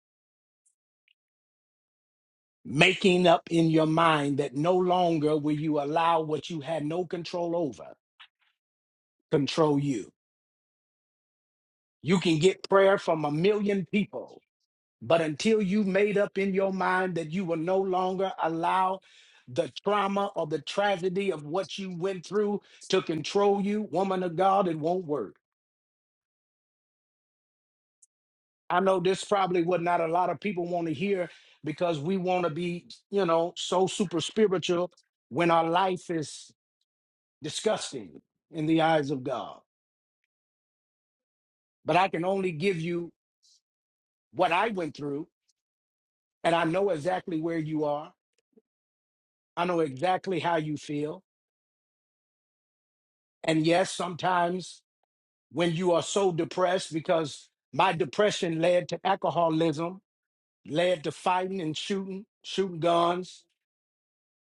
[SPEAKER 15] Making up in your mind that no longer will you allow what you had no control over control you. You can get prayer from a million people But until you made up in your mind that you will no longer allow the trauma or the tragedy of what you went through to control you, woman of God, it won't work. I know this probably what not a lot of people want to hear because we want to be, you know, so super spiritual when our life is disgusting in the eyes of God. But I can only give you what I went through, and I know exactly where you are. I know exactly how you feel. And yes, sometimes when you are so depressed because my depression led to alcoholism, led to fighting and shooting, shooting guns.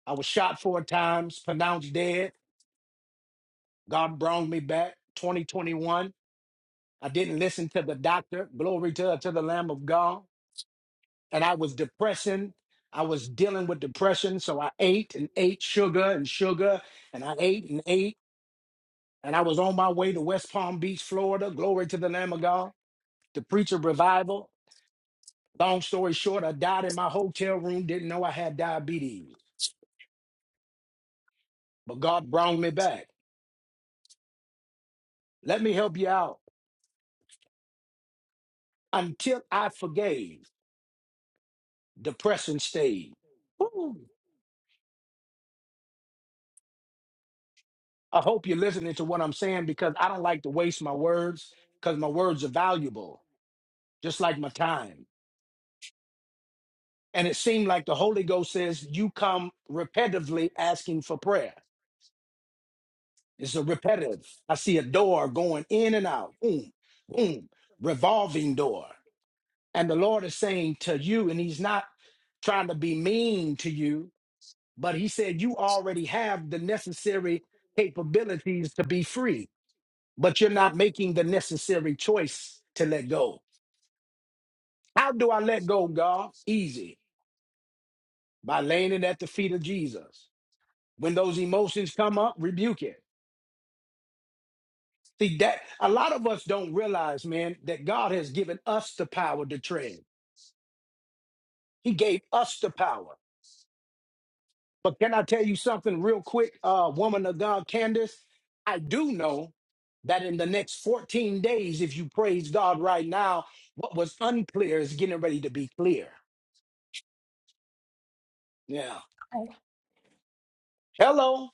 [SPEAKER 15] I was shot four times, pronounced dead. God brought me back 2021. I didn't listen to the doctor. Glory to, to the Lamb of God. And I was depressing. I was dealing with depression. So I ate and ate sugar and sugar and I ate and ate. And I was on my way to West Palm Beach, Florida. Glory to the Lamb of God to preach a revival Long story short, I died in my hotel room, didn't know I had diabetes, but God brought me back. Let me help you out. Until I forgave, depression stayed. Woo. I hope you're listening to what I'm saying because I don't like to waste my words because my words are valuable, just like my time. And it seemed like the Holy Ghost says, You come repetitively asking for prayer. It's a repetitive. I see a door going in and out, boom, boom, revolving door. And the Lord is saying to you, and He's not trying to be mean to you, but He said, You already have the necessary capabilities to be free, but you're not making the necessary choice to let go. How do I let go, God? Easy. By laying it at the feet of Jesus. When those emotions come up, rebuke it. See that a lot of us don't realize, man, that God has given us the power to tread. He gave us the power. But can I tell you something real quick, uh, woman of God, Candace? I do know that in the next 14 days, if you praise God right now, what was unclear is getting ready to be clear. Yeah.
[SPEAKER 8] Okay.
[SPEAKER 15] Hello.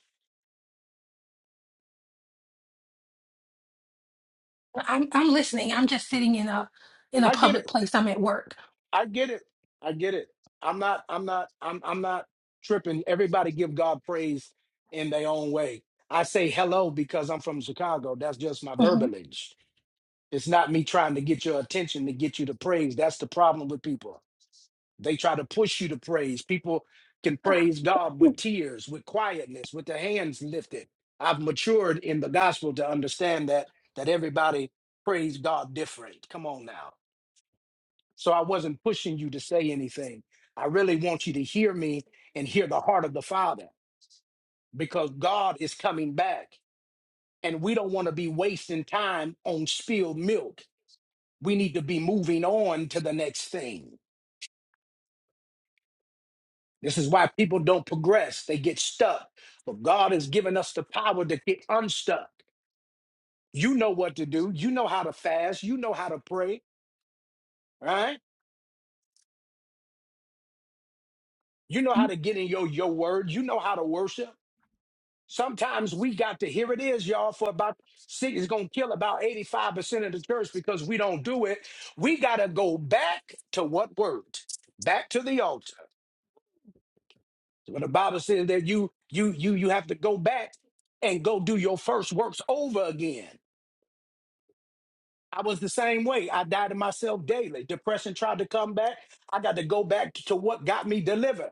[SPEAKER 8] I'm I'm listening. I'm just sitting in a in a
[SPEAKER 15] I get
[SPEAKER 8] public
[SPEAKER 15] it.
[SPEAKER 8] place. I'm at work.
[SPEAKER 15] I get it. I get it. I'm not, I'm not, I'm I'm not tripping. Everybody give God praise in their own way. I say hello because I'm from Chicago. That's just my
[SPEAKER 8] Mhm.
[SPEAKER 15] verbiage. It's not me trying to get your attention to get you to praise. That's the problem with people. They try to push you to praise. People can praise God with tears, with quietness, with their hands lifted. I've matured in the gospel to understand that that everybody praise God different. Come on now. So I wasn't pushing you to say anything. I really want you to hear me and hear the heart of the Father because God is coming back and we don't want to be wasting time on spilled milk. We need to be moving on to the next thing. This is why people don't progress. They get stuck. But God has given us the power to get unstuck. You know what to do. You know how to fast. You know how to pray, right? You know how
[SPEAKER 8] Mhm.
[SPEAKER 15] to get in your, your word. You know how to worship. Sometimes we got to, here it is, y'all, for about six, it's going to kill about 85% of the church because we don't do it. We got to go back to what word? Back to the altar. When the Bible says that you, you, you, you have to go back and go do your first works over again. I was the same way. I died to myself daily. Depression tried to come back. I got to go back to what got me delivered.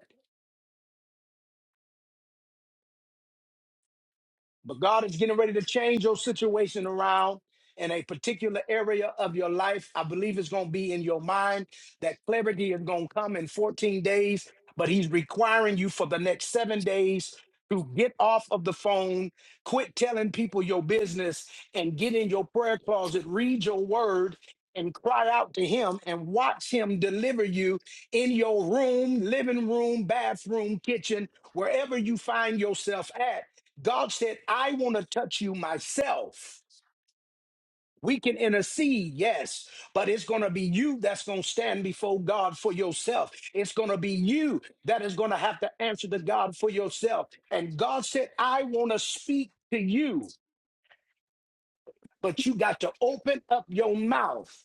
[SPEAKER 15] But God is getting ready to change your situation around in a particular area of your life. I believe it's going to be in your mind. That clarity is going to come in 14 days, but He's requiring you for the next seven days to get off of the phone, quit telling people your business, and get in your prayer closet, read your word. And cry out to him and watch him deliver you in your room, living room, bathroom, kitchen, wherever you find yourself at God said, I want to touch you myself. We can intercede, yes, but it's going to be you that's going to stand before God for yourself. It's going to be you that is going to have to answer to God for yourself. And God said, I want to speak to you, but you got to open up your mouth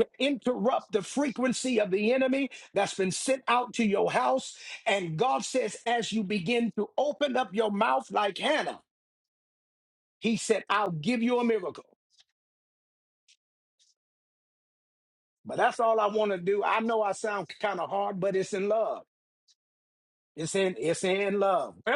[SPEAKER 15] to interrupt the frequency of the enemy that's been sent out to your house. And God says, as you begin to open up your mouth like Hannah, He said, I'll give you a miracle. But that's all I want to do. I know I sound kind of hard, but it's in love. It's in it's in love. Well,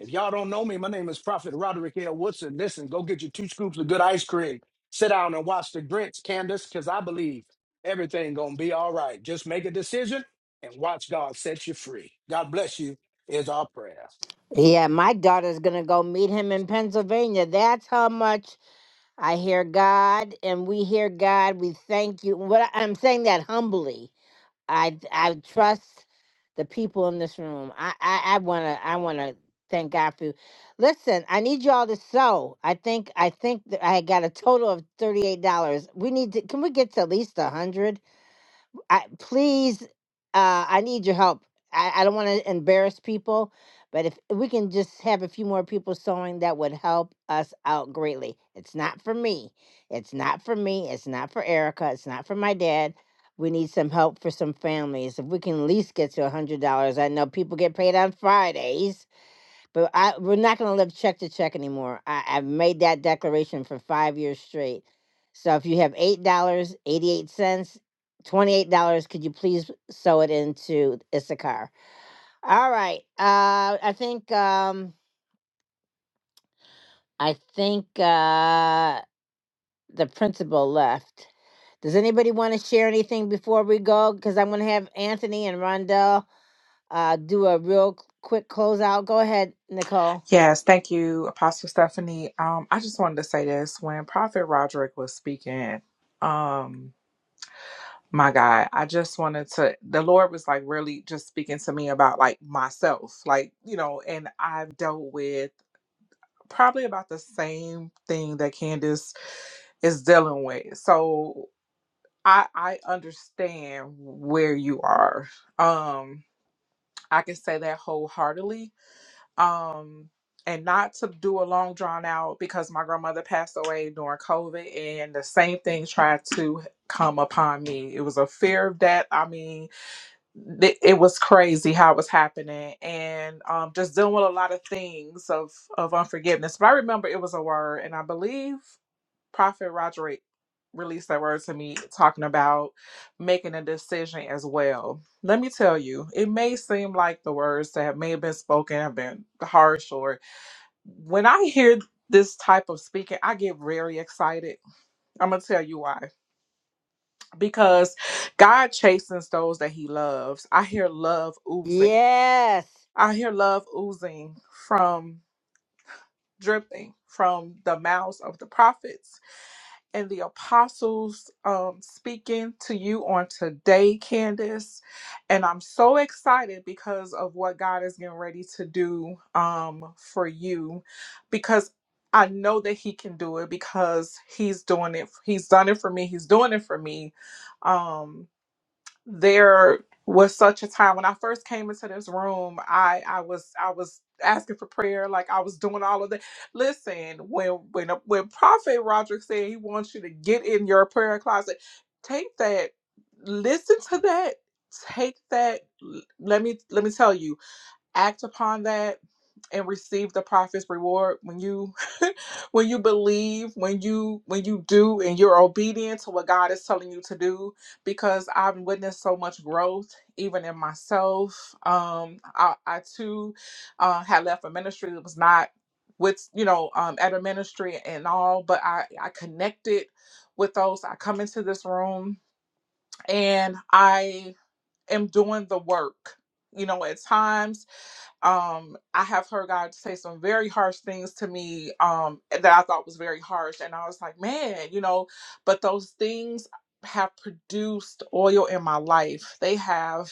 [SPEAKER 15] If y'all don't know me, my name is Prophet Roderick L. Woodson. Listen, go get you two scoops of good ice cream. Sit down and watch the Grinch, Candace, because I believe everything gonna be all right. Just make a decision and watch God set you free. God bless you is our prayer.
[SPEAKER 1] Yeah, my daughter's gonna go meet him in Pennsylvania. That's how much I hear God, and we hear God. We thank you. What I- I'm saying that humbly. I I trust the people in this room. I I, I wanna I wanna thank God for you. Listen, I need y'all to sew. I think I think that I got a total of thirty eight dollars. We need to. Can we get to at least a hundred? I, please, uh, I need your help. I, I don't want to embarrass people, but if we can just have a few more people sewing, that would help us out greatly. It's not for me. It's not for me. It's not for Erica. It's not for my dad. We need some help for some families. If we can at least get to a $100, I know people get paid on Fridays but I we're not going to live check to check anymore. I, I've made that declaration for five years straight. So if you have eight dollars eighty eight cents, twenty eight dollars, could you please sew it into Issachar? All right. Uh, I think um, I think uh, the principal left. Does anybody want to share anything before we go? Because I'm going to have Anthony and Rondell uh, do a real quick closeout. Go ahead, Nicole.
[SPEAKER 2] Yes, thank you, Apostle Stephanie. Um, I just wanted to say this when Prophet Roderick was speaking. um, my God, I just wanted to. The Lord was like really just speaking to me about like myself, like, you know, and I've dealt with probably about the same thing that Candace is dealing with. So I I understand where you are. Um, I can say that wholeheartedly. Um, and not to do a long drawn out because my grandmother passed away during COVID and the same thing tried to come upon me. It was a fear of death. I mean, th- it was crazy how it was happening and um, just dealing with a lot of things of of unforgiveness. But I remember it was a word, and I believe Prophet Roderick released that word to me, talking about making a decision as well. Let me tell you, it may seem like the words that may have been spoken have been harsh, or when I hear this type of speaking, I get very excited. I'm gonna tell you why because God chastens those that He loves. I hear love oozing.
[SPEAKER 1] Yes.
[SPEAKER 2] I hear love oozing from dripping from the mouths of the prophets and the apostles um, speaking to you on today, Candace. And I'm so excited because of what God is getting ready to do um, for you because I know that He can do it because He's doing it. He's done it for me. He's doing it for me. Um, there was such a time when I first came into this room, I I was I was asking for prayer, like I was doing all of that. Listen, when when when Prophet Roderick said he wants you to get in your prayer closet, take that, listen to that, take that. L- Let me let me tell you act upon that and receive the prophet's reward when you [laughs] when you believe when you when you do and you're obedient to what god is telling you to do because i've witnessed so much growth even in myself um i, I too uh, had left a ministry that was not with you know um at a ministry and all but i i connected with those i come into this room and i am doing the work you know at times um i have heard god say some very harsh things to me um that i thought was very harsh and i was like man you know but those things have produced oil in my life they have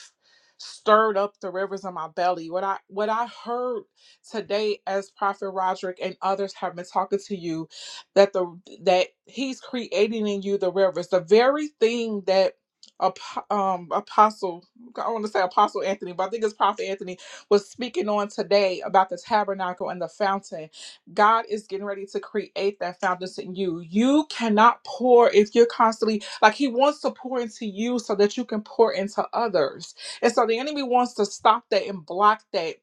[SPEAKER 2] stirred up the rivers in my belly what i what i heard today as prophet roderick and others have been talking to you that the that he's creating in you the rivers the very thing that Apo- um apostle i want to say apostle anthony but i think it's prophet anthony was speaking on today about the tabernacle and the fountain. God is getting ready to create that fountain in you. You cannot pour if you're constantly like He wants to pour into you so that you can pour into others. And so the enemy wants to stop that and block that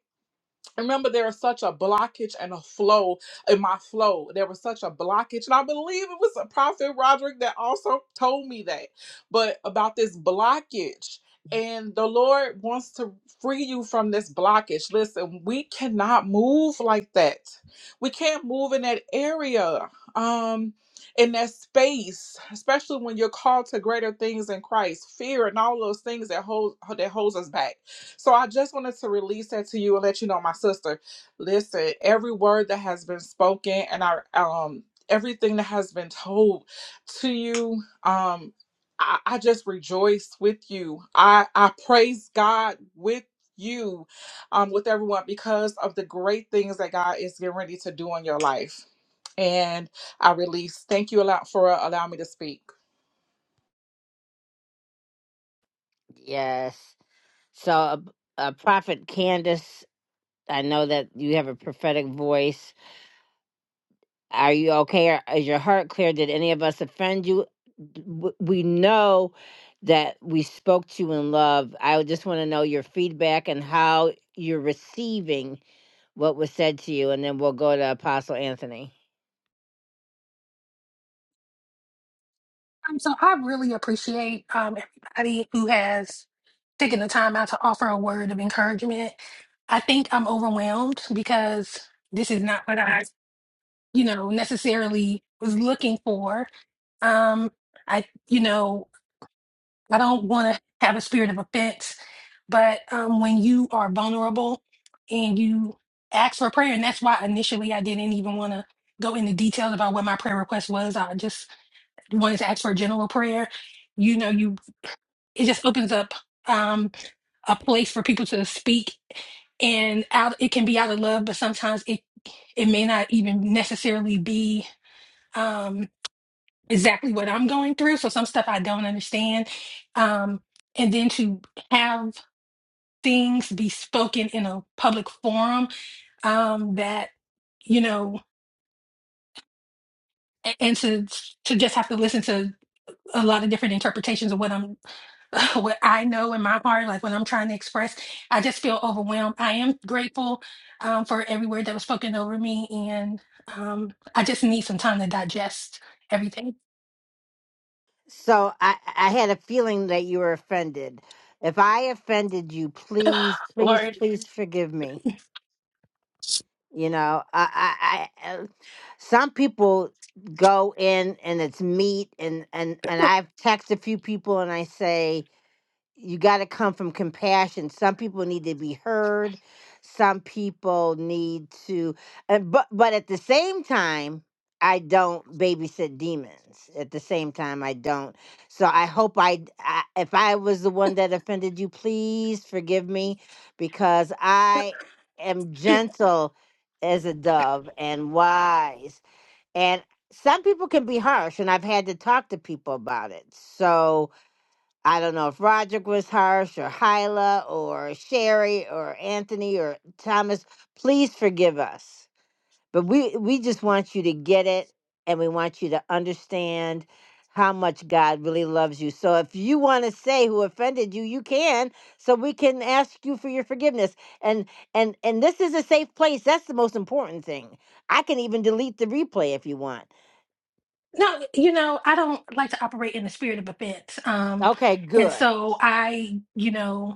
[SPEAKER 2] remember there was such a blockage and a flow in my flow there was such a blockage and i believe it was a prophet roderick that also told me that but about this blockage and the lord wants to free you from this blockage listen we cannot move like that we can't move in that area um in that space especially when you're called to greater things in christ fear and all those things that hold that holds us back so I just wanted to release that to you and let you know, my sister. Listen, every word that has been spoken and our um everything that has been told to you, um, I, I just rejoice with you. I I praise God with you, um, with everyone because of the great things that God is getting ready to do in your life. And I release. Thank you a lot for uh, allowing me to speak.
[SPEAKER 1] Yes. So, uh, uh, Prophet Candace, I know that you have a prophetic voice. Are you okay? Are- Is your heart clear? Did any of us offend you? W- We know that we spoke to you in love. I would just want to know your feedback and how you're receiving what was said to you, and then we'll go to Apostle Anthony.
[SPEAKER 8] Um, so I really appreciate um, everybody who has taken the time out to offer a word of encouragement. I think I'm overwhelmed because this is not what I, you know, necessarily was looking for. Um, I, you know, I don't want to have a spirit of offense, but um, when you are vulnerable and you ask for prayer, and that's why initially I didn't even want to go into details about what my prayer request was. I just you wanted to ask for a general prayer, you know, you it just opens up um, a place for people to speak, and out it can be out of love, but sometimes it it may not even necessarily be um, exactly what I'm going through. So some stuff I don't understand, um, and then to have things be spoken in a public forum um, that you know, a- and to to just have to listen to. a lot of different interpretations of what I'm [laughs] what I know in my heart, like when I'm trying to express, I just feel overwhelmed. I am grateful um, for every word that was spoken over me, and um, I just need some time to digest everything.
[SPEAKER 1] So, I, I had a feeling that you were offended. If I offended you, please, please,
[SPEAKER 8] Lord,
[SPEAKER 1] please forgive me. You know, I, I, I uh, some people go in and it's meat, and and and I've texted a few people and I say, you got to come from compassion. Some people need to be heard. Some people need to, and, but but at the same time, I don't babysit demons. At the same time, I don't. So I hope I, d- I- if I was the one that offended you, please forgive me, because I am gentle as a dove and wise. And some people can be harsh, and I've had to talk to people about it. So I don't know if Roderick was harsh or Hyla or Sherry or Anthony or Thomas. Please forgive us. But we, we just want you to get it and we want you to understand how much God really loves you. So if you want to say who offended you, you can. So we can ask you for your forgiveness. And and and this is a safe place. That's the most important thing. I can even delete the replay if you want.
[SPEAKER 8] no, you know, I don't like to operate in the spirit of offense, um,
[SPEAKER 1] Okay,
[SPEAKER 8] and
[SPEAKER 1] good.
[SPEAKER 8] so I, you know.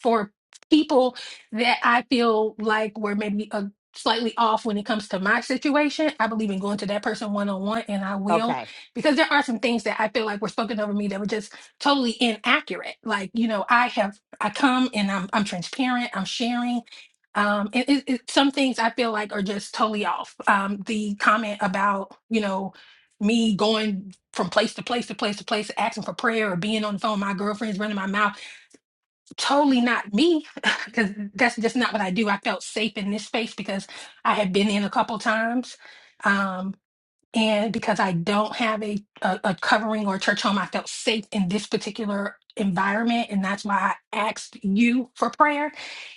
[SPEAKER 8] for people that I feel like were maybe a slightly off when it comes to my situation, I believe in going to that person one on one, and I will
[SPEAKER 1] Okay.
[SPEAKER 8] because there are some things that I feel like were spoken over me that were just totally inaccurate. Like you know, I have I come and I'm I'm transparent, I'm sharing. Um, and it, it, some things I feel like are just totally off. Um, the comment about you know me going from place to place to place to place, asking for prayer or being on the phone, with my girlfriend's running my mouth totally not me [laughs] because that's just not what I do. I felt safe in this space because I had been in a couple times. Um, and because I don't have a, a, a covering or a church home, I felt safe in this particular environment. And that's why I asked you for prayer.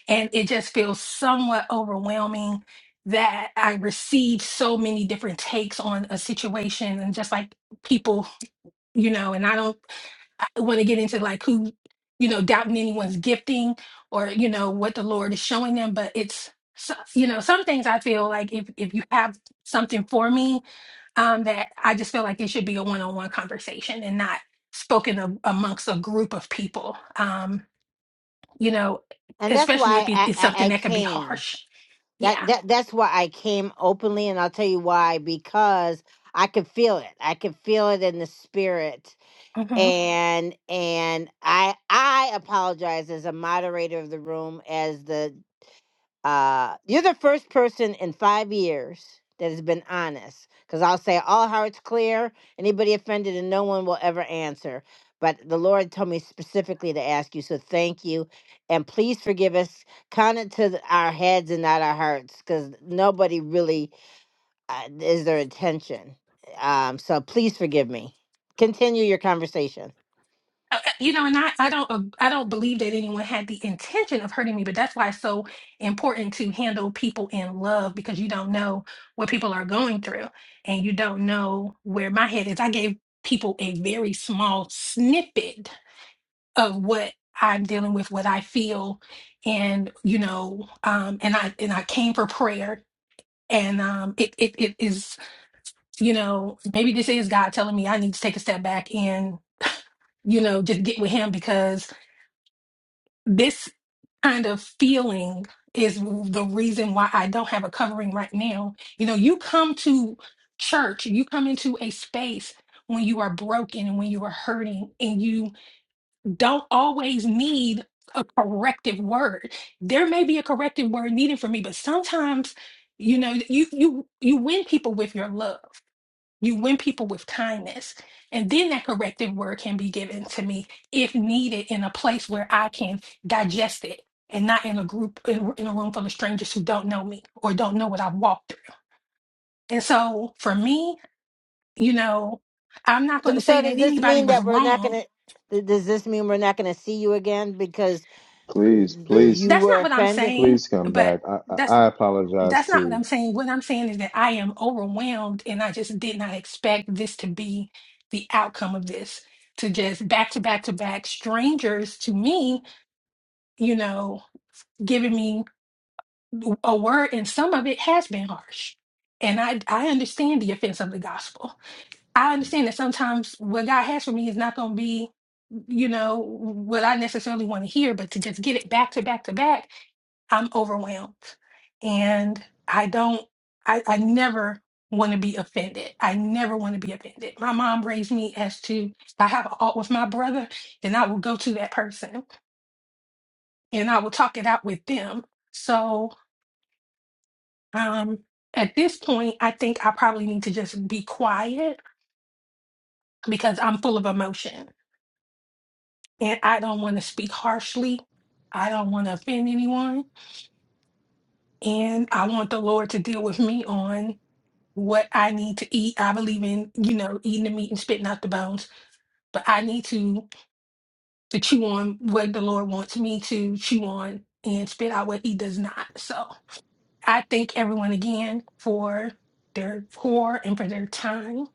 [SPEAKER 8] And it just feels somewhat overwhelming that I received so many different takes on a situation and just like people, you know, and I don't. I want to get into like who you know doubting anyone's gifting or you know what the lord is showing them but it's so- you know some things i feel like if if you have something for me um that i just feel like it should be a one-on-one conversation and not spoken of amongst a group of people um you know
[SPEAKER 1] And that's
[SPEAKER 8] especially if
[SPEAKER 1] why
[SPEAKER 8] it-
[SPEAKER 1] I,
[SPEAKER 8] it's
[SPEAKER 1] I,
[SPEAKER 8] something
[SPEAKER 1] I
[SPEAKER 8] that could be
[SPEAKER 1] came.
[SPEAKER 8] harsh
[SPEAKER 1] That
[SPEAKER 8] yeah
[SPEAKER 1] that that's why I came openly, and I'll tell you why. Because I could feel it. I could feel it in the spirit,
[SPEAKER 8] Mm-hmm.
[SPEAKER 1] and and I I apologize as a moderator of the room, as the uh, you're the first person in five years that has been honest. Because I'll say all hearts clear, anybody offended, and no one will ever answer. But the Lord told me specifically to ask you, so thank you, and please forgive us. Count it to th- our heads and not our hearts, because nobody really uh, is their intention. Um, so please forgive me. Continue your conversation.
[SPEAKER 8] uh, uh, you know and i i don't uh, i don't believe that anyone had the intention of hurting me but that's why it's so important to handle people in love because you don't know what people are going through and you don't know where my head is i gave people a very small snippet of what i'm dealing with what i feel and you know um and i and i came for prayer and um it it, it is you know maybe this is god telling me i need to take a step back and you know just get with him because this kind of feeling is the reason why I don't have a covering right now. You know, you come to church, you come into a space when you are broken and when you are hurting, and you don't always need a corrective word. There may be a corrective word needed for me, but sometimes, you know, you you you win people with your love. You win people with kindness. And then that corrective word can be given to me if needed in a place where I can digest it and not in a group, in, in a room full of strangers who don't know me or don't know what I've walked through. And so for me, you know, I'm not going
[SPEAKER 1] So,
[SPEAKER 8] to
[SPEAKER 1] so
[SPEAKER 8] say that
[SPEAKER 1] does this
[SPEAKER 8] anybody
[SPEAKER 1] mean
[SPEAKER 8] was
[SPEAKER 1] that we're not
[SPEAKER 8] wrong.
[SPEAKER 1] gonna? Does this mean we're not gonna see you again because
[SPEAKER 3] please
[SPEAKER 8] Mm,
[SPEAKER 3] please
[SPEAKER 1] you
[SPEAKER 8] that's
[SPEAKER 1] were
[SPEAKER 8] not what I'm
[SPEAKER 1] offended?
[SPEAKER 8] saying,
[SPEAKER 3] please come
[SPEAKER 8] but
[SPEAKER 3] back i i
[SPEAKER 8] that's.
[SPEAKER 3] I apologize
[SPEAKER 8] That's not what
[SPEAKER 3] to.
[SPEAKER 8] I'm saying. What I'm saying is that I am overwhelmed and I just did not expect this to be the outcome of this. To just back to back to back strangers to me, you know, giving me a word and some of it has been harsh. And I I understand the offense of the gospel. I understand that sometimes what God has for me is not going to be you know what I necessarily want to hear, but to just get it back to back to back I'm overwhelmed and I don't, I, I never want to be offended. I never want to be offended. My mom raised me as to, if I have a fault with my brother, then I will go to that person and I will talk it out with them. So um, at this point, I think I probably need to just be quiet because I'm full of emotion and I don't want to speak harshly. I don't want to offend anyone. And I want the Lord to deal with me on what I need to eat. I believe in, you know, eating the meat and spitting out the bones, but I need to to chew on what the Lord wants me to chew on and spit out what he does not. So I thank everyone again for their pour and for their time.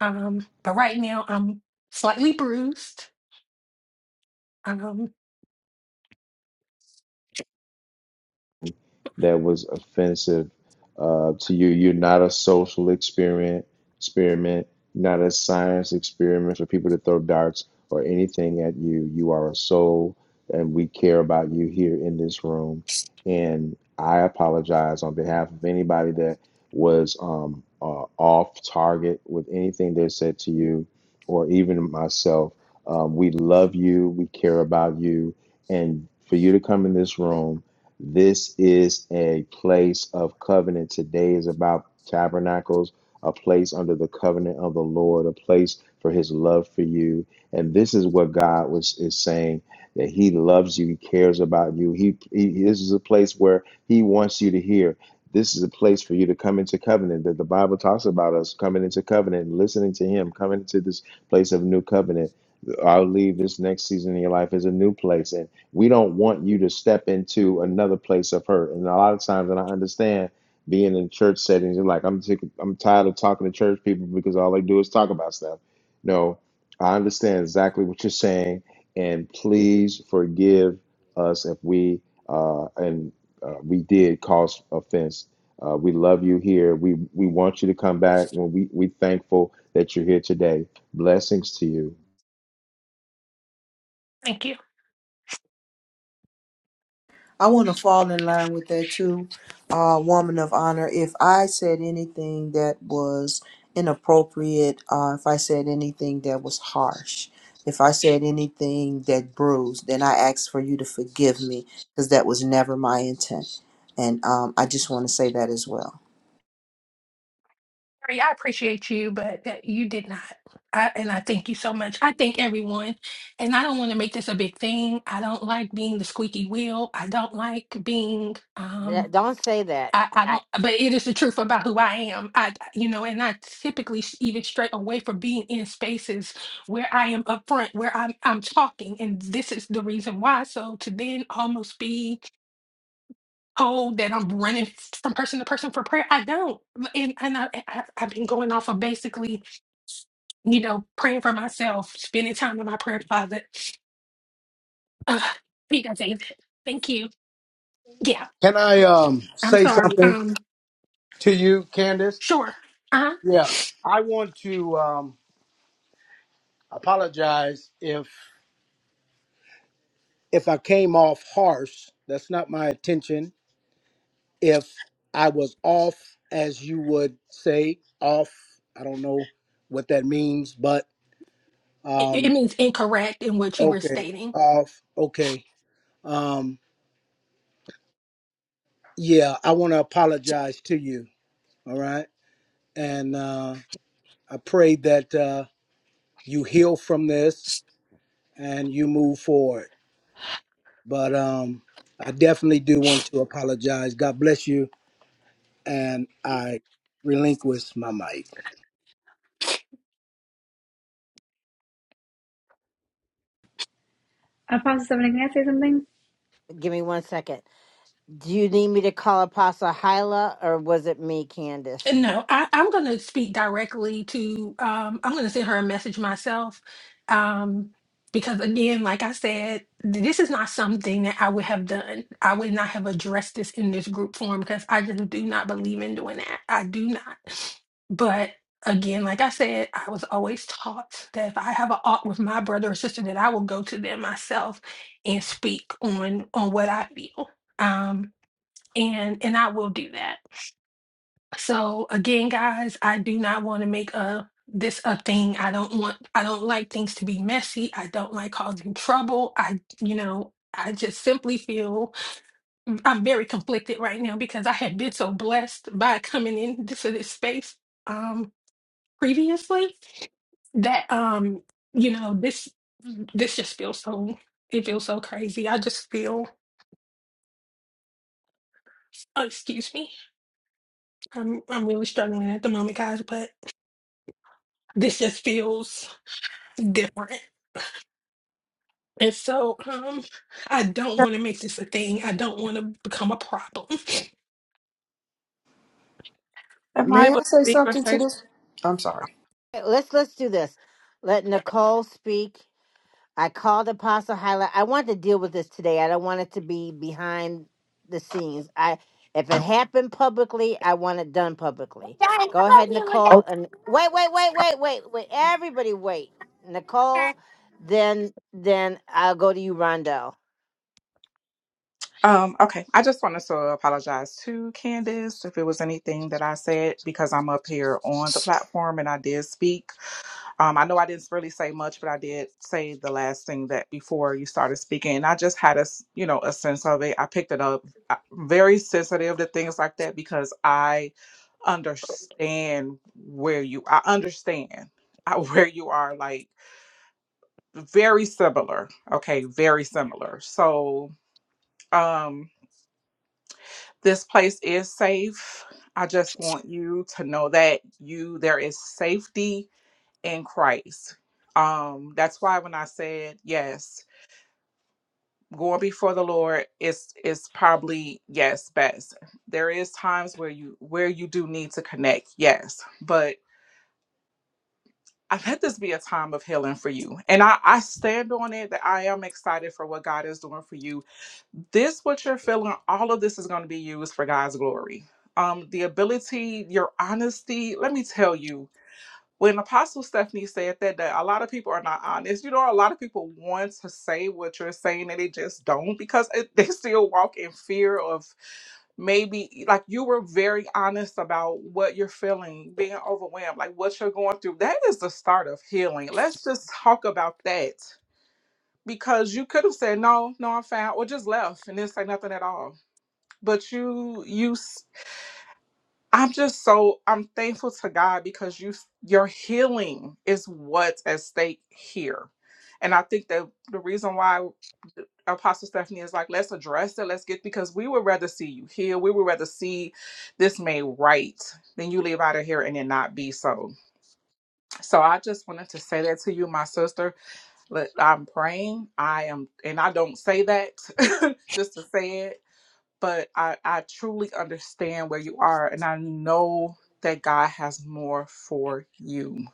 [SPEAKER 8] Um, but right now I'm slightly bruised. Um,
[SPEAKER 3] that was offensive uh, to you. You're not a social experiment, experiment, not a science experiment for people to throw darts or anything at you. You are a soul, and we care about you here in this room. And I apologize on behalf of anybody that was um, uh, off target with anything they said to you, or even myself. Um, we love you. We care about you. And for you to come in this room this is a place of covenant. Today is about tabernacles, a place under the covenant of the Lord, a place for his love for you. And this is what God was is saying that he loves you, he cares about you. He, he this is a place where he wants you to hear. This is a place for you to come into covenant that the Bible talks about us coming into covenant, listening to him, coming into this place of new covenant. I'll leave this next season in your life as a new place we don't want you to step into another place of hurt. And a lot of times, and I understand being in church settings, you're like, I'm sick, I'm tired of talking to church people because all they do is talk about stuff. No, I understand exactly what you're saying, and please forgive us if we uh, and uh, we did cause offense. Uh, we love you here. We we want you to come back. When we we thankful that you're here today. Blessings to you.
[SPEAKER 8] thank you.
[SPEAKER 11] I want to fall in line with that too, uh, woman of honor. If I said anything that was inappropriate, uh, if I said anything that was harsh, if I said anything that bruised, then I ask for you to forgive me because that was never my intent. And um, I just want to say that as well.
[SPEAKER 8] Mary, I appreciate you, but that you did not. I, and I thank you so much. I thank everyone. And I don't want to make this a big thing. I don't like being the squeaky wheel. I don't like being,
[SPEAKER 1] Th-
[SPEAKER 8] um,
[SPEAKER 1] Don't say that.
[SPEAKER 8] I, I
[SPEAKER 1] I,
[SPEAKER 8] don't, but it is the truth about who I am. I, you know, and I typically s- even straight away from being in spaces where I am upfront, where I'm, I'm talking. And this is the reason why. So to then almost be told that I'm running from person to person for prayer, I don't. And, and I, I, I've been going off of basically you know, praying for myself, spending time in my prayer closet. Uh, you guys ain't Thank you. Yeah,
[SPEAKER 15] Can I um
[SPEAKER 8] I'm
[SPEAKER 15] say
[SPEAKER 8] sorry.
[SPEAKER 15] something
[SPEAKER 8] Um,
[SPEAKER 15] to you, Candace?
[SPEAKER 8] sure. Uh huh.
[SPEAKER 15] Yeah. I want to um apologize if if I came off harsh, that's not my intention. If I was off, as you would say, off, I don't know what that means, but
[SPEAKER 8] It,
[SPEAKER 15] um,
[SPEAKER 8] it means incorrect in what you were
[SPEAKER 15] okay,
[SPEAKER 8] stating.
[SPEAKER 15] off, okay. Um, yeah, I want to apologize to you, all right? And uh, I pray that uh, you heal from this and you move forward. But um, I definitely do want to apologize. God bless you, and I relinquish my mic.
[SPEAKER 4] Apostle Stephanie, can I say something?
[SPEAKER 1] give me one second. Do you need me to call Apostle Hyla or was it me, Candace?
[SPEAKER 8] No, I, I'm going to speak directly to, um, I'm going to send her a message myself. Um, because again, like I said, this is not something that I would have done. I would not have addressed this in this group form because I just do not believe in doing that. I do not. But again, like I said, I was always taught that if I have a aught with my brother or sister, that I will go to them myself and speak on on what I feel. Um, and and I will do that. So again, guys, I do not want to make a this a thing. I don't want I don't like things to be messy. I don't like causing trouble. I, you know, I just simply feel I'm very conflicted right now because I had been so blessed by coming into this space um previously that um, you know, this this just feels so it feels so crazy. I just feel oh, excuse me. I'm I'm really struggling at the moment, guys, but this just feels different And so um, I don't want to make this a thing. I don't want to become a problem.
[SPEAKER 2] Am I
[SPEAKER 11] May
[SPEAKER 2] able
[SPEAKER 11] I
[SPEAKER 2] to
[SPEAKER 11] say
[SPEAKER 2] speak, or
[SPEAKER 11] something to
[SPEAKER 2] say?
[SPEAKER 11] this? I'm sorry.
[SPEAKER 1] Okay, Let's let's do this. Let Nicole speak. I called Apostle Hyla. I want to deal with this today. I don't want it to be behind the scenes. I if it happened publicly, I want it done publicly. Go ahead, Nicole, and wait, wait, wait, wait, wait, wait. Everybody wait. Nicole, then then I'll go to you, Rondell.
[SPEAKER 2] Um, okay. I just wanted to apologize to Candace if it was anything that I said because I'm up here on the platform and I did speak. Um, I know I didn't really say much, but I did say the last thing that before you started speaking. And I just had a, s- you know, a sense of it. I picked it up. i very sensitive to things like that because I understand where you, I understand uh, [laughs] where you are like very similar. Okay. Very similar. So, um, This place is safe. I just want you to know that you there is safety in Christ. Um that's why when I said yes, going before the Lord is is probably yes best. There is times where you where you do need to connect, yes, but I let this be a time of healing for you. And I, I stand on it that I am excited for what God is doing for you this what you're feeling all of this is going to be used for god's glory um the ability your honesty let me tell you when apostle stephanie said that, that a lot of people are not honest you know a lot of people want to say what you're saying and they just don't because it, [laughs] they still walk in fear of maybe like you were very honest about what you're feeling, being overwhelmed, like what you're going through. That is the start of healing. Let's just talk about that because you could have said no no i'm fine or just left and didn't say nothing at all but you you s- i'm just so i'm thankful to god because you s- your healing is what's at stake here and i think that the reason why apostle stephanie is like let's address it let's get because we would rather see you here we would rather see this made right than you leave out of here and it not be so so i just wanted to say that to you my sister but I'm praying. I am, and I don't say that [laughs] just to say it, but I, I truly understand where you are, and I know that God has more for you.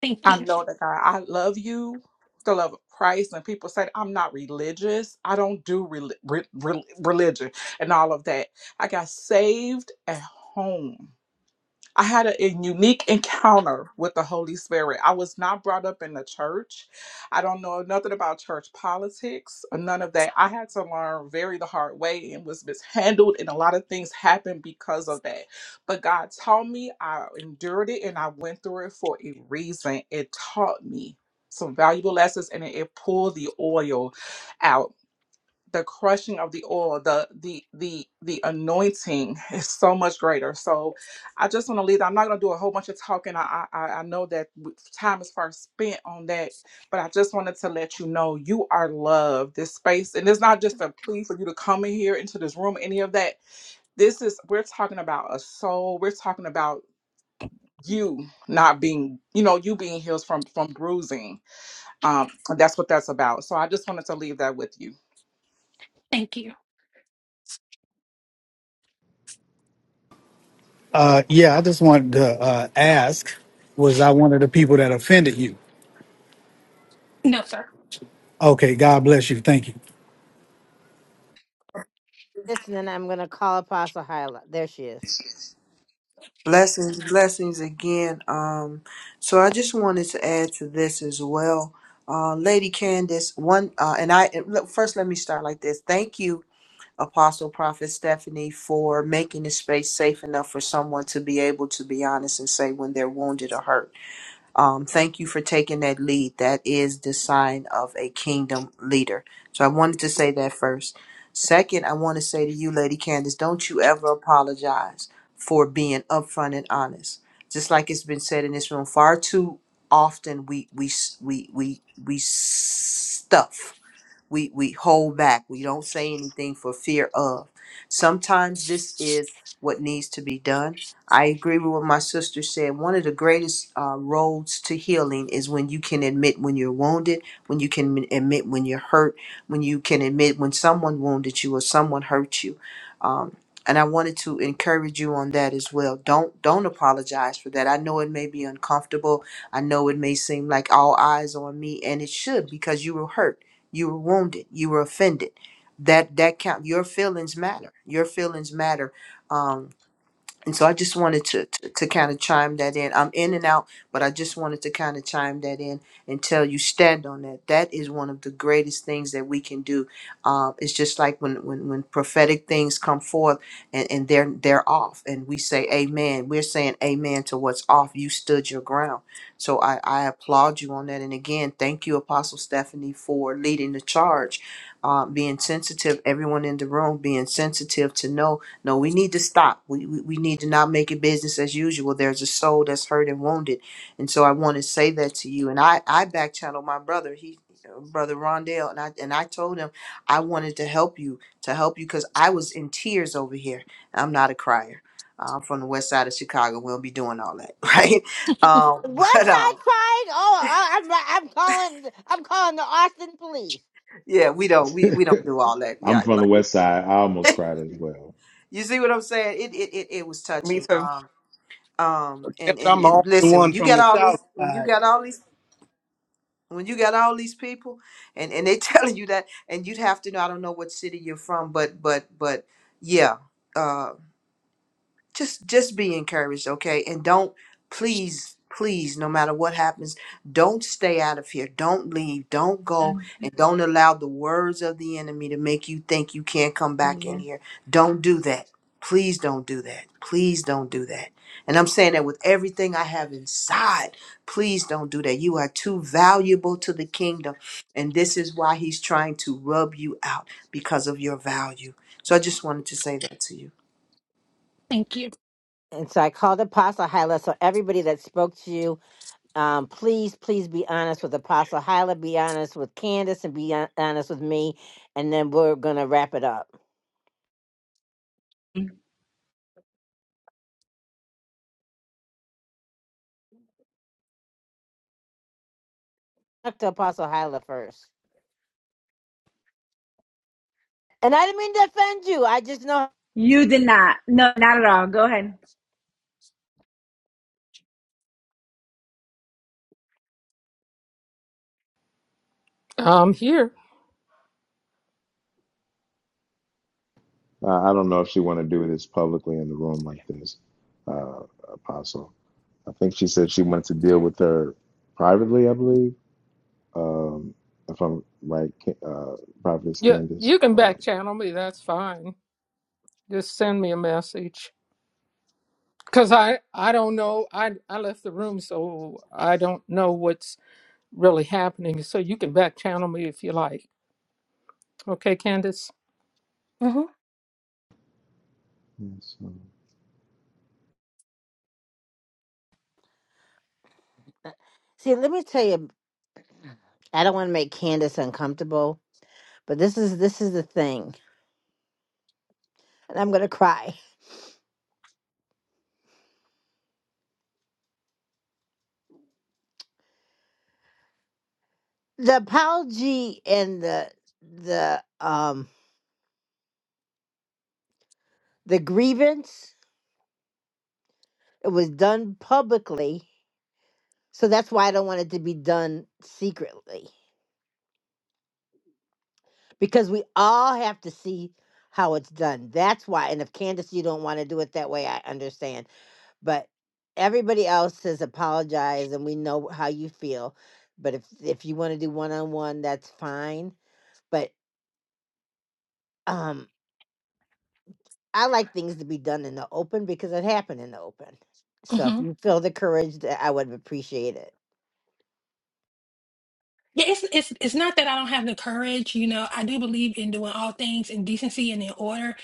[SPEAKER 8] Thank
[SPEAKER 2] I
[SPEAKER 8] you.
[SPEAKER 2] know that God, I love you, with the love of Christ, and people say I'm not religious. I don't do rel re- re- religion and all of that. I got saved at home. I had a, a unique encounter with the Holy Spirit. I was not brought up in the church. I don't know nothing about church politics or none of that. I had to learn very the hard way and was mishandled, and a lot of things happened because of that. But God taught me, I endured it, and I went through it for a reason. It taught me some valuable lessons and it it pulled the oil out the crushing of the oil the the the the anointing [laughs] is so much greater so i just want to leave i'm not going to do a whole bunch of talking i i, I I know that w- time is far spent on that but i just wanted to let you know you are loved this space and it's not just a plea for you to come in here into this room any of that this is we're talking about a soul we're talking about you not being you know you being healed from from bruising um, that's what that's about. So I just wanted to leave that with you.
[SPEAKER 8] Thank you.
[SPEAKER 6] Uh, yeah, I just wanted to uh, ask, was I one of the people that offended you?
[SPEAKER 8] No, sir.
[SPEAKER 6] Okay, God bless you. Thank you.
[SPEAKER 1] Listen, and then I'm gonna call Apostle Hyla. There she is.
[SPEAKER 11] Blessings, blessings again. Um, so I just wanted to add to this as well, uh, Lady Candace. One, uh, and I and look, first let me start like this. Thank you, Apostle Prophet Stephanie, for making the space safe enough for someone to be able to be honest and say when they're wounded or hurt. Um, thank you for taking that lead. That is the sign of a kingdom leader. So I wanted to say that first. Second, I want to say to you, Lady Candace, don't you ever apologize for being upfront and honest. Just like it's been said in this room, far too often we we we we we stuff we we hold back we don't say anything for fear of sometimes this is what needs to be done i agree with what my sister said one of the greatest uh, roads to healing is when you can admit when you're wounded when you can m- admit when you're hurt when you can admit when someone wounded you or someone hurt you um, and i wanted to encourage you on that as well don't don't apologize for that i know it may be uncomfortable i know it may seem like all eyes on me and it should because you were hurt you were wounded you were offended that that count your feelings matter your feelings matter Um, and so I just wanted to, to, to kind of chime that in. I'm in and out, but I just wanted to kind of chime that in and tell you stand on that. That is one of the greatest things that we can do. Um, it's just like when, when, when prophetic things come forth and, and they're, they're off and we say, amen, we're saying amen to what's off. You stood your ground. So I, I applaud you on that. And again, thank you, Apostle Stephanie, for leading the charge, uh, being sensitive, everyone in the room being sensitive to know no, we need to stop. We, we we need to not make it business as usual. There's a soul that's hurt and wounded, and so I want to say that to you. And I I back channeled my brother. He uh, brother Rondell, and I and I told him I wanted to help you to help you because I was in tears over here. I'm not a crier. Uh, I'm from the west side of Chicago. We don't be doing all that, [laughs] right?
[SPEAKER 8] [laughs]
[SPEAKER 11] Um, but um,
[SPEAKER 1] Westside Pride. Oh, I, I'm like- I'm calling I'm calling the Austin police.
[SPEAKER 11] yeah, we don't we,
[SPEAKER 3] [laughs]
[SPEAKER 11] we don't do all that.
[SPEAKER 3] I'm
[SPEAKER 11] Yeah,
[SPEAKER 3] from the
[SPEAKER 11] like
[SPEAKER 3] West Side. I almost cried as well.
[SPEAKER 11] you see what I'm saying? It it it, it was
[SPEAKER 2] Me
[SPEAKER 11] touching.
[SPEAKER 2] too.
[SPEAKER 11] Um, um
[SPEAKER 15] Yes,
[SPEAKER 11] and and
[SPEAKER 15] I'm the
[SPEAKER 11] and
[SPEAKER 15] only
[SPEAKER 11] listen when
[SPEAKER 15] one
[SPEAKER 11] you
[SPEAKER 15] from
[SPEAKER 11] got
[SPEAKER 15] the
[SPEAKER 11] all
[SPEAKER 15] South
[SPEAKER 11] these when
[SPEAKER 15] Side.
[SPEAKER 11] you got all these when you got all these people and and they [laughs] telling you that and you'd have to know i don't know what city you're from but but but yeah uh, just just be encouraged okay and don't please please no matter what happens don't stay out of here don't leave don't go and don't allow the words of the enemy to make you think you can't come back in
[SPEAKER 4] Hallelujah.
[SPEAKER 11] here don't do that please don't do that please don't do that and i'm saying that with everything i have inside please don't do that you are too valuable to the kingdom and this is why he's trying to rub you out because of your value so i just wanted to say that to you
[SPEAKER 8] Thank you.
[SPEAKER 1] And so I called Apostle Hyla. So everybody that spoke to you, um, please, please be honest with Apostle Hyla. Be honest with Candace, and be hon- honest with me. And then we're gonna wrap it up. Talk to Apostle Hyla first. And I didn't mean to offend you. I just know.
[SPEAKER 4] You did not. No, not at all. Go ahead.
[SPEAKER 7] I'm here.
[SPEAKER 3] Uh, I don't know if she want to do this publicly in the room like this, uh, Apostle. I think she said she wanted to deal with her privately. I believe, um, if I'm right, Ca- uh, Prophetess
[SPEAKER 7] Yeah,
[SPEAKER 3] Candace.
[SPEAKER 7] you can
[SPEAKER 3] Uh,
[SPEAKER 7] back channel me. That's fine. Just send me a message. Cause I I don't know. I I left the room, so I don't know what's really happening. So you can back channel me if you like. Okay, Candace.
[SPEAKER 8] hmm
[SPEAKER 3] yes, um,
[SPEAKER 1] See, let me tell you. I don't want to make Candace uncomfortable, but this is this is the thing, and I'm gonna cry. the apology and the the um the grievance it was done publicly so that's why i don't want it to be done secretly because we all have to see how it's done that's why and if candace you don't want to do it that way i understand but everybody else has apologized and we know how you feel but if if you want to do one-on-one that's fine but um. I like things to be done in the open because it happened in the open. So if
[SPEAKER 8] hmm
[SPEAKER 1] you feel the courage, that I would appreciate it.
[SPEAKER 8] Yeah, it's it's it's not that I don't have the courage, you know. I do believe in doing all things in decency and in order,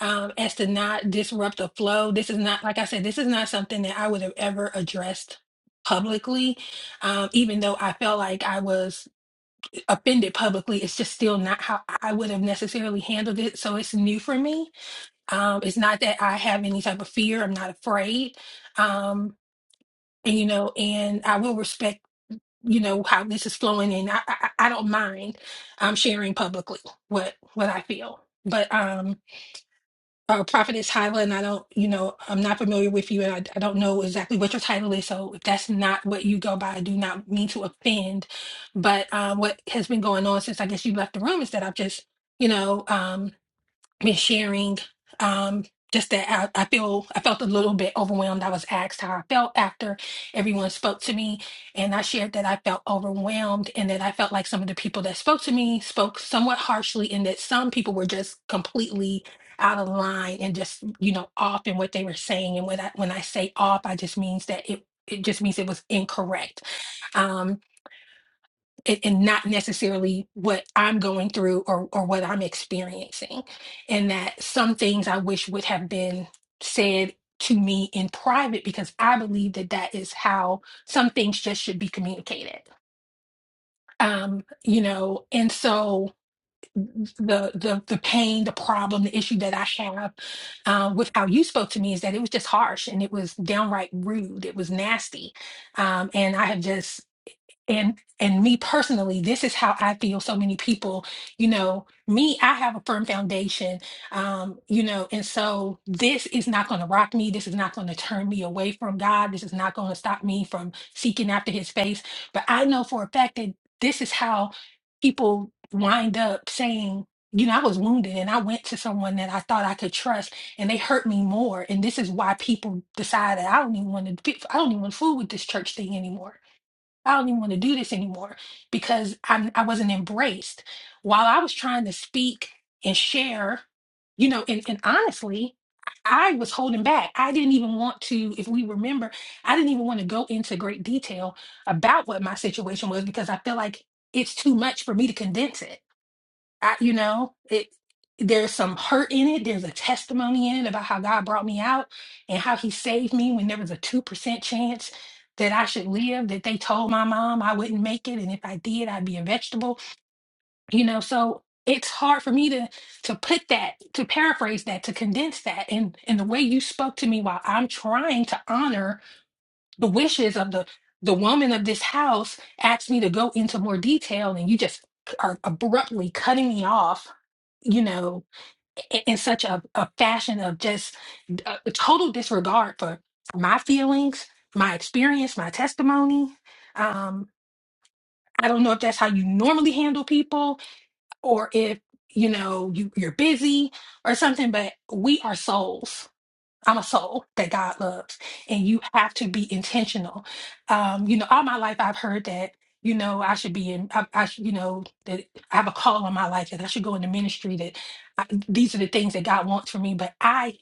[SPEAKER 8] um, as to not disrupt the flow. This is not, like I said, this is not something that I would have ever addressed publicly, um, even though I felt like I was offended publicly. It's just still not how I would have necessarily handled it. So it's new for me. Um, it's not that I have any type of fear. I'm not afraid. Um, and you know, and I will respect. you know how this is flowing in i i, I don't mind um sharing publicly what what i feel but um uh, prophetess hyla and i don't you know i'm not familiar with you and I, I don't know exactly what your title is so if that's not what you go by i do not mean to offend but um what has been going on since i guess you left the room is that i've just you know um, been sharing um just that I, I feel I felt a little bit overwhelmed. I was asked how I felt after everyone spoke to me, and I shared that I felt overwhelmed and that I felt like some of the people that spoke to me spoke somewhat harshly, and that some people were just completely out of line and just you know off in what they were saying. And when I when I say off, I just means that it it just means it was incorrect. Um, and, and not necessarily what I'm going through or or what I'm experiencing, and that some things I wish would have been said to me in private because I believe that that is how some things just should be communicated. Um, you know, and so the the the pain, the problem, the issue that I have uh, with how you spoke to me is that it was just harsh and it was downright rude. It was nasty, um, and I have just and and me personally this is how i feel so many people you know me i have a firm foundation um you know and so this is not going to rock me this is not going to turn me away from god this is not going to stop me from seeking after his face but i know for a fact that this is how people wind up saying you know i was wounded and i went to someone that i thought i could trust and they hurt me more and this is why people decide that i don't even want to i don't even want to fool with this church thing anymore I don't even want to do this anymore because I, I wasn't embraced. While I was trying to speak and share, you know, and, and honestly, I was holding back. I didn't even want to, if we remember, I didn't even want to go into great detail about what my situation was because I feel like it's too much for me to condense it I, you know, it there's some hurt in it. There's a testimony in it about how God brought me out and how he saved me when there was a 2% chance that I should live, that they told my mom I wouldn't make it. And if I did, I'd be a vegetable. You know, so it's hard for me to to put that, to paraphrase that, to condense that. And and the way you spoke to me while I'm trying to honor the wishes of the the woman of this house asked me to go into more detail and you just are abruptly cutting me off you know in, in such a, a fashion of just d- a, a total disregard for my feelings my experience my testimony um i don't know if that's how you normally handle people or if you know you, you're busy or something but we are souls I'm a soul that God loves, and you have to be intentional. Um, you know, all my life I've heard that you know I should be in. I, I should, you know, that I have a call on my life that I should go into ministry. That I, these are the things that God wants for me, but I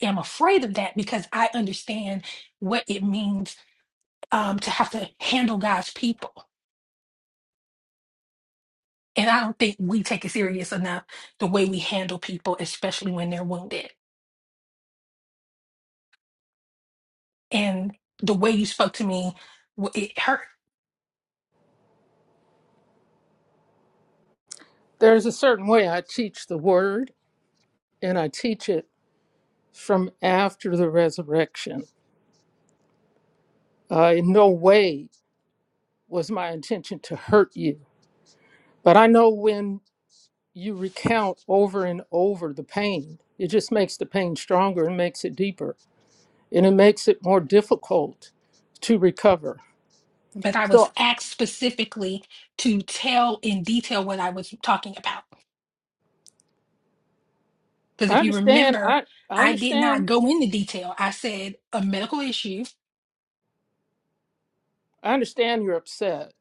[SPEAKER 8] am afraid of that because I understand what it means um, to have to handle God's people, and I don't think we take it serious enough the way we handle people, especially when they're wounded. And the way you spoke to me, w- it hurt
[SPEAKER 7] There's a certain way I teach the word, and I teach it from after the resurrection. Uh, in no way was my intention to hurt you. But I know when you recount over and over the pain, it just makes the pain stronger and makes it deeper. And it makes it more difficult to recover.
[SPEAKER 8] but I was
[SPEAKER 7] So
[SPEAKER 8] asked specifically to tell in detail what I was talking about. Because
[SPEAKER 7] I
[SPEAKER 8] if you
[SPEAKER 7] understand,
[SPEAKER 8] remember,
[SPEAKER 7] I, I
[SPEAKER 8] I did not
[SPEAKER 7] understand,
[SPEAKER 8] go into detail. I said a medical issue,
[SPEAKER 7] I understand you're upset.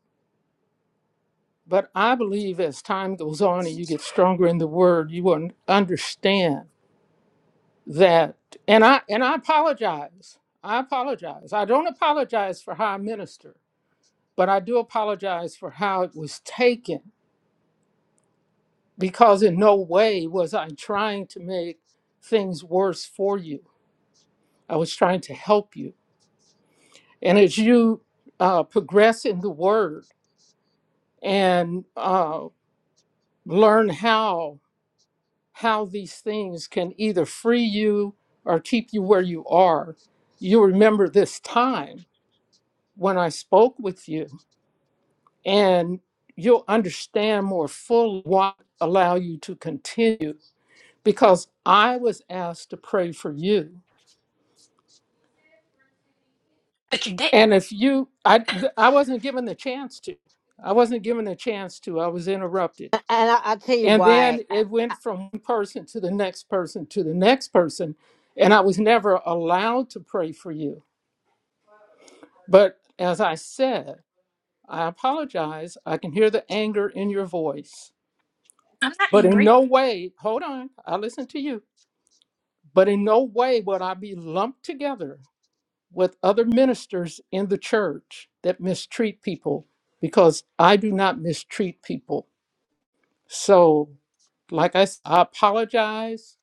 [SPEAKER 7] But I believe as time goes on and you get stronger in the word, you will understand that and i and i apologize i apologize i don't apologize for how i minister but i do apologize for how it was taken because in no way was i trying to make things worse for you i was trying to help you and as you uh, progress in the word and uh, learn how how these things can either free you or keep you where you are you remember this time when I spoke with you, and you'll understand more fully what allow you to continue because I was asked to pray for you.
[SPEAKER 8] but you didn't.
[SPEAKER 7] And if you I I wasn't given the chance to. I wasn't given the chance to. I was interrupted.
[SPEAKER 1] A- And I, I'll tell you
[SPEAKER 7] And then
[SPEAKER 1] why I-
[SPEAKER 7] it went from one person to the next person to the next person and I was never allowed to pray for you. But as I said, I apologize. I can hear the anger in your voice
[SPEAKER 8] I'm not
[SPEAKER 7] But in
[SPEAKER 8] angry.
[SPEAKER 7] no way, hold on, I listen to you. But in no way would I be lumped together with other ministers in the church that mistreat people because I do not mistreat people. So, like I said, I apologize.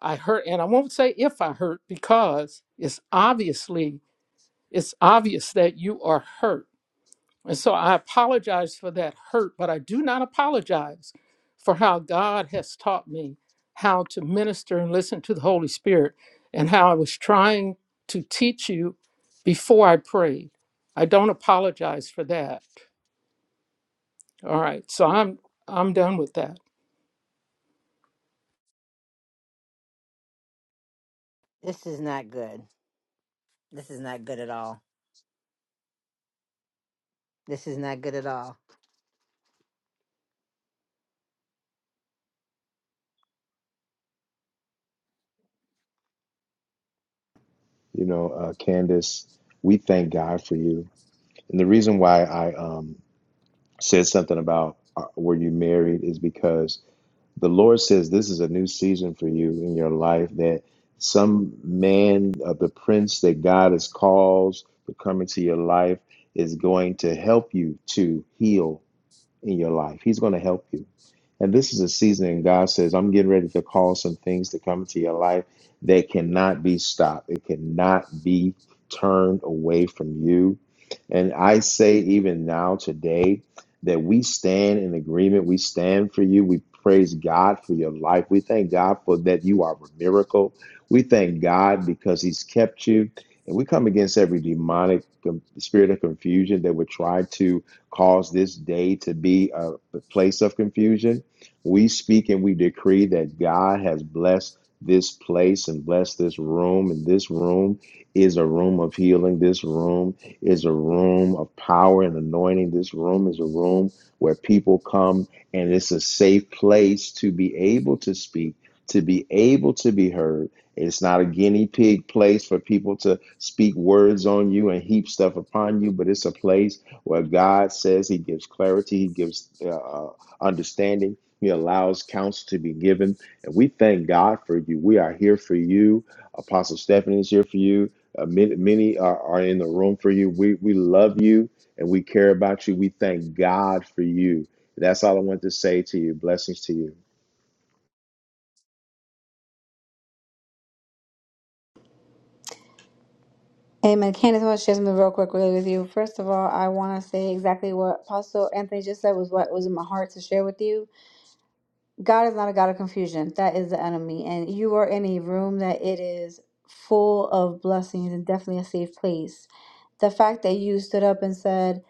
[SPEAKER 7] I hurt, and I won't say if I hurt because it's obviously it's obvious that you are hurt And so I apologize for that hurt, but I do not apologize for how God has taught me how to minister and listen to the Holy Spirit and how I was trying to teach you before I prayed. I don't apologize for that. All right. So I'm I'm done with that.
[SPEAKER 1] this is not good. This is not good at all. This is not good at all.
[SPEAKER 3] you know, uh, Candace, we thank God for you. And the reason why I um, said something about uh, were you married is because the Lord says this is a new season for you in your life that some man of the prince that God has called to come into your life is going to help you to heal in your life. He's going to help you. And this is a season, and God says, I'm getting ready to call some things to come into your life that cannot be stopped. It cannot be turned away from you. And I say, even now, today, that we stand in agreement. We stand for you. We praise God for your life. We thank God for that you are a miracle. We thank God because He's kept you. And we come against every demonic um, spirit of confusion that would try to Cause this day to be a place of confusion. We speak and we decree that God has blessed this place and blessed this room. And this room is a room of healing. This room is a room of power and anointing. This room is a room where people come and it's a safe place to be able to speak, to be able to be heard. It's not a guinea pig place for people to speak words on you and heap stuff upon you, but it's a place where God says He gives clarity, He gives uh, uh, understanding, He allows counsel to be given. And we thank God for you. We are here for you. Apostle Stephanie is here for you. Uh, many many are, are in the room for you. We, we love you and we care about you. We thank God for you. That's all I want to say to you. Blessings to you.
[SPEAKER 4] Amen. Candace, I want to share something real quick really with you. First of all, I want to say exactly what Apostle Anthony just said was what was in my heart to share with you. God is not a God of confusion. That is the enemy. And you are in a room that it is full of blessings and definitely a safe place. The fact that you stood up and said,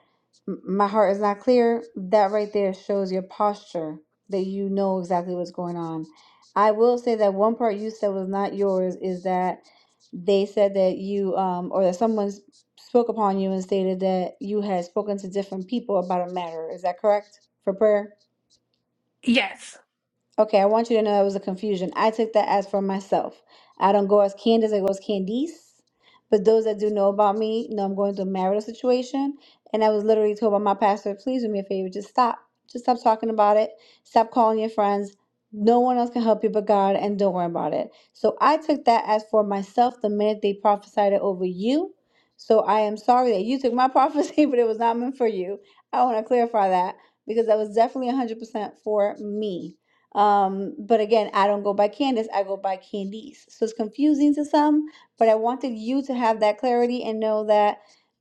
[SPEAKER 4] "M- My heart is not clear, that right there shows your posture that you know exactly what's going on. I will say that one part you said was not yours is that they said that you, um, or that someone s- spoke upon you and stated that you had spoken to different people about a matter. Is that correct for prayer?
[SPEAKER 8] Yes.
[SPEAKER 4] Okay, I want you to know that was a confusion. I took that as for myself. I don't go as Candace, I go as Candice. But those that do know about me know I'm going through a marital situation. And I was literally told by my pastor, please do me a favor, just stop. Just stop talking about it. Stop calling your friends. No one else can help you but God, and don't worry about it. So I took that as for myself the minute they prophesied it over you. So I am sorry that you took my [laughs] prophecy, but it was not meant for you. I want to clarify that because that was definitely 100% for me. Um, but again, I don't go by Candace, I go by Candice. So it's confusing to some, but I wanted you to have that clarity and know that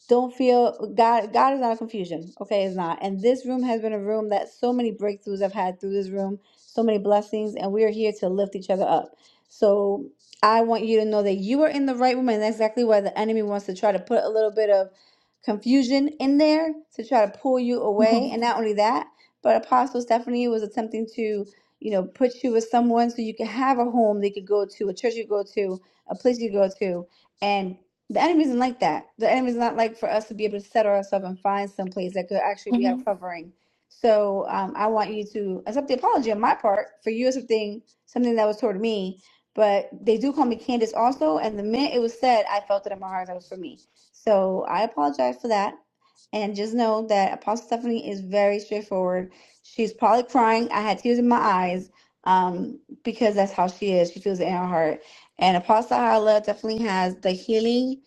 [SPEAKER 4] don't feel God God is not a confusion. Okay, it's not. And this room has been a room that so many breakthroughs I've had through this room, so many blessings, and we are here to lift each other up. So I want you to know that you are in the right room, and that's exactly why the enemy wants to try to put a little bit of confusion in there to try to pull you
[SPEAKER 8] hmm
[SPEAKER 4] away. And not only that, but Apostle Stephanie was attempting to you know, put you with someone so you can have a home they could go to, a church you go to, a place you go to. And the enemy isn't like that. The enemy is not like for us to be able to settle ourselves and find some place that could actually be our
[SPEAKER 8] hmm
[SPEAKER 4] covering. So um, I want you to accept the apology on my part for you accepting something that was toward me. But they do call me Candace also. And the minute it was said, I felt it in my heart that was for me. So I apologize for that. And just know that Apostle Stephanie is very straightforward She's probably crying. I had tears in my eyes um, because that's how she is. She feels it in her heart. And Apostle Hala definitely has the healing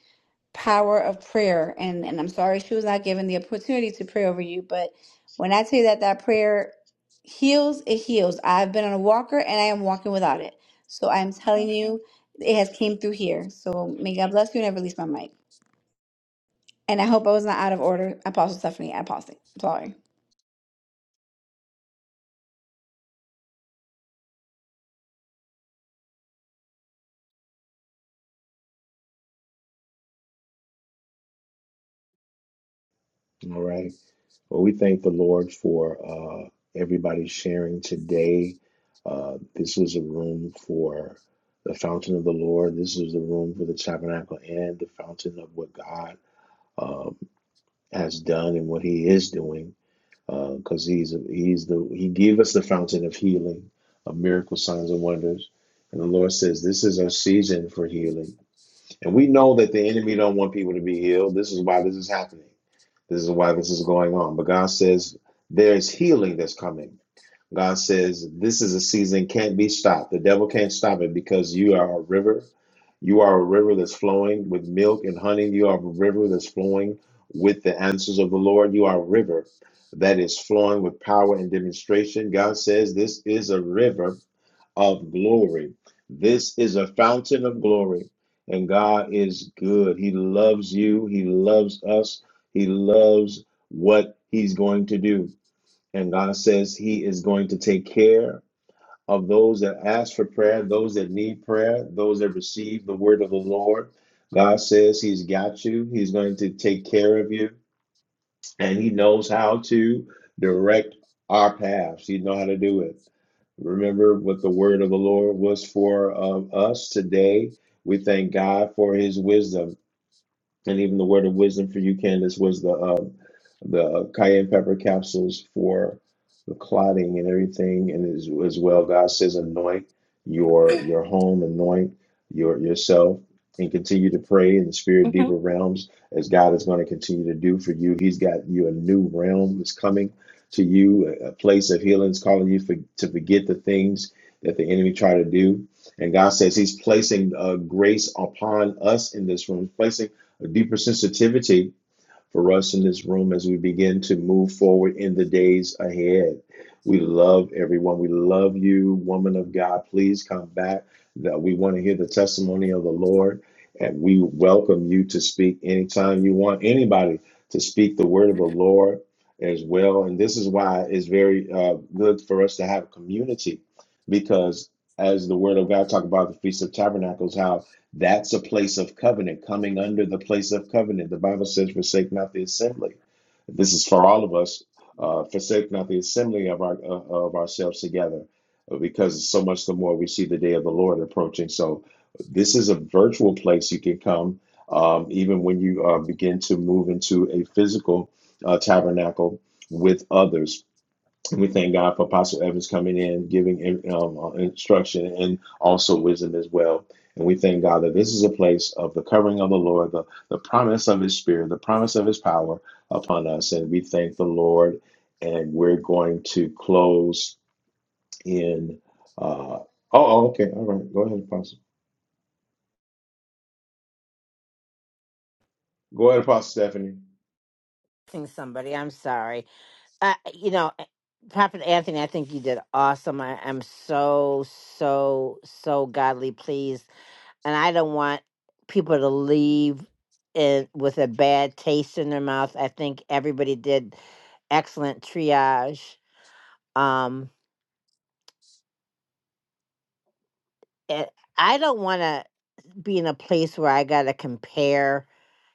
[SPEAKER 4] power of prayer. And, and I'm sorry she was not given the opportunity to pray over you. But when I tell you that that prayer heals, it heals. I've been on a walker and I am walking without it. So I'm telling
[SPEAKER 8] hmm
[SPEAKER 4] you, it has came through here. So may God bless you and I release my mic. And I hope I was not out of order. Apostle Stephanie, I paused it. Sorry.
[SPEAKER 3] All right. Well, we thank the Lord for uh, everybody sharing today. Uh, this is a room for the fountain of the Lord. This is the room for the tabernacle and the fountain of what God um, has done and what He is doing. Because uh, He's He's the He gave us the fountain of healing, of miracle signs and wonders. And the Lord says, "This is our season for healing." And we know that the enemy don't want people to be healed. This is why this is happening. This is why this is going on. But God says there's healing that's coming. God says this is a season can't be stopped. The devil can't stop it because you are a river. You are a river that's flowing with milk and honey. You are a river that's flowing with the answers of the Lord. You are a river that is flowing with power and demonstration. God says this is a river of glory. This is a fountain of glory, and God is good. He loves you, He loves us, He loves what He's going to do. And God says He is going to take care of those that ask for prayer, those that need prayer, those that receive the word of the Lord. God says He's got you, He's going to take care of you, and He knows how to direct our paths. He knows how to do it. Remember what the word of the Lord was for um, us today. We thank God for his wisdom and even the word of wisdom for you, Candace, was the uh, the cayenne pepper capsules for the clotting and everything, and as, as well, God says, anoint your your home, anoint your yourself, and continue to pray in the spirit
[SPEAKER 8] hmm
[SPEAKER 3] deeper realms as God is going to continue to do for you. He's got you a new realm is coming to you, a a place of healing is calling you for, to forget the things that the enemy tried to do. And God says He's placing uh, grace upon us in this room, placing a deeper sensitivity for us in this room as we begin to move forward in the days ahead. We love everyone. We love you, woman of God. Please come back. That we want to hear the testimony of the Lord, and we welcome you to speak anytime you want. Anybody to speak the word of the Lord as well. And this is why it's very uh, good for us to have community, because as the word of God talk about the feast of tabernacles, how that's a place of covenant, coming under the place of covenant. The Bible says, forsake not the assembly. This is for all of us. Uh, forsake not the assembly of, our, uh, of ourselves together, uh, because so much the more we see the day of the Lord approaching. So, this is a virtual place you can come, um, even when you uh, begin to move into a physical uh, tabernacle with others we thank God for Apostle Evans coming in, giving um, uh, instruction and also wisdom as well. And we thank God that this is a place of the covering of the Lord, the, the promise of his spirit, the promise of his power upon us. And we thank the Lord. And we're going to close in. Uh, oh, oh, okay. All right. Go ahead, Apostle. Go ahead, Apostle Stephanie.
[SPEAKER 1] Sing somebody. I'm sorry. Uh, you know, uh, Prophet Anthony, I think you did awesome. I am so so so godly pleased and I don't want people to leave it with a bad taste in their mouth. I think everybody did excellent triage. Um, it, I don't want to be in a place where I got to compare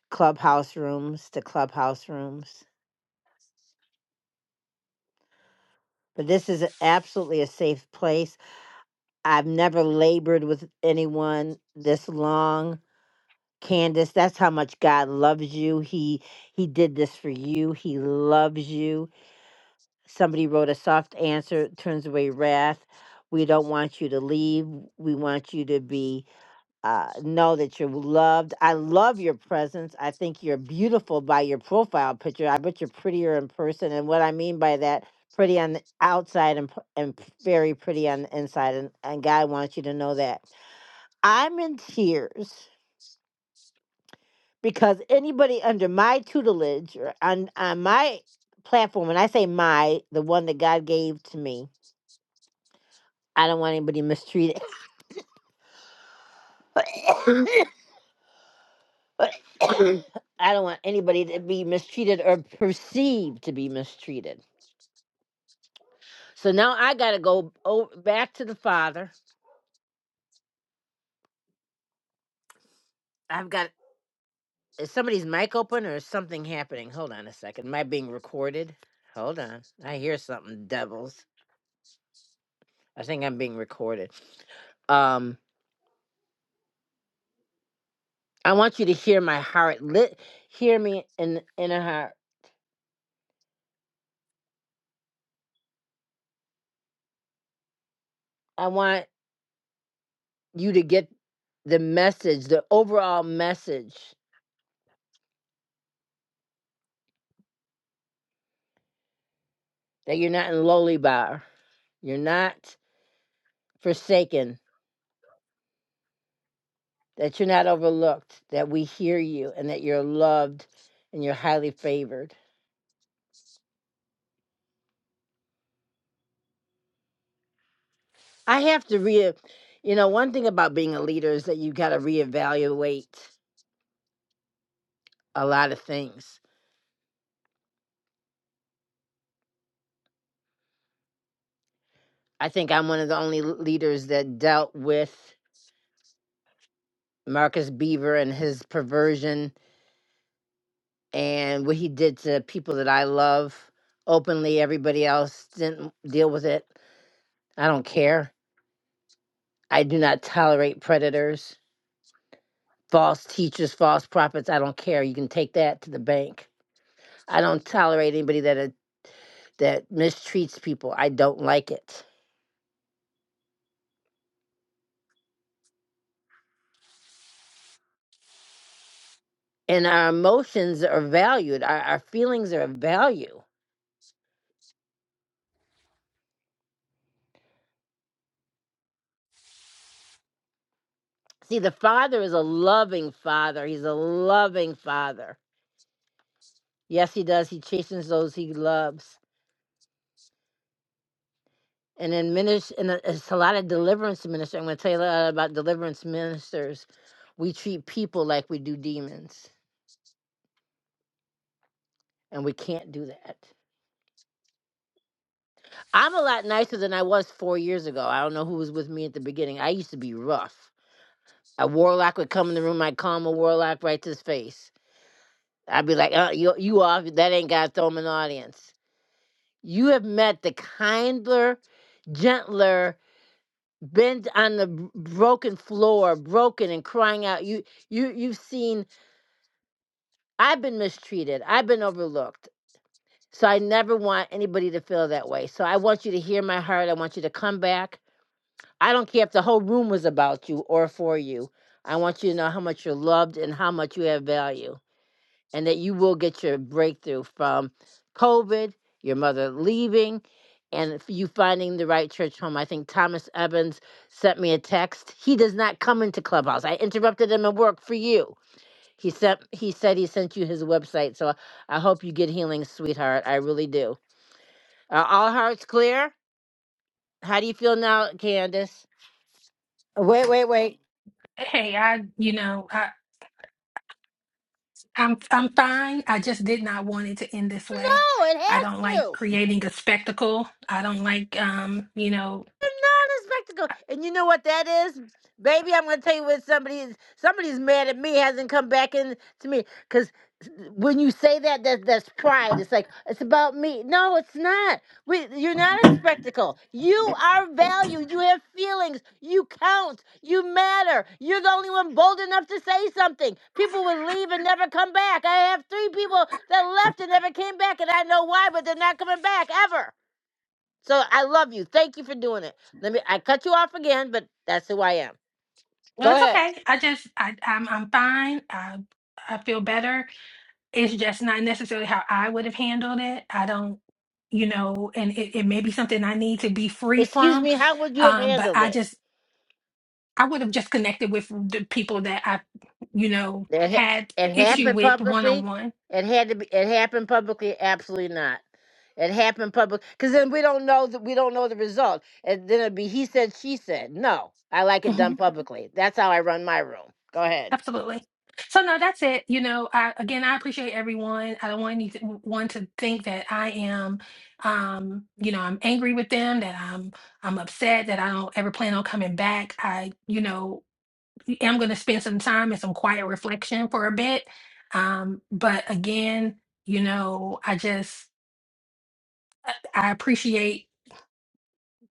[SPEAKER 1] clubhouse rooms to clubhouse rooms. But this is absolutely a safe place. I've never labored with anyone this long. Candace, that's how much God loves you. He he did this for you. He loves you somebody wrote a soft answer turns away wrath. We don't want you to leave. We want you to be uh, know that you're loved. I love your presence. I think you're beautiful by your profile picture. I bet you're prettier in person. And what I mean by that, pretty on the outside and p- and p- very pretty on the inside. And, and God wants you to know that. I'm in tears because anybody under my tutelage or on on my platform, and I say my, the one that God gave to me I don't want anybody mistreated. [coughs] I don't want anybody to be mistreated or perceived to be mistreated. So now I got to go o- back to the father. I've got is somebody's mic open or is something happening? Hold on a second. Am I being recorded? Hold on. I hear something, devils. I think I'm being recorded. Um, I want you to hear my heart. Lit, hear me in in a heart. I want you to get the message, the overall message that you're not in lowly bar, you're not forsaken, that you're not overlooked, that we hear you and that you're loved and you're highly favored. I have to re you know, one thing about being a leader is that you gotta reevaluate a lot of things. I think I'm one of the only leaders that dealt with Marcus Beaver and his perversion and what he did to people that I love openly. Everybody else didn't deal with it. I don't care I do not tolerate predators, false teachers, false prophets. I don't care. You can take that to the bank. I don't tolerate anybody that uh, that mistreats people. I don't like it. And our emotions are valued. Our, our feelings are of value. See, the Father is a loving Father. He's a loving Father. Yes, He does. He chastens those He loves. And then minister. and uh, it's a lot of deliverance ministers. I'm going to tell you a lot about deliverance ministers. We treat people like we do demons and we can't do that. I'm a lot nicer than I was four years ago. I don't know who was with me at the beginning. I used to be rough. A warlock would come in the room, I'd calm a warlock right to his face. I'd be like, uh, you, you off, that ain't God, throw him in the audience. You have met the kinder, gentler, bent on the b- broken floor, broken and crying out. You, you, you've seen, I've been mistreated. I've been overlooked. So I never want anybody to feel that way. So I want you to hear my heart. I want you to come back. I don't care if the whole room was about you or for you. I want you to know how much you're loved and how much you have value, and that you will get your breakthrough from COVID, your mother leaving, and f- you finding the right church home. I think Thomas Evans sent me a text. He does not come into Clubhouse. I interrupted him at work for you. He sent. He said he sent you his website. So I hope you get healing, sweetheart. I really do. Are all hearts clear? How do you feel now, Candace? Wait, wait, wait.
[SPEAKER 8] Hey, I, you know, I, I'm I'm fine. I just did not want it to end this way.
[SPEAKER 1] go. It
[SPEAKER 8] I
[SPEAKER 1] has
[SPEAKER 8] don't like
[SPEAKER 1] to.
[SPEAKER 8] creating a spectacle. I don't like, um, you know.
[SPEAKER 1] They're not a spectacle. And you know what that is? Baby, I'm gonna tell you what somebody is somebody's mad at me, hasn't come back in to me. Cause when you say that, that that's pride. It's like it's about me. No, it's not. We, you're not a spectacle. You are valued. You have feelings. You count. You matter. You're the only one bold enough to say something. People would leave and never come back. I have three people that left and never came back, and I know why, but they're not coming back ever. So I love you. Thank you for doing it. Let me I cut you off again, but that's who I am.
[SPEAKER 8] Well,
[SPEAKER 1] Go
[SPEAKER 8] it's
[SPEAKER 1] ahead.
[SPEAKER 8] okay. I just, I, I'm, I'm fine. I, I feel better it's just not necessarily how I would have handled it. I don't, you know, and it, it may be something I need to be free
[SPEAKER 1] Excuse
[SPEAKER 8] from.
[SPEAKER 1] me, how would you have
[SPEAKER 8] Um, but
[SPEAKER 1] handled
[SPEAKER 8] I
[SPEAKER 1] it?
[SPEAKER 8] just, I would have just connected with the people that I, you know,
[SPEAKER 1] It, ha-
[SPEAKER 8] had
[SPEAKER 1] it
[SPEAKER 8] issue
[SPEAKER 1] happened
[SPEAKER 8] with one on
[SPEAKER 1] publicly. It had to be it happened publicly, absolutely not. It happened public because then we don't know that we don't know the result. And then it'd be he said, she said. No. I like it done
[SPEAKER 8] one.
[SPEAKER 1] publicly. That's how I run my room. Go ahead.
[SPEAKER 8] Absolutely. So no, that's it. You know, I again, I appreciate everyone. I don't want any one to think that I am, um, you know, I'm angry with them, that I'm, I'm upset, that I don't ever plan on coming back. I, you know, i am going to spend some time and some quiet reflection for a bit. Um, but again, you know, I just I appreciate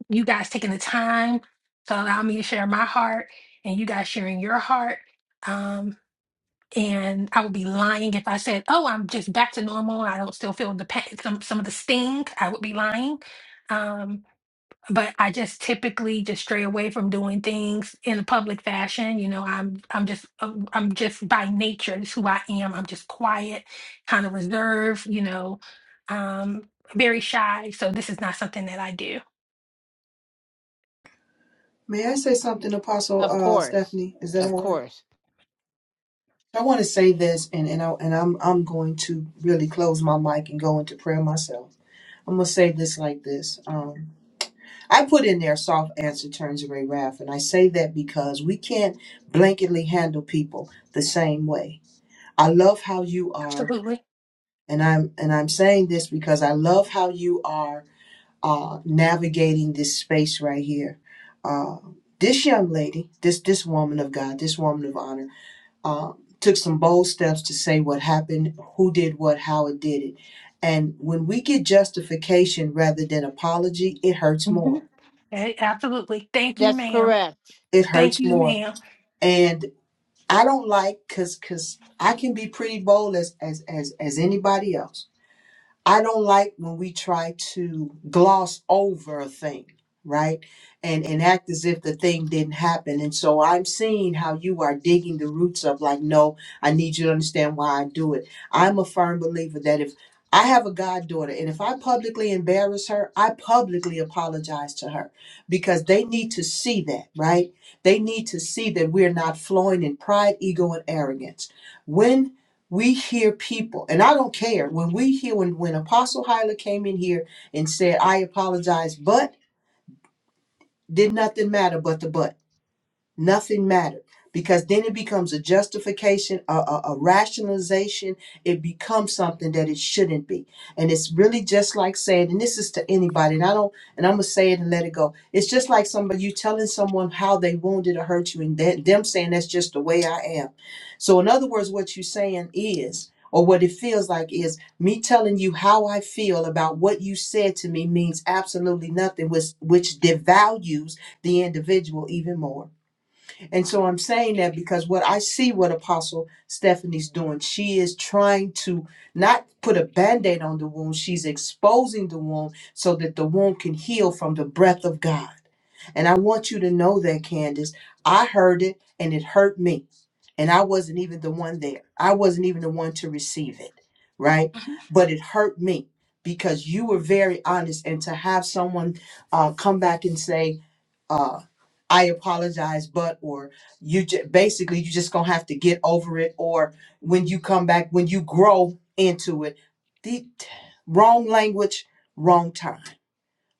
[SPEAKER 8] you guys taking the time to allow me to share my heart and you guys sharing your heart. Um, and I would be lying if I said, "Oh, I'm just back to normal. I don't still feel the pain, some some of the sting." I would be lying. Um, but I just typically just stray away from doing things in a public fashion. You know, I'm I'm just uh, I'm just by nature It's who I am. I'm just quiet, kind of reserved. You know, um, very shy. So this is not something that I do.
[SPEAKER 11] May I say something, Apostle
[SPEAKER 1] Of
[SPEAKER 11] uh,
[SPEAKER 1] course.
[SPEAKER 11] Stephanie? Is that
[SPEAKER 1] Of
[SPEAKER 11] all right?
[SPEAKER 1] course.
[SPEAKER 11] I want to say this, and and, I, and I'm I'm going to really close my mic and go into prayer myself. I'm gonna say this like this. Um, I put in there soft answer turns away wrath, and I say that because we can't blanketly handle people the same way. I love how you are,
[SPEAKER 8] Absolutely,
[SPEAKER 11] and I'm and I'm saying this because I love how you are uh, navigating this space right here. Uh, this young lady, this this woman of God, this woman of honor uh, took some bold steps to say what happened, who did what, how it did it. And when we get justification rather than apology, it hurts
[SPEAKER 8] hmm
[SPEAKER 11] more.
[SPEAKER 8] absolutely. Thank you,
[SPEAKER 1] That's
[SPEAKER 8] ma'am.
[SPEAKER 1] correct.
[SPEAKER 11] It
[SPEAKER 8] Thank
[SPEAKER 11] hurts
[SPEAKER 8] you,
[SPEAKER 11] more.
[SPEAKER 8] madam
[SPEAKER 11] And I don't like because because I can be pretty bold as as as as anybody else I don't like when we try to gloss over a thing, right? And and act as if the thing didn't happen. And so I'm seeing how you are digging the roots up like, no, I need you to understand why I do it. I'm a firm believer that if I have a goddaughter and if I publicly embarrass her, I publicly apologize to her because they need to see that, right? They need to see that we're not flowing in pride, ego, and arrogance. When we hear people and i don't care when we hear when when apostle hyla came in here and said i apologize but did nothing matter but the but Nothing mattered because then it becomes a justification, a, a, a rationalization. It becomes something that it shouldn't be, and it's really just like saying, and this is to anybody, and I don't, and I'm gonna say it and let it go. It's just like somebody you telling someone how they wounded or hurt you, and that, them saying that's just the way I am. So in other words, what you're saying is, or what it feels like is, me telling you how I feel about what you said to me means absolutely nothing, which which devalues the individual even more. And so I'm saying that because what I see what Apostle Stephanie's doing, she is trying to not put a band aid on the wound, she's exposing the wound so that the wound can heal from the breath of God. And I want you to know that, Candace, I heard it and it hurt me. And I wasn't even the one there, I wasn't even the one to receive it, right?
[SPEAKER 8] hmm
[SPEAKER 11] But it hurt me because you were very honest. And to have someone uh, come back and say, uh i apologize but or you j- basically you just gonna have to get over it or when you come back when you grow into it the wrong language wrong time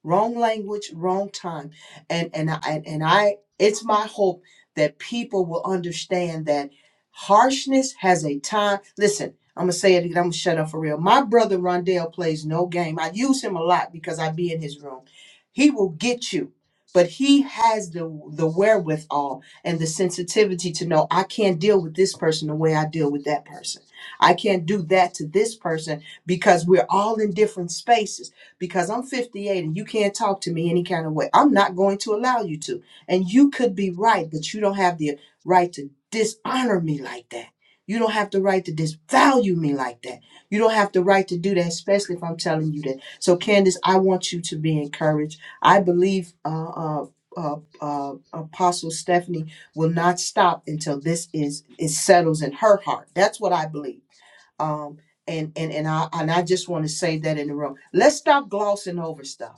[SPEAKER 11] wrong language wrong time and and I, and and I it's my hope that people will understand that harshness has a time listen I'm gonna say it again. I'm gonna shut up for real. My brother Rondell plays no game. I use him a lot because I be in his room. He will get you, but he has the the wherewithal and the sensitivity to know I can't deal with this person the way I deal with that person. I can't do that to this person because we're all in different spaces because I'm 58 and you can't talk to me any kind of way. I'm not going to allow you to. And you could be right, but you don't have the right to dishonor me like that. You don't have the right to disvalue me like that. You don't have the right to do that, especially if I'm telling you that. So, Candace, I want you to be encouraged. I believe uh, uh, uh, uh, Apostle Stephanie will not stop until this is it settles in her heart. That's what I believe um and and and I and I just want to say that in the room. Let's stop glossing over stuff.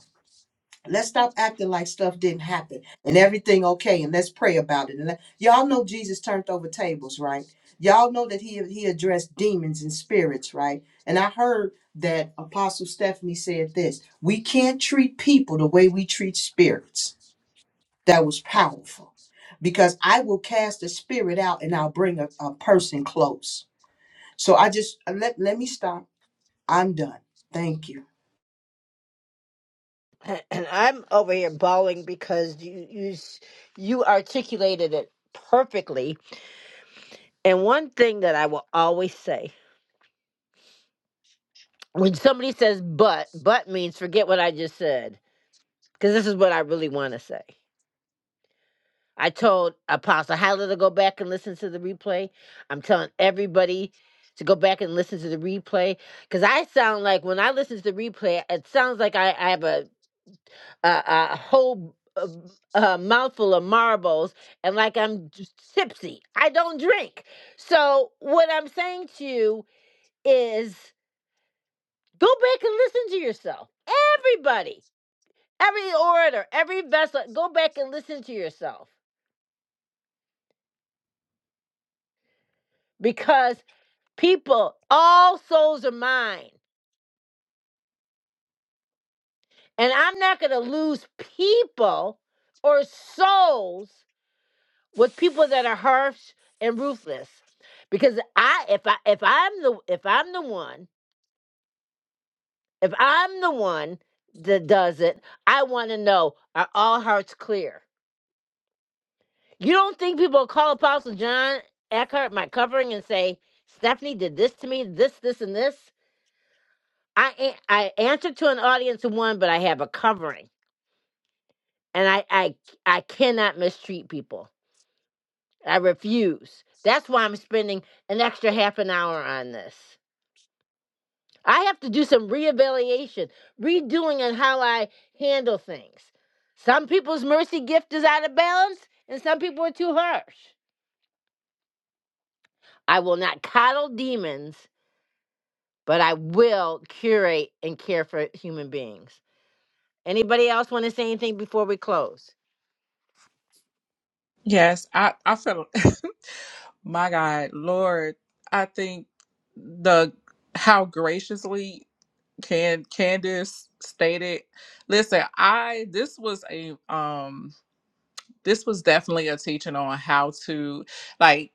[SPEAKER 11] Let's stop acting like stuff didn't happen and everything okay and let's pray about it. And let, y'all know Jesus turned over tables, right? Y'all know that he he addressed demons and spirits, right? And I heard that Apostle Stephanie said this, we can't treat people the way we treat spirits. That was powerful. Because I will cast a spirit out and I'll bring a, a person close. So I just uh, let let me stop I'm done. Thank you.
[SPEAKER 1] [clears throat] and and I'm over here bawling because you you s- you articulated it perfectly. And one thing that I will always say when somebody says "but," "but" means forget what I just said because this is what I really want to say. I told Apostle Hyla to go back and listen to the replay. I'm telling everybody to go back and listen to the replay because I sound like when I listen to the replay, it sounds like I, I have a a, a whole uh, uh, mouthful of marbles and like I'm just tipsy. I don't drink. So, what I'm saying to you is go back and listen to yourself. Everybody, every orator, every vessel, go back and listen to yourself because people, all souls are mine. And I'm not going to lose people or souls with people that are harsh and ruthless because i if i if i'm the if i'm the one if i'm the one that does it i want to know are all hearts clear you don't think people will call apostle john eckhart my covering and say stephanie did this to me this this and this i a- i answer to an audience of one but i have a covering and i i i cannot mistreat people i refuse that's why i'm spending an extra half an hour on this I have to do some reevaluation, redoing on how I handle things. Some people's mercy gift is out of balance, and some people are too harsh. I will not coddle demons, but I will curate and care for human beings. Anybody else want to say anything before we close?
[SPEAKER 2] Yes, I I feel [laughs] my God, Lord, I think the how graciously can Candace stated. Listen, I this was a um this was definitely a teaching on how to like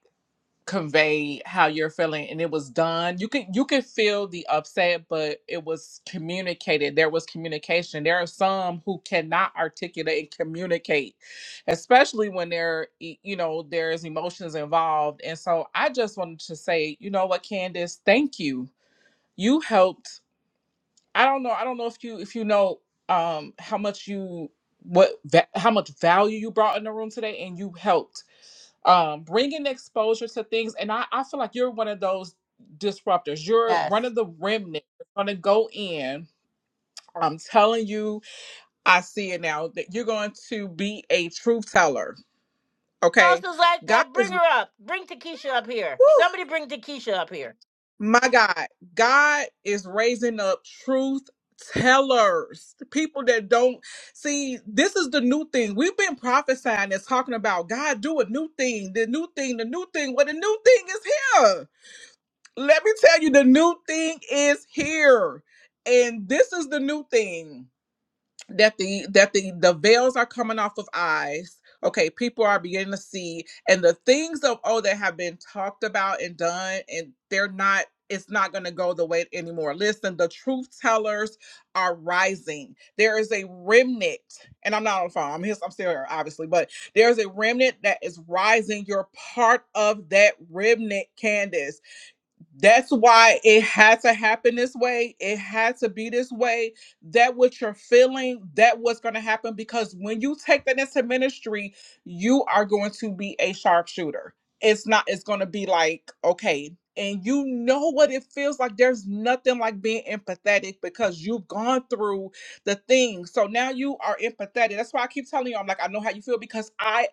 [SPEAKER 2] convey how you're feeling and it was done you could you could feel the upset but it was communicated there was communication there are some who cannot articulate and communicate especially when there e- you know there's emotions involved and so i just wanted to say you know what candace thank you you helped I don't know. I don't know if you if you know um how much you what va- how much value you brought in the room today, and you helped um bring in exposure to things. And I I feel like you're one of those disruptors. You're one
[SPEAKER 1] Yes.
[SPEAKER 2] of the remnant that's gonna go in. I'm telling you, I see it now that you're going to be a truth teller. Okay,
[SPEAKER 1] Also, like
[SPEAKER 2] God
[SPEAKER 1] that, bring
[SPEAKER 2] is.
[SPEAKER 1] her up. Bring Takesha up here. Somebody bring Takesha up here.
[SPEAKER 2] My God, God is raising up truth tellers, people that don't see. This is the new thing. We've been prophesying and talking about God do a new thing, the new thing, the new thing. Well, the new thing is here. Let me tell you, the new thing is here. And this is the new thing that the that the the veils are coming off of eyes okay people are beginning to see and the things of oh that have been talked about and done and they're not it's not going to go the way anymore listen the truth tellers are rising there is a remnant and i'm not on the phone i'm his i'm still here obviously but there's a remnant that is rising you're part of that remnant candace that's why it had to happen this way. It had to be this way. That what you're feeling, that what's going to happen. Because when you take that into ministry, you are going to be a sharpshooter. It's not, it's going to be like, okay. And you know what it feels like. There's nothing like being empathetic because you've gone through the thing. So now you are empathetic. That's why I keep telling you, I'm like, I know how you feel because I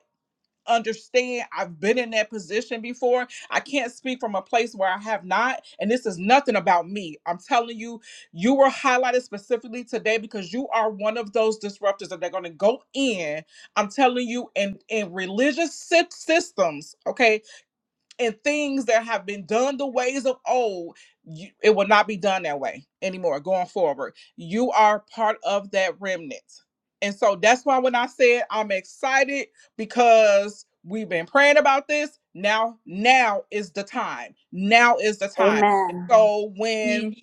[SPEAKER 2] understand. I've been in that position before. I can't speak from a place where I have not. And this is nothing about me. I'm telling you, you were highlighted specifically today because you are one of those disruptors that they're going to go in. I'm telling you, in, in religious sy- systems, okay? and things that have been done the ways of old, you, it will not be done that way anymore going forward. You are part of that remnant. And so that's why when I said I'm excited because we've been praying about this, now now is the time. Now is the time. And
[SPEAKER 4] Amen.
[SPEAKER 2] so
[SPEAKER 8] Yeah.
[SPEAKER 2] when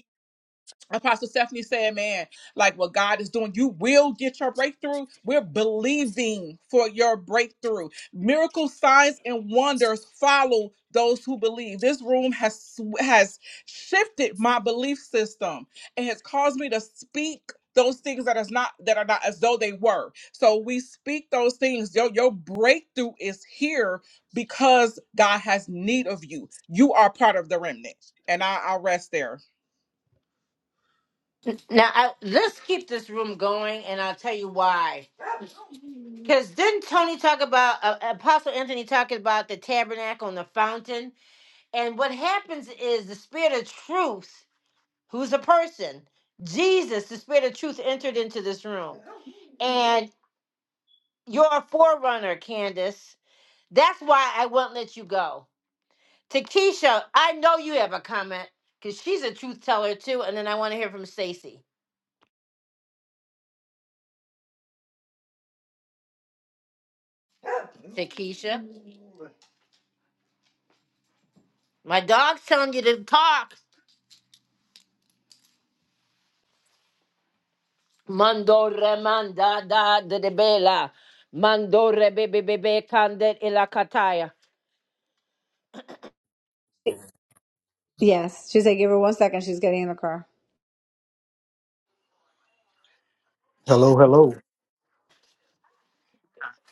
[SPEAKER 2] Apostle Stephanie said, man, like what God is doing, you will get your breakthrough. We're believing for your breakthrough. Miracles, signs, and wonders follow those who believe. This room has has shifted my belief system and has caused me to speak those things that is not that are not as though they were. So we speak those things. Your your breakthrough is here because God has need of you. You are part of the remnant. And I, I'll rest there.
[SPEAKER 1] Now, I, let's keep this room going, and I'll tell you why. Because didn't Tony talk about, uh, Apostle Anthony talking about the tabernacle and the fountain? And what happens is the spirit of truth, who's a person, Jesus, the spirit of truth, entered into this room. And you're a forerunner, Candace. That's why I won't let you go. Takesha, I know you have a comment because she's a truth teller too. And then I want to hear from Stacy. Takesha, my dog's telling you to talk. Mando remanda da de de bela. Mando rebebebe kandet ilakataya.
[SPEAKER 4] Yes. She said, give her one second. She's getting in the car.
[SPEAKER 6] Hello, hello.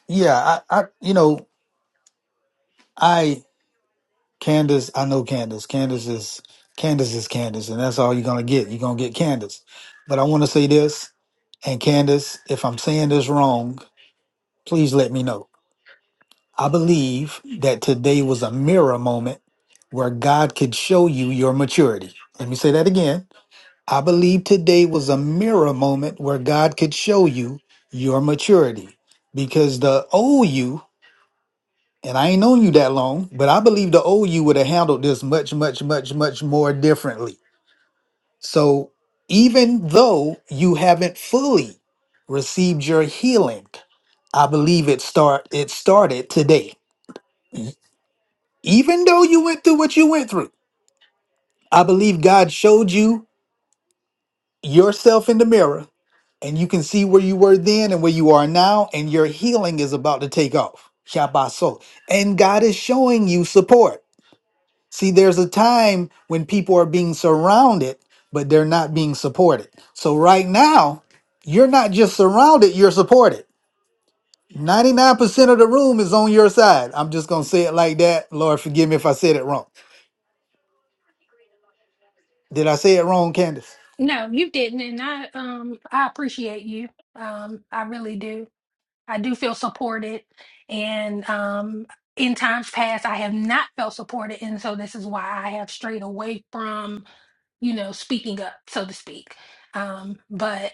[SPEAKER 6] Yeah, I, I you know, I. Candace, I know Candace. Candace is Candace is Candace, and that's all you're gonna get. You're gonna get Candace. But I want to say this, and Candace, if I'm saying this wrong, please let me know. I believe that today was a mirror moment where God could show you your maturity. Let me say that again. I believe today was a mirror moment where God could show you your maturity because the old you and I ain't known you that long, but I believe the old you would have handled this much, much, much, much more differently. So even though you haven't fully received your healing, I believe it start it started today. E- Even though you went through what you went through, I believe God showed you yourself in the mirror and you can see where you were then and where you are now and your healing is about to take off. Shabbat soul. And God is showing you support. See, there's a time when people are being surrounded, but they're not being supported. So right now, you're not just surrounded, you're supported. 99% of the room is on your side. I'm just going to say it like that. Lord, forgive me if I said it wrong. Did I say it wrong, Candace?
[SPEAKER 8] No, you didn't, and I um I appreciate you. Um, I really do. I do feel supported. And um, in times past, I have not felt supported. And so this is why I have strayed away from, you know, speaking up, so to speak. Um, but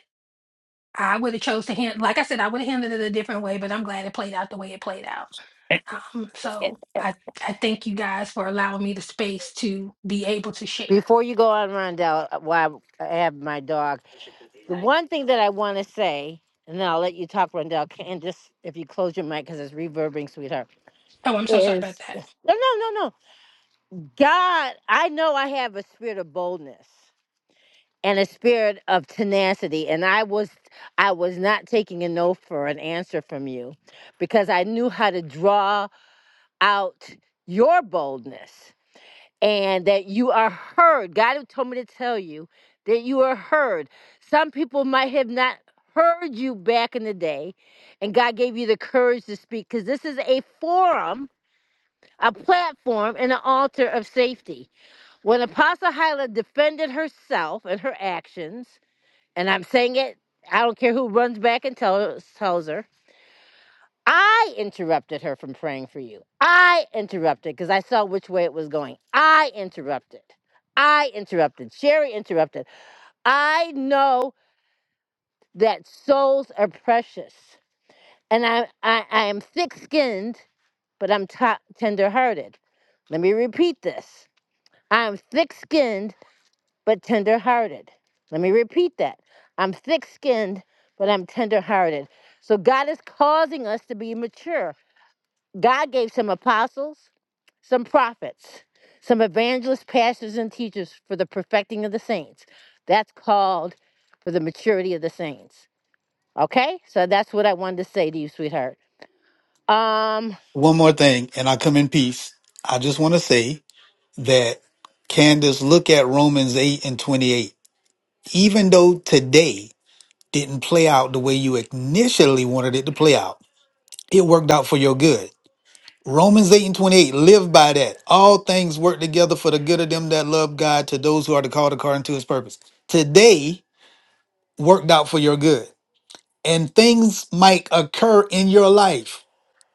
[SPEAKER 8] I would have chose to handle, like I said, I would have handled it a different way, but I'm glad it played out the way it played out. Um, so I, I thank you guys for allowing me the space to be able to share.
[SPEAKER 1] Before you go on, Rondell, while I have my dog, the one thing that I want to say, and then I'll let you talk, Rondell, can- and just if you close your mic because it's reverbing, sweetheart,
[SPEAKER 8] Oh, I'm so sorry about
[SPEAKER 1] is
[SPEAKER 8] that.
[SPEAKER 1] no, no, no, no. God, I know I have a spirit of boldness and a spirit of tenacity, and I was, I was not taking a no for an answer from you, because I knew how to draw out your boldness and that you are heard. God told me to tell you that you are heard. Some people might have not heard you back in the day, and God gave you the courage to speak because this is a forum, a platform, and an altar of safety. When Apostle Hyla defended herself and her actions, and I'm saying it, I don't care who runs back and tell, tells her I interrupted her from praying for you. I interrupted because I saw which way it was going. I interrupted. I interrupted. Sherry interrupted. I know that souls are precious. And I, I, I am thick skinned, but I'm t- tender hearted. Let me repeat this I'm thick skinned, but tender hearted. Let me repeat that. I'm thick skinned, but I'm tender hearted. So God is causing us to be mature. God gave some apostles. some prophets, some evangelists, pastors, and teachers for the perfecting of the saints. That's called for the maturity of the saints. Okay? So that's what I wanted to say to you, sweetheart. Um,
[SPEAKER 6] One more thing, and I come in peace. I just want to say that, Candace, look at Romans 8 and 28. Even though today didn't play out the way you initially wanted it to play out, it worked out for your good. Romans 8 and 28, live by that. All things work together for the good of them that love God, to those who are the called according to his purpose. Today worked out for your good. And things might occur in your life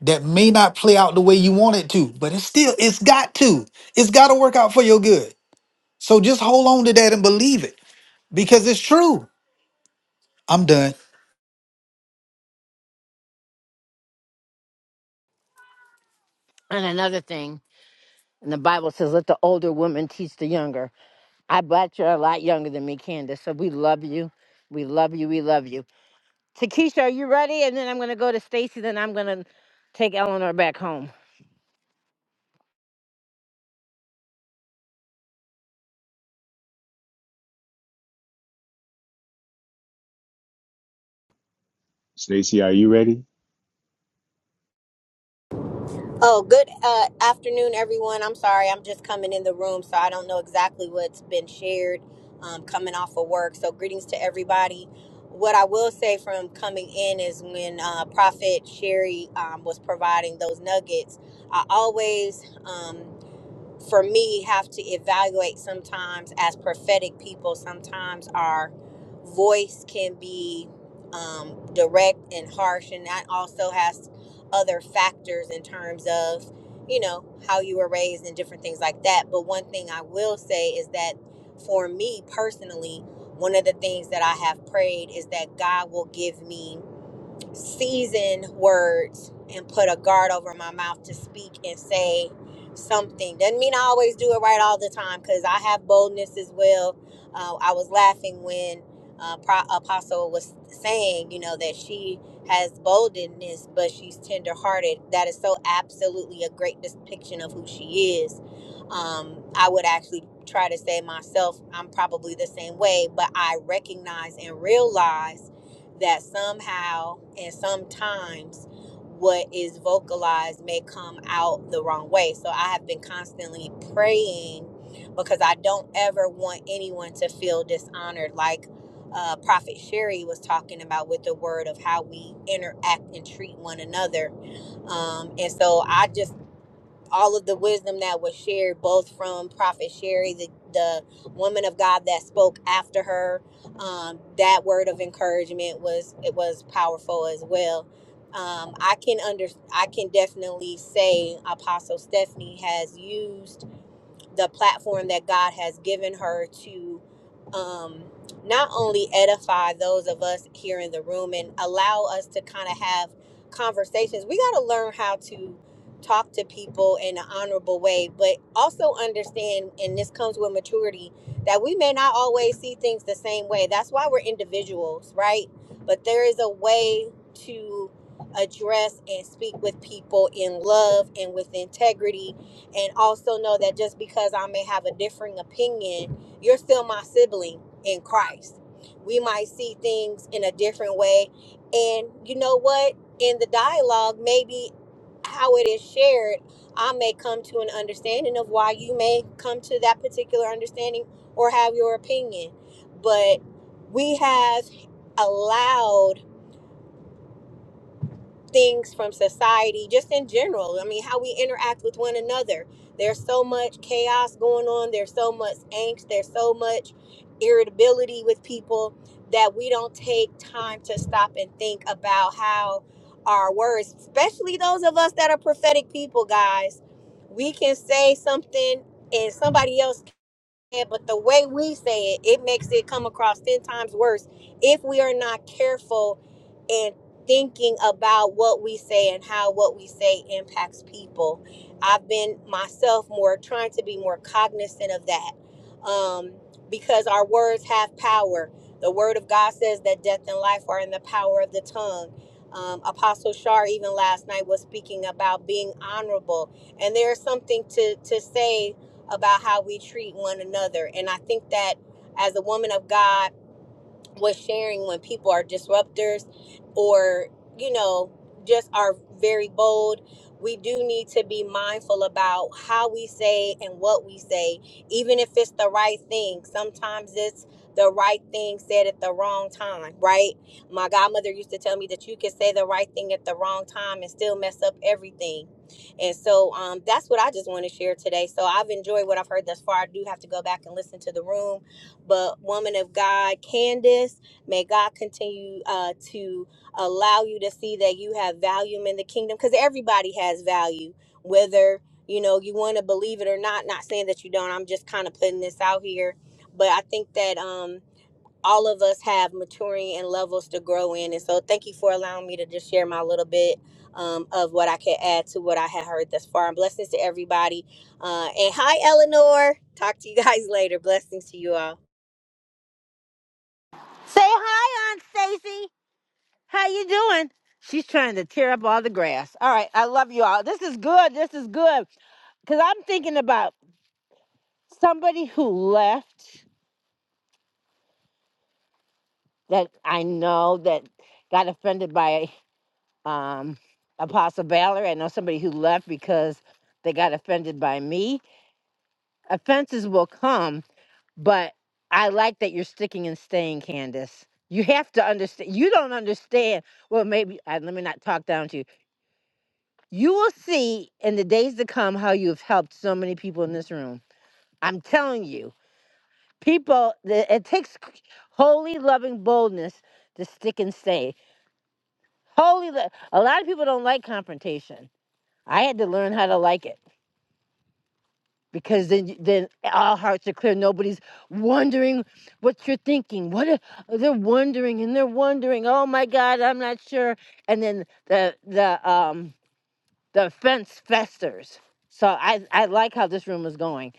[SPEAKER 6] that may not play out the way you want it to, but it's still, it's got to. It's got to work out for your good. So just hold on to that and believe it because it's true. I'm done.
[SPEAKER 1] and another thing, and the Bible says, let the older woman teach the younger. I bet you're a lot younger than me, Candace. So we love you. We love you. We love you. Takesha, are you ready? And then I'm gonna go to Stacy, then I'm gonna take Eleanor back home.
[SPEAKER 3] Stacy, are you ready?
[SPEAKER 16] Oh, good uh, afternoon, everyone. I'm sorry, I'm just coming in the room, so I don't know exactly what's been shared um, coming off of work. So, greetings to everybody. What I will say from coming in is when uh, Prophet Sherry um, was providing those nuggets, I always um, for me have to evaluate sometimes as prophetic people sometimes our voice can be um, direct and harsh and that also has other factors in terms of you know how you were raised and different things like that but one thing i will say is that for me personally one of the things that i have prayed is that god will give me Seasoned words and put a guard over my mouth to speak and say something. Doesn't mean I always do it right all the time because I have boldness as well. Uh, I was laughing when uh, Pro- Apostle was saying, you know, that she has boldness, but she's tenderhearted. That is so absolutely a great depiction of who she is. Um, I would actually try to say myself, I'm probably the same way, but I recognize and realize that somehow and sometimes what is vocalized may come out the wrong way. So I have been constantly praying because I don't ever want anyone to feel dishonored, like uh, Prophet Sherry was talking about with the word of how we interact and treat one another. Um, and so I just all of the wisdom that was shared both from prophet sherry the, the woman of god that spoke after her um, that word of encouragement was it was powerful as well um, i can under i can definitely say apostle stephanie has used the platform that God has given her to um, not only edify those of us here in the room and allow us to kind of have conversations, we got to learn how to talk to people in an honorable way, but also understand, and this comes with maturity, that we may not always see things the same way. That's why we're individuals, right? But there is a way to address and speak with people in love and with integrity and also know that just because I may have a differing opinion, you're still my sibling in Christ. We might see things in a different way. And you know what? In the dialogue, maybe how it is shared, I may come to an understanding of why you may come to that particular understanding or have your opinion. But we have allowed things from society, just in general. I mean, how we interact with one another. There's so much chaos going on. There's so much angst. There's so much irritability with people that we don't take time to stop and think about how our words, especially those of us that are prophetic people, guys, we can say something. And somebody else yeah, but the way we say it, it makes it come across 10 times worse if we are not careful in thinking about what we say and how what we say impacts people. I've been myself more trying to be more cognizant of that um, because our words have power. The word of God says that death and life are in the power of the tongue. Um, Apostle Shar, even last night, was speaking about being honorable. And there's something to, to say about how we treat one another. And I think that as a woman of God, was sharing when people are disruptors or you know just are very bold we do need to be mindful about how we say and what we say even if it's the right thing sometimes it's the right thing said at the wrong time right my godmother used to tell me that you can say the right thing at the wrong time and still mess up everything and so um, that's what i just want to share today so i've enjoyed what i've heard thus far i do have to go back and listen to the room but, woman of God, Candace, may God continue uh, to allow you to see that you have value in the kingdom because everybody has value, whether you know you want to believe it or not. Not saying that you don't, I'm just kind of putting this out here. But I think that um, all of us have maturing and levels to grow in. And so, thank you for allowing me to just share my little bit um, of what I could add to what I had heard thus far. And blessings to everybody. Uh, and hi, Eleanor. Talk to you guys [laughs] later. Blessings to you all.
[SPEAKER 1] Say hi, Aunt Stacy. How you doing? She's trying to tear up all the grass. All right, I love you all. This is good. This is good. Cause I'm thinking about somebody who left that I know that got offended by um Apostle Valor. I know somebody who left because they got offended by me. Offenses will come, but I like that you're sticking and staying, Candace. You have to understand. You don't understand. Well, maybe I, let me not talk down to you You will see in the days to come how you have helped so many people in this room. I'm telling you, people, the- it takes holy, loving boldness to stick and stay. Holy, lo- a lot of people don't like confrontation. I had to learn how to like it because then, y- then all hearts are clear. Nobody's wondering what you're thinking. What if- oh, they're wondering and they're wondering. Oh my God, I'm not sure. And then the the um the offense festers. So I I like how this room is going.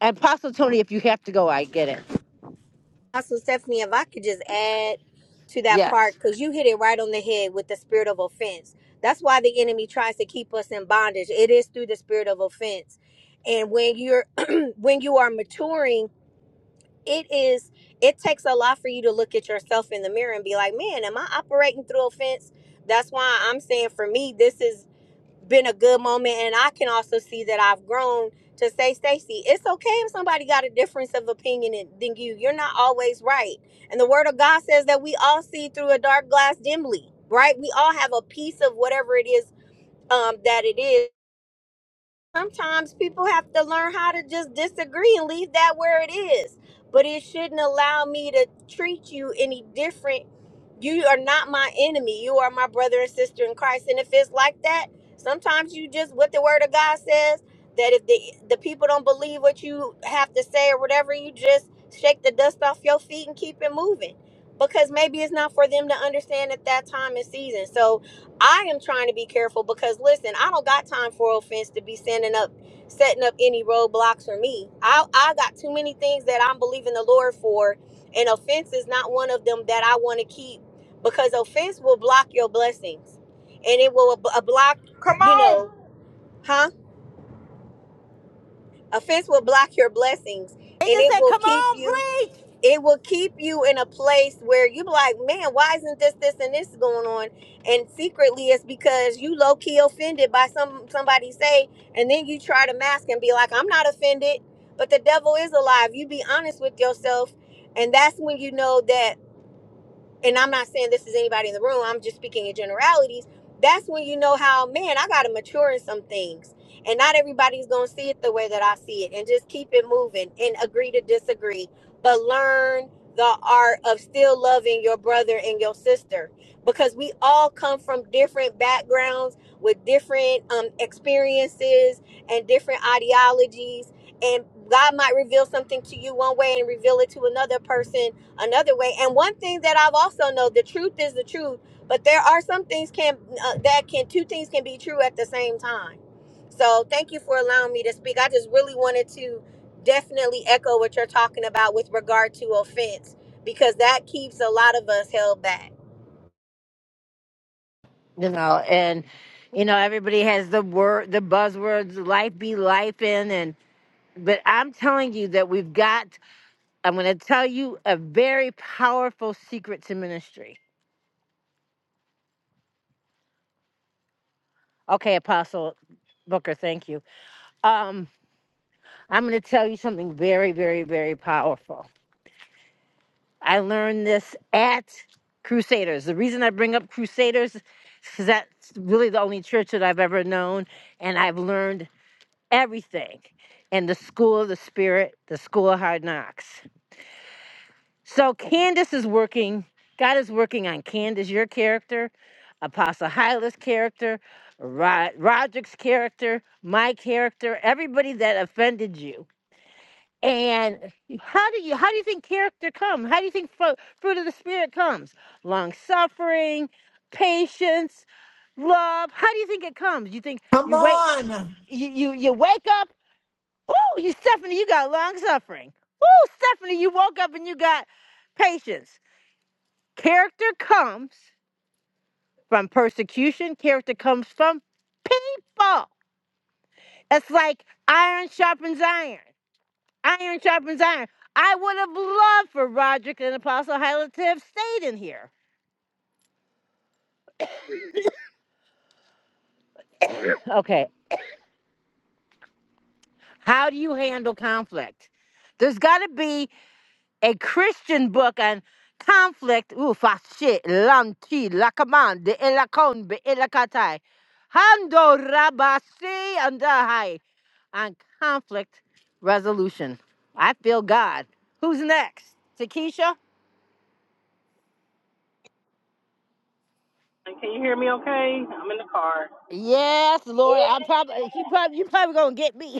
[SPEAKER 1] And Apostle Tony, if you have to go, I get it.
[SPEAKER 16] Also, Stephanie, if I could just add to that part,
[SPEAKER 1] Yes.
[SPEAKER 16] because you hit it right on the head with the spirit of offense. That's why the enemy tries to keep us in bondage. It is through the spirit of offense. And when you're [clears throat] when you are maturing, it is it takes a lot for you to look at yourself in the mirror and be like, man, am I operating through offense? That's why I'm saying for me, this is been a good moment and i can also see that i've grown to say stacy it's okay if somebody got a difference of opinion than you you're not always right and the word of god says that we all see through a dark glass dimly right we all have a piece of whatever it is um, that it is sometimes people have to learn how to just disagree and leave that where it is. But it shouldn't allow me to treat you any different. You are not my enemy. You are my brother and sister in Christ. And if it's like that, sometimes you just what the word of God says that if the the people don't believe what you have to say or whatever, you just shake the dust off your feet and keep it moving. Because maybe it's not for them to understand at that time and season. So I am trying to be careful because listen, I don't got time for offense to be sending up setting up any roadblocks for me. I I got too many things that I'm believing the Lord for, and offense is not one of them that I want to keep because offense will block your blessings. And it will b- block,
[SPEAKER 2] Come
[SPEAKER 16] you
[SPEAKER 2] on.
[SPEAKER 16] know, huh? Offense will block your blessings
[SPEAKER 1] They
[SPEAKER 16] and
[SPEAKER 1] just
[SPEAKER 16] it
[SPEAKER 1] said,
[SPEAKER 16] will
[SPEAKER 1] come
[SPEAKER 16] keep
[SPEAKER 1] on,
[SPEAKER 16] you
[SPEAKER 1] preach.
[SPEAKER 16] it will keep you in a place where you be like, man, why isn't this, this, and this going on? And secretly, it's because you low key offended by some somebody say, and then you try to mask and be like, I'm not offended, but the devil is alive. You be honest with yourself, and that's when you know that and I'm not saying this is anybody in the room, I'm just speaking in generalities. That's when you know how, man, I got to mature in some things. And not everybody's going to see it the way that I see it. And just keep it moving and agree to disagree. But learn the art of still loving your brother and your sister because we all come from different backgrounds with different um, experiences and different ideologies. And God might reveal something to you one way and reveal it to another person another way. And one thing that I've also know the truth is the truth, but there are some things can uh, that can two things can be true at the same time. So thank you for allowing me to speak. I just really wanted to definitely echo what you're talking about with regard to offense because that keeps a lot of us held back.
[SPEAKER 1] You know, and you know, everybody has the word the buzzwords, life be life in and but I'm telling you that we've got I'm gonna tell you a very powerful secret to ministry. Okay, Apostle Booker, thank you. Um, I'm gonna tell you something very, very, very powerful. I learned this at Crusaders. The reason I bring up Crusaders is 'cause that's really the only church that I've ever known, and I've learned everything in the school of the spirit, the school of hard knocks. So Candace is working, God is working on Candace, your character, Apostle Hyla's character, Rod- Roderick's character, my character, everybody that offended you and how do you how do you think character comes? How do you think fruit, fruit of the spirit comes? Long suffering, patience, love. How do you think it comes? You think you wait you you, you wake up, oh you Stephanie, you got long suffering. Oh Stephanie, you woke up and you got patience. Character comes from persecution, character comes from people. It's like iron sharpens iron. Iron sharpens iron. I would have loved for Roderick and Apostle Hyla to have stayed in here. Okay, how do you handle conflict? There's got to be a Christian book on conflict. Ooh, fashe, lanti, lakamande, elakonbe, elakatai. Hando rabasi andahai. On conflict resolution. I feel God. Who's next? Takesha? Yes, Lord. I'm probably you probably you probably gonna get me.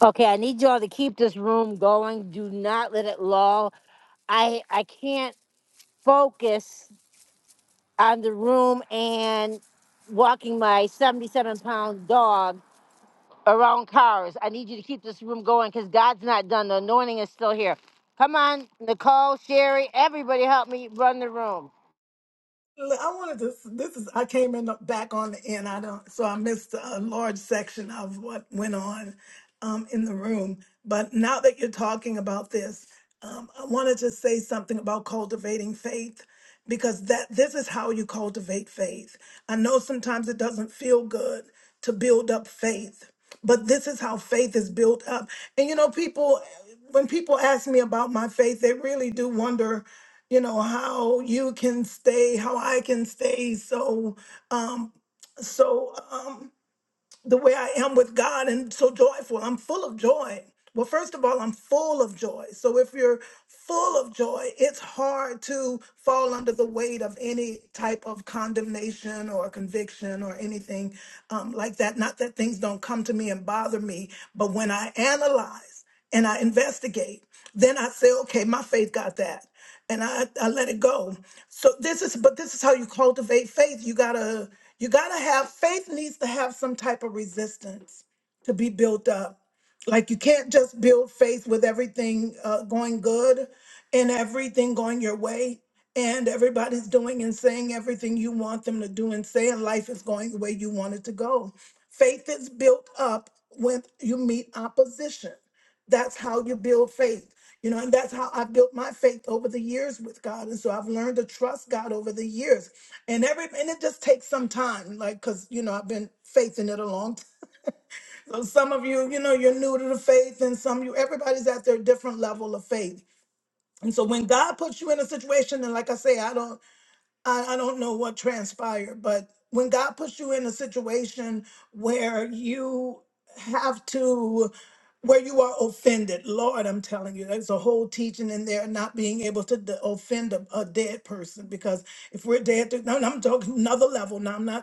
[SPEAKER 1] Okay, I need y'all to keep this room going. Do not let it lull. I I can't focus on the room and walking my 77 pound dog around cars. I need you to keep this room going because God's not done. The anointing is still here. Come on, Nicole, Sherry, everybody help me run the room.
[SPEAKER 9] Look, I wanted to. This is. I came in the, back on the end. I don't. So I missed a large section of what went on um, in the room. But now that you're talking about this, um, I wanted to say something about cultivating faith because that this is how you cultivate faith. I know sometimes it doesn't feel good to build up faith, but this is how faith is built up. And you know, people when people ask me about my faith, they really do wonder, you know, how you can stay, how I can stay so, um, so um, the way I am with God and so joyful. I'm full of joy. Well, first of all, I'm full of joy. So if you're full of joy, it's hard to fall under the weight of any type of condemnation or conviction or anything um, like that. Not that things don't come to me and bother me, but when I analyze and I investigate. Then I say, okay, my faith got that. And I, I let it go. So this is but this is how you cultivate faith. You gotta you gotta have faith needs to have some type of resistance to be built up. Like you can't just build faith with everything uh, going good and everything going your way and everybody's doing and saying everything you want them to do and say and life is going the way you want it to go. Faith is built up when you meet opposition. That's how you build faith. You know, and that's how I built my faith over the years with God. And so I've learned to trust God over the years. And every and it just takes some time, like because you know, I've been faith in it a long time. So some of you, you know, you're new to the faith, and some of you everybody's at their different level of faith. And so when God puts you in a situation, and like I say, I don't. I, I don't know what transpired, but when God puts you in a situation where you have to, where you are offended, Lord, I'm telling you, there's a whole teaching in there not being able to d- offend a, a dead person because if we're dead, to, no, no, I'm talking another level. Now, I'm not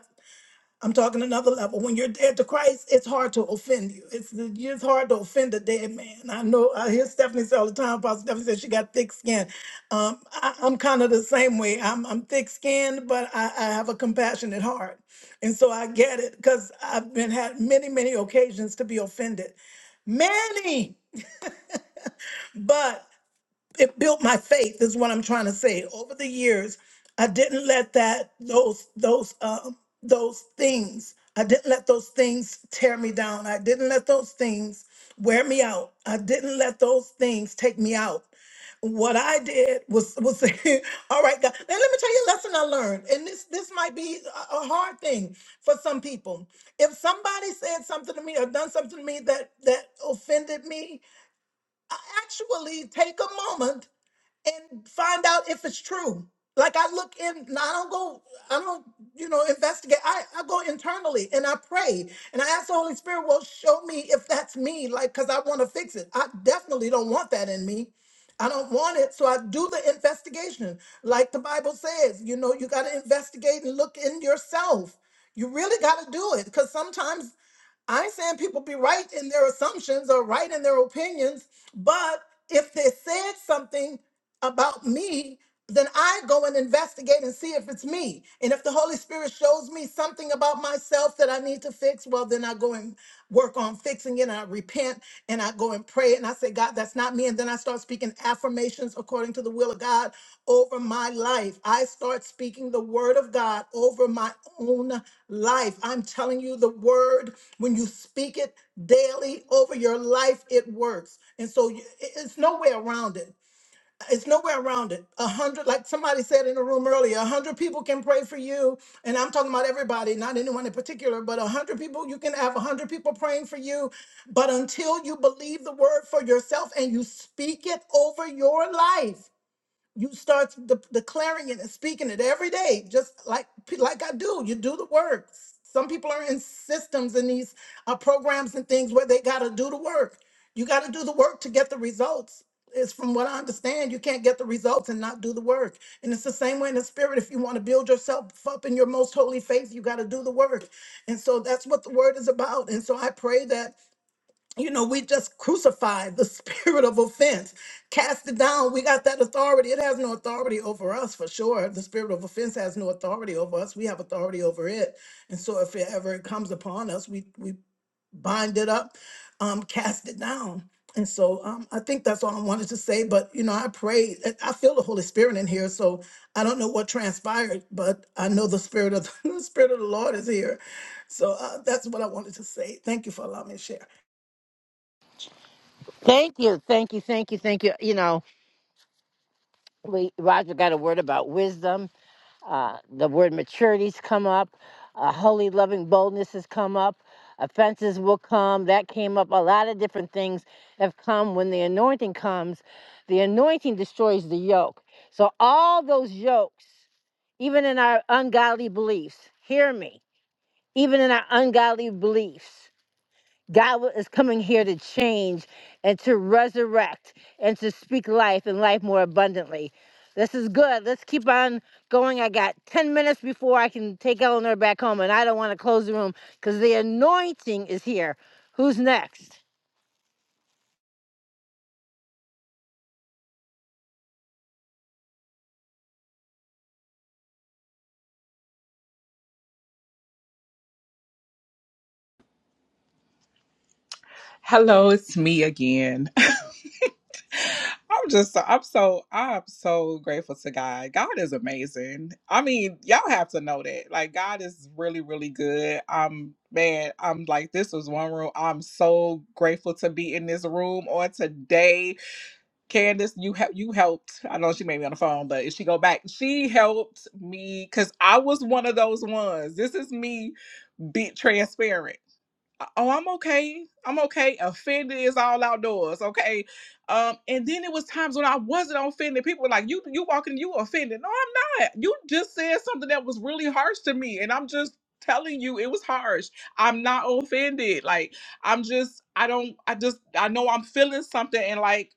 [SPEAKER 9] I'm talking another level. When you're dead to Christ, it's hard to offend you. It's it's hard to offend a dead man. I know I hear Stephanie say all the time. Pastor Stephanie says she got thick skin. Um, I, I'm kind of the same way. I'm I'm thick skinned, but I, I have a compassionate heart, and so I get it because I've been had many many occasions to be offended, many. But it built my faith is what i'm trying to say over the years i didn't let that those those um those things i didn't let those things tear me down i didn't let those things wear me out i didn't let those things take me out what i did was was [laughs] all right god and let me tell you a lesson i learned and this this might be a a hard thing for some people if somebody said something to me or done something to me that that offended me I actually take a moment and find out if it's true. Like I look in, now I don't go, I don't, you know, investigate. I, I go internally and I pray and I ask the Holy Spirit, well, show me if that's me, like, because I want to fix it. I definitely don't want that in me. I don't want it. So I do the investigation. Like the Bible says, you know, you got to investigate and look in yourself. You really got to do it because sometimes I ain't saying people be right in their assumptions or right in their opinions, but if they said something about me, then I go and investigate and see if it's me. And if the Holy Spirit shows me something about myself that I need to fix, well, then I go and work on fixing it. And I repent and I go and pray and I say, God, that's not me. And then I start speaking affirmations according to the will of God over my life. I start speaking the word of God over my own life. I'm telling you, the word, when you speak it daily over your life, it works. And so you- it- it's no way around it it's nowhere around it. A hundred, like somebody said in the room earlier, a hundred people can pray for you. And I'm talking about everybody, not anyone in particular, but a hundred people, you can have a hundred people praying for you. But until you believe the word for yourself and you speak it over your life, you start de- declaring it and speaking it every day just like like i do you do the work some people are in systems and these uh, programs and things where they got to do the work you got to do the work to get the results it's from what i understand you can't get the results and not do the work and it's the same way in the spirit if you want to build yourself up in your most holy faith you got to do the work and so that's what the word is about and so i pray that you know, we just crucified the [laughs] spirit of offense, cast it down. We got that authority. It has no authority over us for sure. The spirit of offense has no authority over us. We have authority over it. And so if it ever comes upon us, we we bind it up, um, cast it down. And so um, I think that's all I wanted to say. But you know, I pray. I I feel the Holy Spirit in here. So I don't know what transpired, but I know the spirit of [laughs] the, the spirit of the Lord is here. So uh, that's what I wanted to say. Thank you for allowing me to share.
[SPEAKER 1] Thank you. Thank you. Thank you. Thank you. You know. we Roger got a word about wisdom. Uh, the word maturity's come up. Uh, holy loving boldness has come up. Offenses will come. That came up. A lot of different things have come. When the anointing comes, the anointing destroys the yoke. So all those yokes, even in our ungodly beliefs, hear me. Even in our ungodly beliefs. God wa- is coming here to change and to resurrect and to speak life and life more abundantly. This is good. Let's keep on going. I got 10 minutes before I can take Eleanor back home, and I don't want to close the room because the anointing is here. Who's next?
[SPEAKER 2] Hello, it's me again. [laughs] I'm just so I'm so I'm so grateful to God. God is amazing. I mean, y'all have to know that. Like God is really, really good. I'm man, I'm like this was one room. I'm so grateful to be in this room on today. Candace, you help you helped. I know she made me on the phone, but if she go back, she helped me because I was one of those ones. This is me be transparent. Uh, Oh, I'm okay. I'm okay. Offended is all outdoors, okay? Um, and then it was times when I wasn't offended. People were like, You you walking, you offended. No, I'm not. You just said something that was really harsh to me, and I'm just telling you it was harsh. I'm not offended. Like I'm just I don't I just I know I'm feeling something and like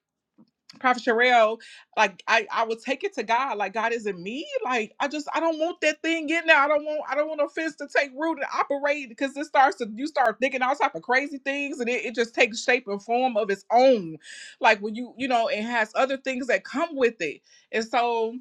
[SPEAKER 2] Prophet Sherelle, like I, I would take it to God. Like God is in me. Like I just I don't want that thing in there. I don't want I don't want offense to take root and operate because it starts to you start thinking all type of crazy things and it, it just takes shape and form of its own. Like when you you know it has other things that come with it. And so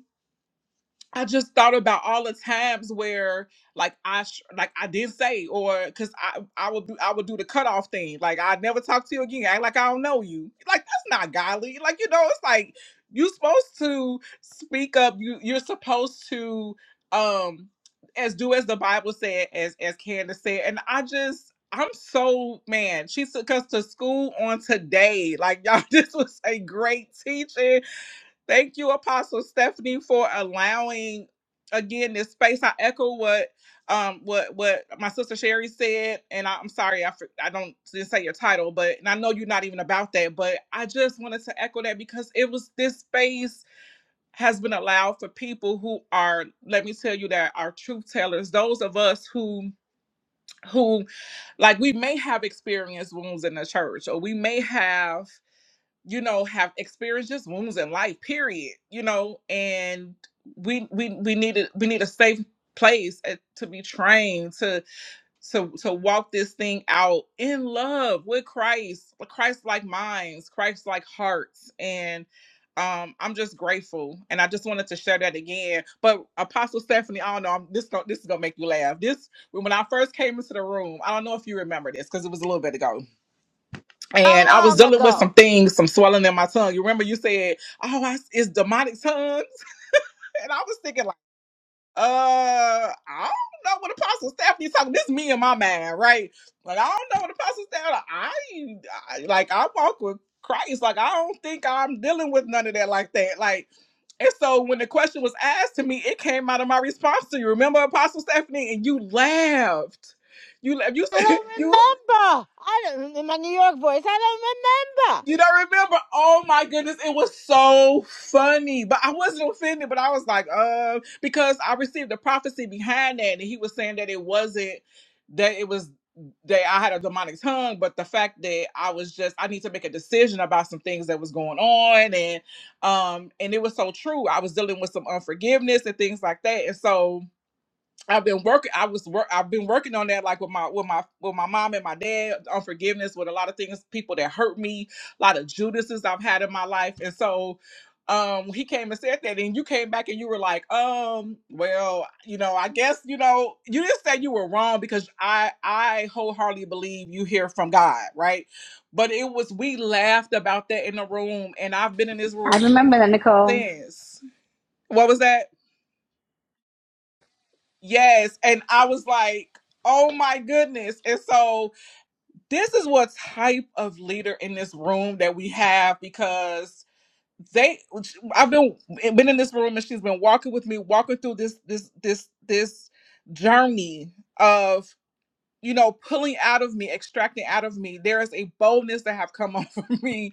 [SPEAKER 2] I just thought about all the times where, like, I sh- like I did say, or because I I would do I would do the cutoff thing, like I never talk to you again, act like I don't know you, like that's not godly, like you know, it's like you're supposed to speak up, you you're supposed to um as do as the Bible said, as as Candace said, and I just I'm so man, she took us to school on today, like y'all, [laughs] this was a great teaching Thank you, Apostle Stephanie, for allowing again this space. I echo what um what what my sister Sherry said, and I, I'm sorry I for- I don't didn't say your title, but and I know you're not even about that, but I just wanted to echo that because it was this space has been allowed for people who are let me tell you that are truth tellers, those of us who who like we may have experienced wounds in the church or we may have you know have experienced just wounds in life period you know and we we we need a, we need a safe place uh, to be trained to to to walk this thing out in love with christ christ like minds christ like hearts and um i'm just grateful and i just wanted to share that again but apostle stephanie i don't know I'm, this gon- this is gonna make you laugh this when i first came into the room i don't know if you remember this because it was a little bit ago
[SPEAKER 1] How
[SPEAKER 2] and I was
[SPEAKER 1] long
[SPEAKER 2] dealing with
[SPEAKER 1] ago?
[SPEAKER 2] some things, some swelling in my tongue. You remember you said, "Oh, I, it's demonic tongues," [laughs] and I was thinking like, "Uh, I don't know what Apostle Stephanie talking. This is me and my man, right? Like I don't know what Apostle Stephanie. I, I like I walk with Christ. Like I don't think I'm dealing with none of that like that. Like." And so when the question was asked to me, it came out of my response to you. Remember Apostle Stephanie? And you laughed. You laughed. You
[SPEAKER 1] I
[SPEAKER 2] said
[SPEAKER 1] don't
[SPEAKER 2] [laughs] you
[SPEAKER 1] remember. I don't in my New York voice. I don't remember.
[SPEAKER 2] You don't remember? Oh my goodness, it was so funny. But I wasn't offended, but I was like, uh, because I received a prophecy behind that, and he was saying that it wasn't that it was that I had a demonic tongue, but the fact that I was just I need to make a decision about some things that was going on and um and it was so true. I was dealing with some unforgiveness and things like that. And so I've been working. I was work. I've been working on that, like with my with my with my mom and my dad unforgiveness, with a lot of things, people that hurt me, a lot of Judases I've had in my life, and so um he came and said that, and you came back and you were like, um, well, you know, I guess you know, you didn't say you were wrong because I I wholeheartedly believe you hear from God, right? But it was we laughed about that in the room, and I've been in this room
[SPEAKER 4] I remember that, Nicole.
[SPEAKER 2] since. What was that? Yes. And I was like, oh my goodness. And so this is what type of leader in this room that we have because they I've been eh, been in this room and she's been walking with me, walking through this this this this journey of you know, pulling out of me, extracting out of me. There is a boldness that have come [laughs] over me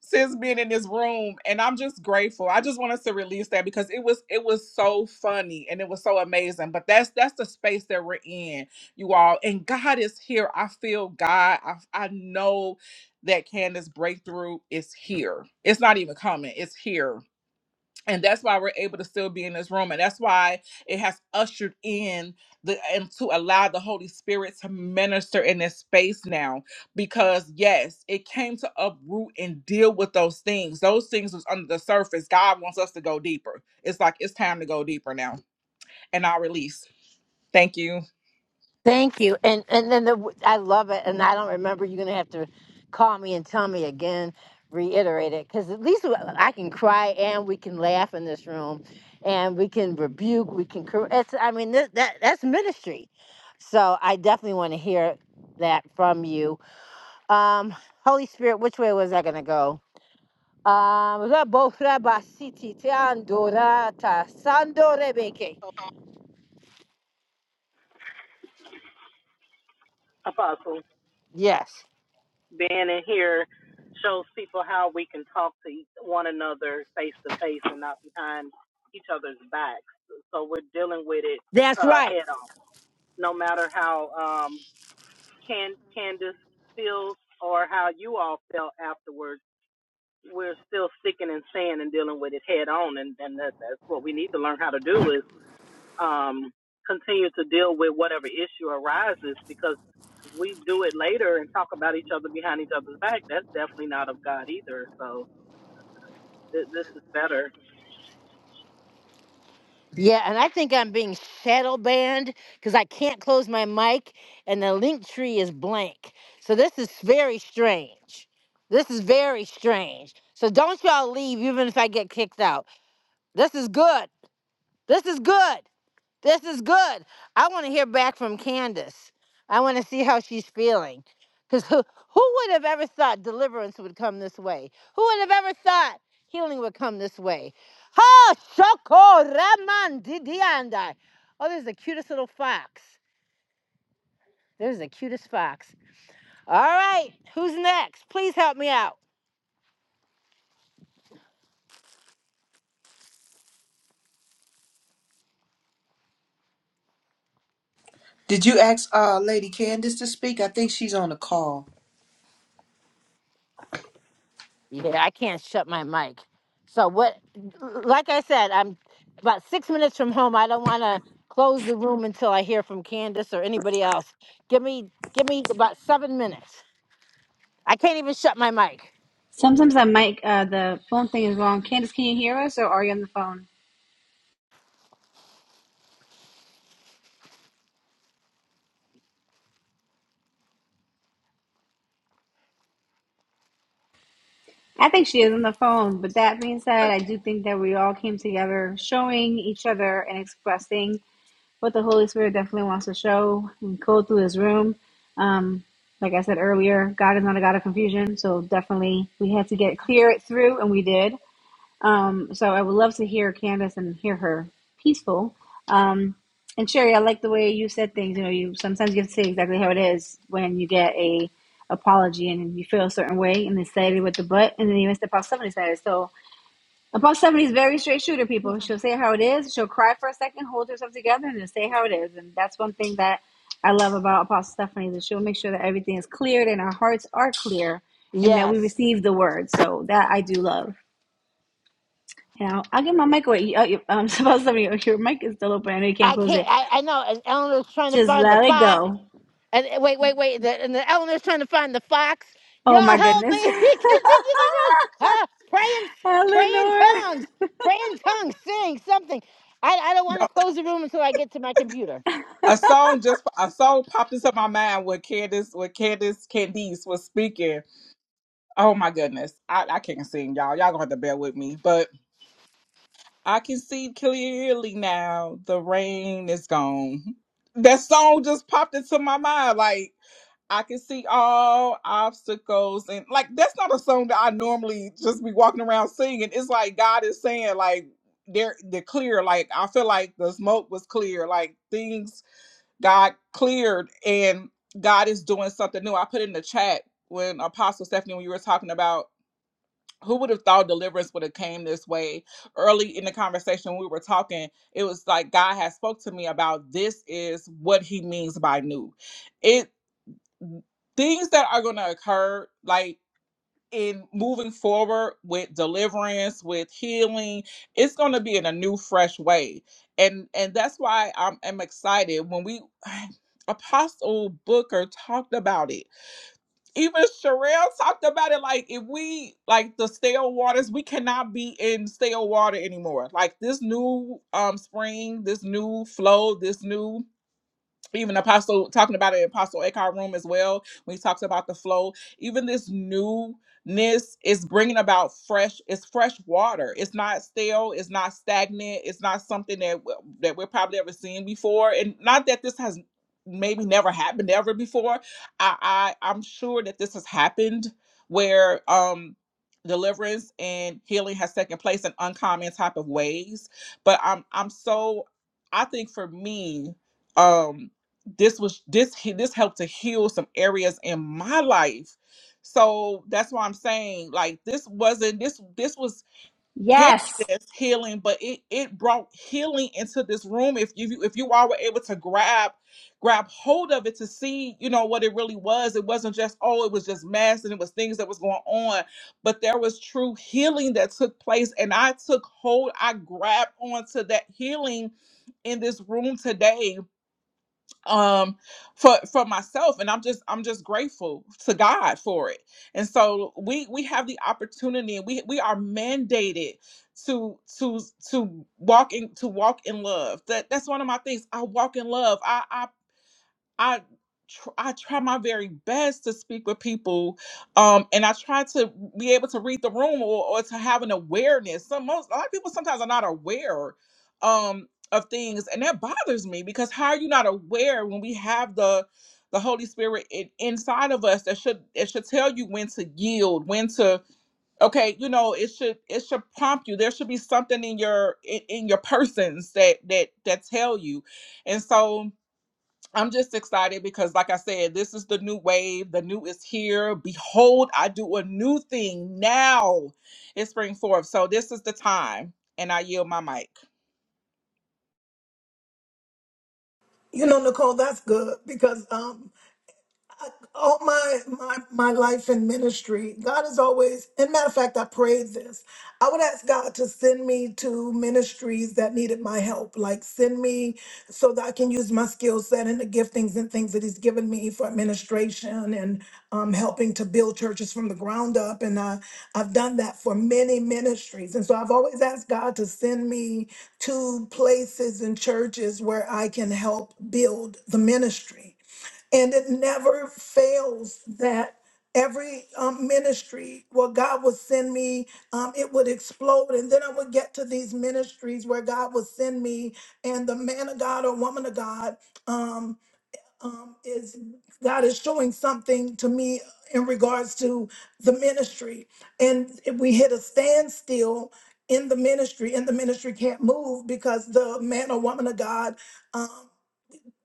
[SPEAKER 2] since being in this room, and I'm just grateful. I just wanted to release that because it was it was so funny and it was so amazing. But that's that's the space that we're in, you all. And God is here. I feel God. I I know that Candace breakthrough is here. It's not even coming. It's here and that's why we're able to still be in this room and that's why it has ushered in the and to allow the holy spirit to minister in this space now because yes it came to uproot and deal with those things those things was under the surface god wants us to go deeper it's like it's time to go deeper now and i'll release thank you
[SPEAKER 1] Thank you. And and then the, I love it. And I don't remember. You're gonna have to call me and tell me again, reiterate it, because at least I can cry and we can laugh in this room, and we can rebuke, we can correct. It's, I mean, that, that that's ministry. So I definitely want to hear that from you. Um, Holy Spirit, which way was I gonna go? Um, Rabofra basiti teandora ta sandorebe. Yes, that's right. Yeah, and I think I'm being shadow banned because I can't close my mic and the link tree is blank. So this is very strange. This is very strange. So don't y'all leave even if I get kicked out. This is good. This is good. This is good. I want to hear back from Candace. I want to see how she's feeling. Because who, who would have ever thought deliverance would come this way? Who would have ever thought healing would come this way? Ha! Shoko Raman Didiandai. Oh, there's the cutest little fox. There's the cutest fox. All right, who's next? Please help me out.
[SPEAKER 11] Did you ask uh, Lady Candace to speak? I think she's on a call.
[SPEAKER 1] Yeah, I can't shut my mic. So what? Like I said, I'm about six minutes from home. I don't want to close the room until I hear from Candace or anybody else. Give me, give me about seven minutes. I can't even shut my mic.
[SPEAKER 4] Sometimes that mic, uh, the phone thing is wrong. Candace, can you hear us or are you on the phone? I think she is on the phone, but that being said, I do think that we all came together showing each other and expressing what the Holy Spirit definitely wants to show and go through this room. Um, like I said earlier, God is not a God of confusion, so definitely we had to get clear it through, and we did. Um, so I would love to hear Candace and hear her peaceful. Um, and Sherry, I like the way you said things. You know, you sometimes you have to say exactly how it is when you get a apology and you feel a certain way and they say it with the butt and then even the Apostle Stephanie said it. So Apostle Stephanie is very straight shooter, people. She'll say how it is. She'll cry for a second, hold herself together, and then say how it is. And that's one thing that I love about Apostle Stephanie that she'll make sure that everything is cleared and our hearts are clear and that we
[SPEAKER 1] Yes,
[SPEAKER 4] receive the word. So that I do love. Yeah, I'll get my mic away. Uh, Um, [laughs] supposed to be your mic is still open. I know you can't
[SPEAKER 1] I
[SPEAKER 4] close
[SPEAKER 1] can't.
[SPEAKER 4] it.
[SPEAKER 1] I, I know. and Eleanor's trying to
[SPEAKER 4] Just
[SPEAKER 1] find the
[SPEAKER 4] let it
[SPEAKER 1] box.
[SPEAKER 4] go.
[SPEAKER 1] And and wait, wait, wait. The, and the Eleanor's trying to find the fox. Y'all
[SPEAKER 4] Oh my
[SPEAKER 1] help
[SPEAKER 4] goodness,
[SPEAKER 1] me! [laughs] He can't kicked into the room. Huh? Praying,
[SPEAKER 4] [laughs]
[SPEAKER 1] praying
[SPEAKER 4] Eleanor.
[SPEAKER 1] tongues, praying tongues, sing something. I, I don't want
[SPEAKER 2] no,
[SPEAKER 1] to close the room until I get to my computer.
[SPEAKER 2] a song just a song popped into my mind when Candace when Candace Candice was speaking. Oh my goodness. I, I can't sing, y'all. Y'all gonna have to bear with me. But I can see clearly now the rain is gone. That song just popped into my mind. Like, I can see all obstacles. And, like, that's not a song that I normally just be walking around singing. It's like God is saying, like, they're, they're clear. Like, I feel like the smoke was clear. Like, things got cleared and God is doing something new. I put in the chat when Apostle Stephanie, when you were talking about who would have thought deliverance would have came this way early in the conversation we were talking it was like god has spoke to me about this is what he means by new it things that are going to occur like in moving forward with deliverance with healing it's going to be in a new fresh way and and that's why i'm, I'm excited when we [sighs] apostle booker talked about it even Sherelle talked about it. Like, if we like the stale waters, we cannot be in stale water anymore. Like this new um spring, this new flow, this new even apostle talking about it in apostle eckhart room as well when he talks about the flow even this newness is bringing about fresh it's fresh water it's not stale it's not stagnant it's not something that w- that we're probably ever seen before and not that this has maybe never happened ever before i, I i'm sure that this has happened where um deliverance and healing has taken place in uncommon type of ways but i'm i'm so i think for me um this was this he- this helped to heal some areas in my life so that's why i'm saying like this wasn't this this was candace
[SPEAKER 4] Yes,
[SPEAKER 2] healing but it it brought healing into this room if you if you all were able to grab grab hold of it to see you know what it really was it wasn't just oh it was just mess and it was things that was going on but there was true healing that took place and i took hold i grabbed onto that healing in this room today um for for myself and i'm just i'm just grateful to god for it and so we we have the opportunity and we we are mandated to to to walk in to walk in love that that's one of my things i walk in love i i I tr- I try my very best to speak with people, um, and I try to be able to read the room or, or to have an awareness. Some most a lot of people sometimes are not aware um, of things, and that bothers me because how are you not aware when we have the the Holy Spirit in, inside of us that should it should tell you when to yield, when to okay, you know it should it should prompt you. There should be something in your in, in your persons that that that tell you, and so. I'm just excited because, like I said, this is the new wave. The new is here. Behold, I do a new thing now. It's spring forth. So, this is the time. And I yield my mic.
[SPEAKER 9] You know, Nicole, that's good because um, all my my my life in ministry, God is always. And matter of fact, I prayed this. I would ask God to send me to ministries that needed my help, like send me so that I can use my skill set and the giftings and things that He's given me for administration and um, helping to build churches from the ground up. And I I've done that for many ministries, and so I've always asked God to send me to places and churches where I can help build the ministry and it never fails that every um, ministry where god would send me um, it would explode and then i would get to these ministries where god would send me and the man of god or woman of god um, um, is god is showing something to me in regards to the ministry and if we hit a standstill in the ministry and the ministry can't move because the man or woman of god um,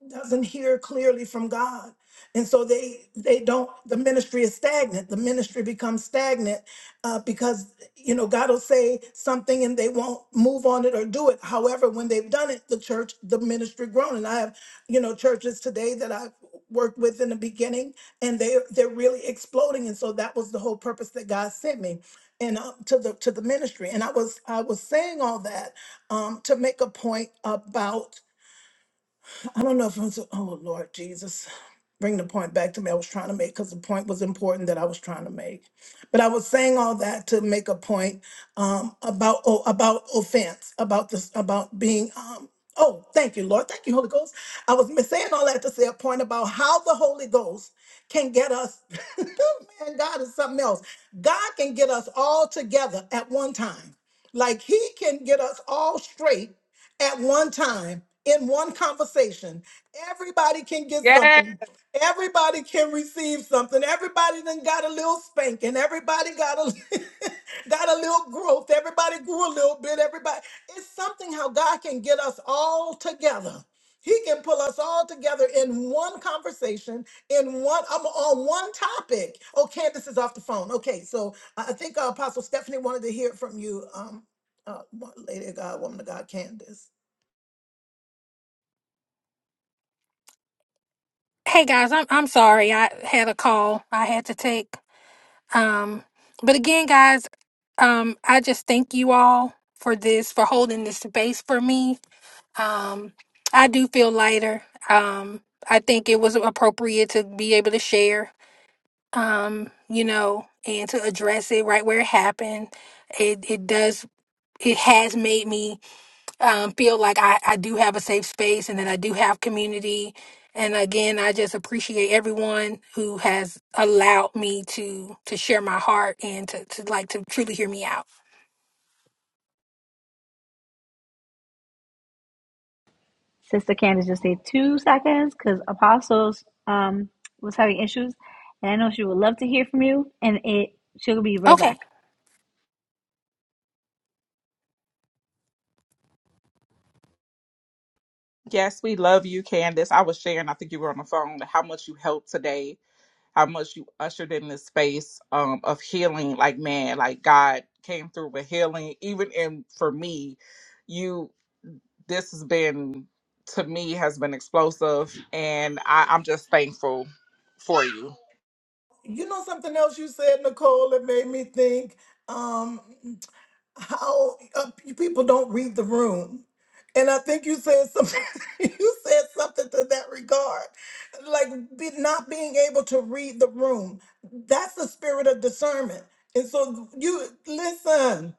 [SPEAKER 9] doesn't hear clearly from God. And so they they don't the ministry is stagnant. The ministry becomes stagnant uh, because you know God will say something and they won't move on it or do it. However, when they've done it, the church, the ministry grown. And I have, you know, churches today that I've worked with in the beginning and they they're really exploding. And so that was the whole purpose that God sent me and uh, to the to the ministry. And I was I was saying all that um, to make a point about I don't know if I'm so, oh Lord Jesus, bring the point back to me. I was trying to make because the point was important that I was trying to make. But I was saying all that to make a point um, about oh, about offense, about this, about being. Um, oh, thank you, Lord. Thank you, Holy Ghost. I was mi- saying all that to say a point about how the Holy Ghost can get us. [laughs] man, God is something else. God can get us all together at one time. Like He can get us all straight at one time in one conversation. Everybody can get
[SPEAKER 2] Yes.
[SPEAKER 9] something. Everybody can receive something. Everybody then got a little spanking. Everybody got a [laughs] got a little growth. Everybody grew a little bit. Everybody. It's something how God can get us all together. He can pull us all together in one conversation, in one um, on one topic. Oh, Candace is off the phone. Okay, so I I think uh, Apostle Stephanie wanted to hear from you, um, uh, wo- Lady of God, Woman of God, Candace.
[SPEAKER 8] Hey guys, I'm I'm sorry. I had a call I had to take. Um, but again, guys, um, I just thank you all for this, for holding this space for me. Um, I do feel lighter. Um, I think it was appropriate to be able to share, um, you know, and to address it right where it happened. It it does it has made me um, feel like I, I do have a safe space and that I do have community. And again, I just appreciate everyone who has allowed me to to share my heart and to, to like to truly hear me out.
[SPEAKER 4] Sister Candace just stayed two seconds because Apostles um was having issues, and I know she would love to hear from you. And it she'll be right
[SPEAKER 8] Okay.
[SPEAKER 4] back.
[SPEAKER 2] Yes, we love you, Candace. I was sharing, I think you were on the phone, how much you helped today how much you ushered in this space um, of healing. Like, man, like God came through with healing. Even in for me, you, this has been to me has been explosive, and I, I'm just thankful for you.
[SPEAKER 9] You know something else you said, Nicole, that made me think um, how uh, you people don't read the room. And I think you said something. [laughs] you said something to that regard, like be, not being able to read the room. That's the spirit of discernment. And so you listen.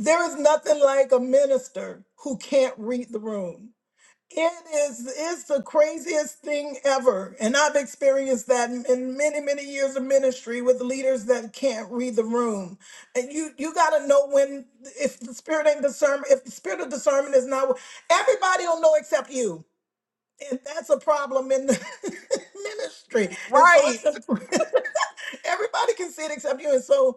[SPEAKER 9] There is nothing like a minister who can't read the room. It is it's the craziest thing ever. And I've experienced that in in many, many years of ministry with leaders that can't read the room. And you you gotta know when if the spirit ain't discernment, if the spirit of discernment is not everybody will know except you. And that's a problem in the [laughs] ministry. And so
[SPEAKER 2] Right.
[SPEAKER 9] it's a, [laughs] everybody can see it except you. And so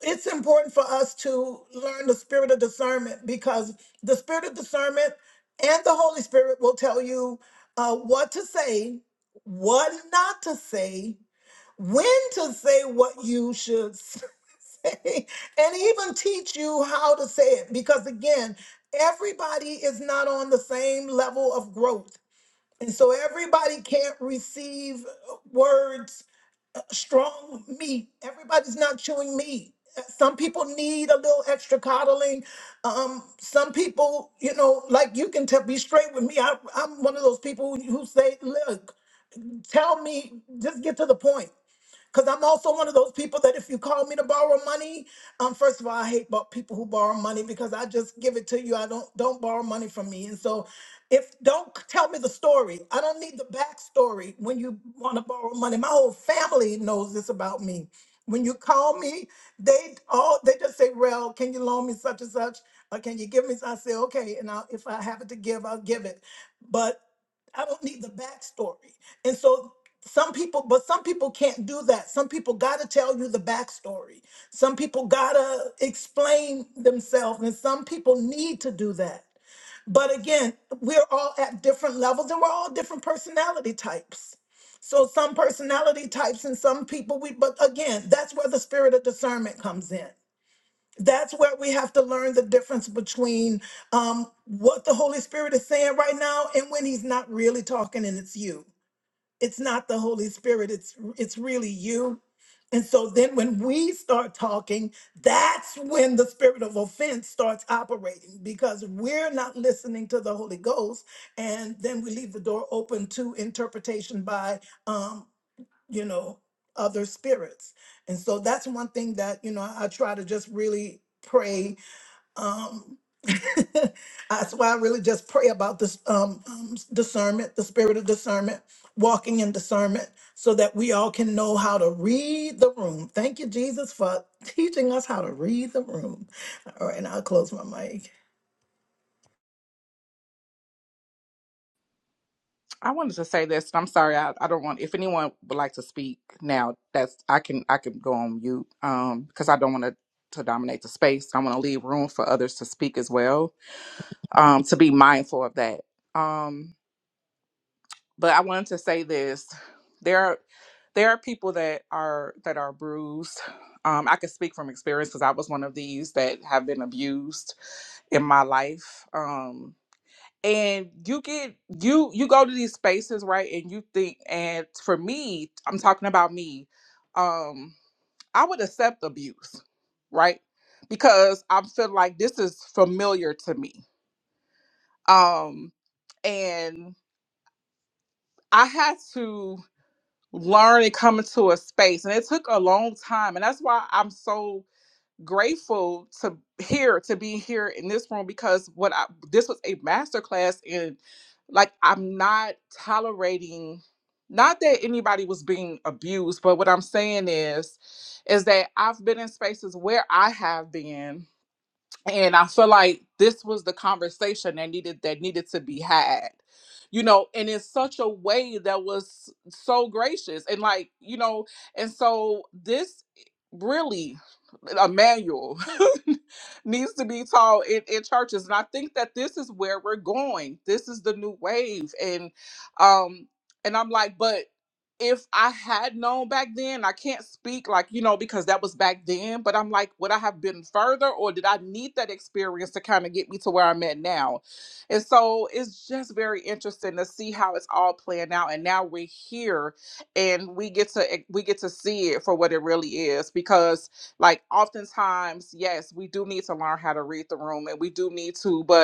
[SPEAKER 9] it's important for us to learn the spirit of discernment because the spirit of discernment and the Holy Spirit will tell you uh, what to say, what not to say, when to say what you should s- [laughs] say, and even teach you how to say it. Because again, everybody is not on the same level of growth. And so everybody can't receive words strong meat. Everybody's not chewing meat. Uh, Some people need a little extra coddling. Um, some people, you know, like you can tell, be straight with me. I, I'm one of those people who who say, look, tell me, just get to the point. Because I'm also one of those people that if you call me to borrow money, um, first of all, I hate bo- people who borrow money because I just give it to you. I don't don't borrow money from me. And so if don't c- tell me the story. I don't need the backstory when you want to borrow money. My whole family knows this about me. When you call me, they all they just say, "Well, can you loan me such and such? Or can you give me?" I say, "Okay," and I'll, if I have it to give, I'll give it. But I don't need the backstory. And so some people but some people can't do that some people gotta tell you the backstory some people gotta explain themselves and some people need to do that but again we're all at different levels and we're all different personality types so some personality types and some people we but again that's where the spirit of discernment comes in that's where we have to learn the difference between um, what the Holy Spirit is saying right now and when He's not really talking and it's you it's not the holy spirit it's it's really you and so then when we start talking that's when the spirit of offense starts operating because we're not listening to the holy ghost and then we leave the door open to interpretation by um you know other spirits and so that's one thing that you know i try to just really pray um, [laughs] that's why I really just pray about this um, um, discernment, the spirit of discernment, walking in discernment, so that we all can know how to read the room. Thank you, Jesus, for [laughs] teaching us how to read the room. All right, and I'll close my mic.
[SPEAKER 2] I wanted to say this, and I'm sorry, I, I don't want. If anyone would like to speak now, that's I can I can go on mute um, because I don't want to to dominate the space. I want to leave room for others to speak as well. Um, to be mindful of that. Um. but I wanted to say this: there are there are people that are that are bruised. Um, I can speak from experience because I was one of these that have been abused in my life. Um, and you get you you go to these spaces right, and you think. And for me, I'm talking about me. Um, I would accept abuse, right? Because I feel like this is familiar to me. Um, and I had to. learn and come into a space. And it took a long time. And that's why I'm so grateful to here to be here in this room because what I this was a masterclass in like I'm not tolerating not that anybody was being abused, but what I'm saying is is that I've been in spaces where I have been and i feel like this was the conversation that needed that needed to be had you know and in such a way that was so gracious and like you know and so this really a manual [laughs] needs to be taught in, in churches and i think that this is where we're going this is the new wave and um and i'm like but if I had known back then, I can't speak like, you know, because that was back then, but I'm like, would I have been further or did I need that experience to kind of get me to where I'm at now? And so it's just very interesting to see how it's all playing out. And now we're here and we get to e, we get to see it for what it really is. Because like oftentimes, yes, we do need to learn how to read the room and we do need to, but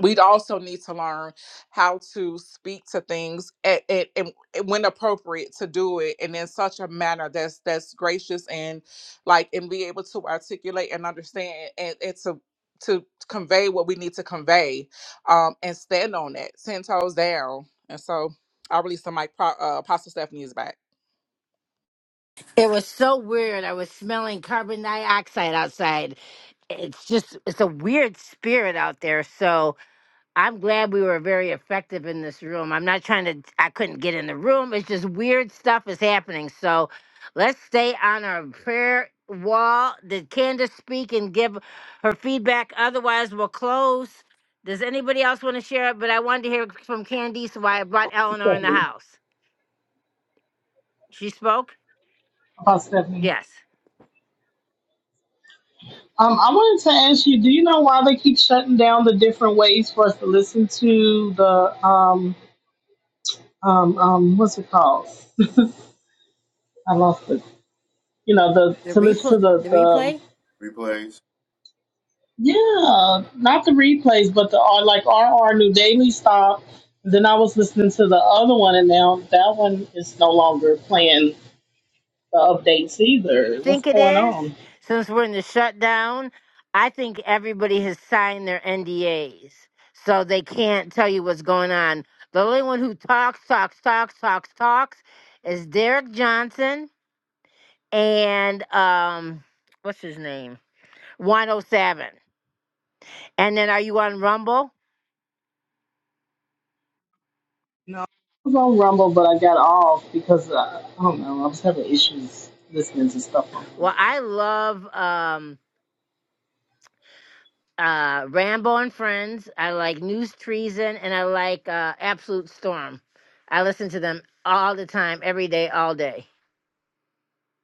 [SPEAKER 2] we'd also need to learn how to speak to things at, at, and when appropriate to do it and in such a manner that's that's gracious and like and be able to articulate and understand and, and to to convey what we need to convey um and stand on that ten toes down and so i release the mic Pro- uh, apostle stephanie is back
[SPEAKER 1] It was so weird. I was smelling carbon dioxide outside. It's just it's a weird spirit out there. So I'm glad we were very effective in this room. I'm not trying to, I couldn't get in the room. It's just weird stuff is happening. So let's stay on our prayer wall. Did Candace speak and give her feedback? Otherwise, we'll close. Does anybody else want to share it? But I wanted to hear from Candice why I brought Eleanor in the
[SPEAKER 17] Stephanie.
[SPEAKER 1] house. She spoke?
[SPEAKER 17] About Stephanie.
[SPEAKER 1] Yes.
[SPEAKER 17] Um, I wanted to ask you, do you know why they keep shutting down the different ways for us to listen to the um um um what's it called? I lost it. You know, the
[SPEAKER 1] The
[SPEAKER 17] to listen
[SPEAKER 1] replay?
[SPEAKER 17] to the,
[SPEAKER 1] The
[SPEAKER 17] the
[SPEAKER 1] replay?
[SPEAKER 18] replays.
[SPEAKER 17] yeah, not the replays, but the uh, like RR New Daily Stop. Then I was listening to the other one, and now that one is no longer playing the updates either. What's
[SPEAKER 1] think it
[SPEAKER 17] going
[SPEAKER 1] is,
[SPEAKER 17] on?
[SPEAKER 1] since we're in the shutdown, I think everybody has signed their NDAs. So they can't tell you what's going on. The only one who talks, talks, talks, talks, talks is Derek Johnson and um what's his name? 107. And then are you on Rumble?
[SPEAKER 17] No, I was on Rumble, but I got off because uh, I don't know. I was having issues listening to stuff on
[SPEAKER 1] Well,
[SPEAKER 17] Rumble.
[SPEAKER 1] I love um uh, Rambo and Friends. I like News Treason, and I like uh, Absolute Storm. I listen to them all the time, every day, all day.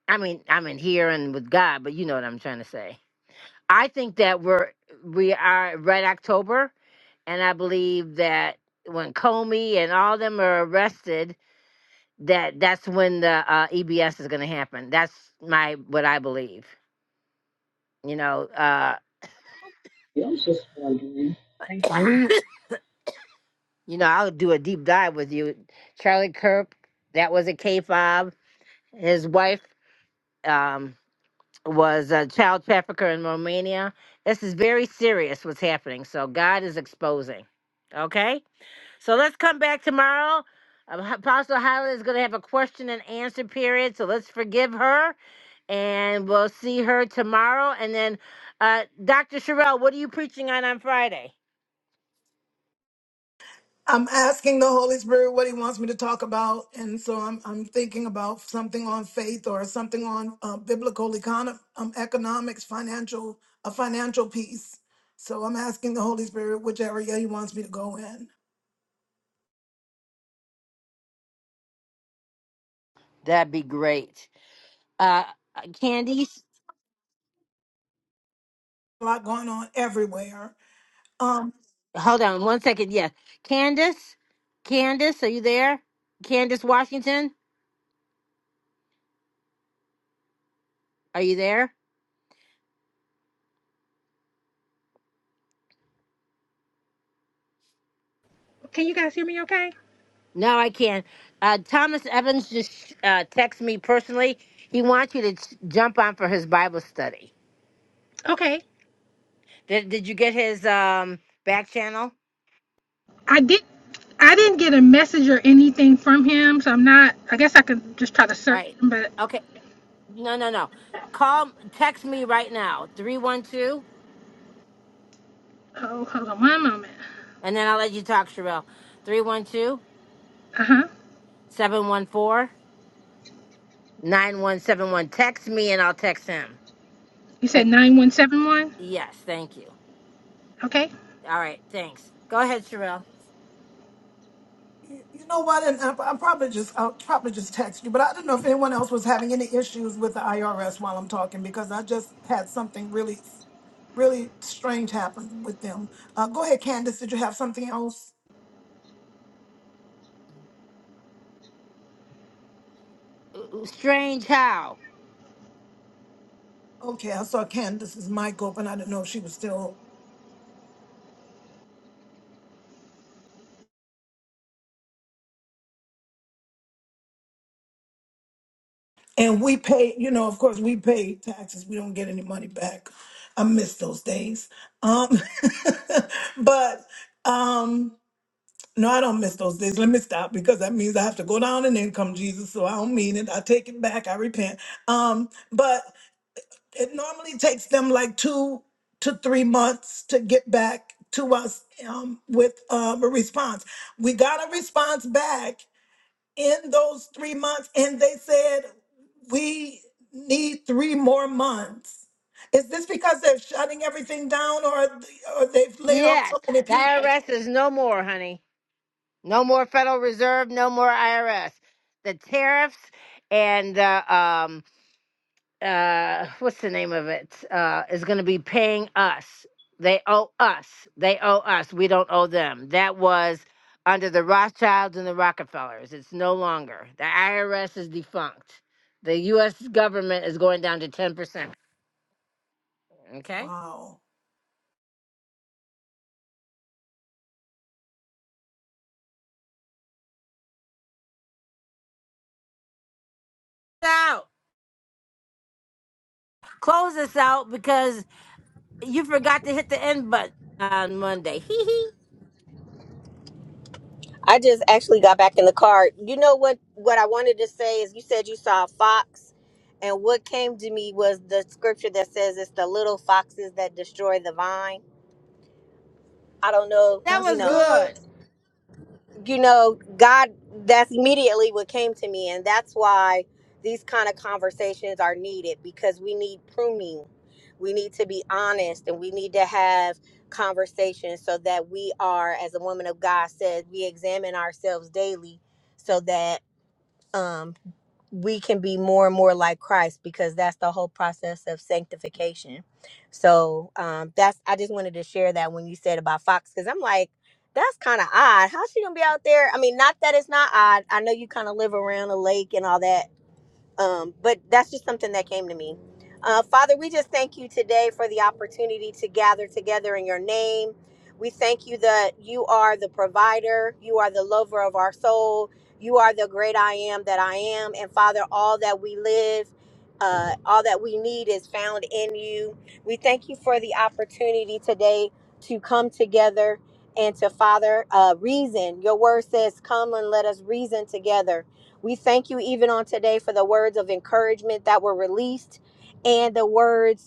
[SPEAKER 1] I mean, I'm in here and with God, but you know what I'm trying to say. I think that we're we are at Red October, and I believe that when Comey and all them are arrested, that that's when the uh, EBS is going to happen. That's my what I believe. You know, uh,
[SPEAKER 17] Yeah, I was just wondering. Thank you.
[SPEAKER 1] [laughs] You know, I'll do a deep dive with you. Charlie Kirk, that was a K fob. His wife um, was a child trafficker in Romania. This is very serious what's happening. So God is exposing. Okay? So let's come back tomorrow. Apostle Hyla is going to have a question and answer period. So let's forgive her and we'll see her tomorrow. And then, uh, Dr. Sherelle, what are you preaching on on Friday?
[SPEAKER 9] I'm asking the Holy Spirit what He wants me to talk about, and so I'm I'm thinking about something on faith or something on uh, biblical econ- um, economics, financial a financial piece. So I'm asking the Holy Spirit which area He wants me to go in.
[SPEAKER 1] That'd be great. Uh, Candice?
[SPEAKER 9] A lot going on everywhere. Um,
[SPEAKER 1] Hold on one second. Yes. Candace? Candace, are you there? Candace Washington? Are you there?
[SPEAKER 8] Okay.
[SPEAKER 1] No, I can't. Uh, Thomas Evans just uh, texted me personally. He wants you to ch- jump on for his Bible study.
[SPEAKER 8] Okay.
[SPEAKER 1] Did, did you get his um, back channel?
[SPEAKER 8] I did. I didn't get a message or anything from him, so I'm not. I guess I could just try to
[SPEAKER 1] All
[SPEAKER 8] search
[SPEAKER 1] right.
[SPEAKER 8] him, but
[SPEAKER 1] Okay. No, no, no. Call, text me right now, 312,
[SPEAKER 8] oh, hold on one moment.
[SPEAKER 1] and then I'll let you talk, Sherelle. 312
[SPEAKER 8] Uh huh.
[SPEAKER 1] 714 9171. Text me and I'll text him.
[SPEAKER 8] You said nine one seven one.
[SPEAKER 1] Yes, thank you. All right, thanks. Go ahead, Sherelle.
[SPEAKER 9] You know what? And I, I probably just I'll probably just text you, but I didn't know if anyone else was having any issues with the IRS while I'm talking because I just had something really, really strange happen with them. Uh, go ahead, Candace. Did you have something else?
[SPEAKER 1] Ooh, Strange how.
[SPEAKER 9] Okay, I saw Candace's mic open. I didn't know if she was still. And we pay, you know, of course, we pay taxes. We don't get any money back. I miss those days. Um, [laughs] but um, No, I don't miss those days. Let me stop because that means I have to go down in income, Jesus. So I don't mean it. I take it back. I repent. Um, but it normally takes them like two to three months to get back to us um, with um, a response. We got a response back in those three months, and they said we need three more months. Is this because they're shutting everything down, or or they've laid off
[SPEAKER 1] Yes,
[SPEAKER 9] so many
[SPEAKER 1] the
[SPEAKER 9] people?
[SPEAKER 1] IRS is no more, honey. No more Federal Reserve, no more IRS. The tariffs and uh, um uh what's the name of it? Uh is gonna be paying us. They owe us. They owe us. We don't owe them. That was under the Rothschilds and the Rockefellers. It's no longer. The IRS is defunct. The US government is going down to 10%. Okay.
[SPEAKER 9] Wow,
[SPEAKER 1] Out. Close this out because you forgot to hit the end button on Monday. Hee [laughs] hee.
[SPEAKER 16] I just actually got back in the car. You know what what I wanted to say is you said you saw a fox and what came to me was the scripture that says it's the little foxes that destroy the vine. I don't know,
[SPEAKER 1] That
[SPEAKER 16] you
[SPEAKER 9] that's
[SPEAKER 1] was
[SPEAKER 16] know,
[SPEAKER 9] good.
[SPEAKER 1] good.
[SPEAKER 16] you know, God, that's immediately what came to me. And that's why these kind of conversations are needed because we need pruning. We need to be honest and we need to have conversations so that we are, as a woman of God said, we examine ourselves daily so that um, we can be more and more like Christ because that's the whole process of sanctification. So um, that's I just wanted to share that when you said about Fox because I'm like that's kind of odd. How's she gonna be out there? I mean, not that it's not odd. I know you kind of live around a lake and all that, um, but that's just something that came to me. Uh, Father, we just thank you today for the opportunity to gather together in your name. We thank you that you are the provider, you are the lover of our soul, you are the great I am that I am. And Father, all that we live, uh, all that we need is found in you. We thank you for the opportunity today to come together and to Father uh, reason. Your word says, Come and let us reason together we thank you even on today for the words of encouragement that were released and the words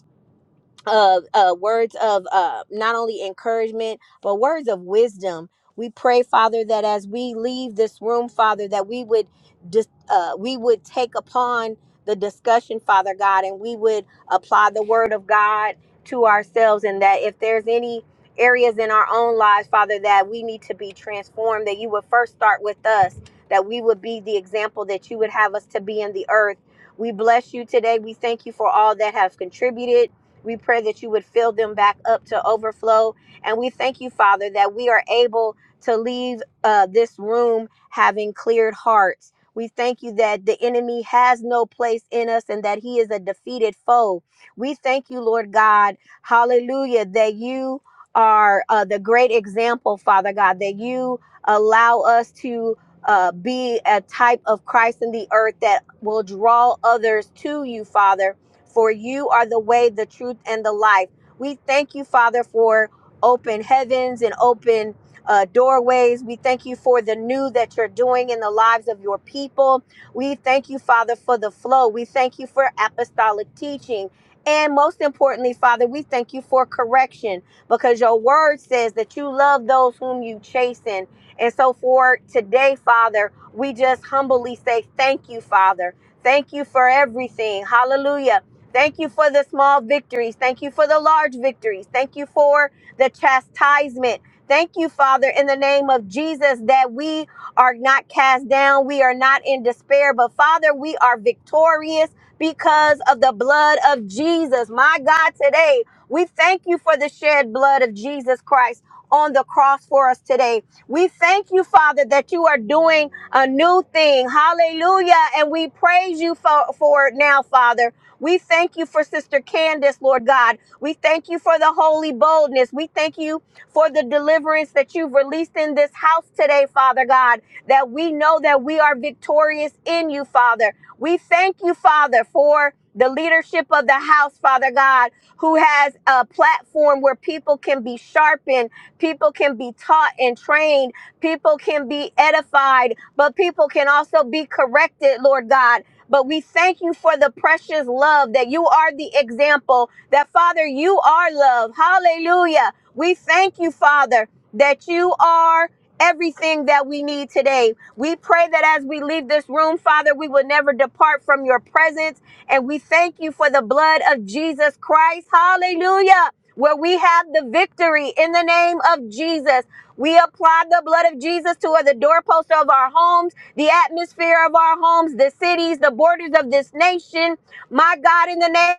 [SPEAKER 16] uh, uh, words of uh, not only encouragement but words of wisdom. We pray, Father, that as we leave this room, Father, that we would dis- uh, we would take upon the discussion, Father God, and we would apply the Word of God to ourselves, and that if there's any areas in our own lives, Father, that we need to be transformed, that you would first start with us, that we would be the example that you would have us to be in the earth. We bless you today. We thank you for all that have contributed. We pray that you would fill them back up to overflow. And we thank you, Father, that we are able to leave uh, this room having cleared hearts. We thank you that the enemy has no place in us and that he is a defeated foe. We thank you, Lord God, hallelujah, that you are uh, the great example, Father God, that you allow us to uh, be a type of Christ in the earth that will draw others to you, Father for you are the way, the truth, and the life. We thank you, Father, for open heavens and open uh, doorways. We thank you for the new that you're doing in the lives of your people. We thank you, Father, for the flow. We thank you for apostolic teaching. And most importantly, Father, we thank you for correction because your word says that you love those whom you chasten. And so for today, Father, we just humbly say thank you, Father. Thank you for everything. Hallelujah. Thank you for the small victories. Thank you for the large victories. Thank you for the chastisement. Thank you, Father, in the name of Jesus, that we are not cast down. We are not in despair, but Father, we are victorious because of the blood of Jesus. My God, today, we thank you for the shed blood of Jesus Christ on the cross for us today. We thank you, Father, that you are doing a new thing. Hallelujah. And we praise you for, for it now, Father. We thank you for Sister Candace, Lord God. We thank you for the holy boldness. We thank you for the deliverance that you've released in this house today, Father God, that we know that we are victorious in you, Father. We thank you, Father, for the leadership of the house, Father God, who has a platform where people can be sharpened, people can be taught and trained, people can be edified, but people can also be corrected, Lord God. But we thank you for the precious love that you are the example, that Father, you are love. Hallelujah. We thank you, Father, that you are everything that we need today. We pray that as we leave this room, Father, we will never depart from your presence. And we thank you for the blood of Jesus Christ. Hallelujah. Where we have the victory in the name of Jesus. We apply the blood of Jesus to the doorpost of our homes the atmosphere of our homes, the cities, the borders of this nation. My God, in the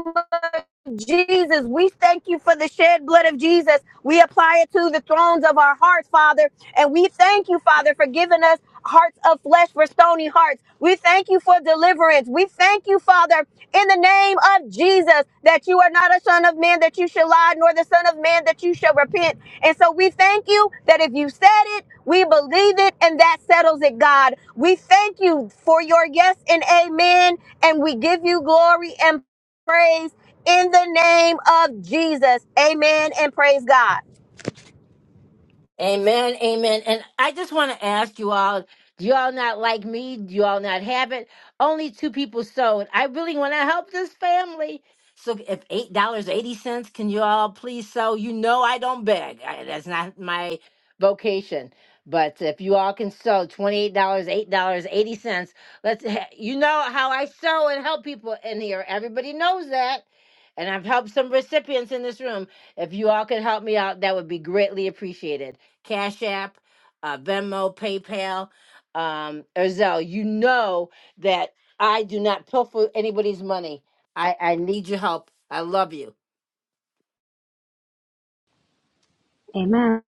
[SPEAKER 16] name Jesus, we thank you for the shed blood of Jesus. We apply it to the thrones of our hearts, Father. And we thank you, Father, for giving us hearts of flesh for stony hearts. We thank you for deliverance. We thank you, Father, in the name of Jesus, that you are not a son of man that you shall lie, nor the son of man that you shall repent. And so we thank you that if you said it, we believe it, and that settles it, God. We thank you for your yes and amen, and we give you glory and praise in the name of Jesus. Amen and praise God.
[SPEAKER 1] Amen, amen. And I just want to ask you all, do you all not like me? Do you all not have it? Only two people sewed. I really want to help this family. So if eight dollars eighty cents, can you all please sew? You know I don't beg. I, that's not my vocation. But if you all can sew twenty-eight dollars, eight dollars eighty cents, let's. ha- You know how I sew and help people in here. Everybody knows that, and I've helped some recipients in this room. If you all could help me out, that would be greatly appreciated. Cash App, uh, Venmo, PayPal. Um, Erzell, you know that I do not pilfer anybody's money. I, I need your help. I love you.
[SPEAKER 4] Amen.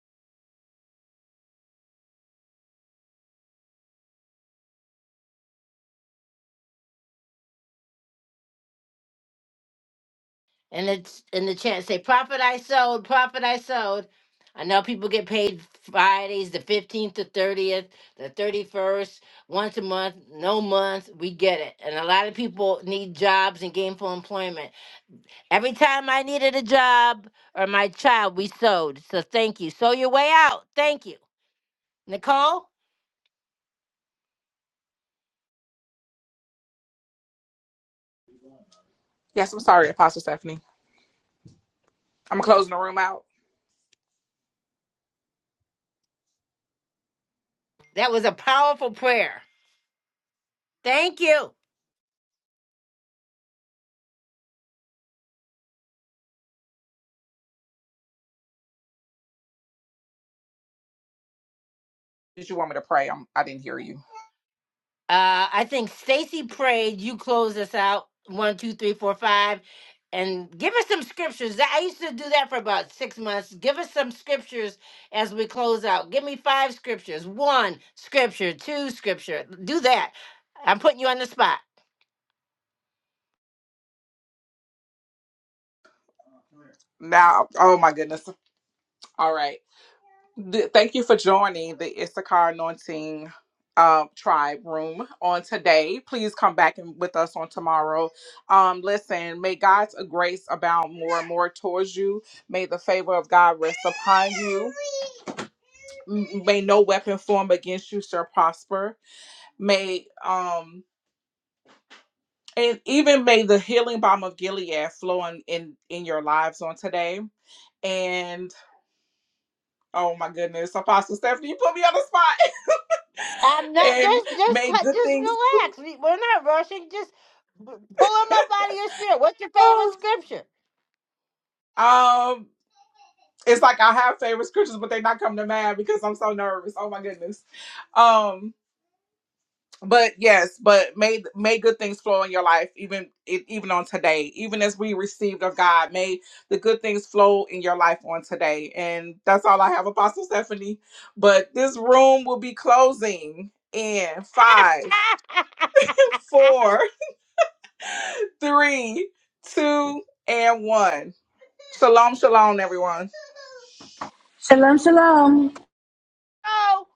[SPEAKER 1] And it's in the chat say, Profit I sold, profit I sold. I know people get paid Fridays, the 15th, the 30th, the 31st, once a month, no month. We get it. And a lot of people need jobs and gainful employment Every time I needed a job or my child, we sewed. So thank you. Sew your way out. Thank you. Nicole,
[SPEAKER 2] yes i'm sorry apostle stephanie i'm closing the room out
[SPEAKER 1] that was a powerful prayer. Thank you.
[SPEAKER 2] Did you want me to pray? I'm, I didn't hear you.
[SPEAKER 1] Uh, I think Stacy prayed. You close us out. One, two, three, four, five. And give us some scriptures. That- I used to do that for about six months. Give us some scriptures as we close out. Give me five scriptures. One scripture, two scripture. Do that. I'm putting you on the spot.
[SPEAKER 2] Now, oh my goodness. All right. Th- thank you for joining the Issachar Anointing um, Tribe Room on today. Please come back and with us on tomorrow. Um, listen, may God's grace abound more and more towards you. May the favor of God rest upon you. M- May no weapon form against you shall prosper. May um and even may the healing balm of Gilead flow in in, in your lives on today. And oh my goodness, Apostle Stephanie, you put me on the spot.
[SPEAKER 1] I'm
[SPEAKER 2] [laughs]
[SPEAKER 1] not
[SPEAKER 2] and
[SPEAKER 1] just just
[SPEAKER 2] may
[SPEAKER 1] cut
[SPEAKER 2] good
[SPEAKER 1] just
[SPEAKER 2] things.
[SPEAKER 1] relax. We, we're not rushing. Just b- pull them up out of your spirit. What's your
[SPEAKER 2] [gasps]
[SPEAKER 1] favorite scripture?
[SPEAKER 2] Oh, um, it's like I have favorite scriptures, but they're not coming to mind because I'm so nervous. Oh my goodness. Um, But yes, but may may good things flow in your life, even e- even on today, even as we received of God. May the good things flow in your life on today, and that's all I have, Apostle Stephanie. But this room will be closing in five,
[SPEAKER 1] [laughs]
[SPEAKER 2] [laughs] four, three, two, and one. Shalom, shalom, everyone.
[SPEAKER 4] Shalom, shalom.
[SPEAKER 1] oh.